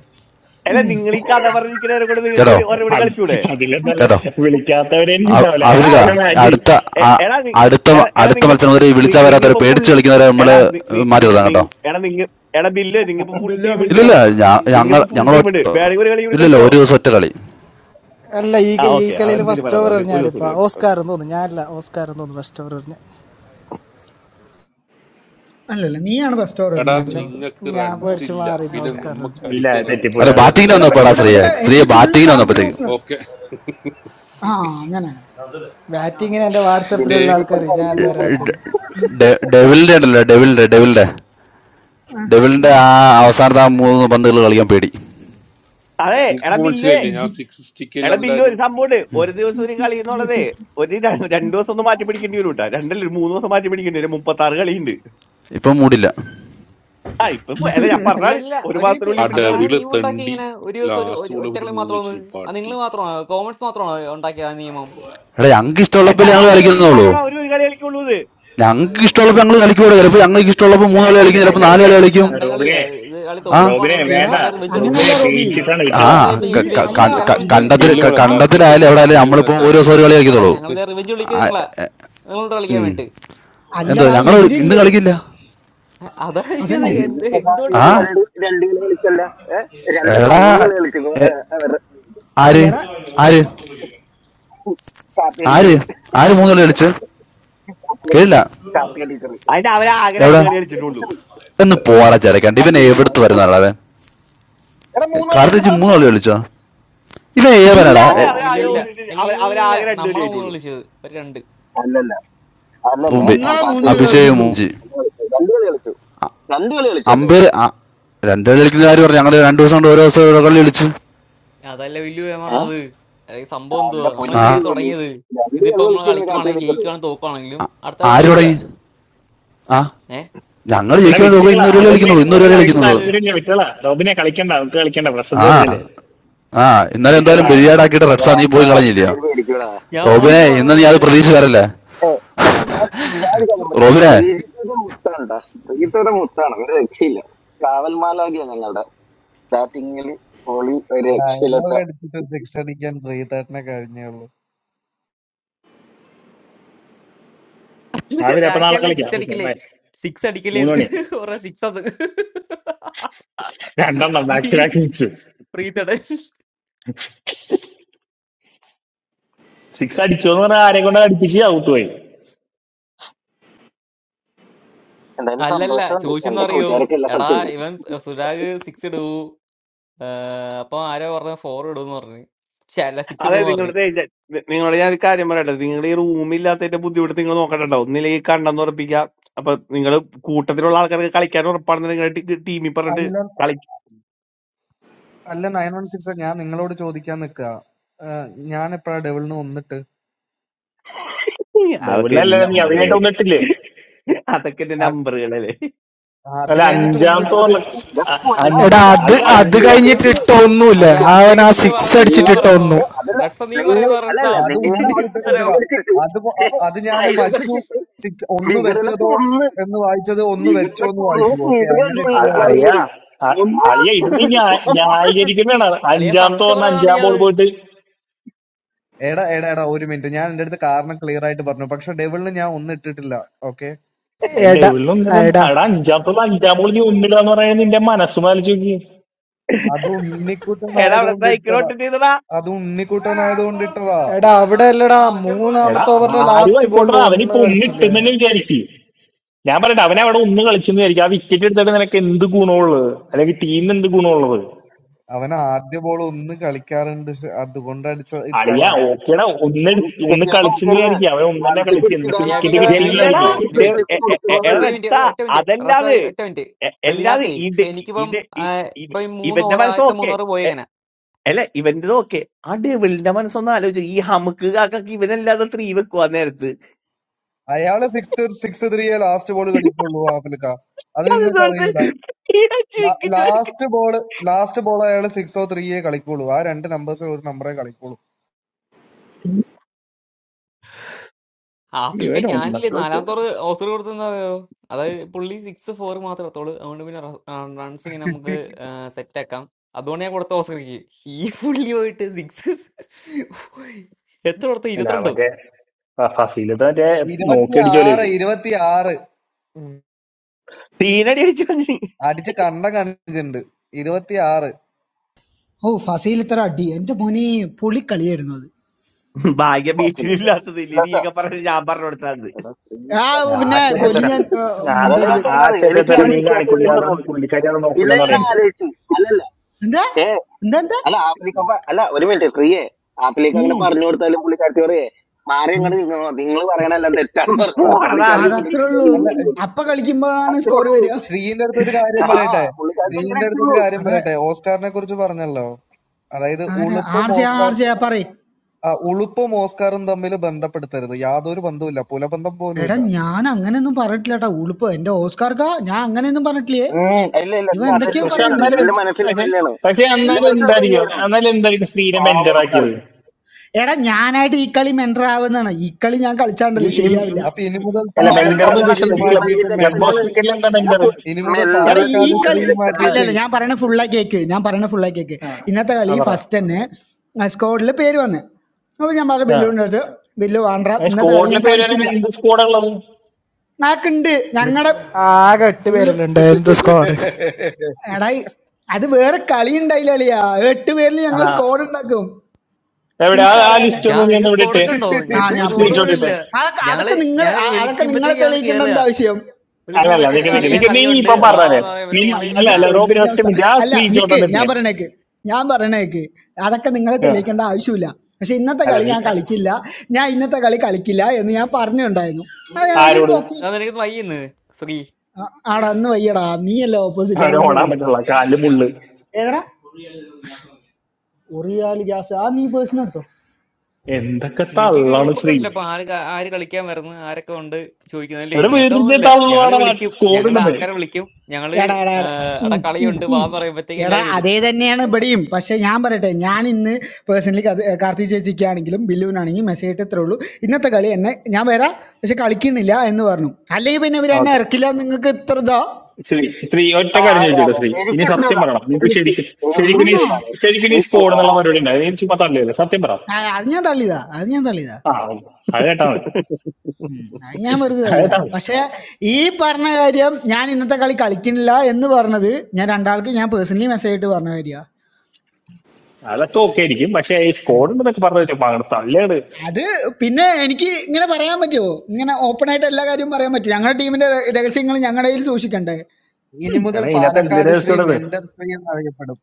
Speaker 12: എടാ നിങ്ങൾ ഈ കഥ പറഞ്ഞിരിക്കുന്നവരെ കൂടെ നിങ്ങൾക്ക്
Speaker 5: കേട്ടോ
Speaker 12: ഒരു ഒരേപടി കളിച്ചൂടെ
Speaker 9: അതിലും നല്ല
Speaker 5: കേട്ടോ
Speaker 9: വിളിക്കാത്തവരെ
Speaker 5: അ-
Speaker 9: ഉണ്ടാവില്ല
Speaker 12: എടാ
Speaker 5: അവരിക
Speaker 9: അങ്ങനത്തെ ഒരു മാജി
Speaker 5: അടുത്ത
Speaker 12: എ-
Speaker 5: അ-
Speaker 12: എടാ നി-
Speaker 5: അടുത്ത
Speaker 12: എടാ എടാ
Speaker 5: അടുത്ത
Speaker 12: നിങ്ങ
Speaker 5: മത്സരം മുതൽ വിളിച്ചാൽ വരാത്തവരെ
Speaker 12: നിങ്ങിപ്പോ ഫുൾ
Speaker 5: പേടിച്ച് കളിക്കുന്നവരെ നമ്മൾ
Speaker 12: എടാ നി- നി-
Speaker 5: മാറ്റി
Speaker 12: നി-
Speaker 5: നിർത്താം
Speaker 12: നി-
Speaker 5: കേട്ടോ
Speaker 12: എടാ നിങ്ങ എടാ ബില്ല് നിങ്ങിപ്പോ ഫുൾ
Speaker 31: ബില്ല
Speaker 12: ടീം
Speaker 31: ബില്ല
Speaker 12: ഉണ്ട്
Speaker 5: ഇല്ലില്ല ഞാ- ഞങ്ങൾ
Speaker 12: നിങ്ങിപ്പോ ഫുൾ
Speaker 5: ഞങ്ങൾ
Speaker 12: ടീം
Speaker 5: ഒറ്റ
Speaker 12: ഉണ്ട് വേണമെങ്കിൽ ഒരു കളി കൂടി
Speaker 5: ഇല്ലില്ല
Speaker 12: കളിച്ചോ
Speaker 5: ഒരു ദിവസം ഒറ്റ കളി
Speaker 10: അല്ല ഈ
Speaker 12: ആ
Speaker 10: ഈ
Speaker 12: ഓക്കെ
Speaker 10: കളിയിൽ
Speaker 12: അവരെ
Speaker 10: ഫസ്റ്റ്
Speaker 12: തീരുമാനം അതാ.
Speaker 10: ഓവർ
Speaker 12: ഒരു ഒരു ദിവസം
Speaker 10: എറിഞ്ഞാരിപ്പ
Speaker 12: ഒരു കളി
Speaker 10: ഓസ്കാർ
Speaker 12: ഓക്കെ
Speaker 10: എന്ന് തോന്നുന്നു ഞാനല്ല ഓസ്കാർ എന്ന് തോന്നുന്നു ഫസ്റ്റ് ഓവർ എറിഞ്ഞ
Speaker 31: അല്ലല്ല നീയാണ് ഫസ്റ്റ് ഓർഡർ
Speaker 15: എടാ
Speaker 31: തന്നെ
Speaker 10: അല്ല
Speaker 31: മച്ചോ
Speaker 15: നിങ്ങക്ക്
Speaker 10: ഞാൻ
Speaker 31: ഫസ്റ്റ്
Speaker 15: റൺസ്
Speaker 10: പേടിച്ച്
Speaker 15: ഇല്ല
Speaker 10: മാറിയിരുന്നു
Speaker 15: പിന്നെ
Speaker 9: ആ.
Speaker 10: ഓസ്കാർ
Speaker 15: നമുക്ക്
Speaker 10: എറിഞ്ഞ
Speaker 9: ഇല്ല
Speaker 15: അടിക്കാൻ റൺസ്
Speaker 5: അല്ല
Speaker 9: തെറ്റിപ്പോയതാ
Speaker 15: ഉണ്ട്
Speaker 5: ബാറ്റിങ്ങിന്
Speaker 15: അതുകൊണ്ടാണ്
Speaker 9: തെറ്റിപ്പോയതാ
Speaker 31: ഇവിടെ
Speaker 15: ഞാൻ
Speaker 31: ഇവിടെ
Speaker 5: വന്നപ്പോടാ
Speaker 31: ഇവിടെ
Speaker 9: മച്ചല്ല
Speaker 15: തന്നത്
Speaker 5: ശ്രീയെ
Speaker 31: ഇവിടെ
Speaker 9: മച്ചല്ല
Speaker 5: ശ്രീയെ
Speaker 31: എനിക്ക് ഫുള്ള്
Speaker 5: ബാറ്റിങ്ങിന്
Speaker 31: കാണിക്കൽ
Speaker 5: വന്നപ്പോഴത്തേക്കും
Speaker 31: കൂട്ടണം
Speaker 15: ഓക്കെ
Speaker 31: ആ അങ്ങനെ
Speaker 10: ബാറ്റിങ്ങിന് എന്റെ വാട്സപ്പിലുള്ള ആൾക്കാർ ഞാൻ എന്താ വരാത്തെന്ന്
Speaker 5: ഡെവിലിന്റെ ഉണ്ടല്ലോ ഡെവിലിന്റെ ഡെവിലിന്റെ ഡെവിലിന്റെ ആ അവസാനത്തെ ആ മൂന്ന് പന്തുകൾ കളിക്കാൻ പേടി
Speaker 12: അതെ എടാ
Speaker 15: നിങ്ങൾക്കിപ്പോ
Speaker 12: ബില്ല്
Speaker 15: മനസ്സിലായില്ലേ ഞാൻ സിക്സ് സ്റ്റിക്ക്
Speaker 12: എടാ
Speaker 15: ഇല്ലാന്നുള്ള
Speaker 12: ബില്ല്
Speaker 15: കാര്യം
Speaker 12: ഒരു സംഭവമുണ്ട് ഒരു ദിവസം ഒരു കളി എന്നുള്ളത് ഒരു ര- രണ്ട് ദിവസം ഒന്ന് മാറ്റി പിടിക്കേണ്ടി വരും കേട്ടോ രണ്ടല്ല ഒരു മൂന്ന് ദിവസം മാറ്റി പിടിക്കേണ്ടി വരും മുപ്പത്തി ആറ് കളിയുണ്ട്
Speaker 5: ഇപ്പം മൂടില്ല
Speaker 12: ആ ഇപ്പൊ ഇപ്പൊ- അല്ല ഞാൻ പറഞ്ഞാണ്
Speaker 22: അല്ലല്ല
Speaker 12: ഒരു
Speaker 22: ഒരു മിനിറ്റ്
Speaker 15: ആ
Speaker 12: മാസത്തിനുള്ളിൽ
Speaker 22: അത്
Speaker 12: പിടിച്ചാൽ
Speaker 22: ഞാൻ
Speaker 12: മതി
Speaker 15: ഡെവിള്
Speaker 22: നിയമം ഉണ്ടാക്കി
Speaker 15: തെണ്ടി
Speaker 22: ഇങ്ങനെ ഒരു ദിവസം ഒരു
Speaker 15: ലാസ്റ്റ്
Speaker 22: ഒരു
Speaker 15: ബോളിൽ
Speaker 22: ഒറ്റ
Speaker 15: പറ്റി
Speaker 22: കളി
Speaker 15: മൂന്ന് വെച്ചിന്
Speaker 22: മാത്രമാണ് അത് നിങ്ങൾ
Speaker 15: പാട്ടി
Speaker 22: മാത്രമാണോ കോമൺസ് മാത്രമാണോ ഉണ്ടാക്കിയ ആ നിയമം
Speaker 5: എടാ ഞങ്ങൾക്ക്
Speaker 12: എന്റെ
Speaker 5: ഇഷ്ടമുള്ളപ്പോൾ
Speaker 22: ഏഹ്
Speaker 12: അതാ
Speaker 5: ഞങ്ങൾ
Speaker 12: പറഞ്ഞ
Speaker 5: കളിക്കുന്നുള്ളൂ
Speaker 12: തീരുമാനമാണ് അവര് ഒരു കളി കളിക്കുള്ളൂ ഇത്
Speaker 5: ഞങ്ങൾക്ക് ഇഷ്ടമുള്ളപ്പോൾ ഞങ്ങൾ കളിക്കൂടെ ചിലപ്പോൾ ഞങ്ങൾക്ക് ഇഷ്ടമുള്ളപ്പോൾ
Speaker 22: എടാ
Speaker 5: മൂന്ന്
Speaker 22: ഇത്
Speaker 5: കളി
Speaker 9: എന്റെ
Speaker 5: കളിക്കും
Speaker 22: കണ്ടം
Speaker 5: ചിലപ്പോൾ
Speaker 9: എന്റെ
Speaker 5: നാല്
Speaker 9: എ,
Speaker 22: കളിയാ
Speaker 5: കളി
Speaker 22: ഇത്
Speaker 5: കളിക്കും
Speaker 22: കണ്ടം കളിയാ
Speaker 9: റോബിനെ
Speaker 22: ഇത് കളി
Speaker 5: ആ
Speaker 9: റോബിനെ
Speaker 22: തോക്കുവാണെങ്കിൽ
Speaker 31: എടാ
Speaker 9: വേണ്ട
Speaker 22: ജയിക്കുവാണെങ്കിൽ വെച്ച് കളിക്കണം
Speaker 31: അങ്ങനെയല്ല
Speaker 9: റോബിനെ
Speaker 31: റോബി
Speaker 9: പേടിച്ചിട്ടാണ്
Speaker 22: ഇപ്പൊ
Speaker 5: ആ
Speaker 9: വിറ്റതാ
Speaker 22: ഞങ്ങള് ഇപ്പൊ
Speaker 5: ക-
Speaker 31: ഇവര്
Speaker 22: ജയിച്ചില്ലേ
Speaker 5: ക-
Speaker 22: ഇപ്പൊ
Speaker 31: അല്ല
Speaker 5: ക-
Speaker 22: ഇപ്പൊ ഞങ്ങള്
Speaker 5: ക-
Speaker 22: വിളിച്ച്
Speaker 31: ഇവര്
Speaker 5: കണ്ടത്തിൽ
Speaker 15: ബില്ല്
Speaker 22: ഞങ്ങള്
Speaker 5: ക-
Speaker 15: മോനെ
Speaker 31: ആ
Speaker 15: തരത്തിൽ പോര്
Speaker 5: കണ്ടത്തിലായാലും എവിടെ
Speaker 15: കളിക്ക്
Speaker 22: എടാ
Speaker 5: ആയാലും
Speaker 15: ബില്ല് മോനെ
Speaker 5: നമ്മളിപ്പോൾ ഒരു
Speaker 15: തരത്തിൽ
Speaker 5: ദിവസം ഒരു
Speaker 15: പോര്
Speaker 5: കളി
Speaker 15: കളിക്ക്
Speaker 22: എടാ
Speaker 5: കളിക്കത്തുള്ളൂ
Speaker 15: ഓക്കെ
Speaker 22: ഞങ്ങളിത് റിവെഞ്ച് വിളിക്കുക
Speaker 5: ആ,
Speaker 22: നിങ്ങളാ നിങ്ങളോട് കളിക്കാൻ
Speaker 5: ഉം.
Speaker 22: വേണ്ടിട്ട്
Speaker 5: എന്തോ
Speaker 31: അല്ലടാ
Speaker 5: ഞങ്ങൾ ഇന്ന്
Speaker 31: ഇവരില്ലേ
Speaker 5: കളിക്കില്ല
Speaker 22: അ- അതാ ഇത്
Speaker 31: അതന്നെ
Speaker 5: ഇന്ന്
Speaker 22: എന്ത്
Speaker 5: ആ
Speaker 22: എന്തുകൊണ്ടെന്ന്
Speaker 5: എടാ എ, ആര്
Speaker 31: എടാ
Speaker 5: ആര് ആര് ആര് മൂന്ന് കളി കളിച്ച് കേട്ടില്ല
Speaker 12: അതിന് അവരാകെ രണ്ട്
Speaker 5: എവിടെ
Speaker 12: കളി കളിച്ചിട്ടുള്ളൂ
Speaker 5: എന്ന് പോടാ ചെറുക്കണ്ട ഇവൻ എവിടുത്ത് വരുന്നതാടാ അവൻ കാർത്തിച്ച് മൂന്ന് കളി കളിച്ചോ ഇവൻ ഏവനടാ
Speaker 12: ഇല്ലാന്ന്
Speaker 5: എ-
Speaker 12: അവരാകെ
Speaker 22: ഇല്ലില്ല
Speaker 12: ഒരു അവ-
Speaker 22: ഇല്ലില്ല
Speaker 12: അവരാകെ രണ്ട് കളി
Speaker 22: നമ്മളെ മൂന്ന്
Speaker 12: ആയിട്ടുള്ളൂ
Speaker 22: വിളിച്ചത് ഒരു രണ്ട്
Speaker 5: മുംബൈ
Speaker 31: നിങ്ങളെ മൂന്ന് കളി
Speaker 5: അഭിഷേക്
Speaker 31: കളിച്ചിട്ടുള്ളൂ
Speaker 5: മൂഞ്ചി അമ്പയർ രണ്ടു കളി കളിക്കുന്ന ആര് പറഞ്ഞു ഞങ്ങള് രണ്ടു ദിവസം കൊണ്ട് ഓരോ ദിവസം ഓരോ കളി കളിച്ചു
Speaker 22: അതല്ല വലിയ ഞാൻ പറഞ്ഞത് അല്ലെങ്കിൽ സംഭവം എന്തുവാ
Speaker 5: ആ
Speaker 22: നമ്മളിന്ന് ഇത് തുടങ്ങിയത് ഇതിപ്പോ നമ്മൾ കളിക്കുവാണെങ്കിൽ ജയിക്കുവാണെങ്കിൽ തോക്കുവാണെങ്കിലും അടുത്ത ആൾ
Speaker 5: ആര്
Speaker 22: കളിക്കുക
Speaker 5: തുടങ്ങി ആ
Speaker 22: ഏഹ്
Speaker 5: ഞങ്ങൾ
Speaker 9: ഇവിടെ
Speaker 5: ജയിക്കാൻ നോക്കുക
Speaker 9: വിറ്റുകളാ
Speaker 5: ഇന്നൊരു കളി
Speaker 22: ആപ്പിലേക്ക്
Speaker 9: റോബിനെ
Speaker 5: കളിക്കുന്നുള്ളൂ
Speaker 22: നമ്മളിന്ന്
Speaker 5: ഇന്നൊരു
Speaker 9: റോബിനെ
Speaker 5: കളി
Speaker 22: തുടങ്ങിയ
Speaker 9: അവർക്ക്
Speaker 22: ആപ്പിലേക്ക്
Speaker 5: കളിക്കുന്നുള്ളൂ
Speaker 22: അത്
Speaker 9: താല്പര്യമില്ല വിറ്റുകളാ റോബിനെ കളിക്കണ്ട നമുക്ക് കളിക്കണ്ട പ്രശ്നം
Speaker 5: ആ
Speaker 9: തീർന്നില്ലേ
Speaker 5: ആ ഇന്നലെ
Speaker 22: എടാ
Speaker 9: ആയിട്ടല്ല
Speaker 5: എന്തായാലും
Speaker 22: ഞാൻ ഇ-
Speaker 5: ബെരിയാടാക്കിയിട്ട് റെഡ്സാ നീ പോയി കളഞ്ഞില്ലയോ
Speaker 22: ഞാൻ
Speaker 5: റോബിനെ
Speaker 22: ഓൾറെഡി
Speaker 5: ഇന്ന്
Speaker 22: പറഞ്ഞതാണ്
Speaker 5: നീ അത്
Speaker 22: എതിർത്ത്
Speaker 5: പ്രതീക്ഷ തരല്ലേ റോബിനെ
Speaker 2: ഡയലോഗ് അടിച്ചിട്ട് സിക്സ് അടിക്കാൻ പ്രീതേട്ടനെ കഴിഞ്ഞേ ഉള്ളൂ
Speaker 9: രാവിലെ അപ്പൊ
Speaker 22: ബാക്ക്
Speaker 9: നാളെ
Speaker 22: ഹാൻഡിലെ സിക്സ്
Speaker 9: കളിക്കാം ഓക്കെ
Speaker 22: അടിക്കലേ
Speaker 9: ബൈ
Speaker 22: സിക്സ് അടിക്കലേ
Speaker 9: മൂന്ന് മണി
Speaker 22: ഇത് കുറെ സിക്സ് അത്
Speaker 9: രണ്ടെണ്ണം
Speaker 22: free
Speaker 9: back to back six
Speaker 22: free തട
Speaker 9: സിക്സ് അടിച്ചു എന്ന് പറഞ്ഞാൽ ആരെ കൊണ്ട് അടിപ്പിച്ച് ഔട്ട് പോയി
Speaker 22: അല്ലല്ല ചോദിച്ചെന്ന് അറിയോ എടാ ഇവൻ സ് സുരാഗ് സിക്സ് ഇടൂ ഏർ അപ്പൊ ആരോ പറഞ്ഞു ഫോർ ഇടൂന്ന് പറഞ്ഞു പക്ഷെ അല്ല സിക്സ്
Speaker 12: അതെ
Speaker 22: ഇടൂന്ന് പറഞ്ഞു
Speaker 12: നിങ്ങളുടെ നിങ്ങളുടെ ഞാൻ ഒരു കാര്യം പറയട്ടെ നിങ്ങൾ ഈ റൂമില്ലാത്തതിന്റെ ബുദ്ധിമുട്ട് നിങ്ങൾ നോക്കണ്ടോ ഒന്നില്ല ഈ കണ്ടെന്ന് ഉറപ്പിക്കുക അപ്പൊ നിങ്ങൾ കൂട്ടത്തിലുള്ള ആൾക്കാർക്ക് കളിക്കാൻ ഉറപ്പാണെന്ന് നിങ്ങളുടെ ടീമിൽ പറഞ്ഞിട്ട്
Speaker 2: അല്ല
Speaker 12: കളി
Speaker 2: അല്ല നയൻ വൺ സിക്സ് ഞാൻ നിങ്ങളോട് ചോദിക്കാൻ നിക്കാ ഏഹ് ഞാൻ എപ്പോഴാ ഡെവിളിന് ഒന്നിട്ട്
Speaker 12: അതൊക്കെ എന്റെ
Speaker 9: ഡെവിളിനല്ല നീ അതിനായിട്ട്
Speaker 12: നമ്പറുകളല്ലേ
Speaker 9: ഒന്നിട്ടില്ലേ
Speaker 12: അതൊക്കെ എന്റെ
Speaker 2: അ-
Speaker 12: നമ്പറുകളല്ലേ
Speaker 2: അത്
Speaker 9: അല്ല
Speaker 2: കഴിഞ്ഞിട്ട്
Speaker 9: അഞ്ചാമത്തെ
Speaker 2: ഒന്നിട്ടത്
Speaker 9: ഓവറിൽ
Speaker 10: എടാ അത്
Speaker 9: അളിയ
Speaker 10: അത്
Speaker 9: അഞ്ച
Speaker 10: കഴിഞ്ഞിട്ട് ഇട്ട ഒന്നുമില്ല
Speaker 22: അളിയ
Speaker 10: അവൻ
Speaker 22: അഭിഷേക്
Speaker 10: ആ
Speaker 22: നീ
Speaker 10: സിക്സ്
Speaker 22: പറയുന്നോ ഞാൻ
Speaker 10: അടിച്ചിട്ട് ഇട്ട
Speaker 22: പറയുന്നോ
Speaker 10: ഒന്നു
Speaker 22: റെഡ്സ നീ പറയുന്നോ റെഡ്സ
Speaker 2: അത്
Speaker 22: ഇതിന്
Speaker 2: ഉണ്ണിക്കുട്ടൻ
Speaker 22: ഉത്തരം
Speaker 2: ഇട്ടതാ അത് പൊ- അ- അത് ഞാൻ മച്ചു six- ഒന്ന് വെച്ചതോ എന്ന് വായിച്ചത് ഒന്ന് വെച്ചോ എന്ന് വായിച്ചു ഓക്കെ അങ്ങനെ ഇട്ട്
Speaker 9: അ-
Speaker 2: പോയതാ
Speaker 9: അളിയാ അ- അളിയാ ഇത് നീ ന്യാ- ന്യായീകരിക്കുന്നതാണ്
Speaker 22: അളിയ
Speaker 9: അഞ്ചാമത്തെ
Speaker 22: ഫസ്റ്റ്
Speaker 9: പറഞ്ഞ
Speaker 22: പറയുന്ന
Speaker 9: അഞ്ചാം
Speaker 22: അളിയ
Speaker 9: ബോൾ
Speaker 22: അത്
Speaker 9: പോയിട്ട്
Speaker 2: എടാ എടാ എടാ ഒരു മിനിറ്റ് ഞാൻ എന്റെ അടുത്ത് കാരണം ക്ലിയർ ആയിട്ട് പറഞ്ഞു പക്ഷെ ഡെവിളിന് ഞാൻ ഒന്ന് ഇട്ടിട്ടില്ല ഓക്കെ
Speaker 10: എടാ
Speaker 9: ഡെവിളിൽ ഒന്ന് രണ്ട്
Speaker 10: എടാ
Speaker 9: എടാ അഞ്ചാമത്തെ പറഞ്ഞ അഞ്ചാം ബോൾ നീ ഒന്നില്ല എന്ന് പറയാൻ നിന്റെ മനസ്സും ആലോചിച്ച് നോക്കി
Speaker 2: അത് ഉണ്ണിക്കുട്ടൻ
Speaker 12: എടാ അവിടെ
Speaker 2: ആയതുകൊണ്ട്
Speaker 12: സൈക്കിൾ
Speaker 2: ഇട്ടതാ
Speaker 12: ഒട്ടിട്ട് ചെയ്തടാ
Speaker 2: അത് ഉണ്ണിക്കുട്ടൻ ആയതുകൊണ്ട് ഇട്ടതാ
Speaker 10: എടാ അവിടെ അല്ലടാ
Speaker 9: എടാ
Speaker 10: മൂന്നാമത്തെ ഓവറിലെ
Speaker 9: ആരും
Speaker 10: ലാസ്റ്റ്
Speaker 9: ആയിക്കോട്ടെ
Speaker 10: ബോളിൽ ഒന്ന്
Speaker 9: അവനിപ്പൊ
Speaker 10: കളിച്ചില്ലേ
Speaker 9: ഒന്നിട്ടെന്ന് വിചാരിക്കും ഞാൻ പറയട്ടെ അവനെ അവിടെ ഒന്ന് കളിച്ചെന്ന് വിചാരിക്കും ആ വിക്കറ്റ് എടുത്തിട്ട് നിനക്ക് എന്ത് ഗുണമുള്ളത് അല്ലെങ്കിൽ ടീമിന് എന്ത് ഗുണമുള്ളത്
Speaker 2: അവൻ ആദ്യ ബോൾ ഒന്ന് കളിക്കാറുണ്ട് ഷ്- അതുകൊണ്ട് അടിച്ച ഇട്ടതാ
Speaker 9: അളിയ ഓക്കേടാ ഒന്ന് എടുത്ത് ഒന്ന് കളിച്ചെന്ന് വിചാരിക്കും അവൻ ഒന്ന് തന്നെ കളിച്ച് നിനക്ക്
Speaker 22: അളിയ
Speaker 9: വിക്കറ്റ്
Speaker 22: വികടം ഞാൻ
Speaker 9: കിട്ടിയെന്ന്
Speaker 22: ഞാൻ
Speaker 12: എല്ലടാ
Speaker 22: പറയട്ടെ
Speaker 9: വിചാരിക്കും
Speaker 22: ഒരു
Speaker 12: ഇത്
Speaker 22: മിനിറ്റ്
Speaker 12: എ- എ- എ- എടാ
Speaker 22: എനിക്ക് ഒരു മിനിറ്റ്
Speaker 12: വെട്ടാ
Speaker 22: ഒറ്റ മിനിറ്റ് റെഡ്സ
Speaker 12: അതല്ലാത്
Speaker 22: ഒറ്റ മിനിറ്റ്
Speaker 12: എ-
Speaker 22: എടാ,
Speaker 12: എല്ലാത്
Speaker 22: ഇതിനകത്തേ
Speaker 12: ഇത്
Speaker 22: ഇപ്പൊ എനിക്കിപ്പം
Speaker 12: ഇത്
Speaker 22: ആ,
Speaker 12: ഇ-
Speaker 22: ഇപ്പൊ
Speaker 12: ഇ-
Speaker 22: ഈ മൂന്ന്
Speaker 12: ഇവന്റെ
Speaker 22: ഓവർ
Speaker 12: മനസ്സ്
Speaker 22: ആദ്യത്തെ
Speaker 12: നോക്കേ
Speaker 22: മൂന്ന് ഓവർ പോയി
Speaker 12: എ- അല്ല ഇവന്റെ നോക്കേ ആ ഡെവിളിന്റെ മനസ്സൊന്ന് ആലോചിച്ചു ഈ ഹമുക്ക് കാക്കക്ക് ഇവനല്ലാതെ സ്ത്രീ വെക്കുവാ നേരത്ത്
Speaker 2: അയാള് സിക്സ് സിക്സ് ത്രീയെ ലാസ്റ്റ് ബോൾ കളിക്കുള്ളൂ ആഫ്രിക്ക അത് നിങ്ങൾക്ക്
Speaker 12: അതെന്തോടത്ത്
Speaker 2: അറിയൂല ലാസ്റ്റ് ബോൾ ലാസ്റ്റ് ബോൾ അയാള് സിക്സോ ത്രീയെ കളിക്കുള്ളൂ ആ രണ്ട് നമ്പേഴ്സ് ഒരു നമ്പറേ കളിക്കുള്ളൂ
Speaker 22: ആഫ്രിക്ക
Speaker 9: ഇവൻ
Speaker 22: ഞാനില്ലേ
Speaker 9: ഒന്നൊക്കെ വെച്ച്
Speaker 22: നാലാമത്തോറ് ഓസ്കർ കൊടുത്തെന്നറിയോ അതായത് പുള്ളി സിക്സ് ഫോർ മാത്രം എത്തോളൂ അതുകൊണ്ട് പിന്നെ റൺസ് ഇങ്ങനെ നമുക്ക് സെറ്റ് ആക്കാം അതുകൊണ്ട് ഞാൻ കൊടുത്ത ഓസ്കർക്ക് ഈ പുള്ളി പോയിട്ട് സിക്സ് എത്ര കൊടുത്ത
Speaker 9: അല്ല
Speaker 22: ഇരുപത്തിരണ്ടോ
Speaker 9: മറ്റേ ഫ- ഫസീലത്തെ മറ്റേ
Speaker 2: ഇരുപത്തി
Speaker 9: നോക്കി
Speaker 2: ആറ്
Speaker 9: അടിച്ചോലെ
Speaker 2: ഇരുപത്തി ആറ് ഉം.
Speaker 12: സീനടി അടിച്ചു കളഞ്ഞ്.
Speaker 2: അടിച്ച് കണ്ട കണ്ടിട്ടുണ്ട് ഇരുപത്തി ആറ്
Speaker 31: ഓ ഫസീൽ ഇത്ര അടി എന്റെ മോനെ പൊളി കളിയായിരുന്നു അത്
Speaker 12: ഭാഗ്യം വീട്ടിലില്ലാത്തതില്ല നീയൊക്കെ പറഞ്ഞു ഞാൻ പറഞ്ഞു കൊടുത്തത്
Speaker 27: എടാ ത്രീ
Speaker 31: ആ
Speaker 9: ആ
Speaker 31: പിന്നെ
Speaker 27: ഇതാണോ
Speaker 31: കൊല്ലി
Speaker 9: ചേട്ടത്തര
Speaker 27: ഇത്
Speaker 31: ഞാൻ ഏ,
Speaker 9: ആ
Speaker 31: മിണ്ടരുത്
Speaker 9: ആ- ആ ചേട്ടത്തര നീ
Speaker 27: ത്രീ
Speaker 9: കാണിക്കില്ലാതും പുള്ളിക്കാരി അത് നോക്കൂലെന്ന് പറയുന്നത്
Speaker 31: എന്താ എന്താ എന്താ ഉം, ഉം.
Speaker 12: പോണതാറി
Speaker 31: അതത്രേ ഉള്ളൂ
Speaker 2: അല്ല
Speaker 31: അപ്പൊ കളിക്കുമ്പോഴാണ് സ്കോർ വരിക
Speaker 2: ശ്രീന്റെ അടുത്ത് ഒരു കാര്യം പറയട്ടെ ശ്രീന്റെ അടുത്ത് ഒരു കാര്യം
Speaker 31: അതാ
Speaker 2: പറയട്ടെ ഓസ്കാറിനെ കുറിച്ച് പറഞ്ഞല്ലോ അതായത്
Speaker 31: ആരാ
Speaker 2: ഉളുപ്പും
Speaker 31: ആർജയാ
Speaker 2: ഓസ്കാർ
Speaker 31: ആർജയാ പറയ്
Speaker 2: ആ, ഉളുപ്പും ഓസ്കാറും തമ്മിൽ ബന്ധപ്പെടുത്തരുത് യാതൊരു ബന്ധവുമില്ല പുലബന്ധം പോലും
Speaker 31: എടാ
Speaker 2: ഇല്ല
Speaker 31: ഞാൻ അങ്ങനെയൊന്നും പറഞ്ഞിട്ടില്ല കേട്ടാ ഉളുപ്പ് എന്റെ ഓസ്കാർക്ക ഞാൻ അങ്ങനെയൊന്നും പറഞ്ഞിട്ടില്ലേ ഇവ
Speaker 9: പക്ഷെ
Speaker 31: എന്തൊക്കെയോ
Speaker 9: പക്ഷെ
Speaker 31: പറയുന്നുണ്ട്
Speaker 9: എന്നാലും എന്ത്- പക്ഷെ പക്ഷെ എന്നാലും എന്തായിരിക്കും എന്നാലും എന്തായിരിക്കും സ്ത്രീനെ മെന്റർ ആക്കിയത്
Speaker 31: എടാ ഞാനായിട്ട് ഈ കളി മെൻറ്റർ ആവുന്നതാണ് ഈ കളി ഞാൻ
Speaker 9: ഈ
Speaker 31: കളിച്ചാണ്ടല്ലോ
Speaker 9: ഈ ഈ-
Speaker 31: ശരിയാവില്ല
Speaker 9: ഈ-
Speaker 2: അപ്പൊ ഇനി മുതൽ
Speaker 9: അല്ല
Speaker 31: നിക്ക്
Speaker 9: മെന്റർ
Speaker 31: നിക്ക്.
Speaker 9: എന്ന്
Speaker 2: പാലക്കാട് ശ്രീ
Speaker 9: ഉദ്ദേശിച്ചത് ഈ ക്ലബ്
Speaker 2: മാറ്റിയിട്ട്
Speaker 9: ക്ലബ്
Speaker 2: മെണ്ട
Speaker 9: ഹൗസ് ക്രിക്കറ്റിൽ എന്താ മെന്റർ
Speaker 2: ഇനി മുതൽ
Speaker 31: എടാ ഈ ഈ
Speaker 2: പാലക്കാട് ശ്രീ
Speaker 31: കളി
Speaker 2: മാറ്റിയിട്ട്
Speaker 31: അല്ലല്ല ഞാൻ പറയണ ഫുള്ളാ കേക്ക് ഞാൻ പറയണ ഫുള്ളാ കേക്ക്
Speaker 9: ആ
Speaker 31: ഇന്നത്തെ കളി
Speaker 9: ആ പറ
Speaker 31: ഫസ്റ്റ് തന്നെ സ്കോഡിൽ പേര് വന്ന് അപ്പോൾ ഞാൻ പറഞ്ഞ
Speaker 9: ആ
Speaker 31: ബില്ലുവിൻ്റെ അടുത്ത് ബില്ലു വേണ്ട
Speaker 9: ഏ,
Speaker 31: ഇന്നത്തെ കളി
Speaker 9: സ്ക്വാഡിലെ
Speaker 31: ഞാൻ
Speaker 9: പേര് പറയുമ്പോ
Speaker 31: കളിക്കില്ല
Speaker 9: എന്ത് സ്ക്വാഡാ ഉള്ളത്
Speaker 31: ഞങ്ങൾക്കുണ്ട്
Speaker 9: ഇത്
Speaker 31: ഞങ്ങളുടെ
Speaker 10: ആകെ എട്ട്
Speaker 31: ഉള്ളു
Speaker 10: പേരല്ലേ ഉണ്ട് എന്ത് സ്ക്വാഡ്
Speaker 31: എടാ അത് വേറെ കളി ഉണ്ടായില്ല അളിയാ എട്ട് പേരിൽ
Speaker 9: ആ
Speaker 31: ഞങ്ങൾ സ്കോഡ് ഉണ്ടാക്കും
Speaker 9: എവിടെ ആ
Speaker 31: നിങ്ങക്ക്
Speaker 9: ആ
Speaker 31: അറിയാനെ
Speaker 9: ലിസ്റ്റ്
Speaker 22: ഞാൻ
Speaker 9: ഒന്ന് നീ ഒന്ന്
Speaker 22: നിങ്ങൾക്ക്
Speaker 9: ഇവിടെ ഇട്ടേ
Speaker 22: സ്കോഡൊക്കെ ഉണ്ടോ
Speaker 31: ആ
Speaker 22: ഞങ്ങക്ക്
Speaker 31: ഞാൻ
Speaker 22: സ്കോഡ്
Speaker 31: പോട്ടെ
Speaker 22: പോലും
Speaker 9: സ്ക്രീൻഷോട്ട്
Speaker 22: ഇല്ല
Speaker 9: ഇട്ടേ
Speaker 31: അതൊക്കെ
Speaker 22: ഞങ്ങള്
Speaker 31: അതൊക്കെ നിങ്ങൾ
Speaker 22: ഞങ്ങള്
Speaker 31: അതൊക്കെ നിങ്ങളെ
Speaker 22: വിളിക്കുമ്പത്തേക്ക് ഞങ്ങള്
Speaker 31: തെളിയിക്കേണ്ട
Speaker 22: കേറുക
Speaker 31: എന്താ ആവശ്യം
Speaker 9: അല്ലല്ല
Speaker 22: വിളിക്കുമ്പത്തേക്ക്
Speaker 9: നിക്ക്
Speaker 31: ഈ
Speaker 9: നിക്ക്
Speaker 22: കളിയാ
Speaker 9: നിക്ക് നീ
Speaker 22: കളിയുണ്ട്
Speaker 9: ഇപ്പൊ
Speaker 22: വാ വാ"
Speaker 9: പറഞ്ഞേ
Speaker 22: എന്ന്
Speaker 9: നീ
Speaker 22: പറയുമ്പത്തേക്ക് ഞങ്ങള്
Speaker 9: അല്ല
Speaker 31: മയില്
Speaker 22: ആ
Speaker 9: അല്ല റോബിൻ
Speaker 31: തൊലിഞ്ഞ
Speaker 9: ഒറ്റ
Speaker 31: സ-
Speaker 9: മിനിറ്റ് ആ
Speaker 31: അല്ല
Speaker 9: സ്ക്രീൻഷോട്ട്
Speaker 31: നിക്ക് ഞാൻ
Speaker 9: തന്നിട്ടില്ലേ
Speaker 31: പറയണേക്ക് ഞാൻ പറയണേക്ക് അതൊക്കെ നിങ്ങളെ
Speaker 9: ആ.
Speaker 31: തെളിയിക്കേണ്ട ആവശ്യമില്ല പക്ഷെ ഇന്നത്തെ
Speaker 9: അല്ല
Speaker 31: കളി
Speaker 9: നീ
Speaker 31: ഞാൻ കളിക്കില്ല ഞാൻ ഇന്നത്തെ കളി കളിക്കില്ല എന്ന് ഞാൻ പറഞ്ഞിട്ടുണ്ടായിരുന്നു അത് ഞാൻ ഒരു
Speaker 9: ആരോട്
Speaker 31: ഓക്കെ
Speaker 22: ഇതാ നിനക്ക് വൈകുന്നു ഫ്രീ
Speaker 31: ആടാ അന്ന് വയ്യടാ നീയല്ല ഓപ്പോസിറ്റ്
Speaker 9: ആരും
Speaker 31: അതുകൊണ്ട്
Speaker 9: ഓടാൻ
Speaker 31: വയ്യ
Speaker 9: പറ്റില്ല കാലില് മുള്ള്
Speaker 31: ഏതാ ഒറിയാൽ ഗ്യാസ് ആ നീ പേഴ്സൺ എടുത്തോ
Speaker 9: എന്തൊക്കെ
Speaker 22: നിങ്ങക്ക്
Speaker 9: തള്ളാണ്
Speaker 22: ഗ്രൂപ്പ് ഒക്കെ
Speaker 9: ശ്രീ
Speaker 22: ഉണ്ടല്ലോ അപ്പൊ ആര് ക- ആര് കളിക്കാൻ വരുന്നു ആരൊക്കെ ഉണ്ട് ചോദിക്കുന്നല്ലേ
Speaker 9: എവിടെ വെറുതെ
Speaker 22: ഞങ്ങൾക്കൊന്നുമില്ല ഞങ്ങള്
Speaker 9: തള്ളുവാണ്
Speaker 22: വിളിക്കും
Speaker 9: സ്കോഡ്
Speaker 22: ഞങ്ങള്
Speaker 9: ഉണ്ടെന്ന്
Speaker 22: ആൾക്കാരെ വിളിക്കും ഞങ്ങള്
Speaker 31: എടാ എടാ
Speaker 22: ആ,
Speaker 31: എടാ
Speaker 22: എടാ
Speaker 31: ഉം, ഉം,
Speaker 22: കളിയുണ്ട് വാ
Speaker 31: ഉം.
Speaker 22: എന്ന് പറയുമ്പത്തേക്ക്
Speaker 31: എടാ
Speaker 22: എല്ലാരും വരും
Speaker 31: അതേ തന്നെയാണ് ഇവിടെയും പക്ഷെ ഞാൻ പറയട്ടെ ഞാൻ ഇന്ന് പേഴ്സണലി കാർത്തി ചേച്ചിക്കാണെങ്കിലും ബില്ലുവിനാണെങ്കിലും മെസ്സേജ് ഇട്ടത്രേ ഉള്ളൂ ഇന്നത്തെ കളി എന്നെ ഞാൻ വരാം പക്ഷെ കളിക്കണില്ല എന്ന് പറഞ്ഞു അല്ലെങ്കിൽ പിന്നെ ഇവർ എന്നെ
Speaker 9: ഓക്കെ
Speaker 31: ഇറക്കില്ല നിങ്ങൾക്ക് ഇത്ര ഇതാ
Speaker 9: ശ്രീ ശ്രീ ഒറ്റ കാര്യം ചോദിച്ചോട്ടെ ശ്രീ ഇനി സത്യം പറയണം നിനക്ക് ശരിക്കും ശരിക്കും നീ
Speaker 31: ആന്നോ
Speaker 9: ശരിക്കും നീ സ്കോഡ് എന്നുള്ള മറുപടി ഉണ്ടായി നീ ചുമ്മാ തള്ളിയല്ലേ സത്യം പറ
Speaker 31: ആ, അത് ഞാൻ തള്ളിയതാ അത് ഞാൻ തള്ളിയതാ
Speaker 9: ആ ഓക്കെ. അത് കേട്ടാ മതി
Speaker 31: ഉം, അത് ഞാൻ വെറുതെ
Speaker 9: അത്
Speaker 31: തള്ളിയതാ
Speaker 9: കേട്ടാ മതി
Speaker 31: പക്ഷെ ഈ പറഞ്ഞ കാര്യം ഞാൻ ഇന്നത്തെ കളി കളിക്കണില്ല എന്ന് പറഞ്ഞത് ഞാൻ രണ്ടാൾക്ക് ഞാൻ പേഴ്സണലി മെസ്സേജ് ഇട്ട് പറഞ്ഞ കാര്യമാ
Speaker 9: അതൊക്കെ ഓക്കെ ആയിരിക്കും പക്ഷെ ഈ സ്കോഡ് ഉണ്ടെന്നൊക്കെ പറഞ്ഞു വെച്ചപ്പോ അങ്ങനെ തള്ളിയാണ്
Speaker 31: അത് പിന്നെ എനിക്ക് ഇങ്ങനെ പറയാൻ പറ്റുമോ ഇങ്ങനെ ഓപ്പൺ ആയിട്ട് എല്ലാ കാര്യവും പറയാൻ പറ്റും ഞങ്ങളുടെ ടീമിന്റെ രഹസ്യങ്ങൾ ഞങ്ങളുടെ കയ്യിൽ സൂക്ഷിക്കണ്ടേ
Speaker 2: ഇനി മുതൽ
Speaker 9: എടാ ഇതിനകത്ത്
Speaker 2: പാലക്കാട്
Speaker 9: എന്തിനാ
Speaker 2: ശ്രീ
Speaker 9: സ്കോഡ്
Speaker 2: മെന്റർ ശ്രീ എന്നറിയപ്പെടും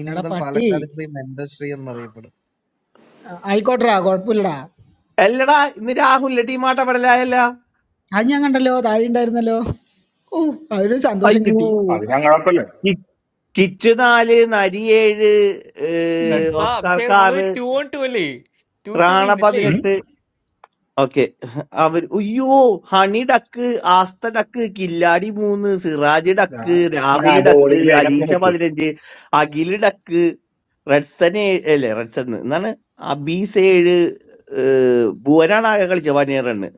Speaker 2: ഇനി
Speaker 31: എടാ
Speaker 2: മുതൽ
Speaker 31: പട്ടി
Speaker 2: പാലക്കാട് ശ്രീ മെന്റർ ശ്രീ എന്നറിയപ്പെടും
Speaker 31: ആയിക്കോട്ടറാ കുഴപ്പമില്ലടാ
Speaker 12: അല്ലടാ ഇന്ന് രാഹുലിന്റെ ടീമാട്ടപ്പെടലായല്ല
Speaker 31: അത് ഞാൻ കണ്ടല്ലോ താഴെ ഉണ്ടായിരുന്നല്ലോ ഓ അതൊരു സന്തോഷം കിട്ടി
Speaker 9: അത്
Speaker 12: അയ്യോ
Speaker 9: ഞങ്ങളെ കുഴപ്പമില്ല
Speaker 12: കിച്ച് നാല് നരി ഏഴ് ഏഹ്,
Speaker 22: റെഡ്സ അഭിഷേക്
Speaker 12: ഓസ്കാർക്ക്
Speaker 22: നമ്മള്
Speaker 12: ആറ്
Speaker 22: ടു ഓൺ ടു അല്ലേ ടു ടു
Speaker 12: റാണ
Speaker 22: വിൻ അല്ലേ
Speaker 9: ഉം?
Speaker 12: പതിനെട്ട് ഓക്കെ അവർ അയ്യോ ഹണി ഡക്ക് ആസ്ത ഡക്ക് കില്ലാടി മൂന്ന് സിറാജ് ഡക്ക്
Speaker 9: ഞാൻ- ഞാൻ ആ
Speaker 12: രാഹുൽ ഡക്ക്
Speaker 9: ബോളിംഗ് അതിനകത്ത്
Speaker 12: അലീഷ
Speaker 9: നോക്ക്
Speaker 12: പതിനഞ്ച് അഖിൽ ഡക്ക് റെഡ്സൺ ഏഴ് അല്ലേ റെഡ്സൺ എന്നാണ് അബീസ് ഏഴ് ഏഹ്, ഭുവനാണ് ആകെ കളിച്ചത് വനിയർ റണ്ണ്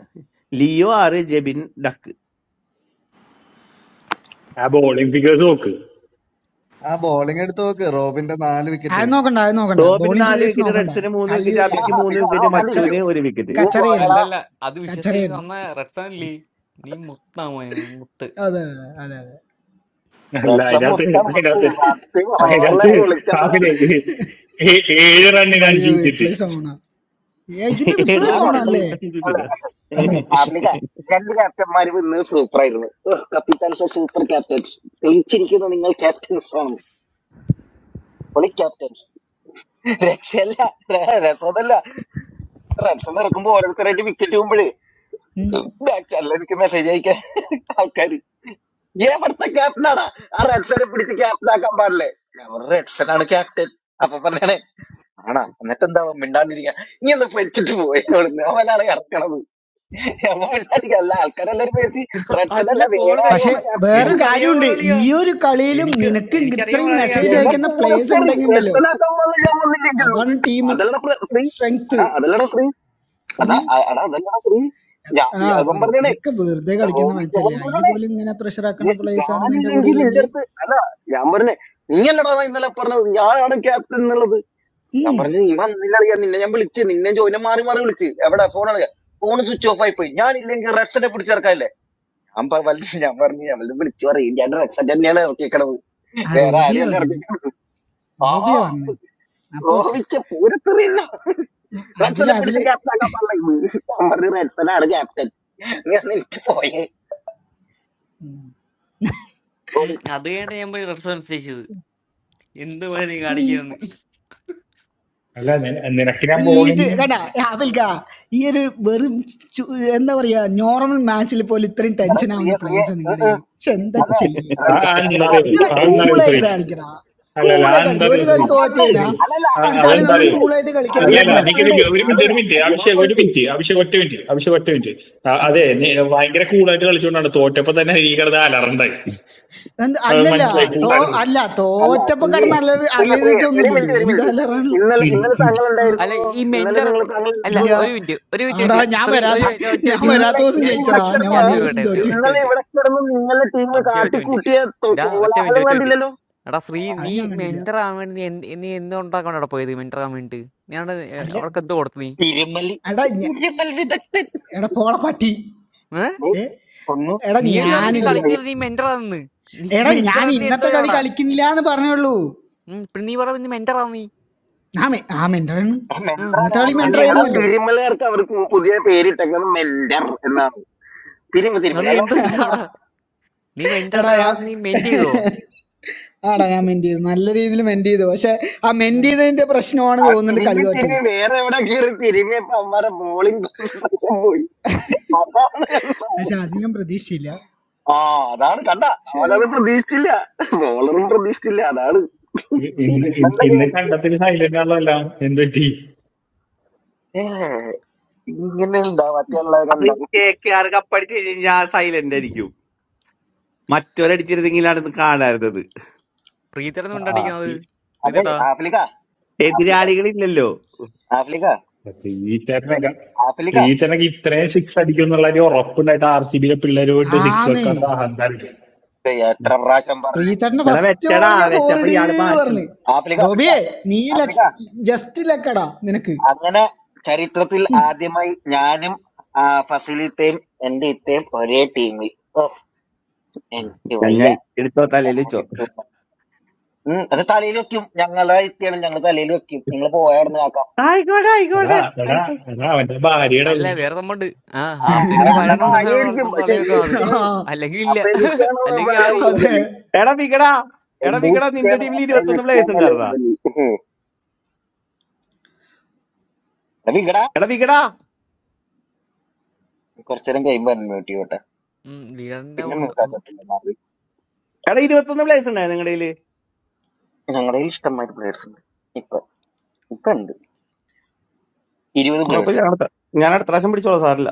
Speaker 12: ലിയോ ആറ് ജെബിൻ ഡക്ക്
Speaker 9: ആ ബോളിംഗ് ഫിഗേഴ്സ് നോക്ക്
Speaker 2: ആ ബോളിംഗ് എടുത്ത് നോക്ക് റോബിന്റെ നാല്
Speaker 31: അത്
Speaker 2: വിക്കറ്റ്
Speaker 31: നോക്കണ്ട അത് നോക്കണ്ട
Speaker 12: ടോപ്പിന്
Speaker 31: ബോളിംഗ്
Speaker 12: നാല്
Speaker 31: ഫേസ്
Speaker 12: വിക്കറ്റ്
Speaker 31: നോക്കണ്ട
Speaker 12: റെഡ്സന് മൂന്ന്
Speaker 31: കല്ലി
Speaker 12: വിക്കറ്റ് അബിക്ക്
Speaker 31: വലിയായിരുന്നു
Speaker 12: മൂന്ന് വിക്കറ്റ്
Speaker 31: കച്ചറ
Speaker 12: മച്ചൂന് ഒരു വിക്കറ്റ്
Speaker 31: കച്ചറയായിരുന്നു
Speaker 22: അല്ലല്ല അത് വിശ്വസിക്കുന്ന
Speaker 31: കച്ചറയായിരുന്നു
Speaker 22: അന്ന റെഡ്സൺ അല്ലേ നീ മുത്താമോ മുത്ത്
Speaker 31: അതെ അതെ അതെ അതെ
Speaker 9: അല്ല അതിനകത്ത് അതിനകത്ത് അതിനകത്ത് കാപ്പിലെ ഏഴ് റണ്ണിന്
Speaker 31: മൈ
Speaker 9: അഞ്ച് വിക്കറ്റ്
Speaker 31: റിപ്ലേസ് ഓണാ ഏ ഇതിന്റെ റിപ്ലേസ്
Speaker 12: ఎర్రని అని
Speaker 31: ഓണല്ലേ
Speaker 12: చెప్పాను కదా
Speaker 22: അല്ല കോൾ കളി
Speaker 31: പക്ഷെ വേറൊരു
Speaker 22: എനിക്കറിയാൻ
Speaker 31: കാര്യമുണ്ട് ഈ
Speaker 22: പാടിയാ
Speaker 31: ഒരു കളിയിലും
Speaker 22: എനിക്ക്
Speaker 31: നിനക്ക്
Speaker 22: എനിക്കറിയാൻ
Speaker 31: ഇത്രയും
Speaker 22: പാടില്ല
Speaker 31: മെസ്സേജ്
Speaker 22: ക്യാപ്റ്റൻ
Speaker 31: അയക്കുന്ന പ്ലേയേഴ്സ് ഉണ്ടെങ്കിൽ ഉണ്ടല്ലോ അതാണ് ടീം സ്ട്രെങ്ത് ആ പറ ഇതൊക്കെ വെറുതെ കളിക്കുന്ന മാച്ചല്ലേ അതിൽ പോലും ഇങ്ങനെ പ്രഷർ ആക്കുന്ന പ്ലേയേഴ്സ് ആണ് നിന്റെ കൂടെ ഉള്ളെങ്കിൽ ഉം, ആ റോബിയ പറഞ്ഞു റോബിയ പറഞ്ഞു അപ്പൊ ഓക്കെ അതില് അതില്
Speaker 22: അത് കേട്ട ഞാൻ പോയി റെഡ്സൺ നിശ്ചയിച്ചത് എന്ത് പോലെ നീ കാണിക്കുന്നു
Speaker 9: അല്ല നി- നിനക്ക് ഞാൻ
Speaker 31: ഈ ഇത്
Speaker 9: ബോളിംഗ്
Speaker 31: കേട്ടാ അവൽക്ക ഈ ഒരു വെറും ചു- എന്താ പറയാ നോർമൽ മാച്ചിൽ പോലും ഇത്രയും ടെൻഷൻ ആവുന്ന പ്ലേയേഴ്സാണ് നിങ്ങളുടെ പക്ഷെ എന്താ ചെയ്യേ
Speaker 9: ആ ആ എന്താ അറിയോ
Speaker 31: എടാ
Speaker 9: ആ എന്താ അറിയോ ശ്രീ
Speaker 31: കൂളായിട്ട് കാണിക്കടാ
Speaker 9: അല്ല അല്ല ആ
Speaker 31: കൂളായി
Speaker 9: എന്താ
Speaker 31: കളിക്കുക
Speaker 9: അറിയോ
Speaker 31: ഒരു കളി
Speaker 9: ശ്രീ
Speaker 31: തോറ്റ് കഴിഞ്ഞാ
Speaker 9: ശ്രീ ആ
Speaker 31: അടുത്ത കളി
Speaker 9: അതെന്താ
Speaker 31: നമ്മൾ
Speaker 9: അറിയോ
Speaker 31: കൂളായിട്ട് കളിക്കാൻ
Speaker 9: അല്ല അല്ല
Speaker 31: വരണം
Speaker 9: എനിക്കറിയില്ല ഒരു മിനിറ്റ് ഒരു മിനിറ്റ് അഭിഷേക് ഒരു മിനിറ്റ് അഭിഷേക് ഒറ്റ മിനിറ്റ് അഭിഷേക് ഒറ്റ മിനിറ്റ് ആ,
Speaker 31: ആടെ
Speaker 9: അതെ
Speaker 31: പറഞ്ഞ
Speaker 9: നീ ഭയങ്കര കൂളായിട്ട് കളിച്ചുകൊണ്ടാണ് തോറ്റപ്പോ തന്നെ ഈ കിടന്ന് അലറണ്ടായി
Speaker 31: എന്ത്
Speaker 9: അത്
Speaker 31: അല്ലല്ല
Speaker 9: മനസ്സിലായി
Speaker 31: തോ
Speaker 9: കൂട്ടാനല്ല
Speaker 31: അല്ല തോറ്റപ്പോ കടന്ന് അലറി അലറിട്ടൊന്നുമില്ലല്ലോ എന്താ അലറാണ്
Speaker 9: ഉം.
Speaker 22: അല്ല ഈ മെന്റർ അല്ല
Speaker 31: ഇല്ല
Speaker 22: ഒരു മിനിറ്റ് ഒരു മിനിറ്റ്
Speaker 31: ആടാ
Speaker 22: ഒരു minute.
Speaker 31: ഞാൻ
Speaker 22: ശ്രീ ഒരു
Speaker 31: വരാത്ത
Speaker 22: minute, ഒറ്റ
Speaker 31: ഞാൻ
Speaker 22: മിനിറ്റ്
Speaker 31: വരാത്ത ദിവസം ജയിച്ചറാ ഞാൻ
Speaker 22: ജാതി
Speaker 31: വന്ന ദിവസം
Speaker 22: ചോദിക്കട്ടെ ഒരു
Speaker 31: തോറ്റു
Speaker 22: ഒറ്റ മിനിറ്റ് അഭിഷേക് ഒറ്റ മിനിറ്റ് ഡാ ഒറ്റ മിനിറ്റ് ഒറ്റ മിനിറ്റ് എടാ ശ്രീ
Speaker 31: അത്
Speaker 22: നീ
Speaker 31: ഞാൻ കണ്ടില്ല
Speaker 22: മെന്റർ ആവാൻ വേണ്ടി നീ എന്ത് നീ എന്തുകൊണ്ടാണ് അവിടെ പോയത് മെന്റർ ആവാൻ വേണ്ടി നീ അവിടെ ഏർ
Speaker 31: അല്ല
Speaker 22: അവൾക്ക് എന്തോ കൊടുത്തു നീ
Speaker 31: എടാ ഞ- എടാ പോള പട്ടി
Speaker 22: ഏ
Speaker 31: ഏ എടാ
Speaker 22: നീയല്ലോ പറഞ്ഞെ നീ
Speaker 31: ഞാനില്ലേ
Speaker 22: കളിക്കുന്നത് നീ മെന്റർ ആണെന്ന് നീ
Speaker 31: എടാ
Speaker 22: മെന്റർ
Speaker 31: ഞാൻ
Speaker 22: ആണ് നീ എന്തോ
Speaker 31: ഇന്നത്തെ കളി
Speaker 22: അവിടെ
Speaker 31: കളിക്കുന്നില്ല എന്ന് പറഞ്ഞുള്ളൂ
Speaker 22: ഉം, പിന്നെ നീ പറഞ്ഞ നീ മെന്റർ ആണ് നീ
Speaker 31: ആ മെ ആ മെൻറ്ററാണ്
Speaker 22: ഉം.
Speaker 31: ഇന്നത്തെ കളി
Speaker 22: എന്നിട്ട് നീ എന്തോ ഊ.
Speaker 31: മെൻറ്ററായിരുന്നല്ലോ
Speaker 22: എന്നിട്ട് നീ എന്തോ ചെയ്തു അവിടെ നീ മെന്റർ
Speaker 31: എടാ ഞാൻ
Speaker 22: നീ മെന്റ് ചെയ്തോ
Speaker 31: ആടാ ഞാൻ മെൻറ്റ് ചെയ്തു നല്ല രീതിയിൽ മെൻറ്റ് ചെയ്തു പക്ഷെ ആ മെൻറ്റ് ചെയ്തതിൻ്റെ പ്രശ്നമാണ് തോന്നുന്നുണ്ട് കളി തോറ്റത് പക്ഷെ അത് ഞാൻ പ്രതീക്ഷിച്ചില്ല പക്ഷെ
Speaker 9: ഇ- ഇന്ന് ഇ- ഇന്ന് കണ്ടത്തിൽ സൈലന്റ് ആണല്ല എന്ത് പറ്റി
Speaker 12: അത് കെ കെ ആർ കപ്പടിച്ച് കഴിഞ്ഞാൽ ഞാൻ സൈലന്റ് ആയിരിക്കും മറ്റൊരടിച്ചിരുന്നെങ്കിൽ നടന്ന് കാണാറുന്നത്
Speaker 22: പ്രീതയുടെ
Speaker 9: ആ
Speaker 22: ഉണ്ടാണ്ടിരിക്കുന്നത് പ്രീതേട്ടാ
Speaker 12: എതിരാളികളില്ലല്ലോ
Speaker 9: പ്രീച്ചറിനൊക്കെ പ്രീച്ചറിനൊക്കെ ഇത്രയും സിക്സ് അടിക്കും എന്നുള്ള ഒരു ഉറപ്പുണ്ടായിട്ട് ആർ സി ബിയിലെ പിള്ളേര് പോയിട്ട് സിക്സ്
Speaker 31: ആന്നേ
Speaker 9: വെക്കാത്ത അഹങ്കാരം
Speaker 31: പ്രീതട്ടൻ്റെ
Speaker 12: എടാ
Speaker 31: ഫസ്റ്റ്
Speaker 12: വെച്ചടാ
Speaker 31: ബോൾ ഞാൻ
Speaker 12: വെച്ചപ്പോ
Speaker 31: ഫോറിട്
Speaker 12: ഇയാള് മാറ്റി
Speaker 31: പറഞ്ഞു റോബിയെ നീ ലക്ഷ ജസ്റ്റ് ലക്കടാ നിനക്ക്
Speaker 12: ഞങ്ങായി എടുത്തോ തലയിൽ വെച്ചോ ആയിക്കോട്ടെ
Speaker 9: എടാ
Speaker 12: ആയിക്കോട്ടെ
Speaker 9: എടാ
Speaker 12: ആയിക്കോട്ടെ
Speaker 9: എടാ അവന്റെ
Speaker 22: അല്ല
Speaker 9: ഭാര്യയുടെ
Speaker 22: വേറെ നമ്മണ്ട് ആ ആഫ്രിക്കയുടെ വരണമാണ് നമ്മൾ തള്ളി വെക്കുന്നത്
Speaker 31: ആ
Speaker 22: അല്ലെങ്കിൽ ഇല്ല അല്ലെങ്കിൽ ആര്
Speaker 31: അതെ
Speaker 12: എടാ വികടാ എടാ വികടാ നിന്റെ ടീമിൽ ഇരുപത്തൊന്ന് പ്ലേയേഴ്സ് ഉണ്ടായിരുന്നാ എടാ വികടാ
Speaker 22: ഉം, വീടിന്റെ ഒന്ന്- ഒന്ന്
Speaker 12: എടാ ഇരുപത്തൊന്ന് പ്ലേയേഴ്സ് ഉണ്ടായി നിങ്ങളുടെ കയ്യില് കുഴപ്പമില്ല ഞാൻ അടുത്ത- ഞാൻ അടുത്ത പ്രാവശ്യം പിടിച്ചോളാം സാറില്ല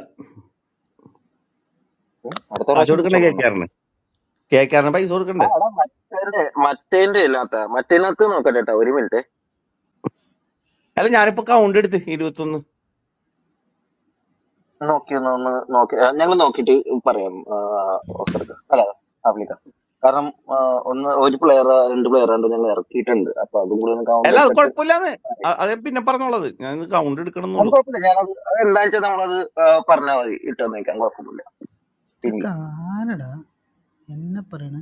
Speaker 12: കാശ് കൊടുക്കണ്ടേ കേക്കാറിന് കേക്കാറിന് പൈസ കൊടുക്കണ്ടേ അല്ല ഞാനിപ്പോ കൗണ്ട് എടുത്ത് ഇരുപത്തൊന്ന് അല്ല അത് കുഴപ്പമില്ലാന്ന് അ- അത് പിന്നെ പറഞ്ഞോളത് ഞാൻ കൗണ്ട് എടുക്കണമെന്നുള്ളൂ
Speaker 31: ഇതൊക്കെ ആരടാ എന്നെ പറയണ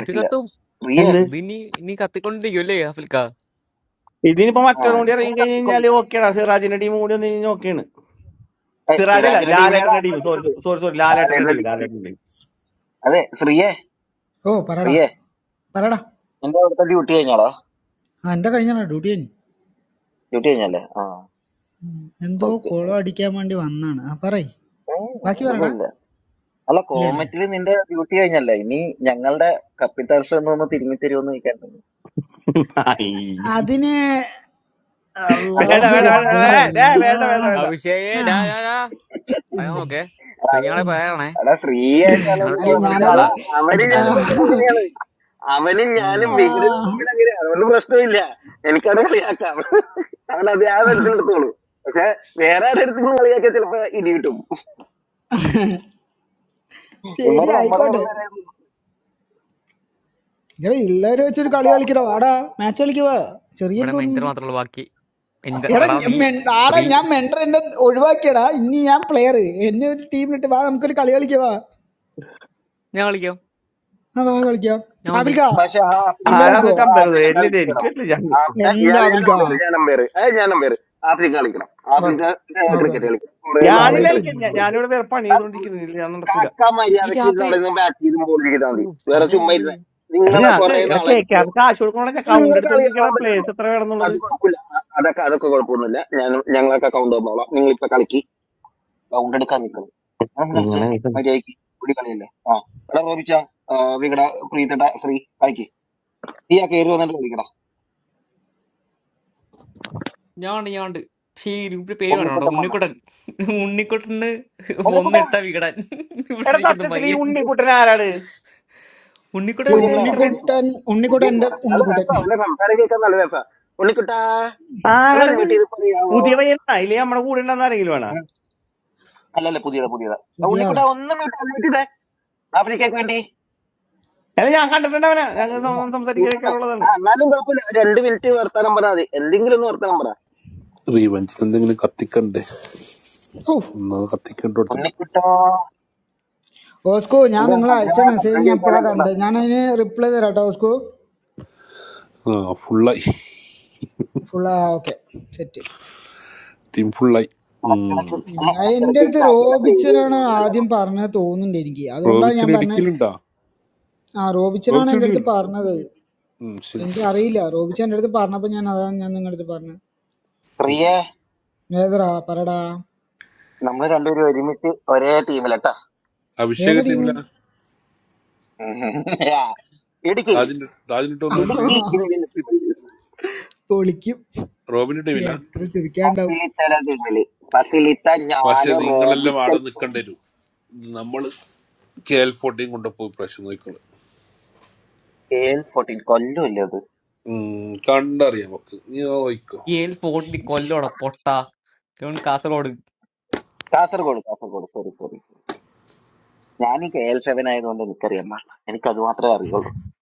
Speaker 22: ഇത് കത്തും
Speaker 12: എന്ത്
Speaker 22: ഇത് ഇനി ഇനി കത്തിക്കൊണ്ടിരിക്കും അല്ലേ ആഫ്രിക്ക
Speaker 12: ഇതിനിപ്പോ മറ്റൊരു കൂടി ഇറങ്ങി കഴിഞ്ഞ് കഴിഞ്ഞാല് ഓക്കെയാണ് സിറാജിന്റെ ടീം കൂടി ഒന്ന് കഴിഞ്ഞാൽ ഓക്കെയാണ് സിറാജ് അല്ല ലാലേട്ടന്റെ ടീം സോറി സോറി സോറി ലാലേട്ടന്റെ ടീം ലാലേട്ടന്റെ ടീം
Speaker 31: ഓ പറടാ പറടാ ആ എൻ്റെ കഴിഞ്ഞാടാ ഡ്യൂട്ടി കഴിഞ്ഞു എന്തോ കുളം അടിക്കാൻ വേണ്ടി വന്നാണ്. ആ പറയ്. ബാക്കി പറടാ. ഇല്ലല്ലേ?
Speaker 12: വേണ്ട
Speaker 31: അതിന്
Speaker 12: വേണ്ട
Speaker 31: അല്ലാഹു
Speaker 12: വേണ്ട
Speaker 31: അക്ബർ
Speaker 12: വേ- ദേ, വേണ്ട വേണ്ട
Speaker 31: അല്ലാഹ്.
Speaker 12: വേണ്ട
Speaker 22: അഭിഷേകേ
Speaker 31: ആ.
Speaker 22: ഡാ ഡാ ഡാ പറയാൻ നോക്കേ ശ്രീയാളെ പറയാണേ
Speaker 31: ഉം.
Speaker 22: ഞങ്ങളുടെ
Speaker 31: അല്ല
Speaker 22: ടീം കളിക്കുന്ന
Speaker 31: ഞാനത്
Speaker 22: ആളാ ആ,
Speaker 31: ആ,
Speaker 22: ഉം.
Speaker 31: ആ, ശരി ആയിക്കോട്ടെ ഇങ്ങനെ ഉള്ളവരെ വെച്ചൊരു കളി കളിക്കട വാടാ മാച്ച് കളിക്കുവാ ചെറിയൊരു
Speaker 22: ഇവിടെ മെഞ്ചർ
Speaker 31: ടൂർണമെന്റ്
Speaker 22: മാത്രമേ ഉള്ളൂ ബാക്കി മെഞ്ചർ
Speaker 31: എടാ
Speaker 22: എടാ
Speaker 31: ഞ-
Speaker 22: നീ
Speaker 31: മെ- ആടാ
Speaker 22: ശ്രീ
Speaker 31: ഞാൻ മെൻഡർ എന്നെ ഒഴിവാക്കിയടാ ഇനി ഞാൻ പ്ലെയർ എന്നെ ഒരു ടീമിലിട്ട് വാ നമുക്കൊരു കളി കളിക്കുവാ
Speaker 22: ഞാൻ കളിക്കാം
Speaker 31: ആ വാ കളിക്കാം
Speaker 22: ഞാൻ ഉണ്ട്
Speaker 31: ആപിൽക്കാ അമ്പേ
Speaker 12: ആരാന്ന്
Speaker 31: നിൽക്കുവോ
Speaker 12: വെച്ചാൽ എല്ലില്ല എനിക്ക് പറ്റില്ല ഞാൻ
Speaker 31: എന്താ വിൽക്ക ഓക്കെ ഓക്കെ ഓക്കെ
Speaker 12: ഞാനില്ല
Speaker 31: പ്ലേസ്
Speaker 12: എനിക്ക് ഞാ-
Speaker 31: ഇല്ലടോ
Speaker 12: ഞാനിവിടെ വേറെ പണി ചെയ്തോണ്ടിരിക്കുന്നില്ല ഞാൻ നടക്കൂല
Speaker 22: ഈ രാത്രി ഓ സമയമില്ല
Speaker 12: എടാ ഞാൻ എടാ കേക്കാർക്ക് കാശ് കൊടുക്കണോടെ ഞാൻ കൗണ്ട് എടുത്തോണ്ടിരിക്കണ പ്ലേസ് എത്ര വേണമെന്നുള്ളത് ഇങ്ങനെ ആയിട്ട്.
Speaker 22: ഞാണ്ട് ഞാണ്ട് പക്ഷേ ഈ ഗ്രൂപ്പിൽ പേര് വേണം കേട്ടോ ഉണ്ണിക്കുട്ടൻ ഉണ്ണിക്കുട്ടന് ഒന്നിട്ട വികടൻ ഇവിടെ
Speaker 12: എടാ
Speaker 22: ഇരിക്കുന്ന
Speaker 12: സത്യത്തിൽ ഈ
Speaker 22: മയിലൻ
Speaker 12: ഉണ്ണിക്കുട്ടൻ ആരാണ്
Speaker 22: ഉണ്ണിക്കുട്ടൻ
Speaker 31: ഈ
Speaker 22: മറ്റേ ചെറുക്കൻ
Speaker 31: ഉണ്ണിക്കുട്ടൻ ഉണ്ണിക്കുട്ടൻ എൻ്റെ ഉണ്ണിക്കുട്ടൻ
Speaker 12: ആരാണത് പുതിയ പയ്യനാ ഇല്ലേ നമ്മുടെ കൂടെ ഉണ്ടെന്ന് ആരെങ്കിലും വേണോ
Speaker 31: പുതിയ ആളാ
Speaker 12: അല്ല ഞാൻ കണ്ടിട്ടുണ്ട് അവനെ ഞങ്ങൾ സംസാരിക്കാൻ കേൾക്കാറുള്ളതാണ്
Speaker 15: റീവഞ്ചിന് എന്തെങ്കിലും കത്തിക്കണ്ടേ
Speaker 31: ഓ
Speaker 15: ഒന്നത് കത്തിക്കേണ്ട കൊടുത്തിട്ടുണ്ട്
Speaker 31: ഓസ്കോ ഞാൻ നിങ്ങൾ അയച്ച മെസ്സേജ് ഞാൻ ഇപ്പോഴാണ് കണ്ടത് ഞാൻ അതിന് റിപ്ലൈ തരാം കേട്ടോ ഓസ്കോ
Speaker 15: ആ ഫുള്ളായി
Speaker 31: ഫുള്ളാ ഓക്കെ സെറ്റ്
Speaker 15: ടീം ഫുള്ളായി
Speaker 31: എൻ്റെ അടുത്ത് റോബിച്ചനാണ് ആദ്യം പറഞ്ഞത് തോന്നുന്നുണ്ട് എനിക്ക് അതുകൊണ്ടാണ് ഞാൻ
Speaker 15: റോബിച്ചിന്
Speaker 31: പറഞ്ഞത്
Speaker 15: ഇടുക്കിയിലുണ്ടാ
Speaker 31: ആ റോബിച്ചനാണ്
Speaker 15: റോബിച്ചിന്
Speaker 31: എൻ്റെ അടുത്ത്
Speaker 15: ടീമില്ല
Speaker 31: പറഞ്ഞത്
Speaker 15: ഉം ശരി
Speaker 31: എനിക്ക് അറിയില്ല റോബിച്ചൻ എൻ്റെ അടുത്ത് പറഞ്ഞപ്പോൾ ഞാൻ അതാണ് ഞാൻ നിങ്ങളുടെ അടുത്ത് പറഞ്ഞത് ഏതടാ പറടാ
Speaker 15: അഭിഷേക്
Speaker 31: ഏതാ ടീം
Speaker 15: ടീമില്ല താജിന്റെ താജിന്റെ ടൂർണമെന്റില്
Speaker 31: പൊളിക്കും
Speaker 15: റോബിന്റെ ടീമില്ല
Speaker 31: എത്ര ചിരിക്കാണ്ടാവും
Speaker 15: പക്ഷെ നിങ്ങളെല്ലാം ആടെ നിൽക്കേണ്ടി വരും ഇത് നമ്മള് കെ എൽ ഫോർട്ടീൻ കൊണ്ടുപോയി പ്രശ്നം നോക്കണം ഉം, കണ്ടറിയാം നമുക്ക് നീ നോക്കോ
Speaker 22: ഏൽ ഫോർട്ടിൽ കൊല്ലോട പൊട്ട ഇവൻ കാസർഗോഡ്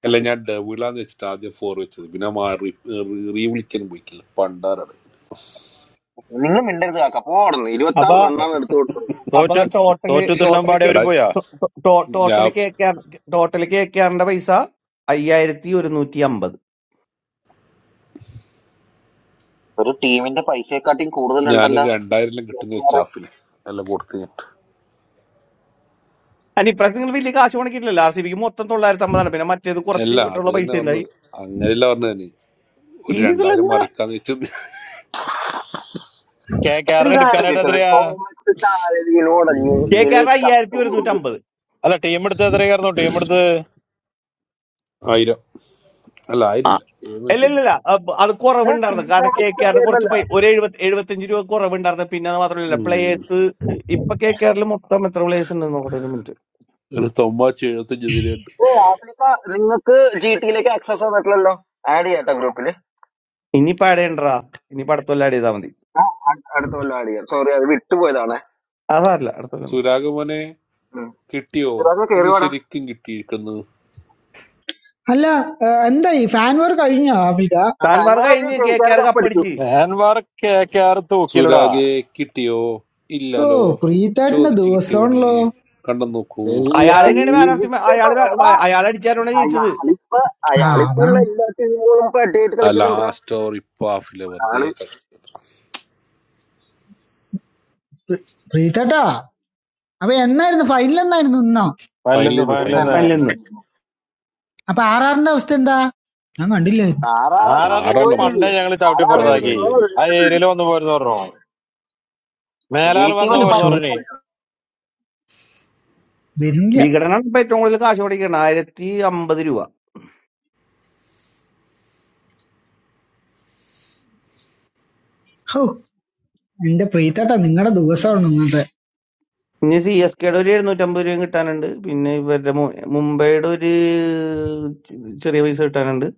Speaker 15: അല്ല ഞാൻ ഡബിളാന്ന് വെച്ചിട്ട് ആദ്യം ഫോർ വെച്ചത് പിന്നെ റീ വിളിക്കാനും പോയിക്കില്ല പണ്ടാറാണ്
Speaker 12: അപ്പൊ
Speaker 30: So,
Speaker 12: അപ്പൊ
Speaker 30: what,
Speaker 12: total
Speaker 30: what is the number
Speaker 12: total
Speaker 30: of
Speaker 15: എടാ
Speaker 30: players?
Speaker 12: ടോട്ടല്
Speaker 15: ഞാൻ
Speaker 12: കേൾക്കാൻ ടോട്ടല് കേൾക്കാറിന്റെ പൈസ അയ്യായിരത്തി ഒരുന്നൂറ്റി അമ്പത്
Speaker 15: ഞാനൊരു രണ്ടായിരം കിട്ടുന്ന ഒരു സ്റ്റാഫില് എല്ലാം കൊടുത്ത് ഞാൻ
Speaker 12: അല്ല ഇപ്രാവശ്യം നിങ്ങൾ വലിയ കാശ് പണിക്കില്ലല്ലോ ആർ സി ബിക്ക് മൊത്തം തൊള്ളായിരത്തി അമ്പതാണ് പിന്നെ മറ്റേത് കുറച്ച്
Speaker 15: അല്ല അത്
Speaker 12: ഉള്ള പൈസ
Speaker 15: തന്നെ
Speaker 12: ഉണ്ടായി
Speaker 15: പറഞ്ഞത് അങ്ങനെയല്ല പറഞ്ഞത് തന്നെ ഒരു
Speaker 12: ഈ സീസണിൽ
Speaker 15: രണ്ടായിരം മറിക്കാന്ന് വെച്ചത്
Speaker 30: Kerala's Canada's are there.
Speaker 15: ഉം,
Speaker 12: കേൾക്കാറുടെ അയ്യായിരത്തി ഒരുന്നൂറ്റി അമ്പത്
Speaker 30: All the team's are there. Kerala's team's.
Speaker 15: ആയിരം അല്ല ആയിരം
Speaker 12: ആ
Speaker 15: ഇല്ല എഴുന്നൂറ്റി അമ്പത്.
Speaker 12: ഇല്ലില്ലില്ല അത് കുറവുണ്ടായിരുന്നു കാരണം കെ കെ ആറിന് കുറച്ച് പൈ ഒരു എഴുപത്തി എഴുപത്തഞ്ച് രൂപ കുറവുണ്ടായിരുന്നു പിന്നെ അത് മാത്രമല്ല
Speaker 15: ഉം,
Speaker 12: പ്ലേയേഴ്സ് ഇപ്പൊ കെ കെ ആറിൽ മൊത്തം എത്ര പ്ലേയേഴ്സ് ഉണ്ടെന്ന് നോക്കട്ടെ ഒരു മിനിറ്റ്
Speaker 15: ഒരു തൊമ്മാച്ച് എഴുപത്തഞ്ച് തരുന്നുണ്ട്
Speaker 12: ഇനിയിപ്പോ ആഡ് ചെയ്യണ്ടാ ഇനിയിപ്പോ അടുത്തൊല്ല ആഡ് ചെയ്താൽ മതി അതല്ല അടുത്തൊല്ല മതി
Speaker 15: സുരാഗമോനെ കിട്ടിയോ ഇന്ന് ശരിക്കും കിട്ടിയിരിക്കുന്നു
Speaker 31: അല്ല ആ, എന്തായി ഫാൻ വർ കഴിഞ്ഞോ ആഫിക
Speaker 12: താൻമാർ കഴിഞ്ഞ് കെ കെ ആർ കപ്പടിച്ച്
Speaker 30: How many players are there in Kerala? No, team at the Anwar Kakar to
Speaker 15: സുരാഗേ
Speaker 30: Kilda.
Speaker 15: കിട്ടിയോ
Speaker 31: ഓ
Speaker 15: ഇല്ലല്ലോ
Speaker 31: പ്രീതേട്ടന്റെ
Speaker 15: ചോദിച്ചു കിട്ടിയവണേ
Speaker 31: ദിവസമാണല്ലോ
Speaker 15: കണ്ടു നോക്കൂ
Speaker 12: അയാൾ
Speaker 30: Illa.
Speaker 12: തന്നെയാണ് മാൻ ഓഫ് ദി അയാൾ അയാൾ അടിച്ചാലാണ് ജയിച്ചത്
Speaker 31: ആ അതാണ്
Speaker 15: ആ ലാസ്റ്റ് ഓവർ ഇപ്പൊ ഹാഫിലെ വെറുതെ
Speaker 31: പ്രീ- പ്രീതേട്ടാ അപ്പൊ എന്നായിരുന്നു ഫൈനൽ എന്നായിരുന്നു ഇന്നോ
Speaker 30: final,
Speaker 15: ഫൈനലിൽ
Speaker 30: the
Speaker 15: നിന്ന് ഫൈനലിൽ നിന്ന്
Speaker 30: final.
Speaker 12: ഫൈനലിൽ നിന്ന്
Speaker 15: ഫൈനലിൽ
Speaker 31: അപ്പൊ ആറാറിന്റെ അവസ്ഥ എന്താ ഞാൻ കണ്ടില്ലായിരുന്നു
Speaker 30: How many
Speaker 15: ആറെല്ലാം പുറത്തായില്ലേ
Speaker 30: Pandey's are there in
Speaker 15: ആറാറ്
Speaker 30: our team?
Speaker 15: കഴിഞ്ഞത്
Speaker 30: I will not play tomorrow. I will not
Speaker 31: ഓ
Speaker 30: play
Speaker 31: ഷോ
Speaker 30: tomorrow. You
Speaker 31: വരുന്നില്ല
Speaker 12: വികടനാണ് ഇപ്പൊ ഏറ്റവും കൂടുതൽ കാശ് പഠിക്കണം ആയിരത്തി അമ്പത് രൂപ
Speaker 31: ഓ എന്റെ പ്രീതേട്ടാ നിങ്ങളുടെ ദിവസമാണ് ഇന്നത്തെ
Speaker 12: ഇനി സി എസ് കെയുടെ ഒരു എഴുന്നൂറ്റമ്പത് രൂപയും കിട്ടാനുണ്ട് പിന്നെ ഇവരുടെ മു- മുംബൈയുടെ ഒരു ചെറിയ പൈസ കിട്ടാനുണ്ട്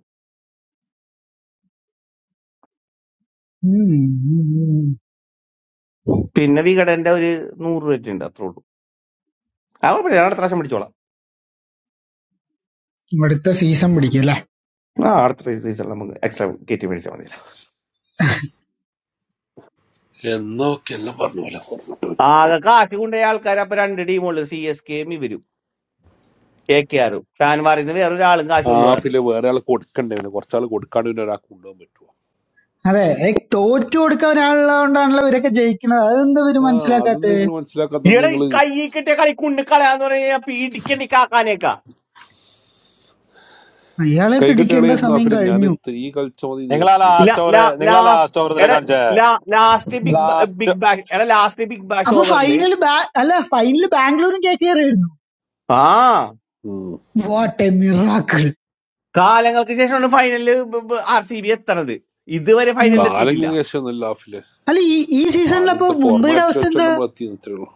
Speaker 31: ഉം, ഉം, ഉം.
Speaker 12: പിന്നെ വികടന്റെ ഒരു നൂറ് രൂപ ഉണ്ട് അത്രേ ഉള്ളൂ ആ കുഴപ്പമില്ല ഞാൻ അടുത്ത പ്രാവശ്യം മേടിച്ചോളാം
Speaker 31: അടുത്ത സീസൺ പിടിക്കും അല്ലെ
Speaker 12: ആ അടുത്ത സീസണിൽ നമുക്ക് എക്സ്ട്രാ കയറ്റി മേടിച്ചാൽ മതി
Speaker 15: എന്നൊക്കെ എല്ലാം പറഞ്ഞ പോലെ പുറകോട്ട് പറ്റും
Speaker 12: ആകെ കാശ് കൊണ്ടുപോയ ആൾക്കാർ അപ്പൊ രണ്ട് ടീമുള്ളു സി എസ് കെയും ഇവരും കെ കെ ആറും ടാൻമാറിൽ നിന്ന് വേറൊരാളും കാശ് കൊണ്ടുപോകാറില്ല
Speaker 15: ഹാഫിലെ വേറെ ആൾ കൊടുക്കണ്ടേ പിന്നെ കുറച്ചാൾ കൊടുക്കാണ്ട് പിന്നെ ഒരാൾക്ക് കൊണ്ടുപോകാൻ പറ്റുമോ
Speaker 31: അതെ ഏ, തോറ്റു കൊടുക്കാൻ ഒരാളുള്ളതുകൊണ്ടാണല്ലോ ഇവരൊക്കെ ജയിക്കുന്നത് അതെന്താ ഇവര്
Speaker 15: ആ അത്
Speaker 31: മനസ്സിലാക്കാത്തത്
Speaker 15: നിങ്ങൾ മനസ്സിലാക്കാത്ത
Speaker 12: ഈടെ ഈ
Speaker 15: നിങ്ങൾ
Speaker 12: കൈ കിട്ടിയ കളി കുണ്ണി കളയാന്ന് പറഞ്ഞാൽ പീഡിക്കണ്ടി കാക്കാനേക്കാ
Speaker 31: അയാളെ ഇടിക്കേണ്ട
Speaker 15: കൈകെട്ടുകളായിരുന്നു
Speaker 31: സമയം
Speaker 15: ഹാഫില് ഞാൻ
Speaker 31: കഴിഞ്ഞു
Speaker 15: ഈ കളിച്ച മതി എന്ന്
Speaker 30: will play
Speaker 15: വിചാരിച്ചു
Speaker 12: ഇല്ല
Speaker 30: last tomorrow. You
Speaker 12: ലാസ്റ്റ് എടാ
Speaker 30: will play
Speaker 12: last big
Speaker 30: last tomorrow.
Speaker 12: Big bash എടാ ലാസ്റ്റ് ബിഗ് ബാഷ്
Speaker 31: അപ്പൊ
Speaker 12: ഓവറിൽ
Speaker 31: ഫൈനൽ അല്ല ഫൈനൽ ബാംഗ്ലൂരും കെ കെ ആർ ആയിരുന്നു
Speaker 12: ആ
Speaker 15: ഉം.
Speaker 31: വാട്ട് എ മിറാക്കിൾ
Speaker 12: കാലങ്ങൾക്ക് ശേഷമാണ് ഫൈനലിൽ ആർ സി ബി എത്തണത് ഇതുവരെ ഫൈനലിൽ എത്തിയിട്ടില്ല
Speaker 15: കാലങ്ങ കേശമൊന്നുമില്ല ഹാഫില്
Speaker 31: അല്ല ഈ ഈ സീസണിൽ അപ്പൊ
Speaker 15: ആദ്യത്തെ
Speaker 31: മുംബൈയുടെ
Speaker 15: ഫോർമാറ്റിൽ
Speaker 31: അവസ്ഥ
Speaker 15: വെച്ചോണ്ട്
Speaker 31: എന്താ
Speaker 15: നമ്മൾ എത്തിയെന്ന് ഇത്രേ ഉള്ളൂ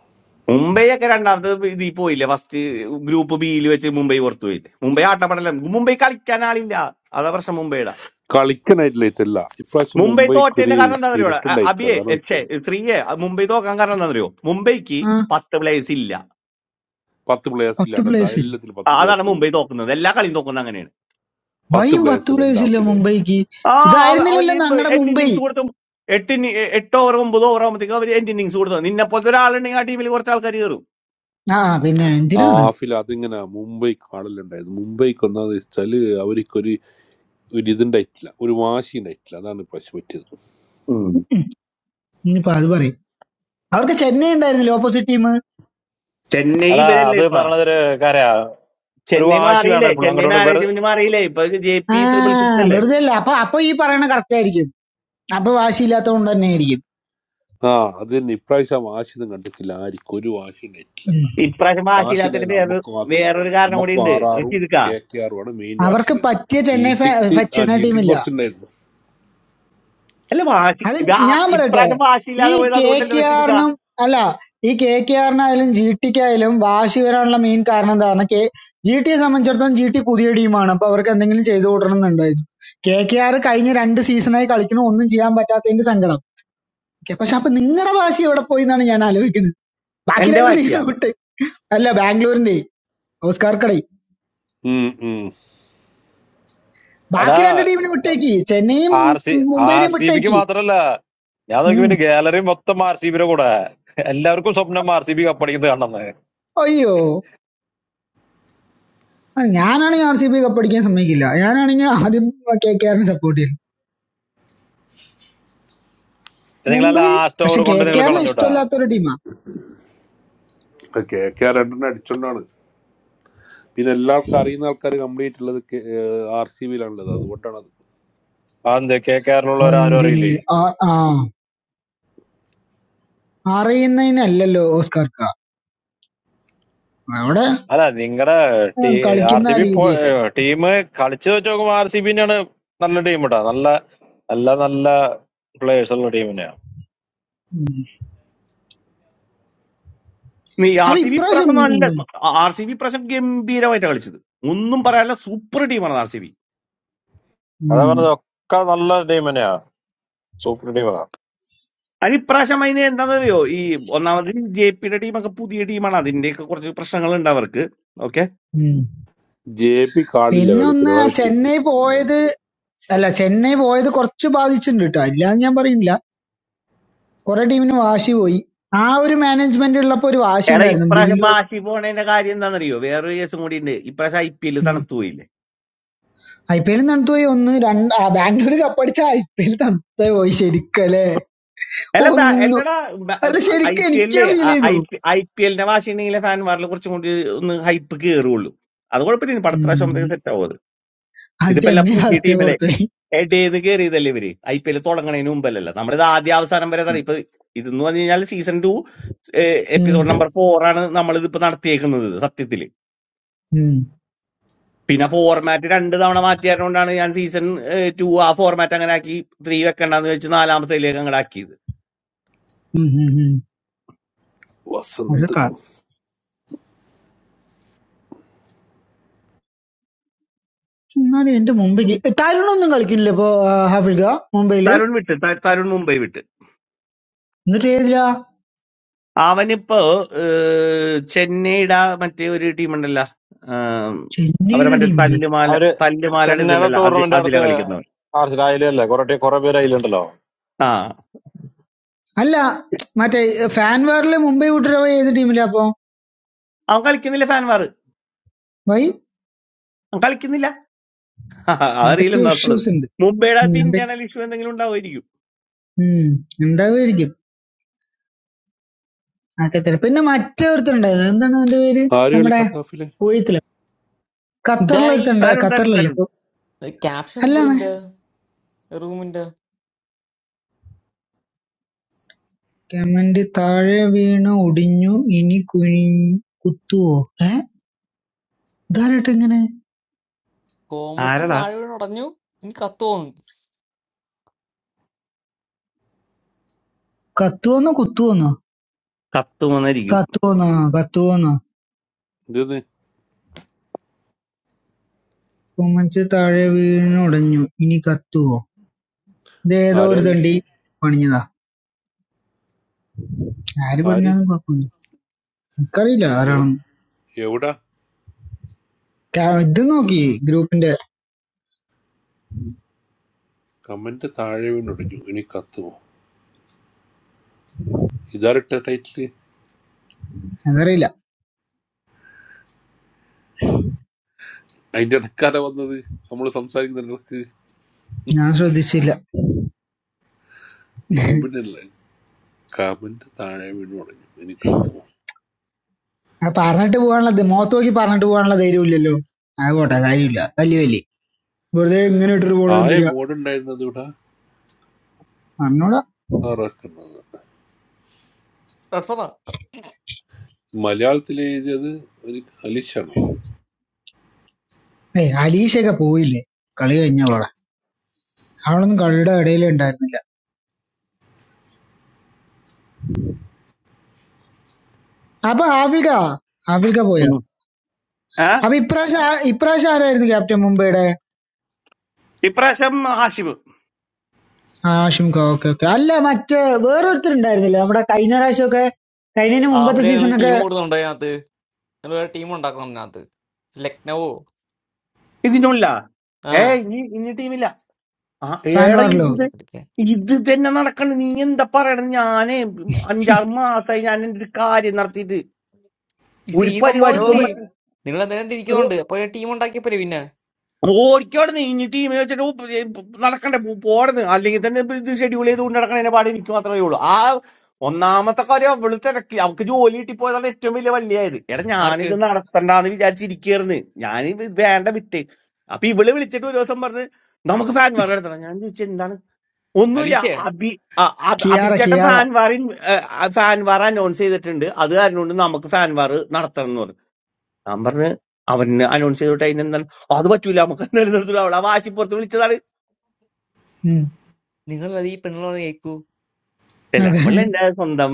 Speaker 12: മുംബൈയൊക്കെ രണ്ടാമത്തെ ഇതിൽ പോയില്ലേ ഫസ്റ്റ് ഗ്രൂപ്പ് ബിയിൽ വെച്ച് മുംബൈ പുറത്തു പോയില്ലേ മുംബൈ ആട്ടപ്പെടല മുംബൈ കളിക്കാൻ ആളില്ല അതാ പ്രശ്നം മുംബൈയുടെ
Speaker 15: കളിക്കാനായിട്ടില്ല ഇല്ല. ഇപ്രാവശ്യം
Speaker 12: മുംബൈ
Speaker 15: മുംബൈക്ക് ഒരു
Speaker 12: തോറ്റതിന്റെ കാരണം എന്താ അറിയോ
Speaker 15: സ്പിരിറ്റ്
Speaker 12: അ-
Speaker 15: ഉണ്ടായിട്ടില്ല
Speaker 12: അബിയെ
Speaker 15: അതാണ്
Speaker 12: ഛെ,
Speaker 15: പറ്റിയത്
Speaker 12: ശ്രീയെ അഹ് മുംബൈ തോക്കാൻ കാരണം എന്താ അറിയോ മുംബൈക്ക്
Speaker 31: ആ
Speaker 12: പത്ത് പ്ലേയേഴ്സ് ഇല്ല
Speaker 15: പത്ത് പ്ലേയേഴ്സ്
Speaker 31: പത്ത്
Speaker 15: ഇല്ലാണ്ട് ദാ
Speaker 31: പ്ലേയേഴ്സ് ഇല്ല
Speaker 15: എല്ലാത്തിലും
Speaker 12: ആ,
Speaker 15: പത്ത് പ്ലേയേഴ്സ്
Speaker 12: അതാണ് മുംബൈ
Speaker 15: ഒതുങ്ങി
Speaker 12: തോക്കുന്നത് എല്ലാ കളിയും തോക്കുന്നത് അങ്ങനെയാണ്
Speaker 15: പത്ത്
Speaker 31: ബൈയും
Speaker 15: പ്ലേയേഴ്സ്
Speaker 31: പത്ത്
Speaker 15: അല്ല ഉണ്ട്
Speaker 31: പ്ലേയേഴ്സ് ഇല്ല
Speaker 15: ഹാഫിലെ
Speaker 31: മുംബൈക്ക്
Speaker 12: ആ അവ-
Speaker 31: ഇതായിരുന്നില്ലല്ലോ
Speaker 12: അവന്
Speaker 31: ഞങ്ങളുടെ
Speaker 12: എൻഡ്
Speaker 31: മുംബൈ
Speaker 12: ഇന്നിങ്സ് കൊടുത്തു എട്ട് ഇനി- എ- എട്ട് ഓവർ ഒമ്പത് ഓവർ ആകുമ്പോഴത്തേക്ക് അവര് എൻഡ് ഇന്നിങ്സ് കൊടുത്തു നിന്നെ പോലത്തെ ഒരാളുണ്ടെങ്കിൽ ആ ടീമിൽ കുറച്ച് ആൾക്കാർ കയറും
Speaker 31: ആ പിന്നെ
Speaker 15: ആ
Speaker 31: എന്തിനാ അത്
Speaker 15: ഹാഫിൽ അതിങ്ങനെ മുംബൈ കാണലുണ്ടായത് മുംബൈക്ക് ഒന്നാന്ന് വെച്ചാല് അവർക്കൊരു ഒരു ഇതുണ്ടായിട്ടില്ല ഒരു വാശി ഉണ്ടായിട്ടില്ല അതാണ് ഇപ്രാവശ്യം പറ്റിയത്
Speaker 12: ഉം.
Speaker 31: ഇനിയിപ്പോ അത് പറയും അവർക്ക് ചെന്നൈ ഉണ്ടായിരുന്നില്ല ഓപ്പോസിറ്റ് ടീം
Speaker 12: ചെന്നൈ
Speaker 30: എടാ
Speaker 12: ഇവരല്ലേ
Speaker 30: അത്
Speaker 12: ഇപ്പൊ
Speaker 30: പറഞ്ഞതൊരു കാര്യാ ഒരു
Speaker 12: ചെന്നൈ
Speaker 30: വാശി വേണം
Speaker 12: മാറിയില്ലേ
Speaker 30: എപ്പോഴും
Speaker 12: ചെന്നൈ
Speaker 30: അങ്ങോട്ട് വെറു
Speaker 12: മാനേജ്മെന്റ് മാറിയില്ലേ ഇപ്പൊ ജെ
Speaker 31: ആ
Speaker 12: പി ത്രിപിൾ സിക്സ് അല്ലേ
Speaker 31: വെറുതെ അല്ല അപ്പൊ അപ്പൊ ഈ പറയണ കറക്റ്റ് ആയിരിക്കും അപ്പൊ വാശിയില്ലാത്തത് കൊണ്ട് തന്നെ ആയിരിക്കും
Speaker 15: ആ അത് തന്നെ ഇപ്രാവശ്യം ആ വാശി ഒന്നും കണ്ടിട്ടില്ല ആർക്കും ഒരു വാശി ഉണ്ടായിട്ടില്ല
Speaker 31: ഉം.
Speaker 12: ഇപ്രാവശ്യം
Speaker 15: വാശി
Speaker 12: വാശിയില്ലാത്തതിന്
Speaker 15: ഉണ്ടായത്
Speaker 12: വേറൊരു
Speaker 15: നമുക്ക് മാത്രം
Speaker 12: വേറൊരു
Speaker 15: ഉണ്ടായിരുന്നു
Speaker 12: കാരണം കൂടി
Speaker 15: നമുക്കും
Speaker 12: ഉണ്ട്
Speaker 15: ആർ ആറും
Speaker 12: റഷീദ്ക്ക
Speaker 15: കെ കെ ആറും ആണ് മെയിൻ വാശി
Speaker 31: അവർക്ക്
Speaker 15: ഉണ്ടായിരുന്നത്
Speaker 31: പറ്റിയ
Speaker 15: ജി
Speaker 31: ചെന്നൈ ഫാ-
Speaker 15: ടിക്ക്
Speaker 31: ഫ-
Speaker 15: ആ
Speaker 31: ചെന്നൈ
Speaker 15: ജി ടിക്ക്
Speaker 31: ടീമില്ല
Speaker 15: കുറച്ചുണ്ടായിരുന്നു
Speaker 12: അല്ല വാശി
Speaker 31: അത്
Speaker 12: വാ-
Speaker 31: ഞാൻ പറയട്ടെ
Speaker 12: ഇപ്രാവശ്യം
Speaker 31: ഈ
Speaker 12: വാശിയില്ലാതെ പോയത്
Speaker 31: കെ
Speaker 12: അതുകൊണ്ടല്ലേ
Speaker 31: കെ
Speaker 12: റഷീദ്ക്ക
Speaker 31: ആറിനും അല്ല ഈ കെ കെ ആറിനായാലും ജി ടിക്കായാലും വാശി വരാനുള്ള മെയിൻ കാരണം എന്താണ് കെ ജി ടിയെ സംബന്ധിച്ചിടത്തോളം ജി ടി പുതിയ ടീമാണ് അപ്പൊ അവർക്ക് എന്തെങ്കിലും ചെയ്തു കൂട്ടണം എന്നുണ്ടായിരുന്നു കെ കെ ആർ കഴിഞ്ഞ രണ്ട് സീസണായി കളിക്കണു ഒന്നും ചെയ്യാൻ പറ്റാത്തതിന്റെ സങ്കടം ഓക്കെ പക്ഷെ അപ്പൊ നിങ്ങളുടെ വാശി എവിടെ പോയി എന്നാണ് ഞാൻ ആലോചിക്കുന്നത് ബാക്കി
Speaker 12: എന്റെ
Speaker 31: രണ്ട് ടീമിനെ
Speaker 12: വാശിയാ
Speaker 31: വിട്ട് അല്ല ബാംഗ്ലൂരിന്റെ ഓസ്കാർ കടൈ
Speaker 15: ഉം ഉം
Speaker 30: എടാ
Speaker 31: ബാക്കി രണ്ട് ടീമിനെ വിട്ടേക്ക് ചെന്നൈയും
Speaker 30: ആർ സി ആർ
Speaker 31: മുംബൈയിലും
Speaker 30: സി ബിക്ക്
Speaker 31: വിട്ടേക്ക്
Speaker 30: മാത്രല്ല ഞാൻ നോക്കി
Speaker 31: ഉം
Speaker 30: പിന്നെ ഗാലറി മൊത്തം ആർ സി ബിയുടെ കൂടെ എല്ലാവർക്കും സ്വപ്നം ആർ സി ബി കപ്പടിക്കുന്നത് കണ്ടെന്ന്
Speaker 31: അയ്യോ ആ, ഞാനാണെങ്കിൽ ആർ സി ബി കപ്പടിക്കാൻ സമ്മതിക്കില്ല ഞാനാണെങ്കിൽ ആദ്യം കെ കെ ആറിനെ സപ്പോർട്ട് ചെയ്യും
Speaker 30: നിങ്ങൾ ആ
Speaker 31: മുംബൈ
Speaker 30: ലാസ്റ്റ്
Speaker 31: പക്ഷെ
Speaker 30: ഓവർ
Speaker 31: കെ
Speaker 30: കൊണ്ട്
Speaker 31: കെ
Speaker 30: നിങ്ങൾ
Speaker 31: ആറിനെ
Speaker 30: കളഞ്ഞൂട്ടാ
Speaker 31: ഇഷ്ടമല്ലാത്ത ഒരു ടീമാ
Speaker 15: കെ കെ ആർ രണ്ടെണ്ണം അടിച്ചോണ്ടാണ് പിന്നെ എല്ലാവർക്കും അറിയുന്ന ആൾക്കാർ കംപ്ലീറ്റ് ഉള്ളത് ആർ സി ബിയിലാണുള്ളത് അതുകൊണ്ടാണ് അത്
Speaker 30: അത് കെ കേരളമുള്ളവർ ആരും
Speaker 31: ഒന്നിന്
Speaker 30: അറിയില്ലേ
Speaker 31: ആ- ആ, അറിയുന്നതിനല്ലല്ലോ ഓസ്കാർക്ക അവിടെ
Speaker 30: അല്ല നിങ്ങളുടെ
Speaker 31: ആ,
Speaker 30: ടീ ആർ
Speaker 31: കളിക്കുന്ന
Speaker 30: സി
Speaker 31: ആ
Speaker 30: ബി
Speaker 31: രീതിയല്ലേ
Speaker 30: ടീം കളിച്ചു വെച്ച് നോക്കുമ്പോൾ ആർ സി ബിന്നാണ് നല്ല ടീം ഇട്ടാ നല്ല നല്ല നല്ല പ്ലേയേഴ്സ് ഉള്ള ടീം തന്നെയാ
Speaker 31: ഉം.
Speaker 12: നീ ആർ
Speaker 31: അപ്പൊ
Speaker 12: സി ബി
Speaker 31: ഇപ്രാവശ്യം
Speaker 12: ഇപ്രാവശ്യം നല്ല ആർ സി ബി ഇപ്രാവശ്യം ഗംഭീരമായിട്ടാണ് കളിച്ചത് ഒന്നും പറയാനില്ല സൂപ്പർ ടീമാണ് ആർ സി ബി
Speaker 30: അതാ
Speaker 31: ഉം,
Speaker 30: പറഞ്ഞത് ഒക്കെ നല്ല ടീം തന്നെയാ സൂപ്പർ ടീമാ
Speaker 12: അതിന് ഇപ്രാവശ്യം അതിന് എന്താണെന്നറിയോ ഈ ഒന്നാമത് ജെ പിയുടെ ടീമൊക്കെ പുതിയ ടീമാണ് അതിന്റെയൊക്കെ കുറച്ച് പ്രശ്നങ്ങളുണ്ട് അവർക്ക് ഓക്കെ
Speaker 31: ഉം.
Speaker 15: ജെ പി കാളില്ല
Speaker 31: പിന്നെ ഒന്ന്
Speaker 15: കളിക്കുന്നത് അതാ പറ്റി
Speaker 31: ചെന്നൈ പോയത് അല്ല ചെന്നൈ പോയത് കുറച്ച് ബാധിച്ചിട്ടുണ്ട് കേട്ടോ ഇല്ലാന്ന് ഞാൻ പറയുന്നില്ല കുറെ ടീമിന് വാശി പോയി ആ ഒരു മാനേജ്മെന്റ് ഉള്ളപ്പോ ഒരു വാശി
Speaker 12: എടാ
Speaker 31: ഉണ്ടായിരുന്നു
Speaker 12: ഇപ്രാവശ്യം
Speaker 31: ബില്ലു
Speaker 12: വാശി പോണേന്റെ കാര്യം എന്താണെന്നറിയോ വേറൊരു കേസും കൂടി ഉണ്ട് ഇപ്രാവശ്യം ഐ പി എൽ തണുത്തു പോയില്ലേ
Speaker 31: ഐ പി എൽ തണുത്തു പോയി ഒന്ന് രണ്ട് ആ ബാംഗ്ലൂർ കപ്പടിച്ച ഐ പി എൽ തണുത്തേ പോയി ശരിക്കല്ലേ
Speaker 12: അല്ല ബാ-
Speaker 31: ഒന്ന്
Speaker 12: അല്ലടാ
Speaker 31: അല്ല
Speaker 12: ഐ
Speaker 31: ശരിക്കും
Speaker 12: പി
Speaker 31: എനിക്ക്
Speaker 12: എല്ലേ
Speaker 31: ഫീൽ ചെയ്തു
Speaker 12: ഐ പി ഐ പി എല്ലിന്റെ വാശിയുണ്ടെങ്കിലേ ഫാൻമാരിൽ കുറച്ചും കൂടി ഒന്ന് ഹൈപ്പ് കയറുള്ളൂ അത് കുഴപ്പമില്ല ഇനി പടത്ത
Speaker 31: ഉം.
Speaker 12: പ്രാവശ്യം സെറ്റ് ആവും അത്
Speaker 31: അത്
Speaker 12: ഇതിപ്പോ എല്ലാ
Speaker 31: ചെന്നൈ
Speaker 12: പുതിയ
Speaker 31: ഫസ്റ്റ്
Speaker 12: ടീമിലെ
Speaker 31: പുറത്തു പോയി
Speaker 12: എഡേന്ന് കയറിയതല്ലേ ഇവര് ഐ പി എൽ തുടങ്ങണതിന് മുമ്പല്ലല്ലോ നമ്മളിത് ആദ്യ അവസാനം വരെ ഇതാ. ഇപ്പൊ ഇതെന്ന് പറഞ്ഞു കഴിഞ്ഞാൽ സീസൺ ടു
Speaker 31: ഉം.
Speaker 12: എപ്പിസോഡ് നമ്പർ ഫോർ ആണ് നമ്മൾ ഇതിപ്പോ നടത്തിയേക്കുന്നത് ഇത് സത്യത്തില്
Speaker 31: ഉം.
Speaker 12: പിന്നെ ഫോർമാറ്റ് രണ്ട് തവണ മാറ്റിയതുകൊണ്ടാണ് ഞാൻ സീസൺ ടു ആ ഫോർമാറ്റ് അങ്ങനെ ആക്കി ത്രീ വെക്കണ്ടെന്ന് വെച്ച് നാലാമത്തേലേക്ക് അങ്ങോട്ട് ആക്കിയത്
Speaker 31: ഉം. ഉം. ഉം. ഒരു
Speaker 15: വസന്ത്
Speaker 31: ക- എന്നാലും എന്റെ മുംബൈ തരുണൊന്നും കളിക്കുന്നില്ല ഇപ്പൊ ആ, ഹാഫിൽക മുംബൈയില്
Speaker 12: തരുൺ വിട്ട് ത- തരുൺ മുംബൈ വിട്ട്
Speaker 31: എന്നിട്ട് ഏതിലാ
Speaker 12: അവനിപ്പോ ഏഹ്, ചെന്നൈയുടെ ആ മറ്റേ ഒരു ടീമുണ്ടല്ലോ ഏഹ്, അവരെ
Speaker 31: ചെന്നൈയുടെ
Speaker 12: മറ്റേ
Speaker 31: ടീമിലോ
Speaker 12: തല്ലുമാല
Speaker 30: അവര്
Speaker 12: തല്ലുമാലയുടെ
Speaker 30: ചെന്നൈയുടെ
Speaker 12: ഇതുണ്ടല്ലോ അതി
Speaker 30: ടൂർണമെന്റ്
Speaker 12: അതിലാ
Speaker 30: അടുത്ത്
Speaker 12: കളിക്കുന്നവൻ
Speaker 30: ആർസിലായില്ലേ കുറെ കുറെ പേര് അതിലുണ്ടല്ലോ
Speaker 12: ആ
Speaker 31: അല്ല മറ്റേ ഫാൻ വാറില് മുംബൈ വിട്ടിട്ട് പോയി ഏത് ടീമിലാ അപ്പൊ
Speaker 12: അവൻ കളിക്കുന്നില്ല ഫാൻ വാർ
Speaker 31: വൈ
Speaker 12: അവൻ കളിക്കുന്നില്ല അതറിയില്ല
Speaker 31: എന്തൊക്കെയോ
Speaker 12: എന്താണുള്ളത്
Speaker 31: ഇഷ്യൂസ് ഉണ്ട്
Speaker 12: മുംബൈയുടെ
Speaker 31: ഉം,
Speaker 12: അകത്ത്
Speaker 31: എന്തൊ-
Speaker 12: ഇന്റേണൽ ഇഷ്യൂ എന്തെങ്കിലും ഉണ്ടാവുമായിരിക്കും
Speaker 31: ഉം, ഉണ്ടാവുമായിരിക്കും ഖത്തർ പിന്നെ മറ്റേ ഒരുത്തനുണ്ട് എന്താണ് അവന്റെ പേര്
Speaker 15: ആര്
Speaker 31: നമ്മുടെ
Speaker 15: കളിക്കാത്ത ഹാഫിലെ
Speaker 31: കുവൈത്തില് ഖത്തറിലെ
Speaker 22: ഇതാരെ ഈ
Speaker 31: ഒരുത്തനുണ്ട്
Speaker 12: തരുൺ തരുൺ
Speaker 31: ഖത്തറിലല്ലേ
Speaker 12: തരുൺ
Speaker 31: ഇപ്പൊ
Speaker 22: ക്യാപ്ഷൻ
Speaker 31: അല്ലാന്ന്
Speaker 22: ഇതിന്റെ റൂമിന്റെ
Speaker 31: കമന്റ് താഴെ വീണ് ഒടിഞ്ഞു ഇനി കുനി കുത്തുവോ ഏ ഇതാരട്ടെ ഇങ്ങനെ
Speaker 22: കോമേഴ്സ്
Speaker 12: ആരടാ
Speaker 22: താഴെ വീണ് ഉടഞ്ഞു ഇനി കത്ത് തോന്നുന്നു
Speaker 31: കത്തുവോന്നോ കുത്തുവോന്നോ
Speaker 12: കത്തുമെന്നായിരിക്കും
Speaker 31: കത്തുവോന്നോ കത്തുവോന്നോ
Speaker 15: എന്തെന്ന്
Speaker 31: കൊമൻസ് താഴെ വീണ് ഉടഞ്ഞു ഇനി കത്തുവോ ഇത് ഏതോ
Speaker 15: ആരാ
Speaker 31: ഒരു
Speaker 15: നീ
Speaker 31: തണ്ടി പണിഞ്ഞതാ ആര്
Speaker 15: ആര്
Speaker 31: പറഞ്ഞാലും കുഴപ്പമില്ല എനിക്കറിയില്ല
Speaker 15: എവിടെ
Speaker 31: ആരാണെന്ന്
Speaker 15: എവിടാ
Speaker 31: കാ- ഇത് നോക്കി ഗ്രൂപ്പിന്റെ
Speaker 15: കമന്റ് താഴെ വീണ്ടുടഞ്ഞു ഇനി കത്തുമോ ഇതാരട്ട ടൈറ്റില്
Speaker 31: അതറിയില്ല
Speaker 15: അതിന്റെ ഇടക്കാല വന്നത് നമ്മൾ സംസാരിക്കുന്ന ഇടക്ക്
Speaker 31: ഞാൻ ശ്രദ്ധിച്ചില്ല
Speaker 15: മുമ്പിനല്ല കമന്റ് താഴെ വീണ്ടും തുടങ്ങി ഇനി കത്തുമോ
Speaker 31: ആ പറഞ്ഞിട്ട് പോകാനുള്ളത് മുഖത്ത് നോക്കി പറഞ്ഞിട്ട് പോകാനുള്ള ധൈര്യം ഇല്ലല്ലോ അത് പോട്ടെ കാര്യമില്ല വലിയ വലിയ വെറുതെ ഇങ്ങനെ ഇട്ടിട്ട് പോണത്
Speaker 15: ആയ
Speaker 31: എന്തിനാ
Speaker 15: മോഡുണ്ടായിരുന്നത് ഇവിടെ
Speaker 31: അന്നോടാ
Speaker 15: ആറാക്കുന്നത്
Speaker 22: റെഡ്സണാ
Speaker 15: മലയാളത്തിൽ എഴുതിയത് ഒരു അലിഷാണ്
Speaker 31: ഏയ് അലീഷയൊക്കെ പോയില്ലേ കളി കഴിഞ്ഞ പോടെ അവളൊന്നും കളിയുടെ ഇടയിലേ ഉണ്ടായിരുന്നില്ല അപ്പൊ ആഫിൽക്ക ആഫിൽക്ക പോയോ
Speaker 12: ഉം. ഏ
Speaker 31: അപ്പൊ ഇപ്രാവശ്യം ആ- ഇപ്രാവശ്യം ആരായിരുന്നു ക്യാപ്റ്റൻ മുംബൈയുടെ
Speaker 12: ഇപ്രാവശ്യം ഹാഷിബ്
Speaker 31: ആ, ആഷിംക ഓക്കെ ഓക്കെ അല്ല മറ്റേ വേറൊരുത്തരുണ്ടായിരുന്നില്ലേ നമ്മുടെ കഴിഞ്ഞ പ്രാവശ്യമൊക്കെ കഴിഞ്ഞതിന് മുമ്പത്തെ
Speaker 22: ഹാഫിലെ നിങ്ങൾ
Speaker 31: സീസണൊക്കെ
Speaker 22: ടീം കൂടുന്നുണ്ടോ അതിനകത്ത് നിങ്ങൾ വേറെ ടീം ഉണ്ടാക്കണം അതിനകത്ത് ലക്നവോ
Speaker 12: ഇതിനുള്ള
Speaker 22: ആ
Speaker 12: ഏ ഇനി ഇനി ടീമില്ല ആ
Speaker 31: ഫാൻ
Speaker 12: ഏടാ
Speaker 22: ഇതൊക്കെ
Speaker 31: വാറിലോ
Speaker 12: ഇത്
Speaker 22: എവിടെയാ പഠിക്കാൻ
Speaker 12: ഇത് തന്നെ നടക്കണ് നീ എന്താ പറയണത് ഞാന് അഞ്ചാറ് മാസമായി ഞാൻ എന്റെ ഒരു കാര്യം നടത്തിയിട്ട്
Speaker 22: ഈ സീ
Speaker 12: ഒരു പരിപാടിക്ക് പോകാൻ
Speaker 31: റോബ്
Speaker 22: സംഭവമല്ലേ
Speaker 12: പറ്റും
Speaker 22: നിങ്ങൾ എന്തായാലും
Speaker 31: റോ
Speaker 22: തിരിക്കുന്നുണ്ട് അപ്പൊ ടീം ഉണ്ടാക്കിയപ്പോലെ പിന്നെ
Speaker 12: ഓടിക്കോടെ നീ ഇനി ടീമിൽ വെച്ചിട്ട് ഉപ്പ് ഏ ഉപ്പ് നടക്കണ്ടേ പോ- പോടന്ന് അല്ലെങ്കിൽ തന്നെ ഇപ്പൊ ഇത് ഷെഡ്യൂൾ ചെയ്തുകൊണ്ട് നടക്കണതിന്റെ പാടെ എനിക്ക് മാത്രമേ ഉള്ളൂ ആ ഒന്നാമത്തെ കാര്യം അവള് തിരക്കി അവക്ക് ജോലി കിട്ടിപ്പോയതാണ് ഏറ്റവും വലിയ വള്ളിയായത് എടാ
Speaker 22: ആർക്ക്?
Speaker 12: ഞാനിത് നടത്തണ്ടാന്ന് വിചാരിച്ചിരിക്കുകയായിരുന്നു ഞാൻ വേണ്ട വിട്ട് അപ്പൊ ഇവള് വിളിച്ചിട്ട് ഒരു ദിവസം പറഞ്ഞ് നമുക്ക് ഫാൻ വർക്ക് നടത്തണം ഞാൻ ചോദിച്ചു എന്താണ് ഒന്നുമില്ല
Speaker 22: അലീഷയാ?
Speaker 12: അബി ആ, അബ്-
Speaker 31: കിയാറ
Speaker 12: അബിച്ചേട്ടൻ
Speaker 31: കിയാറ
Speaker 12: ഫാൻവാറിൻ ഫാൻവാർ അനൗൺസ് ചെയ്തിട്ടുണ്ട് അത് കാരണം കൊണ്ട് നമുക്ക് ഫാൻവാർ നടത്തണം എന്ന് പറഞ്ഞു ഞാൻ പറഞ്ഞു അവന് അനൗൺസ് ചെയ്തിട്ട് അതിന് എന്താണ് "ഓ, അത് പറ്റൂല നമുക്ക് എന്തായാലും നടത്തൂല അവളെ വാശിപ്പുറത്ത് വിളിച്ചതാണ്
Speaker 31: ഉം
Speaker 22: നിങ്ങളത് ഈ പെണ്ണുള്ളത് കേക്കൂ.
Speaker 12: അല്ല
Speaker 31: അതെ
Speaker 12: അവളെ എന്റെ സ്വന്തം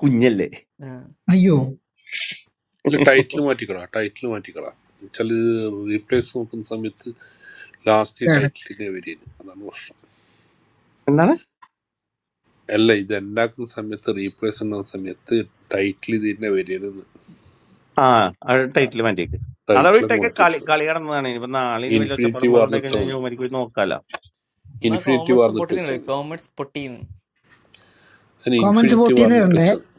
Speaker 12: കുഞ്ഞല്ലേ
Speaker 22: ആ.
Speaker 31: അയ്യോ
Speaker 15: അല്ല ടൈറ്റിൽ മാറ്റിക്കളാ ടൈറ്റിൽ മാറ്റിക്കളാ വെച്ചാൽ റീപ്ലേസ് നോക്കുന്ന സമയത്ത് ലാസ്റ്റ് ഈ
Speaker 31: കേടാ
Speaker 15: ടൈറ്റിലിനെ വരുന്നത് അതാണ് പ്രശ്നം
Speaker 12: എന്താണ്
Speaker 15: അല്ല ഇത് ഉണ്ടാക്കുന്ന സമയത്ത് റീപ്ലേസ് ഉണ്ടാകുന്ന സമയത്ത് ടൈറ്റിൽ ഇതിന്റെ വരികയെന്ന്
Speaker 12: ആ ടൈറ്റിൽ മാറ്റിയേക്ക് അതവിടെ
Speaker 15: ടൈറ്റിലങ്ങ്
Speaker 12: ഇട്ടേക്ക്
Speaker 15: മാറ്റി
Speaker 12: കളി
Speaker 15: വെച്ചാൽ മതി
Speaker 12: കളി കടന്നതാണ് ഇനിയിപ്പോ നാളെ ഇനി വലിയ
Speaker 15: ഇൻഫിനിറ്റി
Speaker 12: ഒച്ചപ്പാടും പോലെ ഉണ്ടായി
Speaker 15: വാർന്നിട്ടാൽ മതി
Speaker 12: കഴിഞ്ഞാൽ മരിക്കും ഇത് നോക്കാലോ
Speaker 22: എന്നാ
Speaker 15: ഇൻഫിനിറ്റി
Speaker 22: കോമേഴ്സ്
Speaker 15: വാർന്നിട്ട്
Speaker 22: പൊട്ടിന്നുണ്ട്.
Speaker 15: വെച്ചാൽ മതി
Speaker 22: കോമേഴ്സ് പൊട്ടീന്ന്.
Speaker 15: അതിന്
Speaker 31: കോമൻസ്
Speaker 15: ഇൻഫിനിറ്റി
Speaker 31: പൊട്ടിന്ന്
Speaker 15: വാർന്നിട്ട്
Speaker 31: ഇടണ്ടേ
Speaker 15: വെച്ചാൽ മതി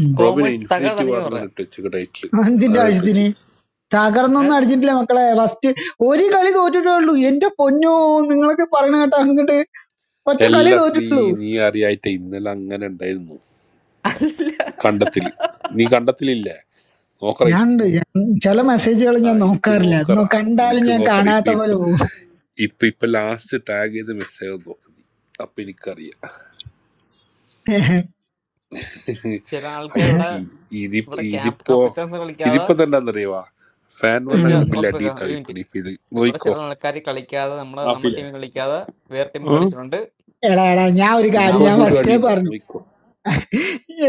Speaker 31: ഉം.
Speaker 15: റോബിനെ
Speaker 22: കോമേഴ്സ്
Speaker 15: ഇൻഫിനിറ്റി
Speaker 22: തകർന്നടിഞ്ഞു പറ.
Speaker 15: വാർന്നിട്ട് ഇട്ട് വെച്ചേക്ക് ടൈറ്റിൽ
Speaker 31: എന്തിന്റെ
Speaker 15: അതാണ് ഇട്ട്
Speaker 31: ആവശ്യത്തിന്
Speaker 15: വെച്ചേക്ക്
Speaker 22: ഏ?
Speaker 31: തകർന്നൊന്നും അടിച്ചിട്ടില്ല മക്കളെ ഫസ്റ്റ് ഒരു കളി തോറ്റിട്ടുള്ളൂ എന്റെ പൊന്നോ നിങ്ങളൊക്കെ പറയണ കേട്ടോ അങ്ങോട്ട് ഒറ്റ കളി
Speaker 15: എല്ലാ ശ്രീ
Speaker 31: തോറ്റിട്ടുള്ളൂ
Speaker 15: നീ അറിയായിട്ട് ഇന്നലെ അങ്ങനെ ഉണ്ടായിരുന്നു
Speaker 22: അല്ല.
Speaker 15: കണ്ടത്തില് നീ കണ്ടത്തിലില്ലേ
Speaker 31: ഞാൻ ഉണ്ട്.
Speaker 15: നോക്കറ
Speaker 31: ഞാൻ ചില മെസ്സേജുകൾ
Speaker 15: ആ
Speaker 31: ഞാൻ
Speaker 15: എനിക്ക്
Speaker 31: നോക്കാറില്ല നോ-
Speaker 15: നോക്കറാ
Speaker 31: കണ്ടാലും
Speaker 15: എനിക്ക്
Speaker 31: ഞാൻ
Speaker 15: നോക്കറ ഇപ്പൊ
Speaker 31: കാണാത്ത പോലെ
Speaker 15: ഇപ്പൊ
Speaker 31: പോകും
Speaker 15: ഇപ്പൊ ഇപ്പൊ ലാസ്റ്റ് ടാഗ് ചെയ്ത മെസ്സേജ് നോക്ക് നീ അപ്പൊ എനിക്കറിയാം
Speaker 22: ചില
Speaker 15: ആ,
Speaker 22: ആൾക്കാർ
Speaker 15: ഇത്
Speaker 22: ഇവിടെ
Speaker 15: ഇതിപ്പോ
Speaker 22: ഇവിടെ ക്യാമ്പ്
Speaker 15: ഇതിപ്പോ
Speaker 22: കപ്പിത്താൻസ് കളിക്കാതെ
Speaker 15: ഇതിപ്പോ തന്നെ എന്നറിയവാ ഫാൻ പറഞ്ഞ
Speaker 22: ഒരു
Speaker 31: ഉം.
Speaker 15: അങ്ങനെ വലിയ അടി
Speaker 22: ഓസ്ട്രേലിയ
Speaker 15: ഉണ്ടാവും
Speaker 22: ഒരു
Speaker 15: ഇപ്പൊ
Speaker 22: മിനിറ്റ്
Speaker 15: ഇപ്പൊ ഇത്
Speaker 22: ഇവിടെ
Speaker 15: നോയിക്കോ
Speaker 22: ചില ആൾക്കാർ കളിക്കാതെ നമ്മളെ നമ്മുടെ
Speaker 15: ആഫിലെ
Speaker 22: ടീമിൽ കളിക്കാതെ വേറെ ടീം
Speaker 12: ഉം.
Speaker 22: കളിച്ചിട്ടുണ്ട്
Speaker 31: എടാ എടാ ഞാൻ ഒരു കാര്യം
Speaker 15: ഇതിപ്പോ
Speaker 31: ഞാൻ
Speaker 22: അവർക്ക്
Speaker 15: വീണ്ടും
Speaker 22: വേണ്ടി
Speaker 15: അടി
Speaker 31: ഫസ്റ്റേ
Speaker 22: ഇത്.
Speaker 15: ഉണ്ടാവും
Speaker 31: പറഞ്ഞു
Speaker 15: നോയിക്കോ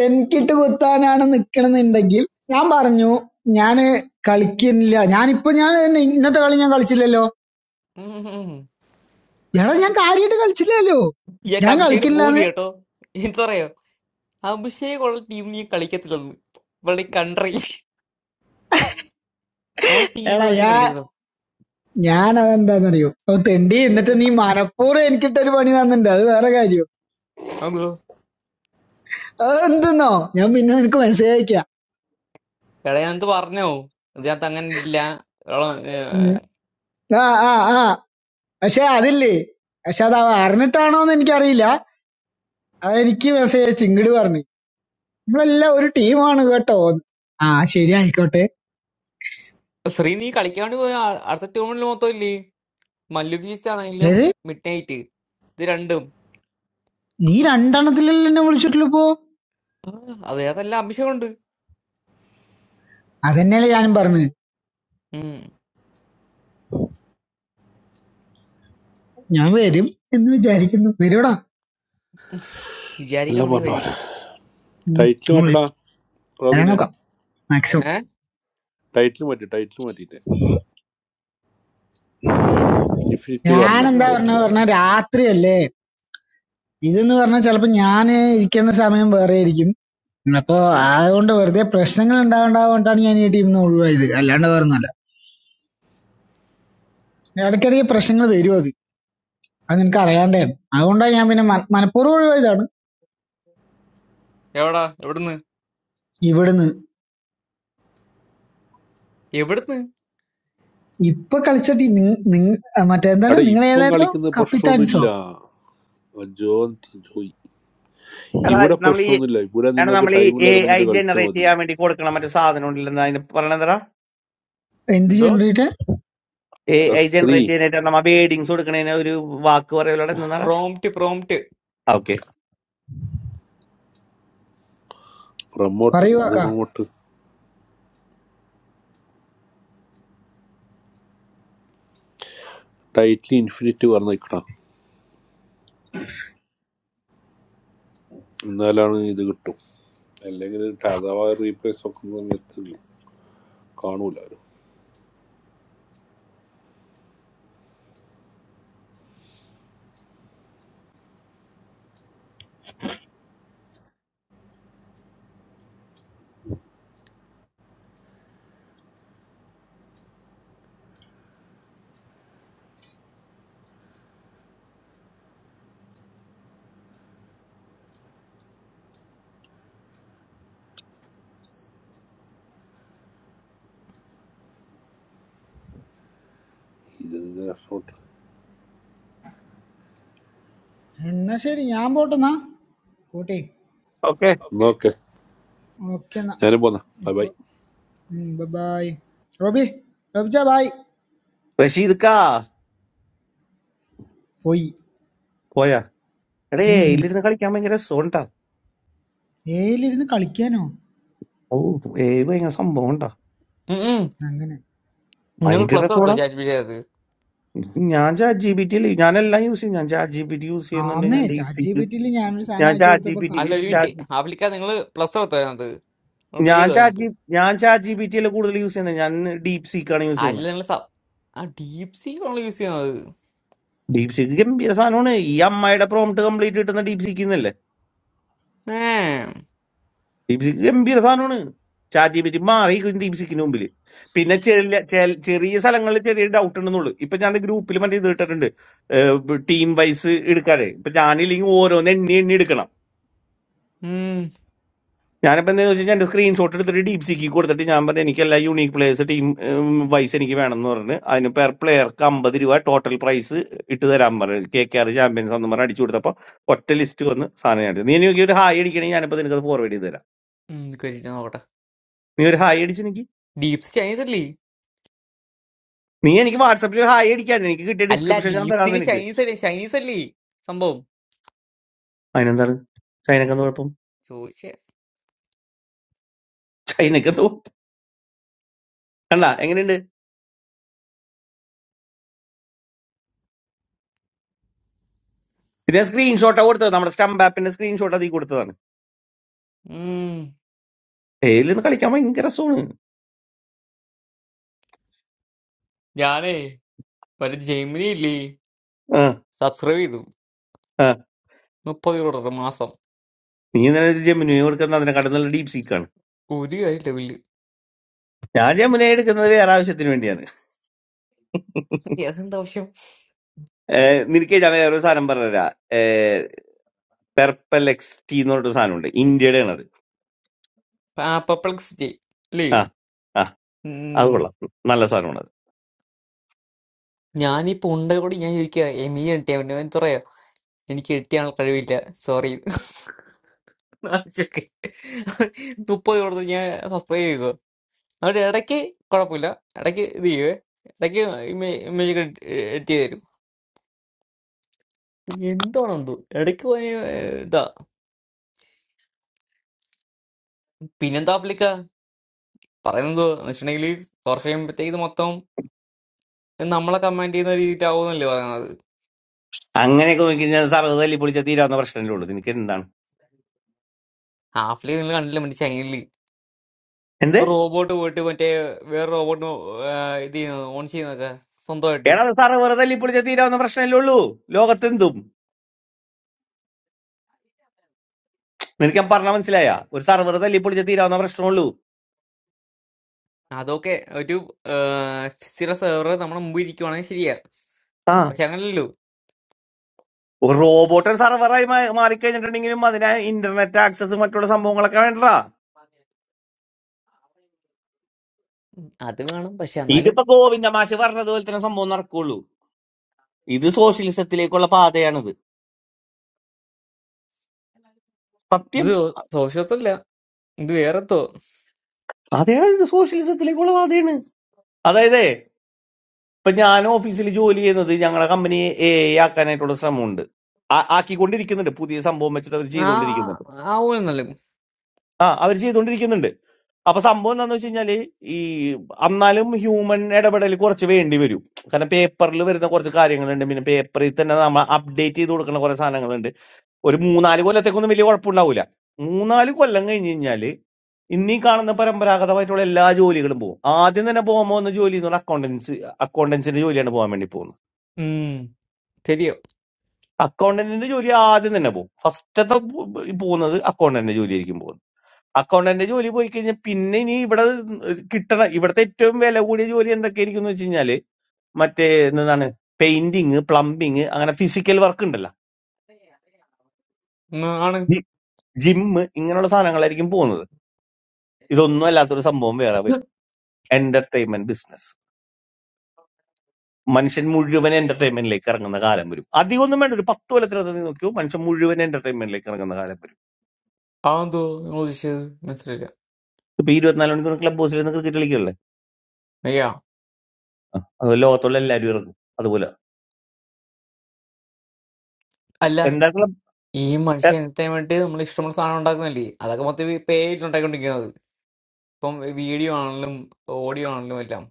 Speaker 31: എനിക്കിട്ട് കുത്താനാണ് നിക്കണെന്നുണ്ടെങ്കിൽ ഞാൻ പറഞ്ഞു ഞാന് കളിക്കുന്നില്ല ഞാനിപ്പോ ഞാൻ ഇന്നത്തെ കളി ഞാൻ കളിച്ചില്ലല്ലോ
Speaker 22: ഉം ഉം ഉം.
Speaker 31: എടാ ഞാൻ കാര്യമായിട്ട് കളിച്ചില്ലല്ലോ
Speaker 22: ഇയാൾക്ക്
Speaker 31: ഞാൻ
Speaker 22: അഭിഷേക് പൂതി
Speaker 31: കളിക്കില്ലാന്ന്
Speaker 22: കേട്ടോ എന്തറിയോ അഭിഷേക് ഉള്ള ടീം നീ കളിക്കത്തില്ലെന്ന് വെളി കൺട്രി അവൻ
Speaker 31: എടാ
Speaker 22: ടീമുള്ള നീ
Speaker 31: ഞാ
Speaker 22: കളിക്കത്തില്ല
Speaker 31: ഞാൻ അതെന്താന്നറിയോ ഓ തെണ്ടി എന്നിട്ട് നീ മനപ്പൂർവ്വം എനിക്കിട്ടൊരു പണി തന്നിട്ടുണ്ട് അത് വേറെ കാര്യം
Speaker 22: അതോ
Speaker 31: അത് എന്തെന്നോ ഞാൻ പിന്നെ നിനക്ക് മെസ്സേജ് അയക്കാം
Speaker 22: എടാ ഞാൻ പറഞ്ഞോ ഇതിനകത്ത് അങ്ങനെ ഇല്ല എടാ,
Speaker 31: ഉം.
Speaker 22: ഏഹ്,
Speaker 31: ആ ആ ആ പക്ഷെ അതില്ലേ പക്ഷെ അത് അവ അറിഞ്ഞിട്ടാണോന്ന് എനിക്കറിയില്ല അത് എനിക്ക് മെസ്സേജ് അയച്ച് ഇങ്ങോട്ട് പറഞ്ഞു നമ്മളെല്ലാം ഒരു ടീമാണ് കേട്ടോ ആ ശരി ആയിക്കോട്ടെ
Speaker 22: ശ്രീ നീ കളിക്കാണ്ട് പോയ ആ- അടുത്ത ടൂർണമെന്റ് മൊത്തം ഇല്ലേ മല്ലു ഫീസ്റ്റ് ആണെങ്കിലും
Speaker 31: അതായത്
Speaker 22: മിഡ് നൈറ്റ് ഇത് രണ്ടും
Speaker 31: നീ രണ്ടെണ്ണത്തിലല്ലേ എന്നെ വിളിച്ചിട്ടുള്ളൂ ഇപ്പോ
Speaker 22: ആ, അതിനകത്തെല്ലാം അഭിഷേകമുണ്ട്
Speaker 31: അതന്നെയല്ലേ ഞാനും പറഞ്ഞത്
Speaker 22: ഉം
Speaker 31: ഞാൻ വരും എന്ന് വിചാരിക്കുന്നു വരൂടാ
Speaker 15: എല്ലാം
Speaker 22: വിചാരിക്കണം നീ
Speaker 15: പറഞ്ഞ
Speaker 22: വരും
Speaker 15: പോലെ ടൈറ്റിൽ
Speaker 31: ഉം.
Speaker 15: മാറ്റടാ
Speaker 31: ഞാൻ
Speaker 15: റോബിനെ
Speaker 31: നോക്കാം മാക്സിമം
Speaker 22: ഏ
Speaker 15: ടൈറ്റിൽ മാറ്റി ടൈറ്റിൽ മാറ്റിട്ടെ ഇൻഫിനിറ്റി
Speaker 31: ഞാൻ
Speaker 22: ആഫ്സെറ്റ്
Speaker 15: വാർന്നാക്ക
Speaker 31: എന്താ
Speaker 22: വാങ്ങിക്കണം
Speaker 31: പറഞ്ഞ
Speaker 15: ടൈറ്റിൽ
Speaker 22: കേട്ടോ.
Speaker 31: പറഞ്ഞ രാത്രിയല്ലേ ഇതെന്ന് പറഞ്ഞാൽ ചിലപ്പോ ഞാൻ ഇരിക്കുന്ന സമയം വേറെ ആയിരിക്കും അപ്പൊ അതുകൊണ്ട് വെറുതെ പ്രശ്നങ്ങൾ ഉണ്ടാവേണ്ടാകൊണ്ടാണ് ഞാൻ ഈ ടീമിൽ നിന്ന് ഒഴിവായത് അല്ലാണ്ട് വേറൊന്നുമല്ല ഇടയ്ക്കിടയ്ക്ക് പ്രശ്നങ്ങൾ വരും അത് അത് നിനക്ക് അറിയാണ്ടേ അതുകൊണ്ടാണ് ഞാൻ പിന്നെ മന- മനഃപൂർവ്വം ഒഴിവായതാണ്
Speaker 22: എവിടാ എവിടുന്ന്
Speaker 31: ഇവിടുന്ന്
Speaker 22: എവിടുന്ന്
Speaker 31: ഇപ്പൊ കളിച്ച ടീം മറ്റേ എന്താണ്
Speaker 15: അവിടെ
Speaker 31: നിങ്ങൾ
Speaker 15: ഇപ്പം
Speaker 31: ഏതായിരുന്നു
Speaker 15: കളിക്കുന്ന
Speaker 31: കപ്പിത്താൻസോ
Speaker 15: പ്രശ്നമൊന്നുമില്ല ജോൺ ജോയ്
Speaker 12: എടാ
Speaker 15: ഇവിടെ
Speaker 12: നമ്മൾ ഈ
Speaker 15: പ്രശ്നമൊന്നുമില്ല ഇവിടെ
Speaker 12: എടാ
Speaker 15: നിങ്ങൾക്ക്
Speaker 12: നമ്മൾ ഈ എ
Speaker 15: ടൈമില്ലാതെ
Speaker 12: ഐ
Speaker 15: വന്നിട്ട് കളിച്ചാൽ
Speaker 12: ജനറേറ്റ്
Speaker 15: മതി
Speaker 12: ചെയ്യാൻ വേണ്ടി കൊടുക്കണ മറ്റേ സാധനം ഉണ്ടല്ലോ അതിന് പറയണതടാ
Speaker 31: എന്ത്
Speaker 22: എന്തോ
Speaker 31: ജനറേറ്റ്
Speaker 12: എ
Speaker 15: അവിടെ
Speaker 12: ഐ
Speaker 15: ശ്രീ
Speaker 12: ജനറേറ്റ് ചെയ്യാനായിട്ട് നമ്മ വേഡിങ്സ് കൊടുക്കണേന് ഒരു വാക്ക് പറയലോടെ നിന്നാടാ
Speaker 22: പ്രോംപ്റ്റ് പ്രോംപ്റ്റ്
Speaker 12: ഓക്കെ
Speaker 15: പ്രൊമോട്ട്
Speaker 31: പറയൂ
Speaker 15: ഇത്
Speaker 31: കാക്ക
Speaker 15: പ്രൊമോട്ട് ടൈറ്റ്ലി ഇൻഫിനിറ്റ് പറഞ്ഞിക്കടാ എന്നാലാണ് ഇത് കിട്ടും അല്ലെങ്കിൽ അഥവാ റീപ്ലേസ് വെക്കുന്ന സമയത്ത് കാണൂല അവര് ഇത്
Speaker 31: എന്നാ ശരി ഞാൻ പോട്ടെന്നാ കൂട്ടി
Speaker 12: ഓക്കെ
Speaker 15: ഓക്കെ
Speaker 31: ഓക്കെ
Speaker 15: ഞാനും പോന്നാ ബൈ ബൈ
Speaker 31: എന്നാ ഉം. Bye bye. റോബി റോബിച്ചാ ബായ്
Speaker 12: റഷീദ്ക്കാ
Speaker 31: പോയി
Speaker 12: പോയാ എടേ എയിലിരുന്ന് കളിക്കാൻ ഭയങ്കര രസമുണ്ടാ
Speaker 31: ഏലിരുന്ന് കളിക്കാനോ
Speaker 12: ഓ ഏ ഭയങ്കര സംഭവം ഉണ്ടാ
Speaker 31: അങ്ങനെ
Speaker 22: നിങ്ങൾ
Speaker 12: ഭയങ്കര
Speaker 22: പ്ലസ് എടുത്തോ
Speaker 12: രസമാടാ
Speaker 22: ചാറ്റ് അത്
Speaker 12: ഞാൻ ചാറ്റ് ജി ബി ടി ഞാനെല്ലാം യൂസ് ചെയ്യും ഞാൻ chat G P T use ചെയ്യുന്നുണ്ട്
Speaker 31: ആന്നേ
Speaker 12: ഞാൻ deep
Speaker 31: chat G
Speaker 12: seek
Speaker 31: P T യിൽ ഞാനൊരു സാധനം
Speaker 12: ഞാൻ
Speaker 31: അയച്ചു
Speaker 12: ചാറ്റ് ജി
Speaker 31: കൊടുത്തപ്പോ
Speaker 12: ബി ടി
Speaker 22: അല്ല ഒരു
Speaker 31: കറക്റ്റായിട്ട്
Speaker 22: മിനിറ്റ്
Speaker 31: കിട്ടി
Speaker 12: ചാറ്റ്
Speaker 22: ആഫ്ലിക്ക നിങ്ങൾ പ്ലസ് എടുത്തോ അതിനകത്ത് നിങ്ങൾ പേ
Speaker 12: ഞാൻ
Speaker 22: ചെയ്തോ
Speaker 12: ചാറ്റ്
Speaker 22: അതിനകത്ത്
Speaker 12: ജി ഞാൻ ചാറ്റ് ജി ബി ടി അല്ല കൂടുതൽ യൂസ് ചെയ്യുന്നത് ഞാൻ ഡീപ് സീക്കാണ് യൂസ്
Speaker 22: അല്ല
Speaker 12: ചെയ്യുന്നത്
Speaker 22: നിങ്ങൾ സബ് ആ ഡീപ് സീ ആണല്ലോ യൂസ് ചെയ്യുന്നത്
Speaker 12: ഡീപ് സീക്ക് ഗംഭീര സാധനമാണ് ഈ അമ്മായിയുടെ പ്രോംപ്റ്റ് കംപ്ലീറ്റ് കിട്ടുന്ന ഡീപ് സീക്കിന്നല്ലേ ഡീപ്സിക്ക് ഗംഭീര സാധനമാണ് ചാറ്റ് ജി പി ടി മാറിയിരിക്കും ഡീപ്സിക്കിന് മുമ്പിൽ പിന്നെ ചെറിയ ചെ- ചെറിയ സ്ഥലങ്ങളിൽ ചെറിയ ഡൗട്ട് ഉണ്ടെന്നുള്ളൂ ഇപ്പൊ ഞാൻ ഗ്രൂപ്പിൽ മറ്റേ ഇത് ഇട്ടിട്ടുണ്ട് ടീം വൈസ് എടുക്കാതെ ഇപ്പൊ ഞാനില്ലെങ്കിൽ ഓരോന്ന് എണ്ണി എണ്ണി എടുക്കണം ഞാനിപ്പോ എന്താ വെച്ചാൽ എന്റെ സ്ക്രീൻഷോട്ട് എടുത്തിട്ട് ഡീപ്സിക്ക് കൊടുത്തിട്ട് ഞാൻ പറഞ്ഞു എനിക്കെല്ലാം യൂണീക്ക് പ്ലേയേഴ്സ് ടീം വൈസ് എനിക്ക് വേണമെന്ന് പറഞ്ഞ് അതിന് പെർ പ്ലെയർക്ക് അമ്പത് രൂപ ടോട്ടൽ പ്രൈസ് ഇട്ട് തരാൻ പറഞ്ഞു കെ കെ ആർ ചാമ്പ്യൻസ് എന്ന് പറഞ്ഞ് അടിച്ചു കൊടുത്തപ്പോ ഒറ്റ ലിസ്റ്റ് വന്ന് സാധനം ഞാൻ എടുത്തു. നീ എനിക്ക് ഒരു ഹായ് അടിക്കണമെങ്കിൽ ഞാനിപ്പോ നിനക്ക് ഫോർവേഡ് ചെയ്ത് തരാം
Speaker 22: കേട്ടിട്ട് നോക്കട്ടെ
Speaker 12: നീ ഒരു ഹായ് അടിച്ച് എനിക്ക്
Speaker 22: ഡീപ്സ് ചൈനീസ് അല്ലേ
Speaker 12: നീ എനിക്ക് വാട്സപ്പിൽ ഹായ് അടിക്കാൻ എനിക്ക് കിട്ടിയ
Speaker 22: അല്ല
Speaker 12: ഡിസ്ക്രിപ്ഷൻ ഞാൻ തരാം
Speaker 22: ഡീപ്സിക്ക്
Speaker 12: നിനക്ക്
Speaker 22: ചൈനീസ് അല്ലേ ചൈനീസ് അല്ലേ സംഭവം
Speaker 12: അതിനെന്താണ് ചൈനക്ക് എന്താ കുഴപ്പം
Speaker 22: ചോദിച്ചേ
Speaker 12: ചൈനക്ക് എന്താ കുഴപ്പം? കണ്ട എങ്ങനെയുണ്ട് ഇത് ഞാൻ സ്ക്രീൻഷോട്ടാ കൊടുത്തത് നമ്മുടെ സ്റ്റംപ് ആപ്പിന്റെ സ്ക്രീൻഷോട്ട് അതിൽ കൊടുത്തതാണ്
Speaker 22: ഉം.
Speaker 12: ഏലിന്ന് കളിക്കാൻ ഭയങ്കര രസമാണ്
Speaker 22: ഞാനേ ഒരു ജെമിനി ഇല്ലേ
Speaker 12: ആ
Speaker 22: സബ്സ്ക്രൈബ് ചെയ്തു
Speaker 12: ആ
Speaker 22: മുപ്പത് ഡോളർ മാസം
Speaker 12: നീ ഇന്നലെ ജമുന കൊടുക്കുന്നത് അതിനെക്കാട്ടും നല്ല ഡീപ് സീക്കാണ്
Speaker 22: ഒരു കാര്യമില്ല ബില്ല്
Speaker 12: ഞാൻ ജമുന എടുക്കുന്നത് വേറെ ആവശ്യത്തിന് വേണ്ടിയാണ്
Speaker 22: Yes, എന്താ ആവശ്യം
Speaker 12: ഏ, നിനക്ക് ഞാൻ വേറെ ഒരു സാധനം പറഞ്ഞുതരാ പെർപ്പൽ എക്സ് ടി എന്ന് പറഞ്ഞിട്ട് സാധനമുണ്ട് ഇന്ത്യയുടെ ആണത്
Speaker 22: പെർപ്ലക്സിറ്റി അല്ലേ
Speaker 12: ആ ആ അത്
Speaker 22: ഉം.
Speaker 12: കൊള്ളാം നല്ല സാധനമാണ് അത്
Speaker 22: ഞാനിപ്പോ ഉണ്ട കൂടി ഞാൻ ചോദിക്കുക എമി എട്ടിയ പറയാ എനിക്ക് എട്ടിയാനുള്ള കഴിവില്ല സോറി മുപ്പത് ഡോളർ ഞാൻ സബ്സ്ക്രൈബ് ചെയ്തു അവിടെ ഇടയ്ക്ക് കുഴപ്പമില്ല ഇടയ്ക്ക് ഇത് ചെയ്യുവേ ഇടയ്ക്ക് ഇമേജൊക്കെ എഡിറ്റ് ചെയ്ത് തരും എന്താണെന്തോ ഇടയ്ക്ക് പോയ ഏഹ്, ഇതാ പിന്നെന്താ ആഫ്ലിക്ക പറയുന്നത് വെച്ചിട്ടുണ്ടെങ്കിൽ കുറച്ച് കഴിയുമ്പോഴത്തേക്ക് ഇത് മൊത്തം നമ്മളെ കമാൻഡ് ചെയ്യുന്ന രീതിയിലാവുന്നല്ലേ പറയുന്നത്
Speaker 12: അങ്ങനെയൊക്കെ നോക്കി കഴിഞ്ഞാൽ സർവ്വതല്ലി പൊളിച്ച തീരാവുന്ന പ്രശ്നമല്ലേ ഉള്ളൂ നിനക്ക് എന്താണ്
Speaker 22: ഹാഫ്ലി നിങ്ങൾ കണ്ടില്ല മറ്റേ ചൈനയിൽ
Speaker 12: എന്ത്
Speaker 22: റോബോട്ട് പോയിട്ട് മറ്റേ വേറെ റോബോട്ടിന് ഇത് ചെയ്യുന്നത് ഓൺ ചെയ്യുന്നതൊക്കെ സ്വന്തമായിട്ട്
Speaker 12: എടാ സർവർ തല്ലിപ്പൊളിച്ച തീരാവുന്ന പ്രശ്നമല്ലേ ഉള്ളൂ ലോകത്തെന്തും നിനക്ക് ഞാൻ പറഞ്ഞ മനസ്സിലായ ഒരു സർവർ തല്ലിപ്പൊളിച്ച തീരാവുന്ന പ്രശ്നമുള്ളൂ
Speaker 22: അതൊക്കെ ഒരു സ്ഥിര സെർവർ നമ്മുടെ മുമ്പ് ഇരിക്കുവാണെങ്കിൽ ശരിയാ
Speaker 12: ആ
Speaker 22: പക്ഷെ അങ്ങനല്ലോ
Speaker 12: ഒരു റോബോട്ട് ഒരു സർവറായി മാ- മാറിക്കഴിഞ്ഞിട്ടുണ്ടെങ്കിലും അതിന് ഇന്റർനെറ്റ് ആക്സസ് മറ്റുള്ള സംഭവങ്ങളൊക്കെ വേണ്ടടാ
Speaker 22: അത് വേണം പക്ഷെ എന്നാലും
Speaker 12: ഇതിപ്പോ ഗോവിന്ദ മാഷ് പറഞ്ഞതുപോലെ തന്നെ സംഭവം നടക്കുള്ളൂ ഇത് സോഷ്യലിസത്തിലേക്കുള്ള പാതയാണിത്
Speaker 22: ഇത്
Speaker 12: സത്യം
Speaker 22: സോഷ്യസ് അല്ല ഇത് വേറെത്തോ
Speaker 12: അതെയാണ് ഇത് സോഷ്യലിസത്തിലേക്കുള്ള പാതയാണ് അതായത് ഇപ്പൊ ഞാൻ ഓഫീസിൽ ജോലി ചെയ്യുന്നത് ഞങ്ങളുടെ കമ്പനി എ ആക്കാനായിട്ടുള്ള ശ്രമമുണ്ട് ആ- ആക്കിക്കൊണ്ടിരിക്കുന്നുണ്ട് പുതിയ സംഭവം വെച്ചിട്ട് അവർ
Speaker 22: ആ
Speaker 12: ചെയ്തുകൊണ്ടിരിക്കുന്നുണ്ട്
Speaker 22: ആ ഊന്നല്ലേ
Speaker 12: ആ അവര് ചെയ്തുകൊണ്ടിരിക്കുന്നുണ്ട് അപ്പൊ സംഭവം എന്താന്ന് വെച്ച് കഴിഞ്ഞാല് ഈ എന്നാലും ഹ്യൂമൻ ഇടപെടൽ കുറച്ച് വേണ്ടി വരും കാരണം പേപ്പറിൽ വരുന്ന കുറച്ച് കാര്യങ്ങളുണ്ട് പിന്നെ പേപ്പറിൽ തന്നെ നമ്മൾ അപ്ഡേറ്റ് ചെയ്ത് കൊടുക്കുന്ന കുറെ സാധനങ്ങളുണ്ട് ഒരു മൂന്നാല് കൊല്ലത്തേക്കൊന്നും വലിയ കുഴപ്പമുണ്ടാവില്ല മൂന്നാല് കൊല്ലം കഴിഞ്ഞ് കഴിഞ്ഞാല് ഇന്നീ കാണുന്ന പരമ്പരാഗതമായിട്ടുള്ള എല്ലാ ജോലികളും പോകും ആദ്യം തന്നെ പോകാൻ പോകുന്ന ജോലി എന്ന് പറഞ്ഞാൽ അക്കൗണ്ടൻസ് അക്കൗണ്ടൻസിന്റെ ജോലിയാണ് പോകാൻ വേണ്ടി പോകുന്നത്
Speaker 22: ഉം ശരിയോ
Speaker 12: അക്കൗണ്ടന്റിന്റെ ജോലി ആദ്യം തന്നെ പോകും ഫസ്റ്റത്തെ പോകുന്നത് അക്കൗണ്ടന്റിന്റെ ജോലിയായിരിക്കും പോകുന്നത് അക്കൗണ്ടന്റ് ജോലി പോയി കഴിഞ്ഞാൽ പിന്നെ ഇനി ഇവിടെ കിട്ടണ ഇവിടുത്തെ ഏറ്റവും വില കൂടിയ ജോലി എന്തൊക്കെയായിരിക്കും എന്ന് വെച്ച് കഴിഞ്ഞാല് മറ്റേ എന്താണ് പെയിന്റിങ് പ്ലംബിങ് അങ്ങനെ ഫിസിക്കൽ വർക്ക് ഉണ്ടല്ലോ
Speaker 22: ഉം, ആണ്
Speaker 12: ജിമ്മ് ഇങ്ങനെയുള്ള സാധനങ്ങളായിരിക്കും പോകുന്നത് ഇതൊന്നും അല്ലാത്തൊരു സംഭവം വേറെ വരും എന്റർടൈൻമെന്റ് ബിസിനസ് മനുഷ്യൻ മുഴുവൻ എന്റർടൈൻമെന്റിലേക്ക് ഇറങ്ങുന്ന കാലം വരും അധികം ഒന്നും വേണ്ട ഒരു പത്ത് കൊല്ലത്തിനകത്ത് നീ നോക്കിയോ മനുഷ്യൻ മുഴുവൻ എന്റർടൈൻമെന്റിലേക്ക് ഇറങ്ങുന്ന കാലം വരും
Speaker 22: ആന്തോ നിങ്ങൾ ഉദ്ദേശിച്ചത് മനസ്സിലായില്ല
Speaker 12: ഇപ്പൊ ഇരുപത്തിനാല് മണിക്കൂർ ക്ലബ് ഹൗസിൽ നിന്ന് ക്രിക്കറ്റ് കളിക്കല്ലേ
Speaker 22: അയ്യാ
Speaker 12: ആ, അത് ലോകത്തുള്ള എല്ലാവരും ഇറങ്ങും അതുപോലെ
Speaker 22: അല്ല
Speaker 12: എന്താ ക്ലബ്
Speaker 22: ഈ മനുഷ്യ എന്റർടൈൻമെന്റ് നമ്മൾ ഇഷ്ടമുള്ള സാധനം ഉണ്ടാക്കുന്നില്ലേ അതൊക്കെ മൊത്തം പേ ആയിട്ട് ഉണ്ടാക്കിക്കൊണ്ടിരിക്കുന്നത് ഇപ്പം വീഡിയോ ആണെങ്കിലും ഓഡിയോ ആണെങ്കിലും എല്ലാം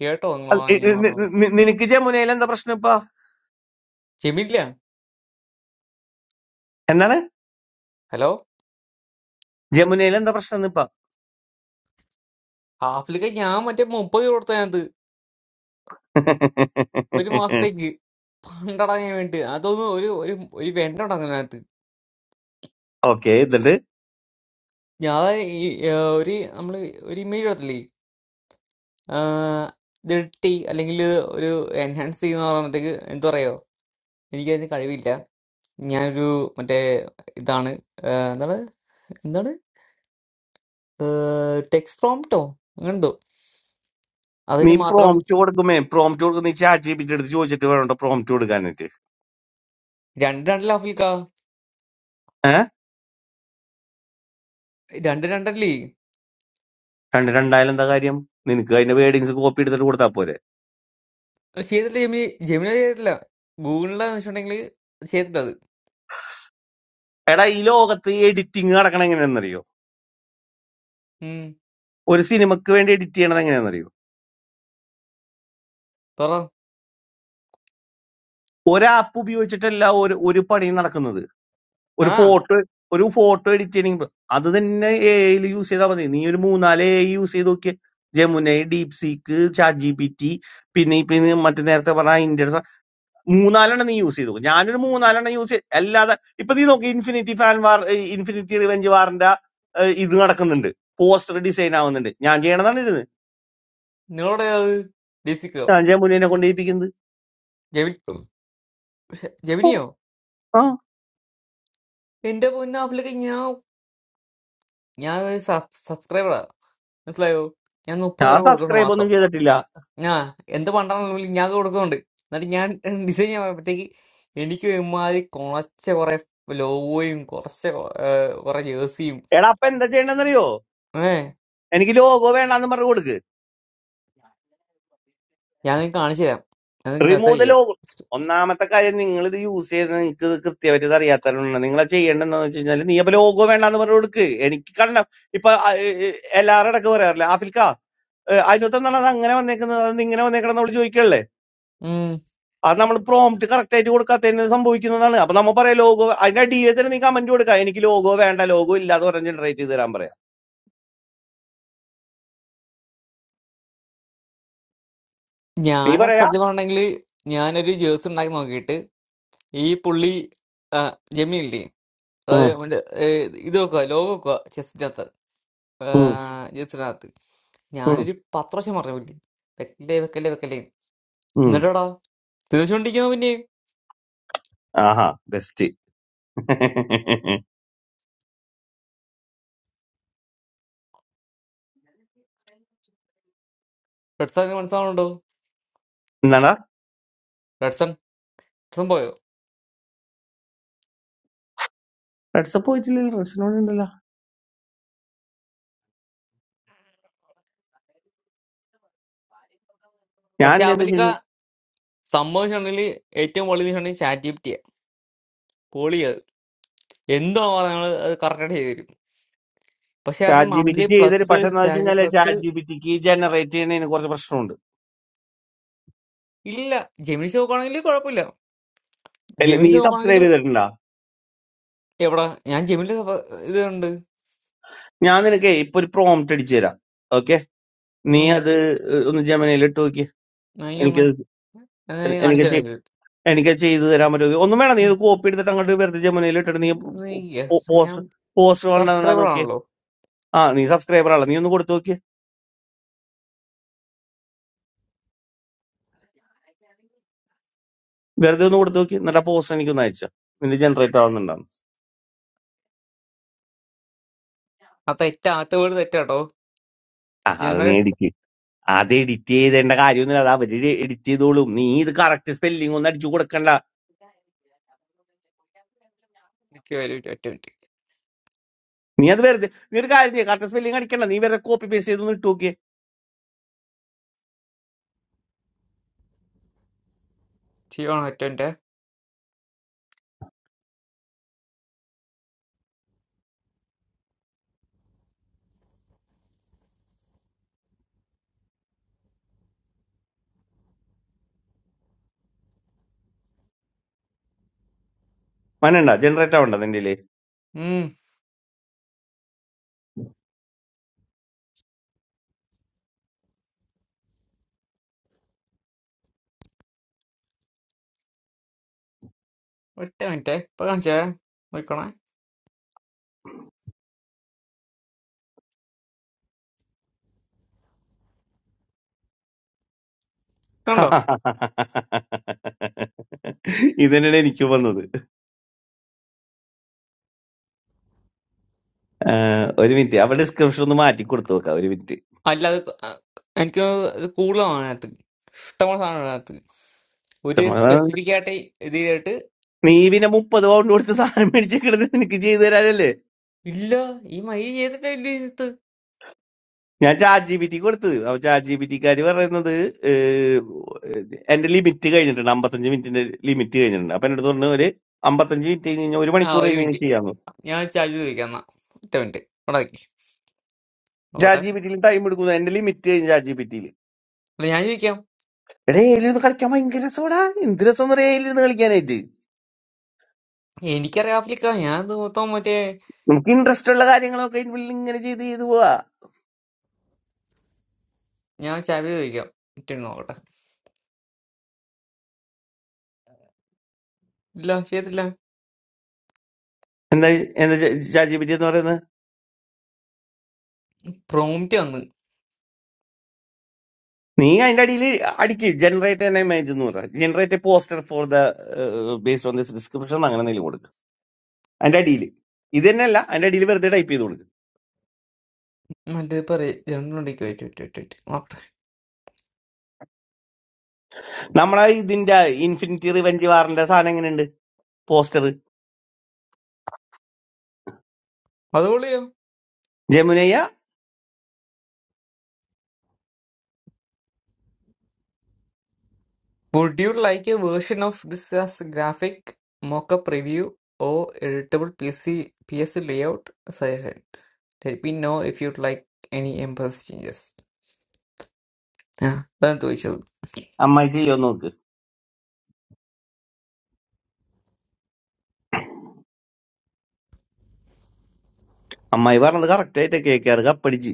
Speaker 22: കേട്ടോ നിങ്ങൾ
Speaker 12: അത് ഇ-
Speaker 22: ഞാൻ
Speaker 12: ഇ- നി-
Speaker 22: പറഞ്ഞത്
Speaker 12: നി- നിനക്ക് ജമുനയിൽ എന്താ പ്രശ്നം ഇപ്പൊ
Speaker 22: ചെമ്മില്ല
Speaker 12: എന്താണ്
Speaker 22: ഹലോ
Speaker 12: ജമുനയിൽ എന്താ പ്രശ്നം ഇപ്പൊ
Speaker 22: ഹാഫിലൊക്കെ ഞാൻ മറ്റേ മുപ്പത് രൂപ കൊടുത്ത ഞാനത് ഒരു മാസത്തേക്ക് പണ്ടടങ്ങാൻ വേണ്ടി അതൊന്നും ഒരു ഒരു ഒരു വെണ്ട ഉണ്ടാക്കുന്നതിനകത്ത്
Speaker 12: ഓക്കെ എന്നിട്ട്
Speaker 22: ഞാൻ ഈ ഏഹ്, ഒരു നമ്മൾ ഒരു ഇമേജ് എടുത്തില്ലേ ഇത് ഇട്ടി അല്ലെങ്കിൽ ഒരു എൻഹാൻസ് ചെയ്യുന്ന പറയുമ്പോഴത്തേക്ക് എന്താ പറയുക എനിക്കതിന് കഴിവില്ല ഞാനൊരു മറ്റേ ഇതാണ് ഏഹ്, എന്താണ് എന്താണ് ടെക്സ്റ്റ് പ്രോംപ്റ്റോ അങ്ങനെ എന്തോ അതിന്
Speaker 12: നീ
Speaker 22: മാത്രം
Speaker 12: പ്രോംപ്റ്റ് കൊടുക്കുമേ പ്രോംപ്റ്റ് കൊടുക്കും നീ ചാറ്റ് ജിപിടി എടുത്ത് ചോദിച്ചിട്ട് വേണോ പ്രോംപ്റ്റ് കൊടുക്കാനായിട്ട്
Speaker 22: രണ്ട് രണ്ടല്ല അഫിൽക്ക
Speaker 12: ഏഹ്
Speaker 22: രണ്ട് രണ്ടല്ലേ
Speaker 12: കണ്ട് രണ്ടായാലും എന്താ കാര്യം നിനക്ക് അതിന്റെ വേർഡിങ്സ് കോപ്പി എടുത്തിട്ട് കൊടുത്താൽ പോരെ
Speaker 22: അത് ചെയ്തിട്ടില്ല ജെമിനി ജെമിനി ചെയ്തിട്ടില്ല ഗൂഗിളിലെ വെച്ചിട്ടുണ്ടെങ്കിൽ ചെയ്തിട്ടില്ല അത്
Speaker 12: എടാ ഈ ലോകത്ത് എഡിറ്റിംഗ് നടക്കണം എങ്ങനെയാണെന്നറിയോ
Speaker 22: ഉം,
Speaker 12: ഒരു സിനിമക്ക് വേണ്ടി എഡിറ്റ് ചെയ്യണത് എങ്ങനെയാണെന്നറിയോ
Speaker 22: പറ
Speaker 12: ഒരു ആപ്പ് ഉപയോഗിച്ചിട്ടല്ല ഒരു ഒരു പണിയും നടക്കുന്നത് ഒരു
Speaker 22: ആ
Speaker 12: ഫോട്ടോ ഒരു ഫോട്ടോ എഡിറ്റ് ചെയ്യണമെങ്കിൽ അത് തന്നെ എ ഐയിൽ യൂസ് ചെയ്താൽ മതി നീ ഒരു മൂന്നാല് എ ഐ യൂസ് ചെയ്ത് നോക്കിയ Jamuna deep seek chat G P T പിന്നെ ഇപ്പൊ ഇത് മറ്റേ നേരത്തെ പറഞ്ഞ ഇന്ത്യൻ മൂന്നാലെണ്ണം നീ യൂസ് ചെയ്തു ഞാനൊരു മൂന്നാലെണ്ണം യൂസ് ചെയ്ത് അല്ലാതെ ഇപ്പൊ നീ നോക്കി infinity fan war infinity revenge വാറിന്റെ ഇത് നടക്കുന്നുണ്ട് പോസ്റ്റർ ഡിസൈൻ ആവുന്നുണ്ട് ഞാൻ ചെയ്യണതാണ് ഇരുന്ന്
Speaker 22: നിങ്ങളോടെ അത് ലിപ്സിക്കോ
Speaker 12: ഞാൻ ജമുനെ കൊണ്ട് ചെയ്യിപ്പിക്കുന്നത്
Speaker 22: ജെമി
Speaker 12: ഓ,
Speaker 22: ജെമിനിയോ
Speaker 12: ആ
Speaker 22: എന്റെ പൊന്ന ആപ്പിലേക്ക് ഞാൻ ഞാൻ ഒരു സബ് സബ്സ്ക്രൈബറാ മനസ്സിലായോ ഞാൻ മുപ്പത്
Speaker 12: ഞാൻ
Speaker 22: രൂപ കൊടുക്കണം
Speaker 12: സബ്സ്ക്രൈബ്
Speaker 22: മാസം
Speaker 12: ഒന്നും ചെയ്തിട്ടില്ല
Speaker 22: ഞാൻ എന്ത് പണ്ടാണെങ്കിലും ഞാൻ അത് കൊടുക്കുന്നുണ്ട് എന്നിട്ട് ഞാൻ ഡിസൈൻ ചെയ്യാൻ പറയുമ്പോഴത്തേക്ക് എനിക്ക് ഇമാതിരി കുറച്ച് കുറെ ലോഗോയും കുറച്ച് കൊ- ഏർ കുറെ ജേഴ്സിയും
Speaker 12: എടാ അപ്പൊ എന്താ ചെയ്യണ്ടെന്നറിയോ
Speaker 22: ഏ
Speaker 12: എനിക്ക് ലോഗോ വേണ്ടാന്ന് പറഞ്ഞു കൊടുക്ക്
Speaker 22: ഞാൻ നിങ്ങൾക്ക് കാണിച്ചു തരാം ഞാൻ നിങ്ങൾക്ക്
Speaker 12: റിമൂവ്
Speaker 22: മെസ്സേജ്
Speaker 12: ദ
Speaker 22: ചെയ്യാം
Speaker 12: ലോഗർ ഒന്നാമത്തെ കാര്യം നിങ്ങൾ ഇത് യൂസ് ചെയ്ത് നിങ്ങൾക്ക് ഇത് കൃത്യമായിട്ട് ഇത് അറിയാത്തതുകൊണ്ട് നിങ്ങൾ ചെയ്യേണ്ടതെന്ന് വെച്ച് കഴിഞ്ഞാൽ നീ അപ്പൊ ലോഗോ വേണ്ടാന്ന് പറഞ്ഞു കൊടുക്ക് എനിക്ക് കാരണം ഇപ്പൊ ആ, ഏ, ഏ, എല്ലാവരുടെ ഇടയ്ക്ക് പറയാറില്ല ആഫിൽക്ക ഏ, അതിനകത്തെന്താണ് അത് അങ്ങനെ വന്നേക്കുന്നത് അത് ഇങ്ങനെ വന്നേക്കണം നമ്മൾ ചോദിക്കല്ലേ
Speaker 22: ഉം.
Speaker 12: അത് നമ്മൾ പ്രോംപ്റ്റ് കറക്റ്റ് ആയിട്ട് കൊടുക്കാത്തതിന് സംഭവിക്കുന്നതാണ് അപ്പൊ നമ്മൾ പറയാം ലോഗോ അതിന്റെ അടിയിൽ തന്നെ നീ കമന്റ് കൊടുക്കാം എനിക്ക് ലോഗോ വേണ്ട ലോഗോ ഇല്ലാതെ പറഞ്ഞ് ജനറേറ്റ് ചെയ്ത് തരാൻ പറയാം നീ
Speaker 22: ഞാൻ
Speaker 12: പറയാ
Speaker 22: സത്യം പറഞ്ഞെങ്കിൽ ഞാനൊരു ജേഴ്സി ഉണ്ടാക്കി നോക്കിയിട്ട് ഈ പുള്ളി ജെമിനില്ലേ
Speaker 12: ഉം,
Speaker 22: അതായത് അവന്റെ, ഏർ ഇത് വെക്കുക ലോഗോ വെക്കുക ചെസ്സിനകത്ത്
Speaker 12: ഉം,
Speaker 22: ജസ്റ്റിനകത്ത്
Speaker 12: ഉം,
Speaker 22: ഞാനൊരു പത്ത് പ്രാവശ്യം പറഞ്ഞില്ലേ വെക്കല്ലേ വെക്കല്ലേ വെക്കല്ലേ
Speaker 12: ഉം.
Speaker 22: എന്നിട്ടാടാ തീർച്ചയായിട്ടിരിക്കുന്ന പിന്നെ
Speaker 12: ആഹാ ബെസ്റ്റ്
Speaker 22: റെഡ്സൺ മനസ്സിലാവുന്നുണ്ടോ
Speaker 12: എന്നാടാ
Speaker 22: റെഡ്സൺ റെഡ്സൺ പോയോ
Speaker 12: റെഡ്സപ്പ് പോയിട്ടില്ലല്ലോ റെഡ്സിനോട് ഉണ്ടല്ലോ. ഞാൻ
Speaker 22: പക്ഷെ
Speaker 12: എന്താന്ന് വെച്ച്
Speaker 22: അവലിക്ക
Speaker 12: കഴിഞ്ഞാൽ
Speaker 22: സംഭവിച്ചിട്ടുണ്ടെങ്കിൽ ഏറ്റവും പൊളി വെച്ചിട്ടുണ്ടെങ്കിൽ ചാറ്റ് ജിപ്റ്റിയാ പൊളി അത് എന്തോ പറഞ്ഞാൽ അത് കറക്റ്റായിട്ട് ചെയ്തു തരും പക്ഷെ അത്
Speaker 12: ചാറ്റ് ജി ബി
Speaker 22: മന്ത്ലി
Speaker 12: ടിക്ക് ചെയ്തൊരു
Speaker 22: പ്ലസ്
Speaker 12: പക്ഷെ എന്താ വെച്ച്
Speaker 22: ചാറ്റ്
Speaker 12: കഴിഞ്ഞാൽ
Speaker 22: പ്ലസ്
Speaker 12: ചാറ്റ് ജി ബി ടിക്ക് ജനറേറ്റ് ചെയ്യുന്നതിന് കുറച്ച് പ്രശ്നമുണ്ട്
Speaker 22: ഇല്ല ജെമിനി നോക്കുകയാണെങ്കിൽ കുഴപ്പമില്ല
Speaker 12: അല്ല
Speaker 22: ജെമിനി
Speaker 12: നീ
Speaker 22: നോക്കുകയാണെങ്കിൽ
Speaker 12: സബ്സ്ക്രൈബ് ചെയ്തിട്ടുണ്ടോ
Speaker 22: എവിടാ ഞാൻ ജെമിനി ഇത് ഉണ്ട്
Speaker 12: ഞാൻ നിനക്ക് ഇപ്പൊ ഒരു പ്രോംപ്റ്റ് അടിച്ചു തരാം ഓക്കെ നീ
Speaker 22: ഉം
Speaker 12: അത് ഏഹ്, ഒന്ന് ജമനയിൽ ഇട്ട് നോക്കി എനിക്ക്
Speaker 22: വാങ്ങിക്കൊന്ന് എന്നാ
Speaker 12: എ-
Speaker 22: ഞാൻ കാണിച്ചു
Speaker 12: എനിക്ക്
Speaker 22: തരാം
Speaker 12: ചെ-
Speaker 22: നിങ്ങൾക്ക്.
Speaker 12: എനിക്ക് ചെയ്തു തരാൻ പറ്റുമോ ഒന്നും വേണം നീ
Speaker 22: ഉം,
Speaker 12: ഇത് കോപ്പി എടുത്തിട്ട് അങ്ങോട്ട് വെറുതെ ജമനയിൽ ഇട്ടിട്ട് നീ
Speaker 22: ഉം, ഒന്ന് ഇരിക്ക്.
Speaker 12: പോസ്റ്റ് പോസ്റ്റ് വേണ്ട
Speaker 22: സബ്സ്ക്രൈബർ
Speaker 12: നോക്കി
Speaker 22: ആണല്ലോ
Speaker 12: ആ നീ സബ്സ്ക്രൈബർ ആണല്ലോ നീ ഒന്ന് കൊടുത്തു നോക്കി വെറുതെ ഒന്ന് കൊടുത്തു നോക്കി എന്നിട്ട് ആ പോസ്റ്റ് എനിക്കൊന്ന് അയച്ചു നിന്റെ ജനറേറ്റ് ആവുന്നുണ്ടാവും
Speaker 22: ആ തെറ്റ ആദ്യത്തെ വീട് തെറ്റാട്ടോ
Speaker 12: ആ അത്
Speaker 22: ഞങ്ങൾ
Speaker 12: നീ അടിക്ക് അത് എഡിറ്റ് ചെയ്തേണ്ട കാര്യമൊന്നുമില്ല അത് അവര് എഡിറ്റ് ചെയ്തോളും നീ ഇത് കറക്റ്റ് സ്പെല്ലിംഗ് ഒന്നും അടിച്ചു കൊടുക്കണ്ട
Speaker 22: എനിക്ക് വരും ഒരു മിനിറ്റ്, ഒറ്റ മിനിറ്റ്
Speaker 12: നീ അത് വെറുതെ നീ ഒരു കാര്യം ചെയ്യ കറക്റ്റ് സ്പെല്ലിംഗ് അടിക്കണ്ട നീ വെറുതെ കോപ്പി പേസ്റ്റ് ചെയ്തൊന്ന് ഇട്ട് നോക്കിയേ
Speaker 22: ചെയ്യണം ഒറ്റ മിനിറ്റ്
Speaker 12: മനണ്ട ജനറേറ്റ് ആവണ്ട നിന്റെ ഇതില്.
Speaker 22: ഉം ഒറ്റ മിനിറ്റ് ഇപ്പൊ കാണിച്ചേ നോക്കണേ
Speaker 12: ഇതന്നെയാണ്
Speaker 22: കണ്ടോ
Speaker 12: എനിക്ക് വന്നത് ആഹ് ഒരു മിനിറ്റ് അവിടെ ഡിസ്ക്രിപ്ഷൻ ഒന്ന് മാറ്റി കൊടുത്തു നോക്കാം ഒരു മിനിറ്റ്
Speaker 22: അല്ല അത് ആ, എനിക്ക് തോന്നുന്നു ഇത് കൂടുതലാണ് അതിനകത്ത് ഇഷ്ടമുള്ള സാധനം അതിനകത്ത് ഒരു സ്പെസിഫിക് ആയിട്ട് ഇത് ചെയ്തിട്ട്
Speaker 12: നീ പിന്നെ മുപ്പത് പൗണ്ട് കൊടുത്ത് സാധനം മേടിച്ചിട്ട് നിനക്ക് ചെയ്തു തരാനല്ലേ
Speaker 22: ഇല്ല ഈ മൈ ചെയ്തിട്ടില്ല ഇതിനകത്ത്
Speaker 12: ഞാൻ ചാറ്റ് ജി പി ടി കൊടുത്തത് അപ്പൊ ചാറ്റ് ജി പി ടിക്കാര് പറയുന്നത് ഏഹ്, എന്റെ ലിമിറ്റ് കഴിഞ്ഞിട്ടുണ്ട് അമ്പത്തഞ്ച് മിനിറ്റിന്റെ ലിമിറ്റ് കഴിഞ്ഞിട്ടുണ്ട് അപ്പൊ എന്റെ അടുത്ത് പറഞ്ഞു ഒരു അമ്പത്തഞ്ച് മിനിറ്റ് കഴിഞ്ഞ് കഴിഞ്ഞാൽ ഒരു
Speaker 22: ആ
Speaker 12: മണിക്കൂർ
Speaker 22: ഒരു
Speaker 12: കഴിഞ്ഞ് കഴിഞ്ഞാൽ
Speaker 22: മിനിറ്റ്
Speaker 12: ചെയ്യാമോ
Speaker 22: ഞാൻ ചാർജ് ചോദിക്കാം എന്നാ ഒറ്റ മിനിറ്റ് ഇവിടെ നോക്കി നോക്കട്ടെ
Speaker 12: ചാറ്റ് ജി പി ടിയിൽ ടൈം എടുക്കുന്നു എന്റെ ലിമിറ്റ് കഴിഞ്ഞ് ചാറ്റ് ജി പി ടിയിൽ
Speaker 22: അല്ല ഞാൻ ചോദിക്കാം
Speaker 12: എടാ ഏലിരുന്ന് കളിക്കാൻ ഭയങ്കര രസമാടാ എന്ത് രസം പറയാ ഏലിരുന്ന് കളിക്കാനായിട്ട്
Speaker 22: എനിക്കറിയാം ആഫ്രിക്ക ഞാൻ ഇത് മൊത്തം മറ്റേ
Speaker 12: നമുക്ക് ഇൻട്രസ്റ്റ് ഉള്ള കാര്യങ്ങളൊക്കെ ഇതിനുള്ളിൽ ഇങ്ങനെ ചെയ്ത് ചെയ്ത് പോവാ
Speaker 22: ഞാൻ ചാവി ചോദിക്കാം ഇട്ട് നോക്കട്ടെ ഇല്ല ചെയ്തില്ല
Speaker 12: എന്താ എന്താ ചാറ്റ് ജി പി ടി എന്ന് പറയുന്നത്
Speaker 22: പ്രോമിറ്റ് വന്ന്
Speaker 12: നീ അതിന്റെ അടിയിൽ അടിക്ക് ജനറേറ്റ് ആൻ ഇമേജ് എന്ന് പറയാം generate poster for the based on this description അങ്ങനെ എന്തെങ്കിലും കൊടുക്കുക അതിന്റെ അടിയിൽ ഇത് തന്നെയല്ല അതിന്റെ അടിയിൽ വെറുതെ ടൈപ്പ് ചെയ്ത് കൊടുക്കും
Speaker 22: മറ്റേ പറയ ജനറലിലേക്ക് വെയിറ്റ് വെയിറ്റ് വെയിറ്റ് വെയിറ്റ് നോക്കട്ടെ
Speaker 12: നമ്മളെ ഇതിന്റെ ഇൻഫിനിറ്റി റിവെഞ്ച് വാറിന്റെ സാധനം എങ്ങനെയുണ്ട് പോസ്റ്റർ
Speaker 22: അത് പൊളിയോ
Speaker 12: ജമുനയ്യ
Speaker 22: would you like a version of this as graphic mockup review or editable P C P S layout suggestion let me know if you like any emboss changes ആ അതാണ് ചോദിച്ചത്
Speaker 12: അമ്മായി ചെയ്യോ നോക്ക് അമ്മായി പറഞ്ഞത് കറക്റ്റ് ആയിട്ട് കെ കെ ആർ കപ്പടിച്ച്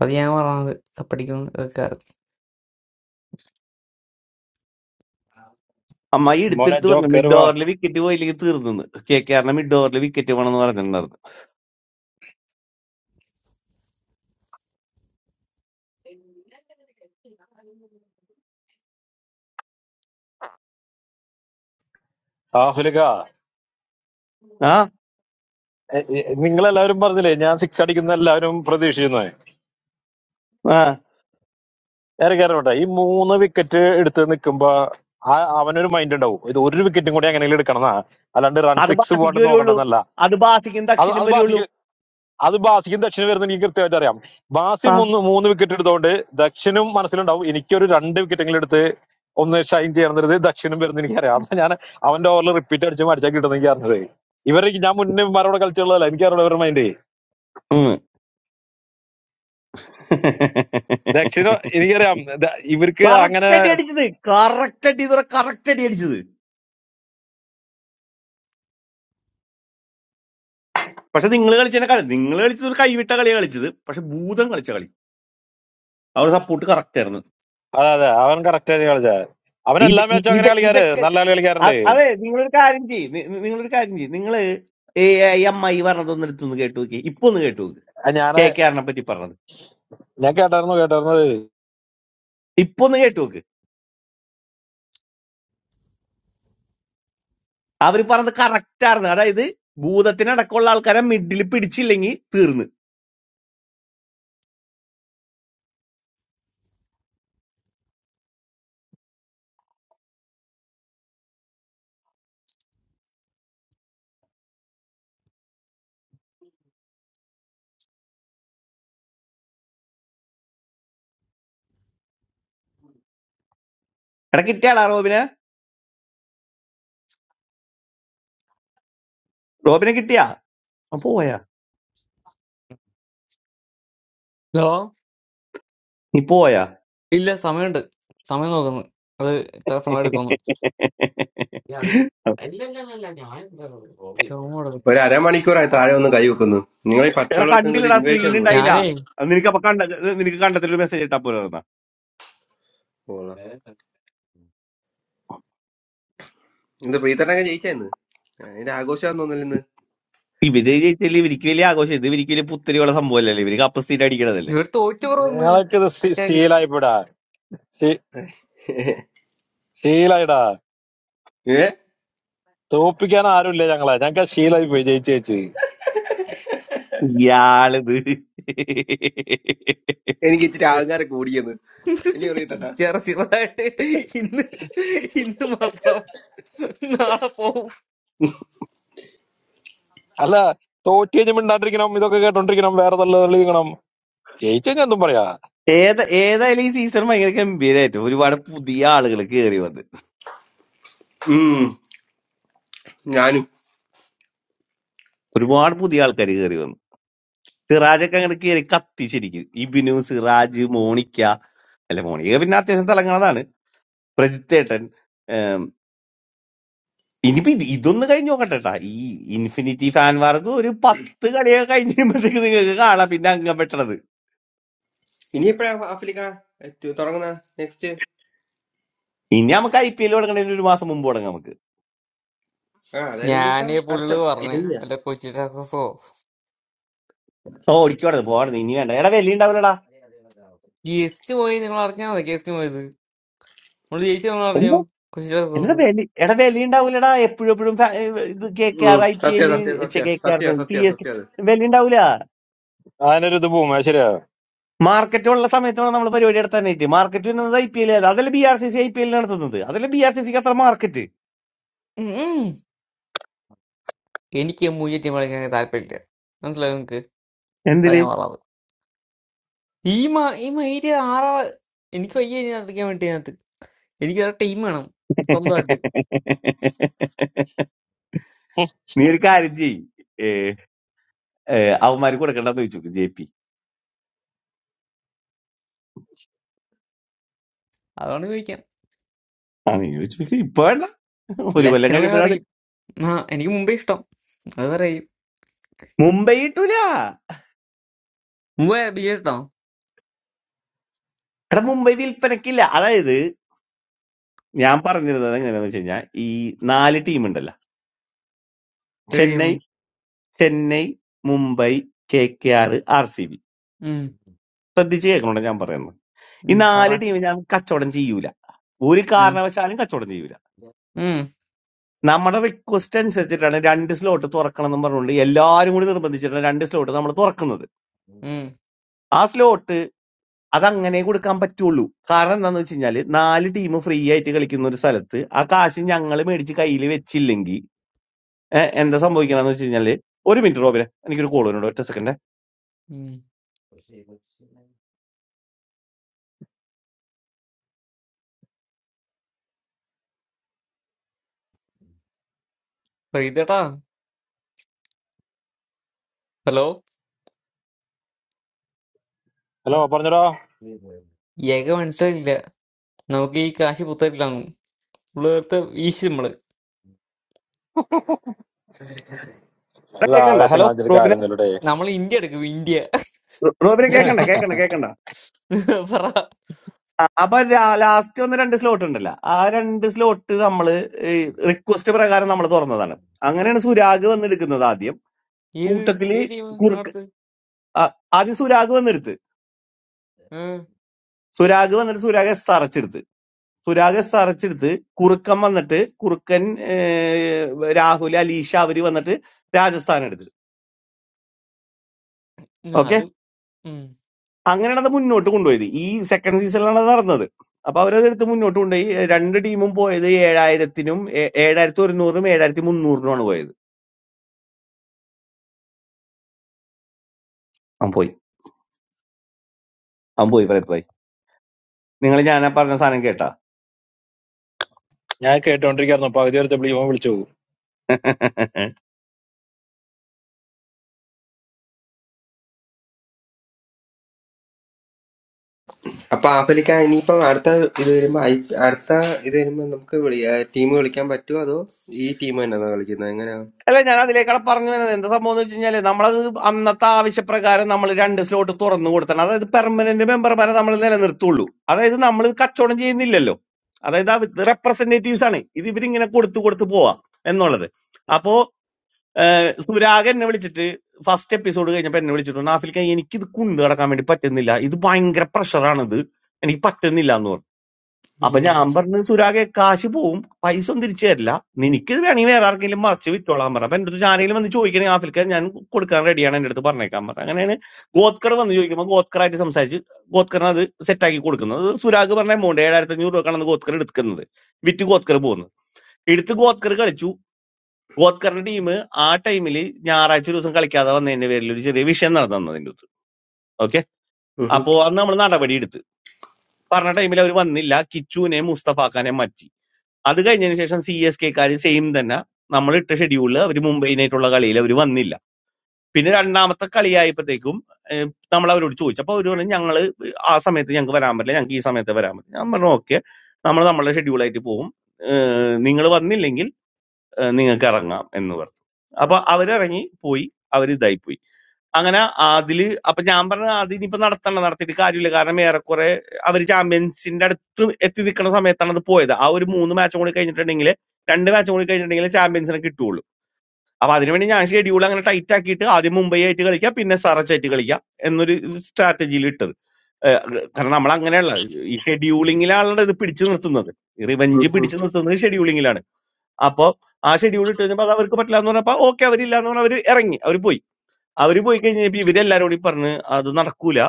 Speaker 22: അത് ഞാൻ പറഞ്ഞത് കപ്പടിക്കുന്നു ഒക്കെ ആയിരുന്നു.
Speaker 12: അമ്മായി
Speaker 30: മോനെ
Speaker 12: എടുത്തെടുത്ത്
Speaker 30: ജോ
Speaker 12: പറഞ്ഞു മിഡ്
Speaker 30: കയറുക
Speaker 12: ഓവറിൽ വിക്കറ്റ് പോയില്ലെങ്കിൽ തീർന്നു കെ കെ ആറിന്റെ മിഡ് ഓവറിൽ വിക്കറ്റ് വേണമെന്ന് പറഞ്ഞിട്ടുണ്ടായിരുന്നു
Speaker 30: ആഫ്രിക്ക
Speaker 12: ആ
Speaker 30: നിങ്ങളെല്ലാവരും പറഞ്ഞില്ലേ ഞാൻ സിക്സ് അടിക്കുന്ന എല്ലാവരും പ്രതീക്ഷിക്കുന്നു
Speaker 12: ആ
Speaker 30: നേരെ കയറട്ടെ ഈ മൂന്ന് വിക്കറ്റ് എടുത്ത് നിൽക്കുമ്പോ ആ അവനൊരു മൈൻഡ് ഉണ്ടാവും ഇത് ഒരു വിക്കറ്റും കൂടി എങ്ങനെയെങ്കിലും എടുക്കണമെന്നാ അല്ലാണ്ട് റൺ
Speaker 12: അത്
Speaker 30: സിക്സ്
Speaker 12: ബാസിക്ക്
Speaker 30: പോകാണ്ട്
Speaker 12: വരുള്ളൂ
Speaker 30: നോക്കണ്ടെന്നല്ല
Speaker 12: അത് ബാസിക്കും
Speaker 30: അത്
Speaker 12: ദക്ഷിണും
Speaker 30: അത്
Speaker 12: വരുള്ളൂ
Speaker 30: ബാസിക്ക് അത് ബാസിക്കും ദക്ഷിണും വരുന്ന എനിക്ക് കൃത്യമായിട്ട് അറിയാം ബാസി
Speaker 12: ആ
Speaker 30: മൂന്ന് മൂന്ന് വിക്കറ്റ് എടുത്തോണ്ട് ദക്ഷിണും മനസ്സിലുണ്ടാവും എനിക്കൊരു രണ്ട് വിക്കറ്റെങ്കിലും എടുത്ത് On the shine, Jayanthirudey, Dakshinamurthy, Nikaya. That's why I am...... A very popular repeated Jumaar Jagiridanikaya. Even if I am in the Maroda culture, I am also one of them. Dakshinamurthy, Nikaya, I
Speaker 12: correct
Speaker 30: am. Even if
Speaker 12: അടി അടിച്ചത് correct അടി ഇതുവരെ correct അടി അടിച്ചത് പക്ഷെ നിങ്ങൾ കളിച്ചതിനെ കളി നിങ്ങൾ കളിച്ചത് ഒരു കൈവിട്ട കളി കളിച്ചത് പക്ഷെ ഭൂതം കളിച്ച കളി അവരുടെ സപ്പോർട്ട് കറക്റ്റ് ആയിരുന്നു
Speaker 30: it is like that, that
Speaker 12: ഇത് ഇ- ഇത് ഇതൊക്കെ അ-
Speaker 30: is......
Speaker 12: അതെ നിങ്ങളൊരു കാര്യം ചെയ്യും നിങ്ങളൊരു കാര്യം ചെയ്യും നിങ്ങള് ഏ ഐ എം ഐ പറഞ്ഞതൊന്നും എടുത്തൊന്ന് കേട്ടു നോക്കി ഇപ്പൊ ഒന്ന് കേട്ടു നോക്ക്
Speaker 30: They are
Speaker 12: കെ കെ ആറിനെ പറ്റി പറഞ്ഞത്
Speaker 30: also attached to them.
Speaker 12: ഇപ്പൊ ഒന്ന് കേട്ടു നോക്ക് അവര് പറഞ്ഞത് കറക്റ്റ് ആയിരുന്നു അതായത് ഭൂതത്തിനടക്കമുള്ള ആൾക്കാരെ മിഡിൽ പിടിച്ചില്ലെങ്കിൽ തീർന്ന് എടാ കിട്ടിയാടാ റോബിനെ റോബിനെ കിട്ടിയാ ആ, പോയാ
Speaker 22: ഹലോ
Speaker 12: നീ പോയാ
Speaker 22: ഇല്ല സമയമുണ്ട് സമയം നോക്കുന്നു അത് ഇത്ര സമയം എടുക്കുന്നു ചോമ
Speaker 32: ഒരു
Speaker 22: കൊടുക്കും
Speaker 32: അരമണിക്കൂറായി താഴെ ഒന്ന് കൈ വെക്കുന്നു നിങ്ങൾ ഈ
Speaker 12: എടാ
Speaker 32: പച്ചവളർക്കുന്ന ഒരു
Speaker 12: കണ്ടില്ലടാ
Speaker 32: ഇൻവൈറ്റ്
Speaker 12: സ്ക്രീൻ
Speaker 32: ആണെന്ന്
Speaker 12: ഉണ്ടായില്ല
Speaker 32: പറയുള്ളൂ
Speaker 22: ഞാനേ
Speaker 12: അത് നിനക്ക് അപ്പൊ കണ്ട ഇത് നിനക്ക് കണ്ടത്തിലൊരു മെസ്സേജ് ഇട്ടാ പോലെ എന്നാ
Speaker 32: ഓളാ ഇത് പ്രീതട്ടൊക്കെ ജയിച്ചെന്ന് അതിന്റെ ആഘോഷമാന്ന് തോന്നില്ലെന്ന്
Speaker 12: ഇവര് ജയിച്ചാല് ഇവർക്ക് വലിയ ആഘോഷം ഇത് ഇവർക്ക് വലിയ പുത്തരിയുള്ള സംഭവമല്ലല്ലേ ഇവര് കപ്പ് സീറ്റ് അടിക്കണതല്ലേ
Speaker 22: ഇവർ തോറ്റു
Speaker 30: They are
Speaker 22: പറന്ന്
Speaker 30: all very good Nikaya. Very good Nikaya. I am...... I am also one of them. I am also a
Speaker 22: മറ്റാര്
Speaker 30: Sri Lai Peda. Sri Lai Da.
Speaker 32: ഏ
Speaker 30: Topikyana Arulle Jangala. Jangka Sri Lai Peda. Jeejee.
Speaker 12: ഇയാളിത്
Speaker 32: എനിക്ക് ഇച്ചിരി ആൾക്കാരെ കൂടിയെന്ന് ഇനി പ്രീതട്ട
Speaker 22: ചെറുതായിട്ട് ഇന്ന് ഇന്ന് മാത്രം നാളെ പോവും
Speaker 30: Allah. Tootiyamendattirikinam, Mithokkagatundattirikinam, Veerathallaligunam. Jeejee, I am doing
Speaker 12: ഏത ഏതായാലും ഈ സീസൺ ഭയങ്കര ഗംഭീരമായിട്ട് ഒരുപാട് പുതിയ ആളുകൾ കയറി വന്ന്
Speaker 32: ഉം ഞാനും
Speaker 12: ഒരുപാട് പുതിയ ആൾക്കാർ കയറി വന്നു സിറാജൊക്കെ അങ്ങനെ കയറി കത്തിച്ചിരിക്കും ഇബിനു സിറാജ് മോണിക്ക അല്ല മോണിക്ക പിന്നെ അത്യാവശ്യം തിളങ്ങണതാണ് പ്രജിത്തേട്ടൻ ഇനിയിപ്പോ ഇത് ഇതൊന്ന് കഴിഞ്ഞ് നോക്കട്ടെട്ടാ ഈ ഇൻഫിനിറ്റി ഫാൻ വാർക്ക് ഒരു പത്ത് കളിയൊക്കെ കഴിഞ്ഞ് കഴിയുമ്പോഴത്തേക്ക് നിങ്ങൾക്ക് കാണാം പിന്നെ അംഗം വെട്ടണത്
Speaker 32: ഇനി എപ്പോഴാ ആഫ്രിക്ക ഏറ്റ് തുടങ്ങുന്ന നെക്സ്റ്റ്
Speaker 12: ഇനി നമുക്ക് ഐ പി എൽ തുടങ്ങണതിന് ഒരു മാസം മുമ്പ് തുടങ്ങാം നമുക്ക്
Speaker 32: ആ അതായത് ഇനിയിപ്പം
Speaker 22: ഞാനേ
Speaker 32: അടുത്ത
Speaker 22: പുള്ളി പറഞ്ഞു വല്ല കൊച്ചി ടാക്കസോ
Speaker 12: ഓ ഓടിക്കോടത് പോകണത് ഇനി വേണ്ട എടാ വില ഉണ്ടാവില്ലടാ
Speaker 22: ഗസ്റ്റ് പോയി നിങ്ങൾ അറിഞ്ഞാ മതി ഗസ്റ്റ് പോയത് നമ്മള് ജയിച്ചു നമ്മൾ അറിഞ്ഞോ
Speaker 12: എന്താ
Speaker 22: കൊച്ചി
Speaker 12: എടാ
Speaker 22: ടാക്കസ്
Speaker 12: വില എടാ വില ഉണ്ടാവില്ലടാ എപ്പോഴും എപ്പോഴും ഫാ- ഇത് കെ കെ
Speaker 32: ഉം,
Speaker 12: ആർ ഐ പി
Speaker 32: സത്യ
Speaker 12: എൽ
Speaker 32: സത്യ സത്യ
Speaker 12: കെ കെ ആർ
Speaker 32: സത്യ
Speaker 12: പി
Speaker 32: സത്യ
Speaker 12: എസ്
Speaker 32: സത്യ അത്
Speaker 12: വില ഉണ്ടാവില്ല
Speaker 30: it. I am doing
Speaker 12: market ഉള്ള സമയത്താണ് നമ്മൾ പരിപാടി നടത്താനായിട്ട് മാർക്കറ്റ് എന്നത് ഐ പി എൽ അതല്ല B R C C I P L നടത്തുന്നത് അതല്ല ബി ആർ സി സിക്ക് അത്ര മാർക്കറ്റ്
Speaker 22: എനിക്ക് മൂജ ടീം കളിക്കാൻ താല്പര്യമില്ല മനസ്സിലായോ നിങ്ങക്ക് അതാ
Speaker 12: എന്തില്
Speaker 22: ഞാൻ പറഞ്ഞത് ഈ മ ഈ മയില് ആറാള് എനിക്ക് വയ്യ ഇനി നടക്കാൻ വേണ്ടി അതിനകത്ത് എനിക്ക് വേറെ ടീം വേണം സ്വന്തമായിട്ട്
Speaker 30: it.
Speaker 12: നീ ഒരു കാര്യം ചെയ്യ് ഏ, ഏ, അവന്മാര് കൊടുക്കണ്ടെന്ന് ചോദിച്ചു ജെ പി
Speaker 22: അതുകൊണ്ട് ചോദിക്കാം
Speaker 12: ആ നീ ചോദിച്ചു ഇപ്പൊ വേണ്ട ഒരു കൊല്ലം
Speaker 22: ലക്ഷണങ്ങൾ അറിയും
Speaker 12: കഴിയുമ്പോഴാണ്
Speaker 22: ആ എനിക്ക് മുമ്പേ ഇഷ്ടം അത് പറയും
Speaker 12: മുംബൈ കിട്ടൂല
Speaker 22: മുമ്പേ ബി എ ഇഷ്ടം
Speaker 12: എടാ മുംബൈ വിൽപ്പനക്കില്ല അതായത് ഞാൻ പറഞ്ഞിരുന്നത് എങ്ങനെയാന്ന് വെച്ച് കഴിഞ്ഞാൽ ഈ നാല് ടീം ഉണ്ടല്ലോ ചെന്നൈ
Speaker 22: കഴിയുള്ളൂ
Speaker 12: Chennai Mumbai K K R R C B
Speaker 22: ഉം
Speaker 12: ശ്രദ്ധിച്ച് കേൾക്കണോണ്ട് ഞാൻ പറയുന്നത് ഈ
Speaker 22: ഉം പറ
Speaker 12: നാല് ടീം ഞാൻ കച്ചവടം ചെയ്യൂല ഒരു
Speaker 22: ഉം
Speaker 12: കാരണവശാലും കച്ചവടം ചെയ്യൂല
Speaker 22: ഉം
Speaker 12: നമ്മുടെ റിക്വസ്റ്റ് അനുസരിച്ചിട്ടാണ് രണ്ട് സ്ലോട്ട് തുറക്കണം എന്ന് പറഞ്ഞുകൊണ്ട് എല്ലാവരും കൂടി നിർബന്ധിച്ചിട്ടാണ് രണ്ട് സ്ലോട്ട് നമ്മൾ തുറക്കുന്നത്
Speaker 22: ഉം
Speaker 12: ആ അതങ്ങനെ കൊടുക്കാൻ പറ്റുള്ളൂ കാരണം എന്താന്ന് വെച്ച് കഴിഞ്ഞാല് നാല് ടീം ഫ്രീ ആയിട്ട് കളിക്കുന്ന ഒരു സ്ഥലത്ത് ആ കാശ് ഞങ്ങൾ മേടിച്ച് കയ്യിൽ വെച്ചില്ലെങ്കിൽ ഏഹ്, എന്താ സംഭവിക്കണമെന്ന് വെച്ച് കഴിഞ്ഞാല് ഒരു മിനിറ്റ് റോബിനെ എനിക്കൊരു കോൾ വരുന്നുണ്ട് ഒറ്റ സെക്കൻഡ്
Speaker 22: ഉം. പ്രീതേട്ടാ ഹലോ
Speaker 30: Hello, Aparna.
Speaker 22: ഏക മനസ്സിലായില്ല നമുക്ക് ഈ കാശ് പുത്തരില്ലാന്ന് ഉള്ളടുത്ത് വീശി നമ്മള്
Speaker 30: Hello, I
Speaker 12: കേക്കണ്ട
Speaker 30: am
Speaker 12: hello
Speaker 30: sending my dear
Speaker 12: റോബിനെ
Speaker 30: Karan to you.
Speaker 22: നമ്മൾ ഇന്ത്യ എടുക്കും ഇന്ത്യ
Speaker 12: റോ- റോബിനെ
Speaker 22: അല്ല
Speaker 12: കേക്കണ്ട
Speaker 22: ഇന്ത്യ
Speaker 12: കേക്കണ്ട കേക്കണ്ട
Speaker 22: പറ
Speaker 12: അപ്പൊ ലാസ്റ്റ് വന്ന രണ്ട് സ്ലോട്ട് ഉണ്ടല്ലോ ആ രണ്ട് സ്ലോട്ട് നമ്മള് റിക്വസ്റ്റ് പ്രകാരം നമ്മൾ തുറന്നതാണ് അങ്ങനെയാണ് സുരാഗ് വന്നെടുക്കുന്നത് ആദ്യം
Speaker 22: ഏത്
Speaker 12: കൂട്ടത്തില്
Speaker 22: ഏത് ടീം
Speaker 12: കുറുക്ക്
Speaker 22: അടുത്ത്
Speaker 12: ആ, ആദ്യം സുരാഗ് വന്നെടുത്ത്
Speaker 22: ആ, ആ,
Speaker 12: സുരാഗ് വന്നിട്ട് സുരാഗ് എസ് അടച്ചെടുത്ത് സുരാഗ് അറച്ചെടുത്ത് കുറുക്കൻ വന്നിട്ട് കുറുക്കൻ ഏഹ്, രാഹുൽ അലീഷ അവര് വന്നിട്ട് രാജസ്ഥാൻ എടുത്ത് ഓക്കെ
Speaker 22: അത് ഉം.
Speaker 12: അങ്ങനെയാണ് അത് മുന്നോട്ട് കൊണ്ടുപോയത് ഈ സെക്കൻഡ് സീസണിലാണ് അത് നടന്നത് അപ്പൊ അവരത് എടുത്ത് മുന്നോട്ട് കൊണ്ടുപോയി രണ്ട് ടീമും പോയത് ഏഴായിരത്തിനും ഏ- ഏഴായിരത്തി ഒരുന്നൂറിനും ഏഴായിരത്തി മുന്നൂറിനുമാണ് പോയത് അവൻ പോയി അവൻ പോയി ഭരത് ഭായി നിങ്ങൾ ഞാൻ പറഞ്ഞ സാധനം കേട്ടാ
Speaker 30: I came to talk to you about the problem we have.
Speaker 32: അപ്പൊ ആഫ്രിക്ക ഇനിയിപ്പം അടുത്ത ഇത് വരുമ്പോ ഐ അടുത്ത ഇത് വരുമ്പോ നമുക്ക് ടീം കളിക്കാൻ പറ്റുമോ അതോ ഈ ടീം തന്നെയാണോ കളിക്കുന്നത്
Speaker 12: അല്ല ഞാൻ അതിലേക്കാണ് പറഞ്ഞു വരുന്നത് എന്ത് സംഭവം എന്ന് വെച്ച് കഴിഞ്ഞാല് നമ്മളത് അന്നത്തെ ആവശ്യപ്രകാരം നമ്മൾ രണ്ട് സ്ലോട്ട് തുറന്നു കൊടുത്തണം അതായത് പെർമനന്റ് മെമ്പർമാരെ നമ്മൾ നിലനിർത്തുള്ളൂ അതായത് നമ്മൾ കച്ചവടം ചെയ്യുന്നില്ലല്ലോ അതായത് ഇത് റെപ്രസെന്റേറ്റീവ്സ് ആണ് ഇത് ഇവരിങ്ങനെ കൊടുത്തു കൊടുത്തു പോവാ എന്നുള്ളത് അപ്പോ സുരാഗ് എന്നെ വിളിച്ചിട്ട് ഫസ്റ്റ് എപ്പിസോഡ് കഴിഞ്ഞപ്പോ എന്നെ വിളിച്ചിട്ടുണ്ട് നാഫിൽക്ക എനിക്കിത് കൊണ്ടു നടക്കാൻ വേണ്ടി പറ്റുന്നില്ല ഇത് ഭയങ്കര പ്രഷറാണ് ഇത് എനിക്ക് പറ്റുന്നില്ല എന്ന് പറഞ്ഞു അപ്പൊ
Speaker 32: എങ്ങനെയാ
Speaker 12: ഞാൻ പറഞ്ഞു സുരാഗെ കാശ് പോവും പൈസ ഒന്നും തിരിച്ചു തരില്ല നിനക്ക് വേണമെങ്കിൽ വേറെ ആർക്കെങ്കിലും മറച്ച് വിറ്റോളാൻ പറഞ്ഞു അപ്പൊ എന്റെ അടുത്ത് ആരെങ്കിലും വന്ന് ചോദിക്കണെങ്കിൽ ആഫ്രിക്ക ഞാൻ കൊടുക്കാൻ റെഡിയാണ് എന്റെ അടുത്ത് പറഞ്ഞേക്കാൻ പറഞ്ഞു അങ്ങനെയാണ് ഗോത്കർ വന്ന് ചോദിക്കുമ്പോൾ ഗോത്കറായിട്ട് സംസാരിച്ച് ഗോത്കറിന് അത് സെറ്റാക്കി കൊടുക്കുന്നത് അത് സുരാഗ് പറഞ്ഞ എമൗണ്ട് ഏഴായിരത്തി അഞ്ഞൂറ് രൂപക്കാണ് അന്ന് ഗോത്കർ എടുക്കുന്നത് വിറ്റ് ഗോത്കർ പോകുന്നത് എടുത്ത് ഗോത്കർ കളിച്ചു ഗോത്കറിന്റെ ടീം ആ ടൈമിൽ ഞായറാഴ്ച ഒരു ദിവസം കളിക്കാതെ വന്നതിന്റെ പേരിൽ ഒരു ചെറിയ വിഷയം നടന്നു അതിന്റെ അടുത്ത് ഓക്കെ അപ്പോ അന്ന് നമ്മൾ നടപടി എടുത്ത് പറഞ്ഞ ടൈമിൽ അവർ വന്നില്ല കിച്ചുവിനെയും മുസ്തഫാക്കാനെയും മാറ്റി അത് കഴിഞ്ഞതിന് ശേഷം സി എസ് കെക്കാര് സെയിം തന്നെ നമ്മൾ ഇട്ട ഷെഡ്യൂളിൽ അവർ മുംബൈനായിട്ടുള്ള കളിയിൽ അവർ വന്നില്ല പിന്നെ രണ്ടാമത്തെ കളിയായപ്പോഴത്തേക്കും നമ്മൾ അവരോട് ചോദിച്ചു അപ്പോൾ അവർ പറഞ്ഞു ഞങ്ങൾ ആ സമയത്ത് ഞങ്ങൾക്ക് വരാൻ പറ്റില്ല ഞങ്ങൾക്ക് ഈ സമയത്ത് വരാൻ പറ്റില്ല ഞാൻ പറഞ്ഞു ഓക്കെ നമ്മൾ നമ്മളുടെ ഷെഡ്യൂളായിട്ട് പോകും നിങ്ങൾ വന്നില്ലെങ്കിൽ നിങ്ങൾക്ക് ഇറങ്ങാം എന്ന് പറഞ്ഞു അപ്പൊ അവരിറങ്ങി പോയി അവർ ഇതായി പോയി അങ്ങനെ അതില് അപ്പൊ ഞാൻ പറഞ്ഞ അത് ഇനിയിപ്പോ നടത്തണം നടത്തിയിട്ട് കാര്യമില്ല കാരണം ഏറെക്കുറെ അവർ ചാമ്പ്യൻസിന്റെ അടുത്ത് എത്തി നിൽക്കുന്ന സമയത്താണ് അത് പോയത് ആ ഒരു മൂന്ന് മാച്ചും കൂടി കഴിഞ്ഞിട്ടുണ്ടെങ്കിൽ രണ്ട് മാച്ചും കൂടി കഴിഞ്ഞിട്ടുണ്ടെങ്കിൽ ചാമ്പ്യൻസിനെ കിട്ടുള്ളൂ അപ്പൊ അതിനുവേണ്ടി ഞാൻ ഷെഡ്യൂൾ അങ്ങനെ ടൈറ്റ് ആക്കിയിട്ട് ആദ്യം മുംബൈ ആയിട്ട് കളിക്കുക പിന്നെ സറച്ച് ആയിട്ട് കളിക്കുക എന്നൊരു സ്ട്രാറ്റജിയിൽ ഇട്ടത് ഏഹ് കാരണം നമ്മൾ അങ്ങനെയുള്ള ഈ ഷെഡ്യൂളിങ്ങിലാണ് ഇത് പിടിച്ചു നിർത്തുന്നത്
Speaker 32: ഉം
Speaker 12: റിവഞ്ച്
Speaker 32: ഉം
Speaker 12: പിടിച്ചു നിർത്തുന്നത് ഷെഡ്യൂളിങ്ങിലാണ് അപ്പൊ ആ ഷെഡ്യൂൾ ഇട്ട് കഴിഞ്ഞപ്പോ അത് അവർക്ക് പറ്റില്ല എന്ന് പറഞ്ഞപ്പോ ഓക്കെ അവരില്ല എന്ന് പറഞ്ഞാൽ അവർ ഇറങ്ങി അവർ പോയി അവര് പോയി കഴിഞ്ഞപ്പോ ഇവരെല്ലാരും കൂടി പറഞ്ഞ് അത് നടക്കൂല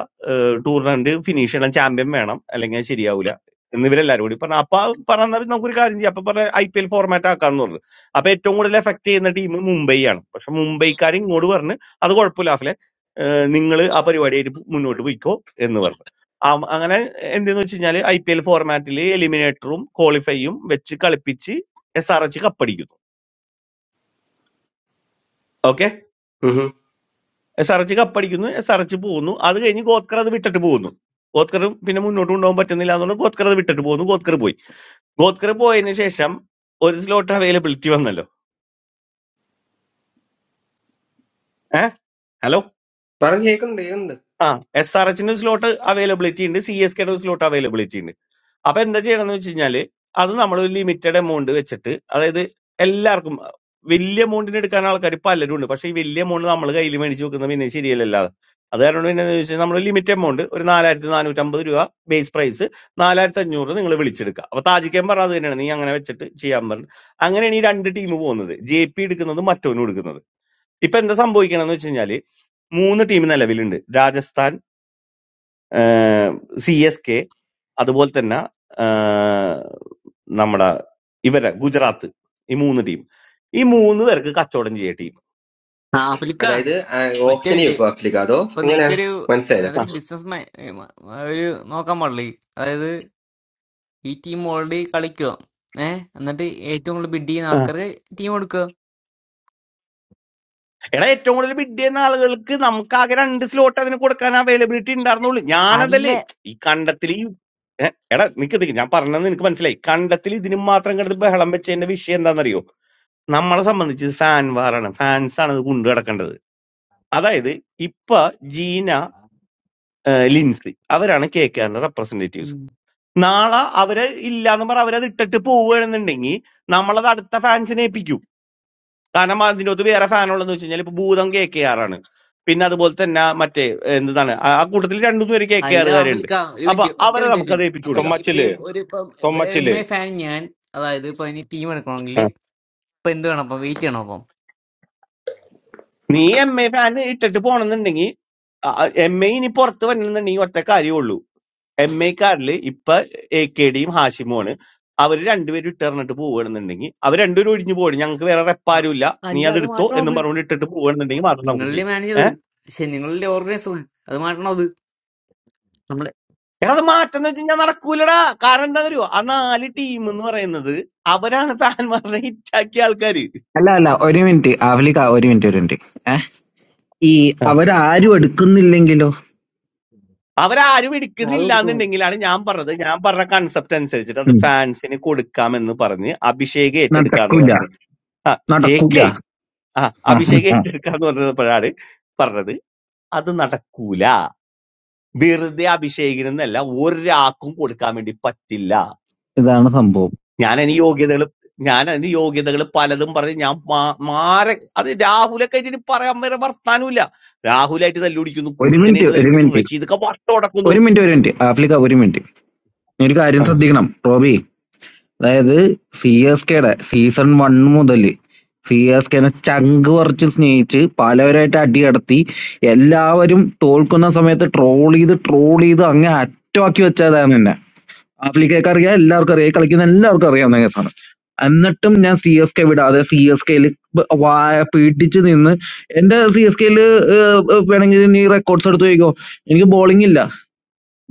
Speaker 12: ടൂർണമെന്റ് ഫിനിഷ് ചെയ്യണം ചാമ്പ്യൻ വേണം അല്ലെങ്കിൽ അത് ശരിയാവൂല എന്ന് ഇവരെല്ലാരും കൂടി പറഞ്ഞു അപ്പൊ പറഞ്ഞാൽ നമുക്കൊരു കാര്യം ചെയ്യാം അപ്പൊ പറഞ്ഞ ഐ പി എൽ ഫോർമാറ്റ് ആക്കാന്ന് പറഞ്ഞു അപ്പൊ ഏറ്റവും കൂടുതൽ എഫക്ട് ചെയ്യുന്ന ടീം മുംബൈ ആണ് പക്ഷെ മുംബൈക്കാർ ഇങ്ങോട്ട് പറഞ്ഞ് അത് കുഴപ്പമില്ല ആഫിലെ നിങ്ങൾ ആ പരിപാടിയായിട്ട് പോ- മുന്നോട്ട് പോയിക്കോ എന്ന് പറഞ്ഞു ആ- അങ്ങനെ എന്തെന്ന് വെച്ച് കഴിഞ്ഞാൽ ഐ പി എൽ ഫോർമാറ്റിൽ എലിമിനേറ്ററും ക്വാളിഫൈയും വെച്ച് കളിപ്പിച്ച് എസ് ആർ എച്ച് കപ്പടിക്കുന്നു ഓക്കെ,
Speaker 32: ഉം ഉം.
Speaker 12: എസ് ആർ എച്ച് കപ്പടിക്കുന്നു എസ് ആർ എച്ച് പോകുന്നു അത് കഴിഞ്ഞ് ഗോത്കർ അത് വിട്ടിട്ട് പോകുന്നു ഗോത്കറും പിന്നെ മുന്നോട്ട് കൊണ്ടുപോകാൻ പറ്റുന്നില്ല എന്നുകൊണ്ട് ഗോത്കർ അത് വിട്ടിട്ട് പോകുന്നു ഗോത്കർ പോയി ഗോത്കർ പോയതിനു ശേഷം ഒരു സ്ലോട്ട് അവൈലബിലിറ്റി വന്നല്ലോ ഏഹ് ഹലോ
Speaker 32: പറഞ്ഞ് കേൾക്കുന്നുണ്ട് കേൾക്കുന്നുണ്ട്
Speaker 12: ആ എസ് ആർ എച്ചിന്റെ സ്ലോട്ട് അവൈലബിലിറ്റി ഉണ്ട് സി എസ് കെയുടെ സ്ലോട്ട് അവൈലബിലിറ്റി ഉണ്ട് അപ്പൊ എന്താ ചെയ്യണം എന്ന് വെച്ച് കഴിഞ്ഞാല് അത് നമ്മൾ ഒരു ലിമിറ്റഡ് എമൗണ്ട് വെച്ചിട്ട് അതായത് എല്ലാവർക്കും വലിയ എമൗണ്ടിന് എടുക്കാൻ ആൾക്കാർ പലരും ഉണ്ട് പക്ഷെ ഈ വലിയ എമൗണ്ട് നമ്മൾ കയ്യിൽ മേടിച്ച് വെക്കുന്നത് പിന്നെ ശരിയല്ലല്ലോ അത് കാരണം പിന്നെ എന്താന്ന് വെച്ചാൽ നമ്മൾ ലിമിറ്റ് എമൗണ്ട് ഒരു നാലായിരത്തി നാനൂറ്റമ്പത് രൂപ ബേസ് പ്രൈസ് നാലായിരത്തി അഞ്ഞൂറ് നിങ്ങൾ വിളിച്ചെടുക്കുക അപ്പൊ താജിക്കാൻ പറഞ്ഞത് അത് തന്നെയാണ് നീ അങ്ങനെ വെച്ചിട്ട് ചെയ്യാൻ പറഞ്ഞു അങ്ങനെയാണ് ഈ രണ്ട് ടീം പോകുന്നത് ജെ പി എടുക്കുന്നത് മറ്റോനും എടുക്കുന്നത് ഇപ്പൊ എന്താ സംഭവിക്കണമെന്ന് വെച്ച് കഴിഞ്ഞാല് മൂന്ന് ടീം നിലവിലുണ്ട് രാജസ്ഥാൻ സി എസ് കെ അതുപോലെ തന്നെ നമ്മുടെ ഇവരെ ഗുജറാത്ത് ഈ മൂന്ന് ടീം ഈ മൂന്ന് പേർക്ക് കച്ചവടം ചെയ്യ ടീം
Speaker 22: ആ പുലിക്ക
Speaker 32: അതായത്
Speaker 22: ഒറ്റ
Speaker 32: ഓപ്ഷനെ
Speaker 22: മിനിറ്റ്
Speaker 32: വെക്കും അപ്ലിക്കാതോ
Speaker 22: ഇപ്പൊ നിനക്കൊരു
Speaker 32: എങ്ങനെയാ
Speaker 12: ആ,
Speaker 22: അതൊരു ബിസിനസ് ഒരു നോക്കാൻ പാടില്ലേ അതായത് ഈ ടീം ഓൾറെഡി കളിക്കുക ഏഹ് എന്നിട്ട് ഏറ്റവും കൂടുതൽ ബിഡ് ചെയ്യുന്ന
Speaker 12: ആ,
Speaker 22: ആൾക്കാർക്ക് ടീം എടുക്കുക
Speaker 12: എടാ ഏറ്റവും കൂടുതൽ ബിഡ് ചെയ്യുന്ന ആളുകൾക്ക് നമുക്ക് ആകെ രണ്ട് സ്ലോട്ട് അതിന് കൊടുക്കാൻ അവൈലബിലിറ്റി ഉണ്ടായിരുന്നുള്ളൂ
Speaker 22: അല്ല
Speaker 12: ഞാനതല്ലേ ഈ കണ്ടത്തിൽ ഈ ഏ, എടാ നിക്ക് നിക്ക് ഞാൻ പറഞ്ഞത് നിനക്ക് മനസ്സിലായി കണ്ടത്തിൽ ഇതിനും മാത്രം കിടന്ന് ബഹളം വെച്ചതിന്റെ വിഷയം എന്താണെന്നറിയോ നമ്മളെ സംബന്ധിച്ച് ഫാൻ വാറാണ് ഫാൻസ് ആണ് ഇത് കൊണ്ടു കിടക്കേണ്ടത് അതായത് ഇപ്പൊ ജീന ഏ, ലിൻസി അവരാണ് കെ കെആറിന്റെ
Speaker 22: ഉം.
Speaker 12: നാളെ അവര് ഇല്ലാന്ന് പറ അവരത് ഇട്ടിട്ട് പോവുകയാണെന്നുണ്ടെങ്കിൽ നമ്മളത് അടുത്ത ഫാൻസിനെ ഏൽപ്പിക്കും കാരണം അതിൻ്റെ അകത്ത് വേറെ ഫാൻ ഉള്ളതെന്ന് വെച്ച് കഴിഞ്ഞാൽ ഇപ്പൊ ഭൂതം കെ കെ ആർ ആണ് പിന്നെ അതുപോലെ തന്നെ മറ്റേ എന്താണ് ആ ആ കൂട്ടത്തിൽ രണ്ടു മൂന്ന് പേര് കെ കെ
Speaker 22: അല്ല
Speaker 12: ആറുകാരുണ്ട്
Speaker 22: ആഫ്രിക്ക ഒരു
Speaker 12: അപ്പൊ
Speaker 22: മിനിറ്റ് ഒറ്റ
Speaker 12: അവരെ
Speaker 22: മിനിറ്റ് ഒരു
Speaker 12: നമുക്ക് അത്
Speaker 22: മിനിറ്റ്
Speaker 12: ഏൽപ്പിച്ചു
Speaker 22: അപ്പൊ
Speaker 12: കൊടുക്കാം
Speaker 30: Somma
Speaker 22: ഇപ്പൊ ഈ
Speaker 30: chile,
Speaker 22: ഒരു ഇപ്പം
Speaker 30: Somma
Speaker 22: M A
Speaker 30: chile.
Speaker 22: Fan ഞാൻ അതായത് ഇപ്പൊ ഇനി ടീം എടുക്കണമെങ്കിൽ
Speaker 12: ആ.
Speaker 22: ഇപ്പൊ എന്ത് വേണം അപ്പം വെയിറ്റ് ചെയ്യണം അപ്പം
Speaker 12: നീ എം എ ഫാൻ ഇട്ടിട്ട് പോണെന്നുണ്ടെങ്കിൽ എം എ ഇനി പുറത്ത് വരണമെന്നുണ്ടെങ്കിൽ ഒറ്റ കാര്യമേ ഉള്ളൂ എം എ കാർഡില് ഇപ്പൊ എ കെ ഡിയും ഹാഷിമുമാണ് അവർ രണ്ടുപേരും ഇട്ടറിഞ്ഞിട്ട് പോവുകയാണെന്നുണ്ടെങ്കിൽ അവർ രണ്ടുപേരും ഒഴിഞ്ഞു പോകണം ഞങ്ങൾക്ക് വേറെ
Speaker 22: ആ,
Speaker 12: റെപ്പാരും ഇല്ല നീ
Speaker 22: അല്ല
Speaker 12: അത്
Speaker 22: അത്
Speaker 12: എടുത്തോ
Speaker 22: മാറ്റണം
Speaker 12: എന്നും
Speaker 22: അത്
Speaker 12: പറഞ്ഞുകൊണ്ട് ഇട്ടിട്ട് പോവുകയാണെന്നുണ്ടെങ്കിൽ മാത്രം നമുക്ക്
Speaker 22: നിങ്ങളുടെ
Speaker 12: ചെയ്യാം
Speaker 22: മാനേജർ
Speaker 12: ഏഹ്
Speaker 22: പക്ഷെ നിങ്ങളുടെ ഓർഗനൈസർ അത് മാറ്റണം അത് നമ്മള്
Speaker 12: എടാ അത് മാറ്റം എന്ന് വെച്ച് കഴിഞ്ഞാൽ നടക്കൂലടാ കാരണം എന്താ അറിയോ ആ നാല് ടീം എന്ന് പറയുന്നത് അവരാണ് ഫാൻമാരുടെ ഹിറ്റാക്കിയ ആൾക്കാര്
Speaker 33: അല്ല അല്ല ഒരു മിനിറ്റ് ആഫ്ലിക്ക ഒരു മിനിറ്റ് ഒരു മിനിറ്റ് ഏ ഈ അവരാരും എടുക്കുന്നില്ലെങ്കിലോ
Speaker 12: അവരാരും
Speaker 22: അത്
Speaker 12: എടുക്കുന്നില്ല
Speaker 22: കൊടുക്കുന്നു
Speaker 12: എന്നുണ്ടെങ്കിലാണ് ഞാൻ പറഞ്ഞത് ഞാൻ പറഞ്ഞ കൺസെപ്റ്റ് അനുസരിച്ചിട്ട് അത്
Speaker 33: ഉം.
Speaker 12: ഫാൻസിന് കൊടുക്കാമെന്ന് പറഞ്ഞ് അഭിഷേക് ഏറ്റെടുക്കാന്ന്
Speaker 33: നടക്കൂല
Speaker 12: പറഞ്ഞ് ആ
Speaker 33: നടക്കൂല
Speaker 12: കേക്ക് ആ അഭിഷേക് ഏറ്റെടുക്കാന്ന് പറഞ്ഞപ്പോഴാണ് പറഞ്ഞത് അത് നടക്കൂല വെറുതെ അഭിഷേകിനെന്നല്ല ഒരാൾക്കും കൊടുക്കാൻ വേണ്ടി പറ്റില്ല
Speaker 33: ഇതാണ് സംഭവം
Speaker 12: ഞാൻ അതിന് യോഗ്യതകൾ ഞാൻ അതിന് യോഗ്യതകൾ പലതും പറഞ്ഞ് ഞാൻ മാ- മാരെ അത് രാഹുലൊക്കെ ആയിട്ട് ഇനി പറയാൻ വരെ വർത്താനമില്ല രാഹുലായിട്ട് തല്ലുപിടിക്കുന്നു
Speaker 33: ഒരു മിനിറ്റ്
Speaker 12: കുറുക്കനായിട്ട്
Speaker 33: ഒരു
Speaker 12: തല്ലുപിടിക്കുന്നു
Speaker 33: മിനിറ്റ്
Speaker 12: റഷീദൊക്കെ വട്ടം ഉടക്കുന്നു
Speaker 33: ഒരു മിനിറ്റ് ഒരു മിനിറ്റ് ആഫ്ലിക്ക ഒരു മിനിറ്റ് നീ ഒരു കാര്യം ശ്രദ്ധിക്കണം റോബി അതായത് സി എസ് കെയുടെ സീസൺ വൺ മുതൽ സി എസ് കെനെ ചങ്ക് പറിച്ച് സ്നേഹിച്ച് പലവരായിട്ട് അടിയടത്തി എല്ലാവരും തോൽക്കുന്ന സമയത്ത് ട്രോൾ ചെയ്ത് ട്രോൾ ചെയ്ത് അങ്ങ് അറ്റമാക്കി വെച്ചതാണ് ആഫ്രിക്കക്ക് അറിയാം എല്ലാവർക്കും അറിയാം ഈ കളിക്കുന്ന എല്ലാവർക്കും അറിയാവുന്ന കേസാണ് എന്നിട്ടും ഞാൻ സി എസ് കെ വിടാതെ സി എസ് കെയിൽ വായ പീഡിച്ച് നിന്ന് എന്റെ സി എസ് കെയിൽ വേണമെങ്കിൽ നീ റെക്കോർഡ്സ് എടുത്ത് ചോദിക്കോ എനിക്ക് ബോളിംഗ് ഇല്ല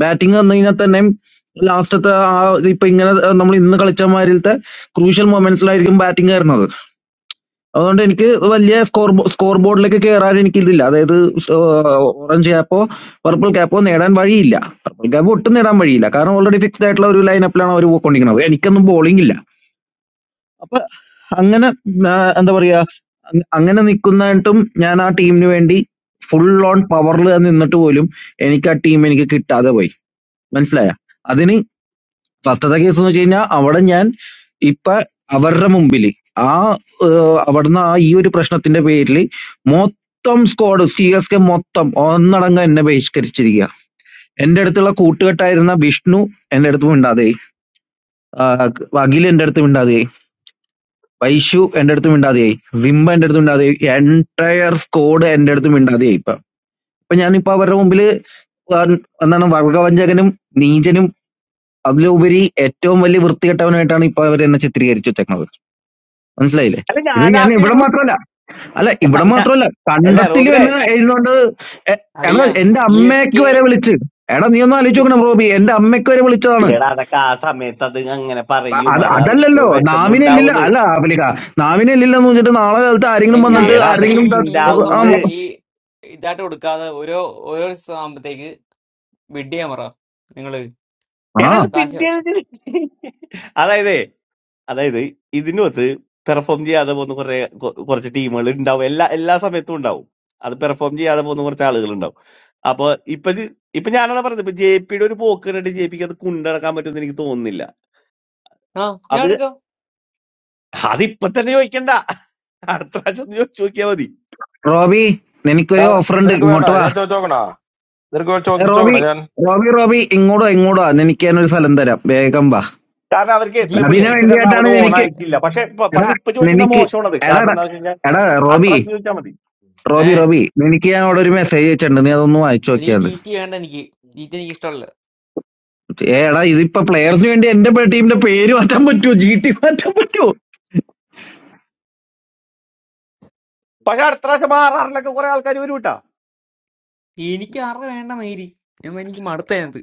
Speaker 33: ബാറ്റിംഗ് വന്നു കഴിഞ്ഞാൽ തന്നെയും ലാസ്റ്റത്തെ ആ ഇപ്പൊ ഇങ്ങനെ നമ്മൾ ഇന്ന് കളിച്ച മാതിരിത്തെ ക്രൂഷ്യൽ മൊമെന്റ്സിലായിരിക്കും ബാറ്റിംഗ് വരുന്നത് അതുകൊണ്ട് എനിക്ക് വലിയ സ്കോർ സ്കോർ ബോർഡിലേക്ക് കയറാൻ എനിക്കിതില്ല അതായത് ഓറഞ്ച് ക്യാപ്പോ പർപ്പിൾ ക്യാപ്പോ നേടാൻ വഴിയില്ല പർപ്പിൾ ക്യാപ്പ് ഒട്ടും നേടാൻ വഴിയില്ല കാരണം ഓൾറെഡി ഫിക്സ്ഡ് ആയിട്ടുള്ള ഒരു ലൈനപ്പിലാണ് അവർ പോയിക്കൊണ്ടിരിക്കുന്നത് എനിക്കൊന്നും ബോളിംഗ് ഇല്ല അപ്പൊ അങ്ങനെ ആ, എന്താ പറയാ അങ് അങ്ങനെ നിൽക്കുന്നതായിട്ടും ഞാൻ ആ ടീമിന് വേണ്ടി ഫുൾ ഓൺ പവറിൽ നിന്നിട്ട് പോലും എനിക്ക് ആ ടീം എനിക്ക് കിട്ടാതെ പോയി മനസ്സിലായ അതിന് വസ്തുത കേസ് എന്ന് വെച്ച് കഴിഞ്ഞാൽ അവിടെ ഞാൻ ഇപ്പൊ അവരുടെ മുമ്പിൽ ആ ഏഹ്, അവിടുന്ന് ആ ഈ ഒരു പ്രശ്നത്തിന്റെ പേരിൽ മൊത്തം സ്ക്വാഡ് സി എസ് കെ മൊത്തം ഒന്നടങ്കം എന്നെ ബഹിഷ്കരിച്ചിരിക്കുക എന്റെ അടുത്തുള്ള കൂട്ടുകെട്ടായിരുന്ന വിഷ്ണു എന്റെ അടുത്ത് മിണ്ടാതെയായി ആ, അഖിൽ എന്റെ അടുത്ത് മിണ്ടാതെയായി വൈശു എന്റെ അടുത്ത് മിണ്ടാതെയായി സിംബ എന്റെ അടുത്ത് മിണ്ടാതെയായി എൻടയർ സ്ക്വാഡ് എന്റെ അടുത്ത് മിണ്ടാതെയായി ഇപ്പൊ അപ്പൊ ഞാനിപ്പോ അവരുടെ മുമ്പിൽ എന്താണ് വർഗവഞ്ചകനും നീചനും അതിലുപരി ഏറ്റവും വലിയ വൃത്തികെട്ടവനായിട്ടാണ് ഇപ്പൊ അവരെന്നെ ചിത്രീകരിച്ചു വെച്ചേക്കുന്നത്. മനസ്സിലായില്ലേ?
Speaker 12: അല്ല
Speaker 33: ഇത്
Speaker 12: ഞാൻ
Speaker 33: ഞാൻ
Speaker 12: ലാസ്റ്റ്
Speaker 33: ഇവിടെ
Speaker 12: ഇവനോട്
Speaker 33: മാത്രമല്ല അല്ല ഇവിടെ മാത്രമല്ല
Speaker 12: അല്ല
Speaker 33: കണ്ടത്തിലും
Speaker 12: റോബിനെ
Speaker 33: എന്നെ എഴുതുന്നോണ്ട് എ- എടാ
Speaker 22: അളിയ
Speaker 33: എന്റെ
Speaker 22: സി എസ്
Speaker 33: അമ്മയ്ക്ക്
Speaker 22: കെ
Speaker 33: വരെ വിളിച്ച് എടാ നീ ഒന്ന് ആലോചിച്ച് നോക്കണം റോബി എന്റെ അമ്മയ്ക്ക് വരെ വിളിച്ചതാണ്
Speaker 12: ഏടാ അതൊക്കെ ആ സമയത്ത് അത് അങ്ങനെ
Speaker 33: അ-
Speaker 12: പറയും
Speaker 33: അത്
Speaker 12: അത് അവർക്ക്
Speaker 33: അതല്ലല്ലോ
Speaker 12: വിഷമം
Speaker 33: നാവിനെ ഇല്ലില്ല
Speaker 12: ഉണ്ടാവുന്ന്
Speaker 33: അല്ല പുലിക്ക നാവിനെ ഇല്ലില്ലെന്ന് വെച്ചിട്ട് നാളെ കാലത്ത് ആരെങ്കിലും
Speaker 22: എന്റെ
Speaker 33: വന്നിട്ട്
Speaker 22: ആപ്പിലെ
Speaker 12: ഏടാ
Speaker 22: നിങ്ങൾ
Speaker 12: അതൊക്കെ
Speaker 33: ആരെങ്കിലും
Speaker 22: ഈ ടീം
Speaker 33: ത-
Speaker 22: മൊത്തം
Speaker 33: ആ
Speaker 12: ഉണ്ടാവുന്ന്
Speaker 22: മ- ഈ ഇതായിട്ട് കൊടുക്കാതെ ഓരോ ഓരോ ബിഡ് ചെയ്യാൻ പറ നിങ്ങള്
Speaker 33: ആ.
Speaker 12: ഏടാ
Speaker 22: ആ
Speaker 12: ഇത്
Speaker 22: കാശ്
Speaker 12: പിന്നീട് അതായത് അതായത് ഇതിനകത്ത് പെർഫോം ചെയ്യാതെ പോകുന്ന കുറെ കൊ- കുറച്ച് ടീമുകൾ ഉണ്ടാവും എല്ലാ എല്ലാ സമയത്തും ഉണ്ടാവും അത് പെർഫോം ചെയ്യാതെ പോകുന്ന കുറച്ച് ആളുകൾ ഉണ്ടാവും അപ്പൊ ഇപ്പൊ ഇത് ഇപ്പൊ ഞാനാണ് പറഞ്ഞത് ഇപ്പൊ ജെ പിയുടെ ഒരു പോക്ക് കണ്ടിട്ട് ജെ പിക്ക് അത് കൊണ്ടുനടക്കാൻ പറ്റുമെന്ന് എനിക്ക് തോന്നുന്നില്ല
Speaker 22: ആ ഞാൻ
Speaker 12: അത്
Speaker 22: എടുക്കാം
Speaker 12: അതിപ്പൊ തന്നെ ചോദിക്കണ്ട അടുത്ത പ്രാവശ്യം ഒന്ന് ചോദിച്ചു നോക്കിയാൽ മതി
Speaker 33: റോബി എനിക്കൊരു
Speaker 30: Now,
Speaker 33: ഓഫർ
Speaker 30: where
Speaker 33: ഉണ്ട്
Speaker 30: are you going?
Speaker 33: ഇങ്ങോട്ട്
Speaker 30: I
Speaker 33: വാ
Speaker 30: am going to
Speaker 33: ഏ,
Speaker 30: work. Where are you going to
Speaker 33: Robi
Speaker 30: work? Jan.
Speaker 33: Robi Robi ഇങ്ങോട്ടോ ഇങ്ങോട്ടോ നിനക്ക് ഞാനൊരു സ്ഥലം തരാം വേഗം വാ
Speaker 12: കാരണം അവർക്ക്
Speaker 22: ജി
Speaker 12: ട്രിപ്പിൾ
Speaker 22: ടി
Speaker 33: അതിനു
Speaker 22: ആണ്
Speaker 12: സിക്സ് രണ്ടാമത്
Speaker 33: വേണ്ടിയായിട്ടാണ്
Speaker 12: ഓൺ
Speaker 33: എനിക്ക്
Speaker 12: ആയിട്ടില്ല പക്ഷെ പ-
Speaker 33: എടാ
Speaker 12: പക്ഷെ ഇപ്പൊ ചോദിക്കുന്ന
Speaker 33: നിനക്ക്
Speaker 12: മോശമാണത്
Speaker 33: എടാ
Speaker 12: കാരണം
Speaker 33: എടാ
Speaker 12: എന്താ വെച്ച് കഴിഞ്ഞാൽ
Speaker 33: എടാ
Speaker 12: അടുത്ത
Speaker 33: റോബി
Speaker 12: പ്രാവശ്യം ചോദിച്ചാൽ മതി
Speaker 22: ഏ
Speaker 33: റോബി റോബി നിനക്ക് ഞാൻ അവിടെ ഒരു മെസ്സേജ് അയച്ചിട്ടുണ്ട് നീ അതൊന്ന് വായിച്ചു
Speaker 22: ഒരു
Speaker 33: നോക്കിയാൽ
Speaker 22: ജി ടി വേണ്ട എനിക്ക് ജി ടി എനിക്ക് ഇഷ്ടമല്ല
Speaker 33: ഏ എടാ ഇതിപ്പോ പ്ലെയേഴ്സിന് വേണ്ടി എന്റെ ടീമിന്റെ പേര് മാറ്റാൻ പറ്റുമോ ജി ടി മാറ്റാൻ പറ്റുമോ
Speaker 12: പക്ഷെ അടുത്ത പ്രാവശ്യം ആർ ആറിലൊക്കെ കുറെ ആൾക്കാർ വരും കേട്ടാ
Speaker 22: എനിക്ക് അറ വേണ്ട മേരി ഞാൻ- എനിക്ക് മടുത്ത അതിനകത്ത്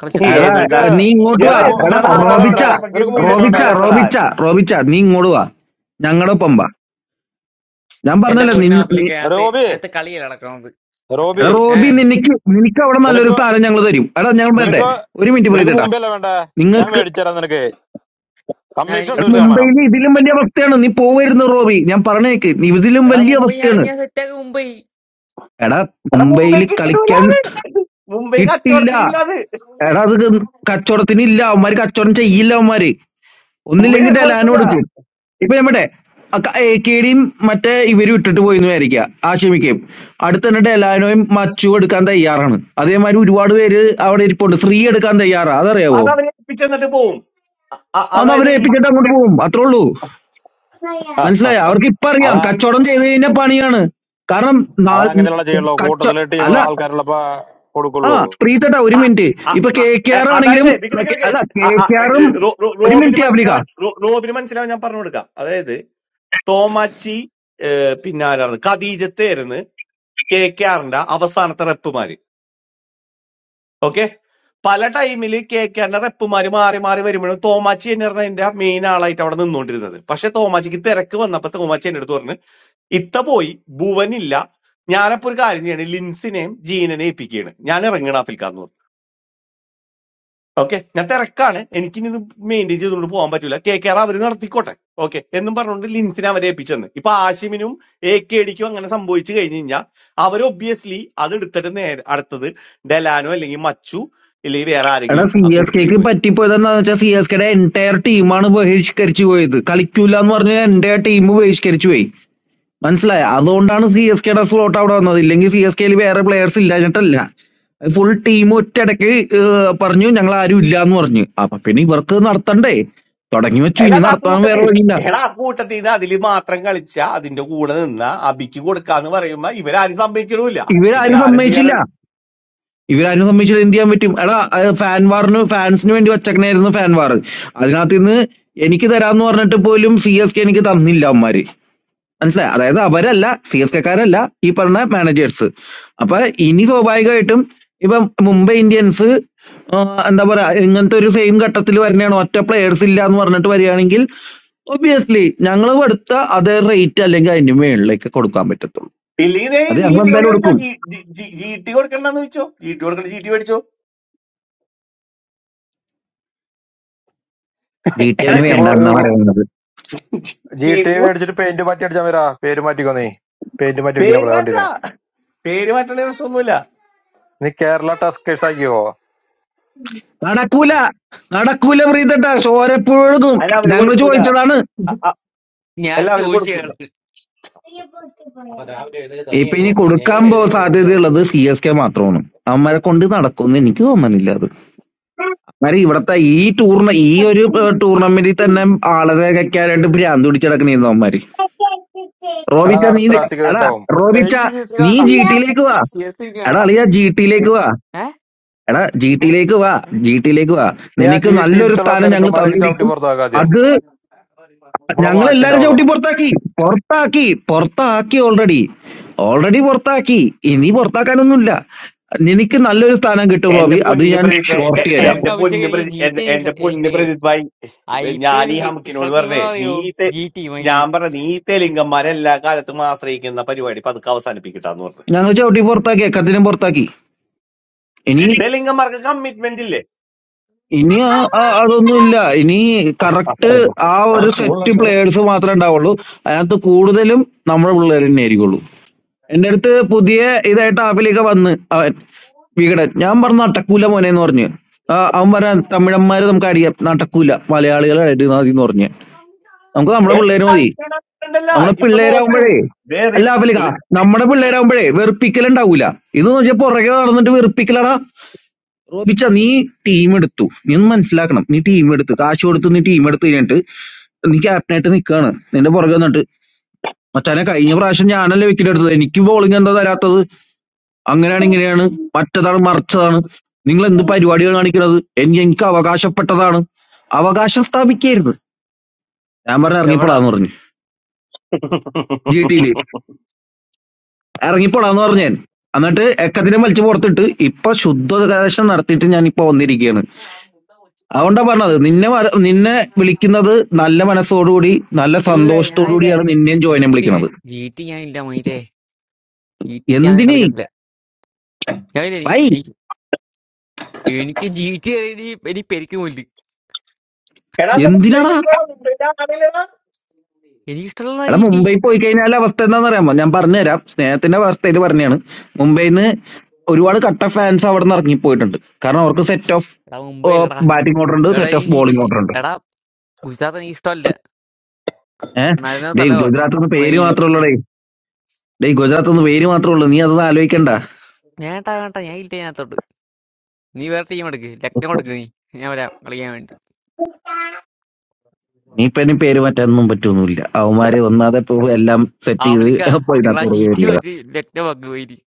Speaker 22: കളിച്ചിട്ട്
Speaker 30: Who
Speaker 33: എടാ
Speaker 30: are you going
Speaker 12: എന്താ
Speaker 33: നീ ഇങ്ങോട്ട്
Speaker 30: to?
Speaker 12: എടാ
Speaker 33: വാ എടാ
Speaker 12: എന്താടാ
Speaker 30: Who
Speaker 12: ആരാണ് എത്ര
Speaker 33: റോബിച്ച
Speaker 30: are
Speaker 12: കുഴപ്പം
Speaker 30: you going to? Who
Speaker 12: ഗംഭീര
Speaker 30: are you going
Speaker 33: റോബിച്ച
Speaker 30: to?
Speaker 12: ടീമല്ലായിരുന്നടാ
Speaker 33: റോബിച്ച റോബിച്ച നീ ഇങ്ങോട്ട് വാ ഞങ്ങളുടെ ഒപ്പം വാ ഞാൻ
Speaker 22: എന്റെ
Speaker 33: പറഞ്ഞല്ലോ നിൻ
Speaker 22: പൊന്നാപ്പിലേക്ക്
Speaker 33: നി-
Speaker 22: അകത്ത്
Speaker 30: Robi,
Speaker 22: അകത്ത് കളിയല്ല നടക്കണത്
Speaker 33: എടാ
Speaker 30: Robi.
Speaker 22: ഏ
Speaker 33: റോബി നിനക്ക് നിനക്ക് അവിടെ
Speaker 30: Who are
Speaker 33: നല്ലൊരു
Speaker 30: you
Speaker 33: സ്ഥാനം ഞങ്ങൾ തരും എടാ ഞങ്ങൾ
Speaker 30: going
Speaker 33: പറ്റേ
Speaker 30: to?
Speaker 33: ഒരു മിനിറ്റ്
Speaker 30: Who are
Speaker 33: പ്രീതിട്ടാ
Speaker 30: you going to? Who
Speaker 33: നിങ്ങൾക്ക്
Speaker 30: are you going to? I am going to take you.
Speaker 22: ഞാൻ
Speaker 30: Commission
Speaker 22: എനിക്ക്
Speaker 33: എടാ
Speaker 22: മുംബൈ
Speaker 30: director, my
Speaker 22: വേണം
Speaker 30: name.
Speaker 33: മുംബൈയിൽ ഇതിലും വലിയ അവസ്ഥയാണ് നീ പോവരുന്നു റോബി ഞാൻ പറഞ്ഞേക്ക് ഇതിലും
Speaker 22: എടാ
Speaker 33: വലിയ
Speaker 22: മുംബൈ
Speaker 33: അവസ്ഥയാണ്
Speaker 22: ആണെങ്കിൽ ഞാൻ സെറ്റാക്കി മുംബൈ
Speaker 33: എടാ
Speaker 12: എടാ മുംബൈ
Speaker 33: മുംബൈയിൽ
Speaker 12: കിട്ടൂല
Speaker 33: കളിക്കാൻ
Speaker 12: അത്. മുംബൈ
Speaker 33: കിട്ടില്ല
Speaker 12: കച്ചവടത്തിനില്ല അത്
Speaker 33: എടാ അത് കച്ചവടത്തിനില്ല അവന്മാര് കച്ചവടം ചെയ്യില്ല അവന്മാര്
Speaker 12: മുംബൈ
Speaker 33: ഒന്നില്ലെങ്കിൽ
Speaker 12: ഒരു
Speaker 33: ഡെലാനും
Speaker 12: കൊടുക്കൂല
Speaker 33: എടുക്കും ഇപ്പൊ നമ്മുടെ എ കെഡിയും മറ്റേ ഇവരും ഇട്ടിട്ട് പോയി എന്ന് വിചാരിക്കുക ആശമിക്കയും അടുത്ത തന്നെ ഡെലാനോയും മച്ചു എടുക്കാൻ തയ്യാറാണ് അതേമാതിരി ഒരുപാട് പേര് അവിടെ ഇരിപ്പുണ്ട് ശ്രീ എടുക്കാൻ തയ്യാറാ അതറിയാവോ
Speaker 12: അതവരെ ഏൽപ്പിച്ചെന്നിട്ട് പോവും അ-
Speaker 33: അത്
Speaker 12: അതായത്
Speaker 33: അവരെ
Speaker 12: ഇ-
Speaker 33: ഏൽപ്പിച്ചിട്ട് അങ്ങോട്ട് പോകും അത്രേ ഉള്ളൂ
Speaker 12: ആ, ആ,
Speaker 33: മനസ്സിലായോ അവർക്ക് ഇപ്പൊ അറിയാം
Speaker 30: That,
Speaker 33: കച്ചവടം ചെയ്ത് കഴിഞ്ഞാൽ പണിയാണ് കാരണം
Speaker 30: that. All the
Speaker 33: നാ-
Speaker 30: people in the court,
Speaker 33: കച്ച
Speaker 30: the team, the
Speaker 33: അല്ല
Speaker 30: lawyers,
Speaker 33: ആ
Speaker 30: all of
Speaker 33: പ്രീതട്ടാ ഒരു
Speaker 12: ആ,
Speaker 33: മിനിറ്റ്
Speaker 12: ആ,
Speaker 33: ഇപ്പൊ
Speaker 12: ആ,
Speaker 33: കെ കെ
Speaker 12: എ,
Speaker 33: ആർ
Speaker 12: അതായത്
Speaker 33: ആണെങ്കിലും
Speaker 12: നിക്ക്
Speaker 33: ന-
Speaker 12: നിക്ക്
Speaker 33: കെ-
Speaker 12: നിക്ക്.
Speaker 33: അല്ല കെ
Speaker 12: ആ, ആ,
Speaker 33: കെ
Speaker 12: എ,
Speaker 33: ആറും
Speaker 12: റോ- റോ-
Speaker 33: ഒരു
Speaker 12: റോബിന്
Speaker 33: മിനിറ്റ് ആഫ്രിക്ക
Speaker 12: മനസ്സിലാവാൻ റോ- റോബിന് മനസ്സിലാവാൻ ഞാൻ പറഞ്ഞു കൊടുക്കാം അതായത് തോമാച്ചി ഏ, പിന്നെ ആരാണ് ഖദീജത്തായിരുന്നു കെ കെ ആറിന്റെ അവസാനത്തെ റെപ്പുമാര് ഓക്കെ പല ടൈമിൽ കെ കെന്റെ റെപ്പുമാര് മാറി മാറി വരുമ്പോഴും തോമാച്ചി എന്ന് പറഞ്ഞ എന്റെ മെയിൻ ആളായിട്ട് അവിടെ നിന്നുകൊണ്ടിരുന്നത് പക്ഷെ തോമാച്ചിക്ക് തിരക്ക് വന്നപ്പോ തോമാച്ചി എന്റെ അടുത്ത് പറഞ്ഞു ഇത്ത പോയി ഭുവനില്ല ഞാനപ്പോ ഒരു കാര്യം ചെയ്യണം ലിൻസിനെയും ജീനനെയും ഏൽപ്പിക്കുകയാണ് ഞാൻ ഇറങ്ങണ ആഫിൽക്കാന്ന് പറഞ്ഞു ഓക്കെ ഞാൻ തിരക്കാണ് എനിക്കിനി ഇത് മെയിൻറ്റെയിൻ ചെയ്തുകൊണ്ട് പോകാൻ പറ്റൂല കെ കെ ആർ അവർ നടത്തിക്കോട്ടെ ഓക്കെ എന്നും പറഞ്ഞുകൊണ്ട് ലിൻസിനെ അവരെ ഏൽപ്പിച്ചെന്ന് ഇപ്പൊ ആഷിമിനും എ കെ ഡിക്കും അങ്ങനെ സംഭവിച്ചു കഴിഞ്ഞു കഴിഞ്ഞാൽ അവർ ഒബ്വിയസ്ലി അത് എടുത്തിട്ട് നേരെ അടുത്തത് ഡെലാനോ അല്ലെങ്കിൽ മച്ചു അല്ലെങ്കിൽ വേറെ
Speaker 33: എടാ
Speaker 12: ആരെങ്കിലും
Speaker 33: സി
Speaker 12: ആ
Speaker 33: എസ് കെക്ക്
Speaker 12: കൂട്ടത്തിലേക്ക് വരും
Speaker 33: പറ്റിപ്പോയതെന്നു വെച്ചാൽ സി എസ് കെയുടെ എൻറ്റയർ ടീമാണ് ബഹിഷ്കരിച്ചു പോയത് കളിക്കൂല എന്ന് പറഞ്ഞ എൻറ്റയർ ടീം ബഹിഷ്കരിച്ചു പോയി മനസ്സിലായ അതുകൊണ്ടാണ് സി എസ് കെയുടെ സ്ലോട്ട് അവിടെ വന്നത് ഇല്ലെങ്കിൽ സി എസ് കെയിൽ വേറെ പ്ലെയേഴ്സ് ഇല്ലാഞ്ഞിട്ടല്ല ഫുൾ ടീം ഒറ്റയടക്ക് ഏഹ്, പറഞ്ഞു ഞങ്ങൾ ആരും ഇല്ല എന്ന് പറഞ്ഞു അപ്പൊ പിന്നെ ഇവർക്ക് നടത്തണ്ടേ തുടങ്ങി വെച്ചു ഇനി
Speaker 12: അല്ലാതെ ആ
Speaker 33: നടത്താൻ വേറെ
Speaker 12: കൂട്ടത്തിൽ
Speaker 33: വഴിയില്ല
Speaker 12: എടാ ആ കൂട്ടത്തിൽ നിന്ന് അതിൽ മാത്രം കളിച്ച അതിന്റെ കൂടെ നിന്ന അബിക്ക് കൊടുക്കാന്ന് പറയുമ്പോ ഇവരാരും സംഭവിക്കണമില്ല പിന്നെ
Speaker 33: ഇവരാരും
Speaker 12: ആരെന്ത്
Speaker 33: സമ്മതിച്ചില്ല
Speaker 12: ചെയ്യാനാണ്
Speaker 33: ഇവര് അനുഗമിച്ചാൽ എന്ത് ചെയ്യാൻ പറ്റും? എടാ ഫാൻ വാറിന് ഫാൻസിന് വേണ്ടി വച്ചേക്കണായിരുന്നു ഫാൻ വാർ. അതിനകത്ത് നിന്ന് എനിക്ക് തരാന്ന് പറഞ്ഞിട്ട് പോലും സി എസ് കെ എനിക്ക് തന്നില്ല അവന്മാര്. മനസ്സിലായോ? അതായത് അവരല്ല സി എസ് കെക്കാരല്ല ഈ പറഞ്ഞ മാനേജേഴ്സ്. അപ്പൊ ഇനി സ്വാഭാവികമായിട്ടും ഇപ്പം മുംബൈ ഇന്ത്യൻസ് ആഹ് എന്താ പറയാ ഇങ്ങനത്തെ ഒരു സെയിം ഘട്ടത്തിൽ വരണയാണ് ഒറ്റ പ്ലെയേഴ്സ് ഇല്ല എന്ന് പറഞ്ഞിട്ട് വരികയാണെങ്കിൽ ഒബിയസ്ലി ഞങ്ങൾ കൊടുത്ത അതേ റേറ്റ് അല്ലെങ്കിൽ അതിന് മേളിലേക്ക് കൊടുക്കാൻ പറ്റത്തുള്ളൂ.
Speaker 12: ഇല്ലെങ്കിൽ ദേ
Speaker 33: അത്
Speaker 12: നീ
Speaker 33: ഞങ്ങൾ
Speaker 12: ഇവരോട്
Speaker 33: എന്തായാലും
Speaker 12: ചോദിച്ചോ
Speaker 33: കൊടുക്കും.
Speaker 12: ജി ടി കൊടുക്കണ്ടെന്ന് ചോദിച്ചോ ജി ടി കൊടുക്കണ്ട ജി ടി മേടിച്ചോ
Speaker 33: വീട്ടിൽ
Speaker 30: them.
Speaker 12: എടാ
Speaker 30: G
Speaker 33: അവന്
Speaker 12: ജി ടി
Speaker 33: വേണ്ടെന്നാ
Speaker 30: T.
Speaker 33: പറയുന്നത്.
Speaker 30: ജി ടി
Speaker 12: ജിപി
Speaker 30: മേടിച്ചിട്ട് പെയിന്റ് മാറ്റി അടിച്ചാൽ വരാ പേര് മാറ്റിക്കോ നീ പെയിന്റ് മാറ്റി അടിക്കാൻ
Speaker 12: പേര്
Speaker 30: പോലെ
Speaker 12: മാറ്റ
Speaker 30: വണ്ടിനെ
Speaker 12: പേര് മാറ്റുള്ള പ്രശ്നമൊന്നുമില്ല
Speaker 30: നീ കേരള ടസ്കേഴ്സ് ആക്കിയോ
Speaker 33: നടക്കൂല നടക്കൂല പ്രീതട്ട ചോരപ്പുഴക്കും
Speaker 12: അല്ല അവര്
Speaker 33: ഞങ്ങൾ
Speaker 12: കൊടുക്കൂല
Speaker 33: ചോദിച്ചതാണ്
Speaker 12: അ- അ-
Speaker 22: ഞാൻ
Speaker 12: അല്ല അവര്
Speaker 22: ചോദിച്ചു
Speaker 12: കൊടുക്കൂല
Speaker 22: കേൾക്ക്
Speaker 33: ഇപ്പൊ ഇനി കൊടുക്കാൻ പോ സാധ്യതയുള്ളത് സി എസ് കെ മാത്രമാണ് അവന്മാരെ കൊണ്ട് നടക്കുമെന്ന് എനിക്ക് തോന്നണില്ല അത് അന്നേരം ഇവിടത്തെ ഈ ടൂർണ ഈ ഒരു ടൂർണമെന്റിൽ തന്നെ ആളതെ വെക്കാനായിട്ട് ഭ്രാന്ത് പിടിച്ചടക്കണിരുന്നു അവന്മാര്
Speaker 30: എടാ അത്
Speaker 33: റോബിച്ച നീ
Speaker 30: അടുത്ത രാഷ്ട്രീയ
Speaker 33: എടാ
Speaker 30: തെറ്റാവും
Speaker 33: റോബിച്ച
Speaker 22: എനിക്ക് സി എസ്
Speaker 33: നീ
Speaker 22: വേണ്ട
Speaker 33: ജി ടിയിലേക്ക് വാ
Speaker 22: സി എസ് എനിക്ക്
Speaker 33: എടാ
Speaker 22: വേണ്ട
Speaker 33: അളിയ ജി ടിയിലേക്ക് വാ
Speaker 22: ഏ
Speaker 33: എടാ ജി ടിയിലേക്ക് വാ ജി ടിയിലേക്ക് വാ
Speaker 30: നീ ആ
Speaker 33: നിനക്ക്
Speaker 30: ജി
Speaker 33: നല്ലൊരു
Speaker 30: ടിയിലത്തുള്ള
Speaker 33: സ്ഥാനം ഞങ്ങൾ
Speaker 30: തെലുങ്കന്മാരൊക്കെ ചവിട്ടി
Speaker 33: തന്നിരിക്കും
Speaker 30: പുറത്താക്കുക ആദ്യം
Speaker 33: അത്
Speaker 30: നമ്മളെ വാശി
Speaker 33: ഞങ്ങളെല്ലാരും
Speaker 30: ഉണ്ടാവുള്ളൂ
Speaker 33: ചവിട്ടി പുറത്താക്കി പുറത്താക്കി പുറത്താക്കി ഓൾറെഡി ഓൾറെഡി പുറത്താക്കി ഇനി പുറത്താക്കാനൊന്നുമില്ല നിനക്ക് നല്ലൊരു സ്ഥാനം കിട്ടും
Speaker 12: എന്റെ
Speaker 33: റോബി അത്
Speaker 12: പൊന്ന്
Speaker 33: ഞാൻ
Speaker 12: പ്രജിത്ത്
Speaker 22: എന്റെ
Speaker 33: ഷോർട്ട്
Speaker 12: എ-
Speaker 33: തരാം
Speaker 12: എന്റെ
Speaker 22: പൊന്നഭിഷേക്
Speaker 12: പൊന്ന്
Speaker 22: എനിക്ക്
Speaker 12: പ്രജി
Speaker 22: ജി
Speaker 12: എന്റെ
Speaker 22: ടി എനിക്ക്
Speaker 12: എന്റെ
Speaker 22: ഇഷ്ട-
Speaker 12: പൊന്ന്
Speaker 22: എനിക്ക്
Speaker 12: പ്രജിത് ഭായി
Speaker 22: ഐ പി
Speaker 12: ഞാൻ
Speaker 22: എൽ
Speaker 12: ഈ
Speaker 22: ഇഷ്ട
Speaker 12: ഹംക്കിനോട്
Speaker 22: ടീം
Speaker 12: പറഞ്ഞേ നീ
Speaker 22: പറയോ
Speaker 12: ഈ തെ-
Speaker 22: ജി ടി മയില്
Speaker 12: ഞാൻ പറഞ്ഞ നീ ഈ തെലുങ്കന്മാരെ എല്ലാ കാലത്തും ആശ്രയിക്കുന്ന പരിപാടി പതുക്കെ അവസാനിപ്പിക്കട്ടാന്ന് പറഞ്ഞു
Speaker 33: ഞങ്ങൾ ചവിട്ടി പുറത്താക്കി എക്കത്തിനും പുറത്താക്കി ഇനി
Speaker 12: തെലുങ്കന്മാർക്ക് കമ്മിറ്റ്മെന്റ് ഇല്ലേ
Speaker 33: ഇനി ആ- ആ- അതൊന്നുമില്ല ഇനി കറക്റ്റ് ആ ഒരു സെറ്റ് പ്ലേയേഴ്സ് മാത്രമേ ഉണ്ടാവുള്ളൂ അതിനകത്ത് കൂടുതലും നമ്മുടെ പിള്ളേർ തന്നെ ആയിരിക്കുള്ളൂ എന്റെ അടുത്ത് പുതിയ ഇതായിട്ട് ആപ്പിലേക്ക് വന്ന് വികടൻ ഞാൻ പറഞ്ഞ നടക്കൂല മോനെ എന്ന് പറഞ്ഞു ആ, അവൻ പറയാൻ തമിഴന്മാര് നമുക്ക് അടിയാം നടക്കൂല മലയാളികളെ അടി മതി എന്ന് പറഞ്ഞു നമുക്ക് നമ്മുടെ പിള്ളേര് മതി
Speaker 12: ണ്ടല്ല
Speaker 33: നമ്മുടെ
Speaker 12: ഇപ്പൊ നോക്ക്
Speaker 33: പിള്ളേരാകുമ്പോഴേ
Speaker 12: ദേ റി-
Speaker 33: അല്ല അവലിക
Speaker 12: റി-
Speaker 33: നമ്മുടെ പിള്ളേരാകുമ്പോഴേ വെറുപ്പിക്കലുണ്ടാവൂല ഇതെന്ന് വെച്ചാൽ പുറകെ നടന്നിട്ട് വെറുപ്പിക്കലാടാ റോബിച്ച നീ ടീം എടുത്തു നീ ഒന്ന് മനസ്സിലാക്കണം നീ ടീം എടുത്ത് കാശ് കൊടുത്ത് നീ ടീം എടുത്ത് കഴിഞ്ഞിട്ട് നീ ക്യാപ്റ്റനായിട്ട് നിൽക്കുകയാണ് നിന്റെ പുറകെ നിന്നിട്ട് മച്ചാനെ കഴിഞ്ഞ പ്രാവശ്യം ഞാനല്ലേ വിക്കറ്റ് എടുത്തത് എനിക്ക് ബോളിംഗ് എന്താ തരാത്തത് അങ്ങനെയാണ് ഇങ്ങനെയാണ് മറ്റതാണ് മറിച്ചതാണ് നിങ്ങൾ എന്ത് പരിപാടിയാണ് കാണിക്കുന്നത് എനിക്ക് എനിക്ക് അവകാശപ്പെട്ടതാണ് അവകാശം സ്ഥാപിക്കരുത് ഞാൻ പറഞ്ഞ
Speaker 22: എവിടാ
Speaker 33: ഇറങ്ങിപ്പോടാന്ന് പറഞ്ഞു ജി ടിയില് ഇറങ്ങിപ്പോടാന്ന് പറഞ്ഞു ഞാൻ എന്നിട്ട് എക്കത്തിനെ വലിച്ചു പുറത്തിട്ട് ഇപ്പൊ ശുദ്ധോപദേശം നടത്തിയിട്ട് ഞാൻ ഇപ്പൊ വന്നിരിക്കുകയാണ് അതുകൊണ്ടാ പറഞ്ഞത് നിന്നെ വര- നിന്നെ വിളിക്കുന്നത് നല്ല മനസ്സോടുകൂടി നല്ല
Speaker 22: ഇല്ല
Speaker 33: സന്തോഷത്തോടു
Speaker 22: ഞാനില്ല
Speaker 33: കൂടിയാണ് നിന്നെയും
Speaker 22: ജി
Speaker 33: ജോയിനെ
Speaker 22: ടി ഞാൻ
Speaker 33: വിളിക്കുന്നത്
Speaker 22: ജി ടി ഞാൻ ഇല്ല മയിലേ ജി ടിക്ക് ഞാൻ
Speaker 33: എന്തിനേ
Speaker 22: കളിക്കത്തില്ല ഞാനില്ല
Speaker 33: വൈ
Speaker 22: എനിക്ക് എനിക്ക് എനിക്ക് ജി ടി ഇനി ഇനി പെരിക്ക് പോയില്ല
Speaker 12: എടാ എന്നാ മുംബൈ
Speaker 33: എന്തിനാടാ
Speaker 12: പോയിക്കോളൂ മുംബൈ
Speaker 22: എനിക്ക് ഇഷ്ടമുള്ള
Speaker 33: എടാ
Speaker 22: ജി ടി
Speaker 33: മുംബൈ പോയി കഴിഞ്ഞാൽ അവസ്ഥ എന്താണെന്ന് അറിയാമോ ഞാൻ പറഞ്ഞുതരാം സ്നേഹത്തിന്റെ അവസ്ഥയിൽ പറഞ്ഞാണ് മുംബൈയിൽ നിന്ന് ഒരുപാട് കട്ട ഫാൻസ് അവിടെ നിന്ന് ഇറങ്ങിപ്പോയിട്ടുണ്ട് കാരണം അവർക്ക് സെറ്റ് ഓഫ്
Speaker 22: എടാ മുംബൈ അല്ലടാ
Speaker 33: ബാറ്റിംഗ് ഓർഡർ ഉണ്ട്
Speaker 22: എടാ
Speaker 33: സെറ്റ് ഓഫ്
Speaker 22: എനിക്ക് ജി ടി
Speaker 33: ബോളിംഗ് ഓർഡർ ഉണ്ട്
Speaker 22: എടാ ഗുജറാത്ത് എനിക്ക് ഇഷ്ടമല്ല
Speaker 33: ഏഹ്
Speaker 22: നരുന്ന
Speaker 33: ഡേയ്
Speaker 22: സ്ഥലവാ
Speaker 33: ഗുജറാത്ത് എന്ന് പേര്
Speaker 22: മയില്
Speaker 33: മാത്രമേ ഉള്ളൂ ഡേയ് ഡേയ് ഗുജറാത്ത് എന്ന് പേര് മാത്രമേ ഉള്ളൂ നീ അതൊന്നും ആലോചിക്കണ്ട
Speaker 22: വേണ്ട വേണ്ട ഞാൻ ഇല്ല ഞാനത്തോട്ട് നീ വേറെ ടീം എടുക്ക് ലക്നം എടുക്ക് നീ ഞാൻ വരാം കളിക്കാൻ വേണ്ടി
Speaker 33: നീ ഇപ്പൊ ഇനി പേര് മാറ്റാനൊന്നും പറ്റൊന്നുമില്ല അവന്മാര് ഒന്നാതെ ഇപ്പൊ എല്ലാം സെറ്റ്
Speaker 22: ആഫ്രിക്ക
Speaker 33: ചെയ്ത് ഇപ്പൊ
Speaker 22: നിങ്ങൾ ആ
Speaker 33: ഇതിനകത്ത്
Speaker 22: ജി ടി
Speaker 33: കയറിയത്
Speaker 22: മാറ്റി ലക്നം ആക്ക് മയില്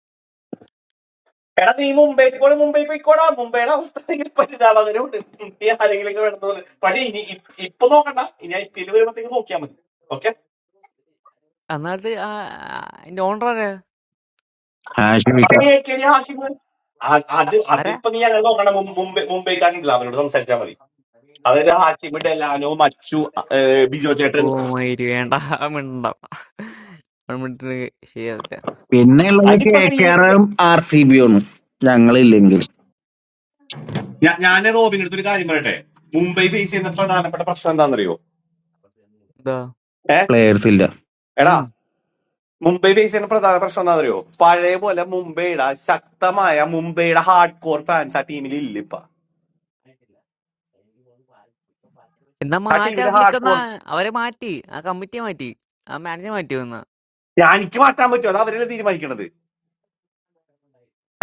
Speaker 12: എടാ നീ മുംബൈ പോയി മുംബൈ പോയിക്കോടാ മുംബൈയുടെ അവസ്ഥ ആണെങ്കിൽ പരിതാപകരമുണ്ട് മുംബൈ ആരെങ്കിലും വേണ്ടതുപോലെ പക്ഷെ ഇനി ഇ- ഇപ്പൊ നോക്കണ്ട ഇനി ഐ പി എൽ വരുമ്പോഴത്തേക്ക് നോക്കിയാൽ മതി ഓക്കെ
Speaker 22: അന്നാലത്തെ ആ അതിന്റെ ഓണർ ആരാ
Speaker 33: ഹാഷിമി
Speaker 12: പറഞ്ഞ കേട്ടിയ ആശിഫ് ആ- അത്
Speaker 22: ആരാ
Speaker 12: അതിപ്പോ നീ അങ്ങനെ നോക്കണം മും- മുംബൈ മുംബൈക്കാരുണ്ടല്ലോ അവരോട് സംസാരിച്ചാൽ മതി അതായത് ഹാഷിബ് ഡെലാനോ മച്ചു ഏഹ് ബിജോ
Speaker 22: ഓ
Speaker 12: ചേട്ടൻ
Speaker 22: മയിര് വേണ്ട മിണ്ട മിണ്ടിട്ട് ശരിയാവില്ല
Speaker 33: പിന്നെ ഉള്ളത് കെ
Speaker 12: അതിപ്പോ
Speaker 33: കെ
Speaker 12: സ്ത്രീയൊക്കെ കേ-
Speaker 33: ആറും ആർ സി ബി ആണ് ഞങ്ങളില്ലെങ്കിൽ
Speaker 12: ഞാ- ഞാൻ റോബിന്റെ അടുത്ത് ഒരു കാര്യം പറയട്ടെ മുംബൈ ഫേസ് ചെയ്യുന്ന പ്രധാനപ്പെട്ട പ്രശ്നം എന്താണെന്നറിയോ
Speaker 22: എന്താ
Speaker 12: ഏഹ്
Speaker 33: പ്ലേയേഴ്സ് ഇല്ല
Speaker 12: എടാ
Speaker 22: ഉം
Speaker 12: മുംബൈ ഫേസ് ചെയ്യുന്ന പ്രധാന പ്രശ്നം എന്താ അറിയോ പഴയ പോലെ മുംബൈയുടെ ശക്തമായ മുംബൈയുടെ ഹാർഡ് കോർ ഫാൻസ് ആ ടീമിൽ ഇല്ല ഇപ്പൊ
Speaker 22: എന്നാ
Speaker 12: ആ
Speaker 22: മാറ്റാ
Speaker 12: ടീമിൽ ഹാർഡ്
Speaker 22: വിളിക്കുന്ന
Speaker 12: കോർ
Speaker 22: അവരെ മാറ്റി ആ കമ്മിറ്റി മാറ്റി ആ മാനേജർ മാറ്റി വന്ന
Speaker 12: എനിക്ക് മാറ്റാൻ പറ്റുമോ അത് അവരല്ലേ തീരുമാനിക്കണത്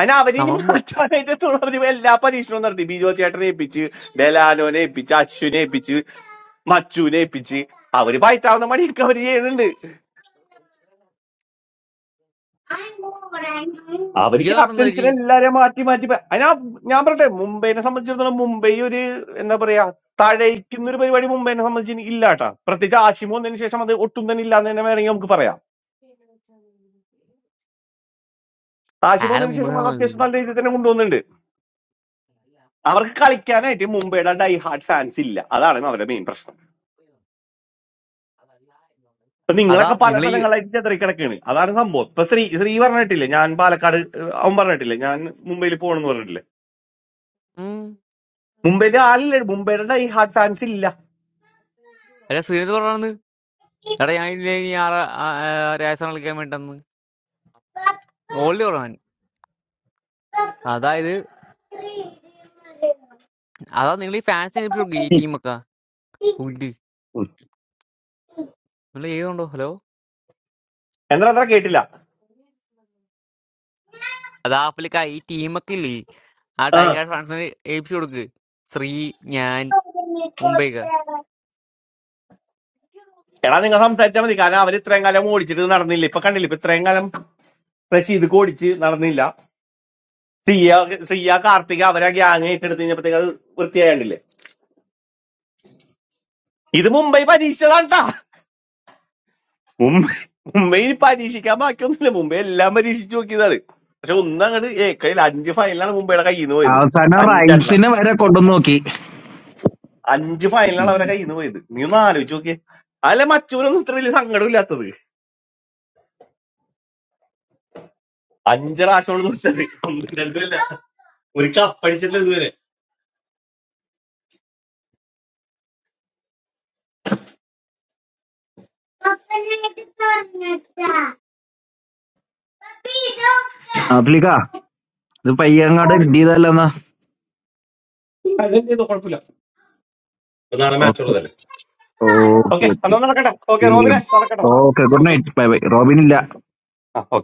Speaker 12: അതിന് അവരിനി
Speaker 22: നമ്മ
Speaker 12: മാറ്റാനായിട്ട് എത്തുള്ളൂ. അവര് എല്ലാ പരീക്ഷണവും നടത്തി ബിജോ ചേട്ടനെ ഏൽപ്പിച്ച് ഡെലാനോനെ ഏൽപ്പിച്ച് അശ്വിനെ ഏൽപ്പിച്ച് മച്ചുവിനെ ഏൽപ്പിച്ച് അവര് പയറ്റാവുന്ന പണിയൊക്കെ അവര് ചെയ്യുന്നുണ്ട് I know, right? I know. അവര്
Speaker 22: വിജയതാണെന്നൊരു
Speaker 12: ക്യാപ്റ്റൻസിനെ എല്ലാരെയും മാറ്റി മാറ്റി പ- അതിനാ ഞാൻ പറയട്ടെ മുംബൈനെ സംബന്ധിച്ചിടത്തോളം മുംബൈ ഒരു എന്താ പറയാ തഴയിക്കുന്ന ഒരു പരിപാടി മുംബൈനെ സംബന്ധിച്ച് ഇല്ല കേട്ടാ പ്രത്യേകിച്ച് ആശിമ വന്നതിന് ശേഷം അത് ഒട്ടും തന്നെ ഇല്ലാന്ന് തന്നെ വേണമെങ്കിൽ നമുക്ക് പറയാം ആശിമ
Speaker 22: ആളെ
Speaker 12: വന്നതിന്
Speaker 22: മുമ്പേ
Speaker 12: ശേഷം അത് അത്യാവശ്യം
Speaker 22: വന്നു.
Speaker 12: നല്ല രീതിയിൽ തന്നെ കൊണ്ടുവന്നിട്ടുണ്ട് അവർക്ക് കളിക്കാനായിട്ട് മുംബൈയുടെ ഡൈ ഹാർഡ് ഫാൻസ് ഇല്ല അതാണ് അവരുടെ മെയിൻ പ്രശ്നം ഇപ്പൊ
Speaker 22: അതാ
Speaker 12: നിങ്ങളൊക്കെ പല
Speaker 22: നിങ്ങൾ ഈ
Speaker 12: സ്ഥലങ്ങളായിട്ട് ചെതറി കിടക്കാണ് അതാണ് സംഭവം ഇപ്പൊ ശ്രീ ശ്രീ പറഞ്ഞിട്ടില്ലേ ഞാൻ പാലക്കാട് ഏഹ്, അവൻ പറഞ്ഞിട്ടില്ലേ ഞാൻ മുംബൈയിൽ പോകണമെന്ന് പറഞ്ഞിട്ടില്ലേ
Speaker 22: ഉം
Speaker 12: മുംബൈയിലെ ആളില്ല മുംബൈയുടെ ഡൈ ഹാർഡ് ഫാൻസ് ഇല്ല
Speaker 22: അല്ല സുരേന്ദ് പറഞ്ഞത് എടാ ഞാൻ ഇല്ലേ ഇനി ആറ് രാജസ്ഥാൻ കളിക്കാൻ വേണ്ടെന്ന് ഓൾഡ് കുറവാൻ അതായത് അതാ നിങ്ങൾ ഈ ഫാൻസിനെ ഏൽപ്പിച്ചു കൊടുക്ക് ഈ ടീമൊക്കെ ഫുഡ് നിങ്ങൾ ചെയ്തുണ്ടോ ഹലോ
Speaker 12: എന്താ അത്ര കേട്ടില്ല
Speaker 22: അതാ പുള്ളിക്ക ഈ ടീമൊക്കെ ഇല്ലേ ആ
Speaker 12: ആ
Speaker 22: ടൈഹാർഡ് ഫാൻസിനെ ഏൽപ്പിച്ചു കൊടുക്ക് ശ്രീ ഞാൻ മുംബൈ
Speaker 12: എടാ നിങ്ങൾ സംസാരിച്ചാൽ മതി കാരണം അവർ ഇത്രയും കാലം ഓടിച്ചിട്ട് നടന്നില്ല ഇപ്പൊ കണ്ടില്ല ഇപ്പൊ ഇത്രയും കാലം റഷീദ് ഓടിച്ച് നടന്നില്ല സിയ സിയ കാർത്തിക അവരെ ഗ്യാങ് ഏറ്റെടുത്ത് കഴിഞ്ഞപ്പോഴത്തേക്ക് അത് വൃത്തിയായണ്ടില്ലേ ഇത് മുംബൈ പരീക്ഷിച്ചതാണ് ട്ടാ. മുംബൈ മുംബൈയിൽ പരീക്ഷിക്കാൻ ബാക്കിയൊന്നുമില്ല മുംബൈ എല്ലാം പരീക്ഷിച്ചു നോക്കിയതാണ് പക്ഷെ ഒന്നും അങ്ങോട്ട് ഏക്കയിൽ അഞ്ച് ഫൈനലാണ് മുംബൈയുടെ കയ്യിൽ നിന്ന് പോയത്
Speaker 33: അവസാനം
Speaker 12: അഞ്ചെണ്ണം
Speaker 33: റൈബ്സിനെ വരെ കൊണ്ടുവന്ന് നോക്കി
Speaker 12: അഞ്ച് ഫൈനലാണ് അവരെ കയ്യിൽ നിന്ന് പോയത് നീ ഒന്ന് ആലോചിച്ച് നോക്കിയേ അല്ല മറ്റൂരൊന്നും ഇത്ര വലിയ സങ്കടമില്ലാത്തത് അഞ്ച് പ്രാവശ്യം തോറ്റത് ഒന്നും രണ്ടുമില്ല ഒരു കപ്പ് അടിച്ചിട്ടില്ല ഇതുവരെ
Speaker 33: ആഫ്ലിക്ക ഇത് പയ്യങ്ങാട് ഇടിയതല്ലെന്നാ
Speaker 12: അതിന് ചെയ്തു കുഴപ്പമില്ല ഇപ്പൊ നാളെ മാച്ച്
Speaker 33: ഓക്കെ
Speaker 12: ഉള്ളതല്ലേ ഓക്കെ
Speaker 33: ഓക്കെ ഓക്കെ
Speaker 12: എന്നാ നടക്കട്ടെ ഓക്കെ റോബിനെ നടക്കട്ടെ
Speaker 33: okay good night bye bye Robin ഇല്ല
Speaker 12: ഓക്കെ